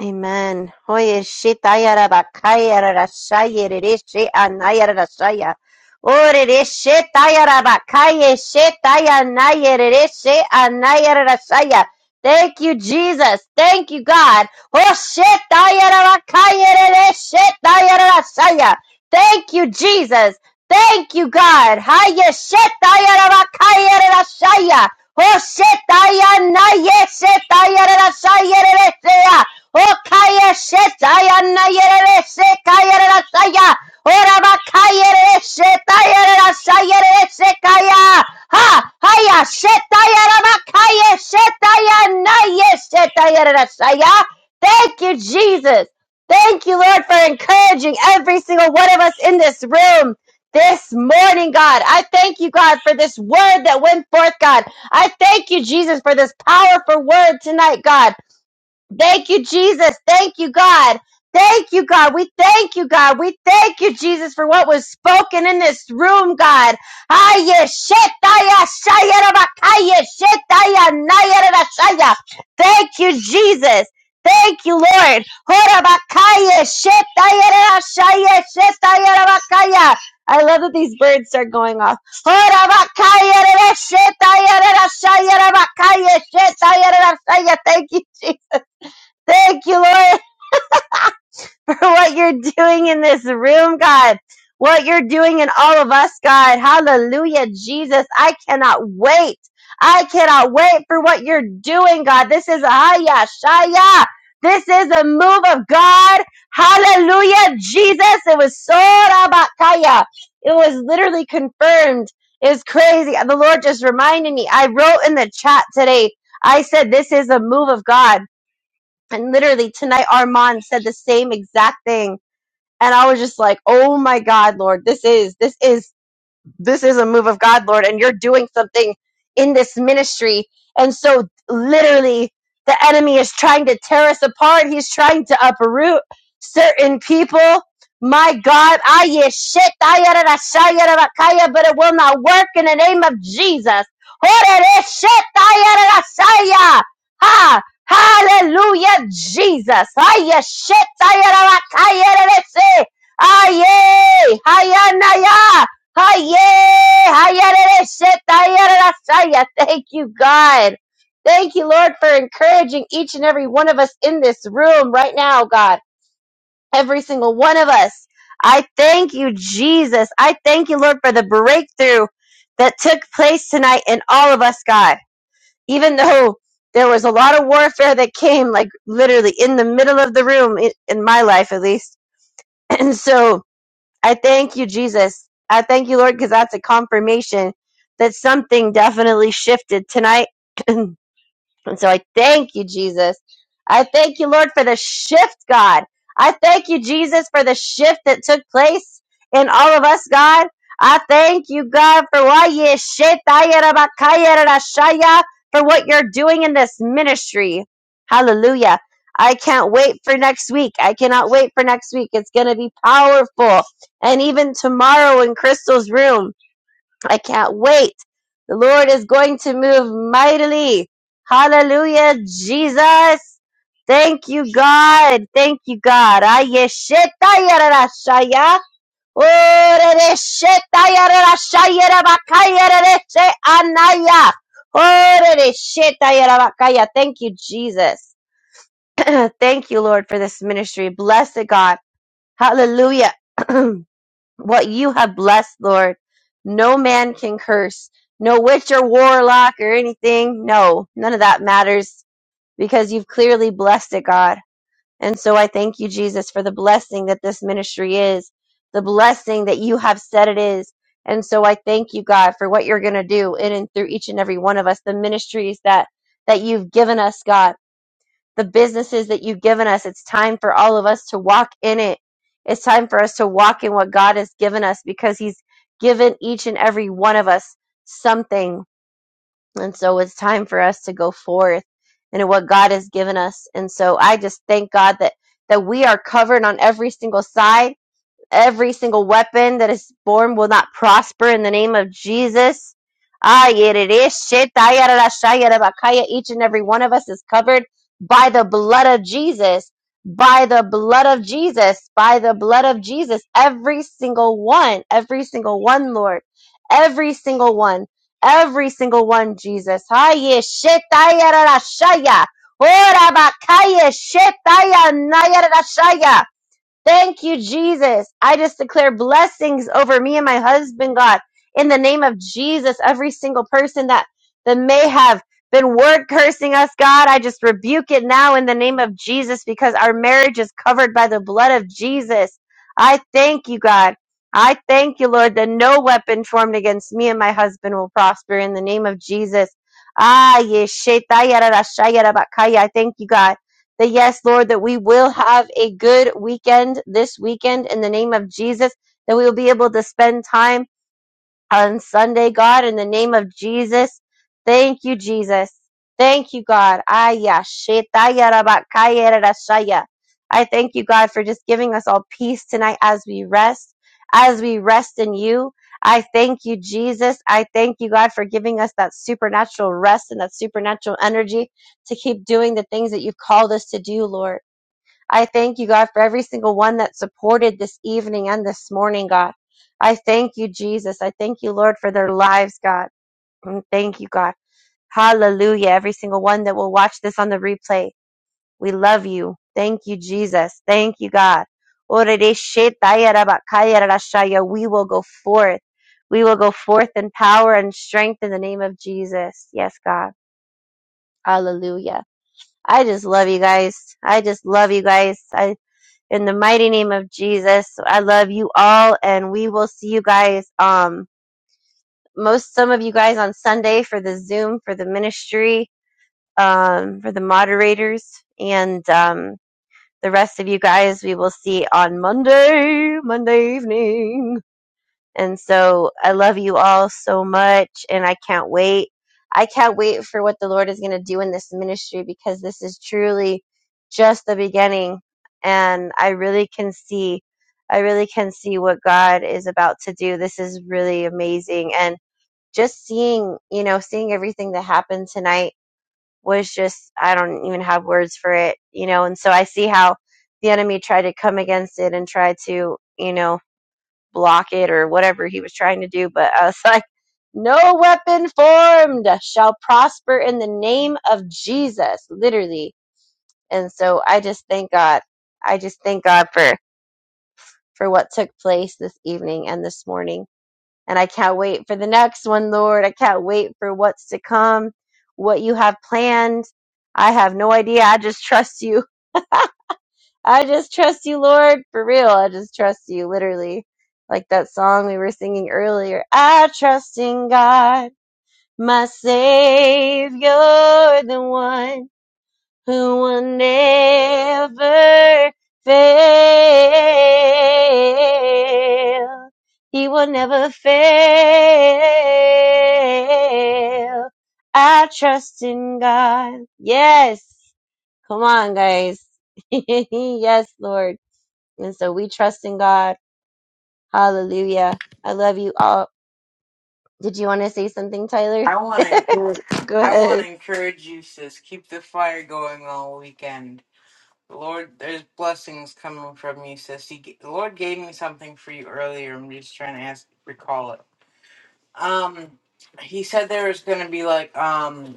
Amen. Oye, shitayara bakayara rashaya rereshe anayara rashaya. Ore reshe tayara bakaye shetaya naya rereshe anayara rashaya. Thank you, Jesus. Thank you, God. Oh, shetayara bakaye rereshe tayara rashaya. Thank you, Jesus. Thank you, God. Haya shetayara bakayara rashaya. Oh, shetaya naya shetayara rashaya rereshe. O kaya shetaya na yerere se kaya rera saya. Ora ba kaya shetaya rera saya Ha haya shetaya raba kaya shetaya na ye shetaya rera saya. Thank you, Jesus. Thank you, Lord, for encouraging every single one of us in this room this morning, God. I thank you, God, for this word that went forth, God. I thank you, Jesus, for this powerful word tonight, God. Thank you, Jesus. Thank you, God. Thank you, God. We thank you, God. We thank you, Jesus, for what was spoken in this room, God. Aye, shetaya, shayera, bakaya, shetaya, nayera, rashaya. Thank you, Jesus. Thank you, Lord. Hora, shetaya, rashaya, shetaya, bakaya. I love that these birds are going off. Hora, shetaya, rashaya, bakaya, shetaya, rashaya. Thank you, Jesus. Thank you, Lord, for what you're doing in this room, God. What you're doing in all of us, God. Hallelujah, Jesus. I cannot wait. I cannot wait for what you're doing, God. This is Aya Shaya. This is a move of God. Hallelujah, Jesus. It was so rabakaya. It was literally confirmed. It's crazy. The Lord just reminded me. I wrote in the chat today. I said, this is a move of God. And literally tonight, Armand said the same exact thing. And I was just like, oh my God, Lord, this is, this is this is a move of God, Lord, and you're doing something in this ministry. And so, literally, the enemy is trying to tear us apart. He's trying to uproot certain people. My God, I is shit, I yada da sha yada da da, kaya, but it will not work in the name of Jesus. Oh, that is shit, I yada da sha ya. Ha! Hallelujah, Jesus. I is shit, I yada da kaya, that is it. Aye, aye, aye, aye, aye. Haye, hayarere, shetayarara, saya. Thank you, God. Thank you, Lord, for encouraging each and every one of us in this room right now, God. Every single one of us. I thank you, Jesus. I thank you, Lord, for the breakthrough that took place tonight in all of us, God. Even though there was a lot of warfare that came, like literally in the middle of the room, i- in my life at least. And so, I thank you, Jesus. I thank you, Lord, because that's a confirmation that something definitely shifted tonight. And so I thank you, Jesus. I thank you, Lord, for the shift, God. I thank you, Jesus, for the shift that took place in all of us, God. I thank you, God, for why you shit, I era ba- kai era da shaya, for what you're doing in this ministry. Hallelujah. I can't wait for next week. I cannot wait for next week. It's going to be powerful. And even tomorrow in Crystal's room. I can't wait. The Lord is going to move mightily. Hallelujah, Jesus. Thank you, God. Thank you, God. Ayeshetayarashaya. Orereshetayalarashayarabakayarereshe anaya. Orereshetayalarabakaya. Thank you, Jesus. Thank you, Lord, for this ministry. Blessed God. Hallelujah. what you have blessed, Lord. No man can curse, no witch or warlock or anything. No, none of that matters because you've clearly blessed it, God. And so I thank you, Jesus, for the blessing that this ministry is, the blessing that you have said it is. And so I thank you, God, for what you're going to do in and through each and every one of us, the ministries that that you've given us, God the businesses that you've given us. It's time for all of us to walk in it. It's time for us to walk in what God has given us because He's given each and every one of us something. And so it's time for us to go forth in what God has given us. And so I just thank God that, that we are covered on every single side Every single weapon that is born will not prosper in the name of Jesus. Ah, yet it is shit. Ah, yada, Each and every one of us is covered by the blood of Jesus. By the blood of Jesus. By the blood of Jesus. Every single one. Every single one, Lord. Every single one. Every single one, Jesus. Ah, yeah, shit. Ah, yada, da, sha, ya. Ah, Thank you, Jesus. I just declare blessings over me and my husband, God, in the name of Jesus. Every single person that, that may have been word cursing us, God, I just rebuke it now in the name of Jesus because our marriage is covered by the blood of Jesus. I thank you, God. I thank you, Lord, that no weapon formed against me and my husband will prosper in the name of Jesus. Ah, yeshetayarashayarabakaya. I thank you, God that yes, Lord, that we will have a good weekend this weekend in the name of Jesus, that we will be able to spend time on Sunday, God, in the name of Jesus. Thank you, Jesus. Thank you, God. Aya, shetaya, rabakaya, rarashaya. I thank you, God, for just giving us all peace tonight as we rest, as we rest in you. I thank you, Jesus. I thank you, God, for giving us that supernatural rest and that supernatural energy to keep doing the things that you've called us to do, Lord. I thank you, God, for every single one that supported this evening and this morning, God. I thank you, Jesus. I thank you, Lord, for their lives, God. And Thank you, God. Hallelujah. Every single one that will watch this on the replay. We love you. Thank you, Jesus. Thank you, God. We will go forth. We will go forth in power and strength in the name of Jesus. Yes, God. Hallelujah. I just love you guys. I just love you guys. I in the mighty name of Jesus. I love you all and we will see you guys um most some of you guys on Sunday for the Zoom for the ministry um for the moderators and um the rest of you guys we will see on Monday, Monday evening. And so I love you all so much and I can't wait. I can't wait for what the Lord is going to do in this ministry because this is truly just the beginning and I really can see I really can see what God is about to do. This is really amazing and just seeing, you know, seeing everything that happened tonight was just I don't even have words for it, you know, and so I see how the enemy tried to come against it and try to, you know, block it or whatever he was trying to do. But I was like, no weapon formed shall prosper in the name of Jesus, literally. And so I just thank God. I just thank God for, for what took place this evening and this morning. And I can't wait for the next one, Lord. I can't wait for what's to come, what you have planned. I have no idea. I just trust you. I just trust you, Lord. For real. I just trust you, literally. Like that song we were singing earlier. I trust in God, my Savior, the one who will never fail. He will never fail. I trust in God. Yes. Come on, guys. yes, Lord. And so we trust in God. Hallelujah. I love you all. Did you want to say something, Tyler? I want to encourage. Go I want to ahead. encourage you, sis. Keep the fire going all weekend. The Lord, there's blessings coming from you, sis. He, g- the Lord gave me something for you earlier. I'm just trying to ask, recall it. Um, he said there was going to be like um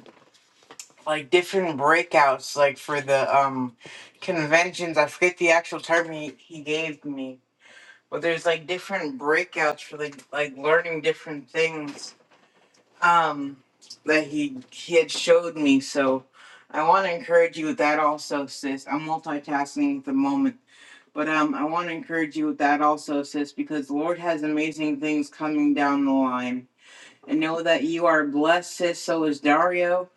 like different breakouts like for the um conventions i forget the actual term he, he gave me but there's like different breakouts for like like learning different things um that he he had showed me so i want to encourage you with that also sis i'm multitasking at the moment but um i want to encourage you with that also sis because the lord has amazing things coming down the line and know that you are blessed, sis. So is Dario.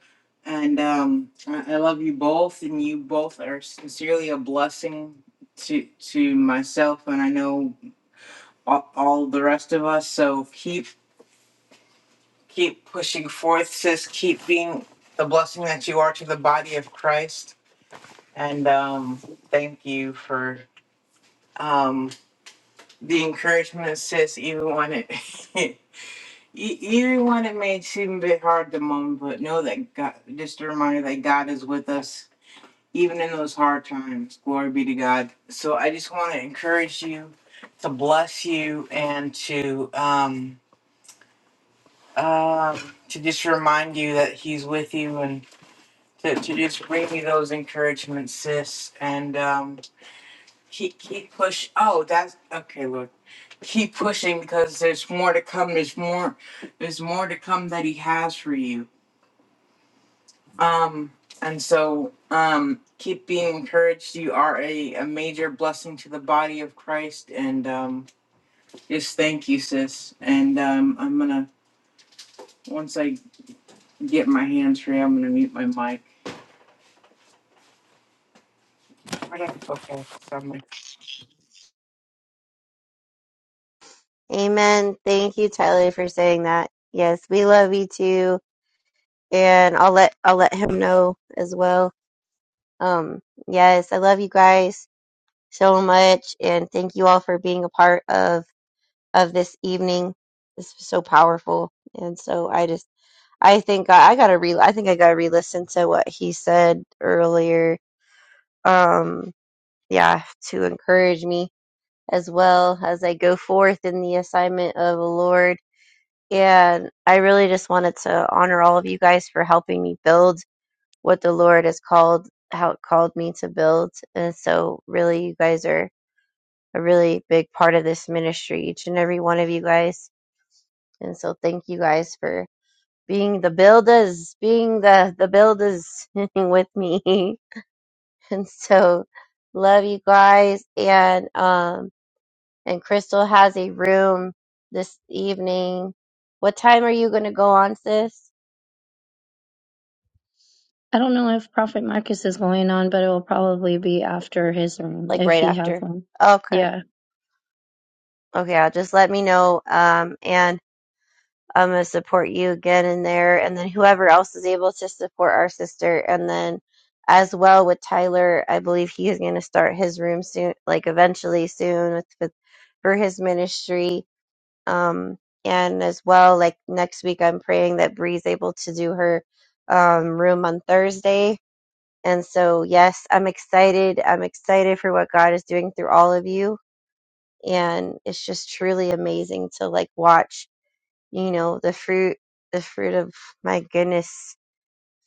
And um, I, I love you both, and you both are sincerely a blessing to to myself, and I know all, all the rest of us. So keep keep pushing forth, sis. Keep being the blessing that you are to the body of Christ. And um, thank you for um, the encouragement, sis. Even when it E- Even when it may seem a bit hard at the moment, but know that God, just a reminder that God is with us, even in those hard times. Glory be to God. So I just want to encourage you, to bless you, and to um um to just remind you that He's with you, and to, to just bring you those encouragements, sis, and um keep keep push. Oh, that's okay. Look, keep pushing because there's more to come. There's more. There's more to come that He has for you Um, and so um, keep being encouraged. You are a, a major blessing to the body of Christ. And um, just thank you, sis. And um, I'm going to, once I get my hands free, I'm going to mute my mic. Okay. Okay. So I'm gonna Amen. Thank you, Tyler, for saying that. Yes, we love you too. And I'll let I'll let him know as well. Um, yes, I love you guys so much and thank you all for being a part of of this evening. This was so powerful. And so I just I think I, I gotta re I think I gotta re listen to what he said earlier. Um yeah, to encourage me as well as I go forth in the assignment of the Lord. And I really just wanted to honor all of you guys for helping me build what the Lord has called, how it called me to build. And so, really, you guys are a really big part of this ministry, each and every one of you guys. And so, thank you guys for being the builders, being the, the builders with me. And so, love you guys. And, um, and Crystal has a room this evening. What time are you going to go on, sis? I don't know if Prophet Marcus is going on, but it will probably be after his room, Like if right he has after. one. Okay. Yeah. Okay, I'll just let me know. Um, and I'm going to support you again in there. And then whoever else is able to support our sister. And then as well with Tyler, I believe he is going to start his room soon, like eventually soon with, with for his ministry. Um, and as well, like next week, I'm praying that Bree's able to do her um, room on Thursday And so, yes, I'm excited. I'm excited for what God is doing through all of you. And it's just truly amazing to like watch, you know, the fruit, the fruit of my goodness,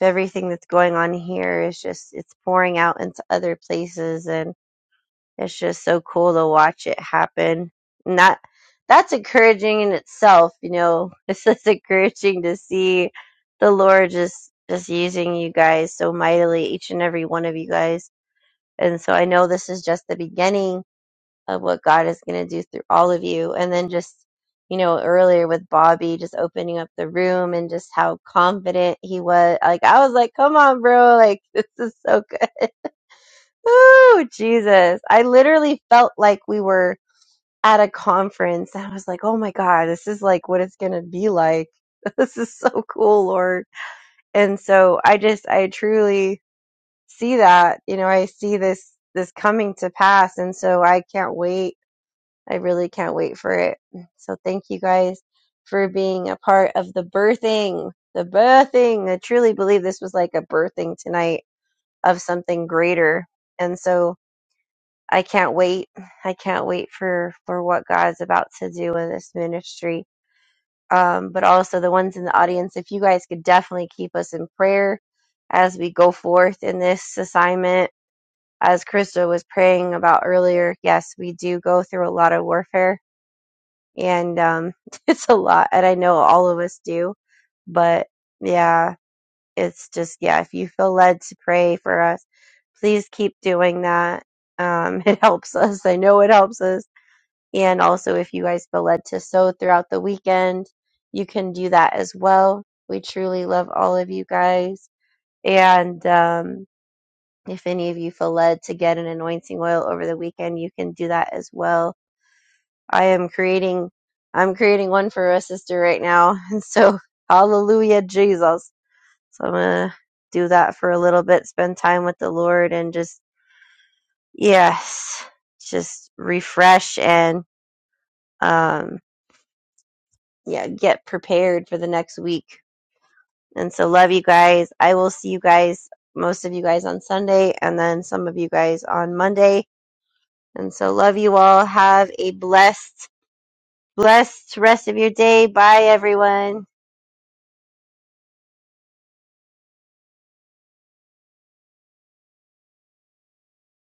everything that's going on here is just, it's pouring out into other places. And it's just so cool to watch it happen. And that, that's encouraging in itself, you know, it's just encouraging to see the Lord just, just using you guys so mightily, each and every one of you guys and so I know this is just the beginning of what God is going to do through all of you. And then just, you know, earlier with Bobby just opening up the room and just how confident he was. Like, I was like, come on, bro. Like, this is so good. Ooh, Jesus. I literally felt like we were at a conference. And I was like, oh my God, this is like what it's going to be like. This is so cool, Lord. And so I just, I truly see that you know i see this this coming to pass and so i can't wait i really can't wait for it so thank you guys for being a part of the birthing the birthing i truly believe this was like a birthing tonight of something greater and so i can't wait i can't wait for for what god's about to do in this ministry um but also the ones in the audience if you guys could definitely keep us in prayer as we go forth in this assignment as Krista was praying about earlier, yes, we do go through a lot of warfare and um, it's a lot. And I know all of us do. But yeah, it's just, yeah, if you feel led to pray for us, please keep doing that. Um, it helps us. I know it helps us. And also, if you guys feel led to sow throughout the weekend, you can do that as well. We truly love all of you guys. And, um, if any of you feel led to get an anointing oil over the weekend, you can do that as well. I am creating, I'm creating one for a sister right now. And so, hallelujah, Jesus. So I'm going to do that for a little bit, spend time with the Lord and just, yes, just refresh and, um, yeah, get prepared for the next week. And so love you guys. I will see you guys, most of you guys on Sunday and then some of you guys on Monday And so love you all. Have a blessed, blessed rest of your day. Bye everyone.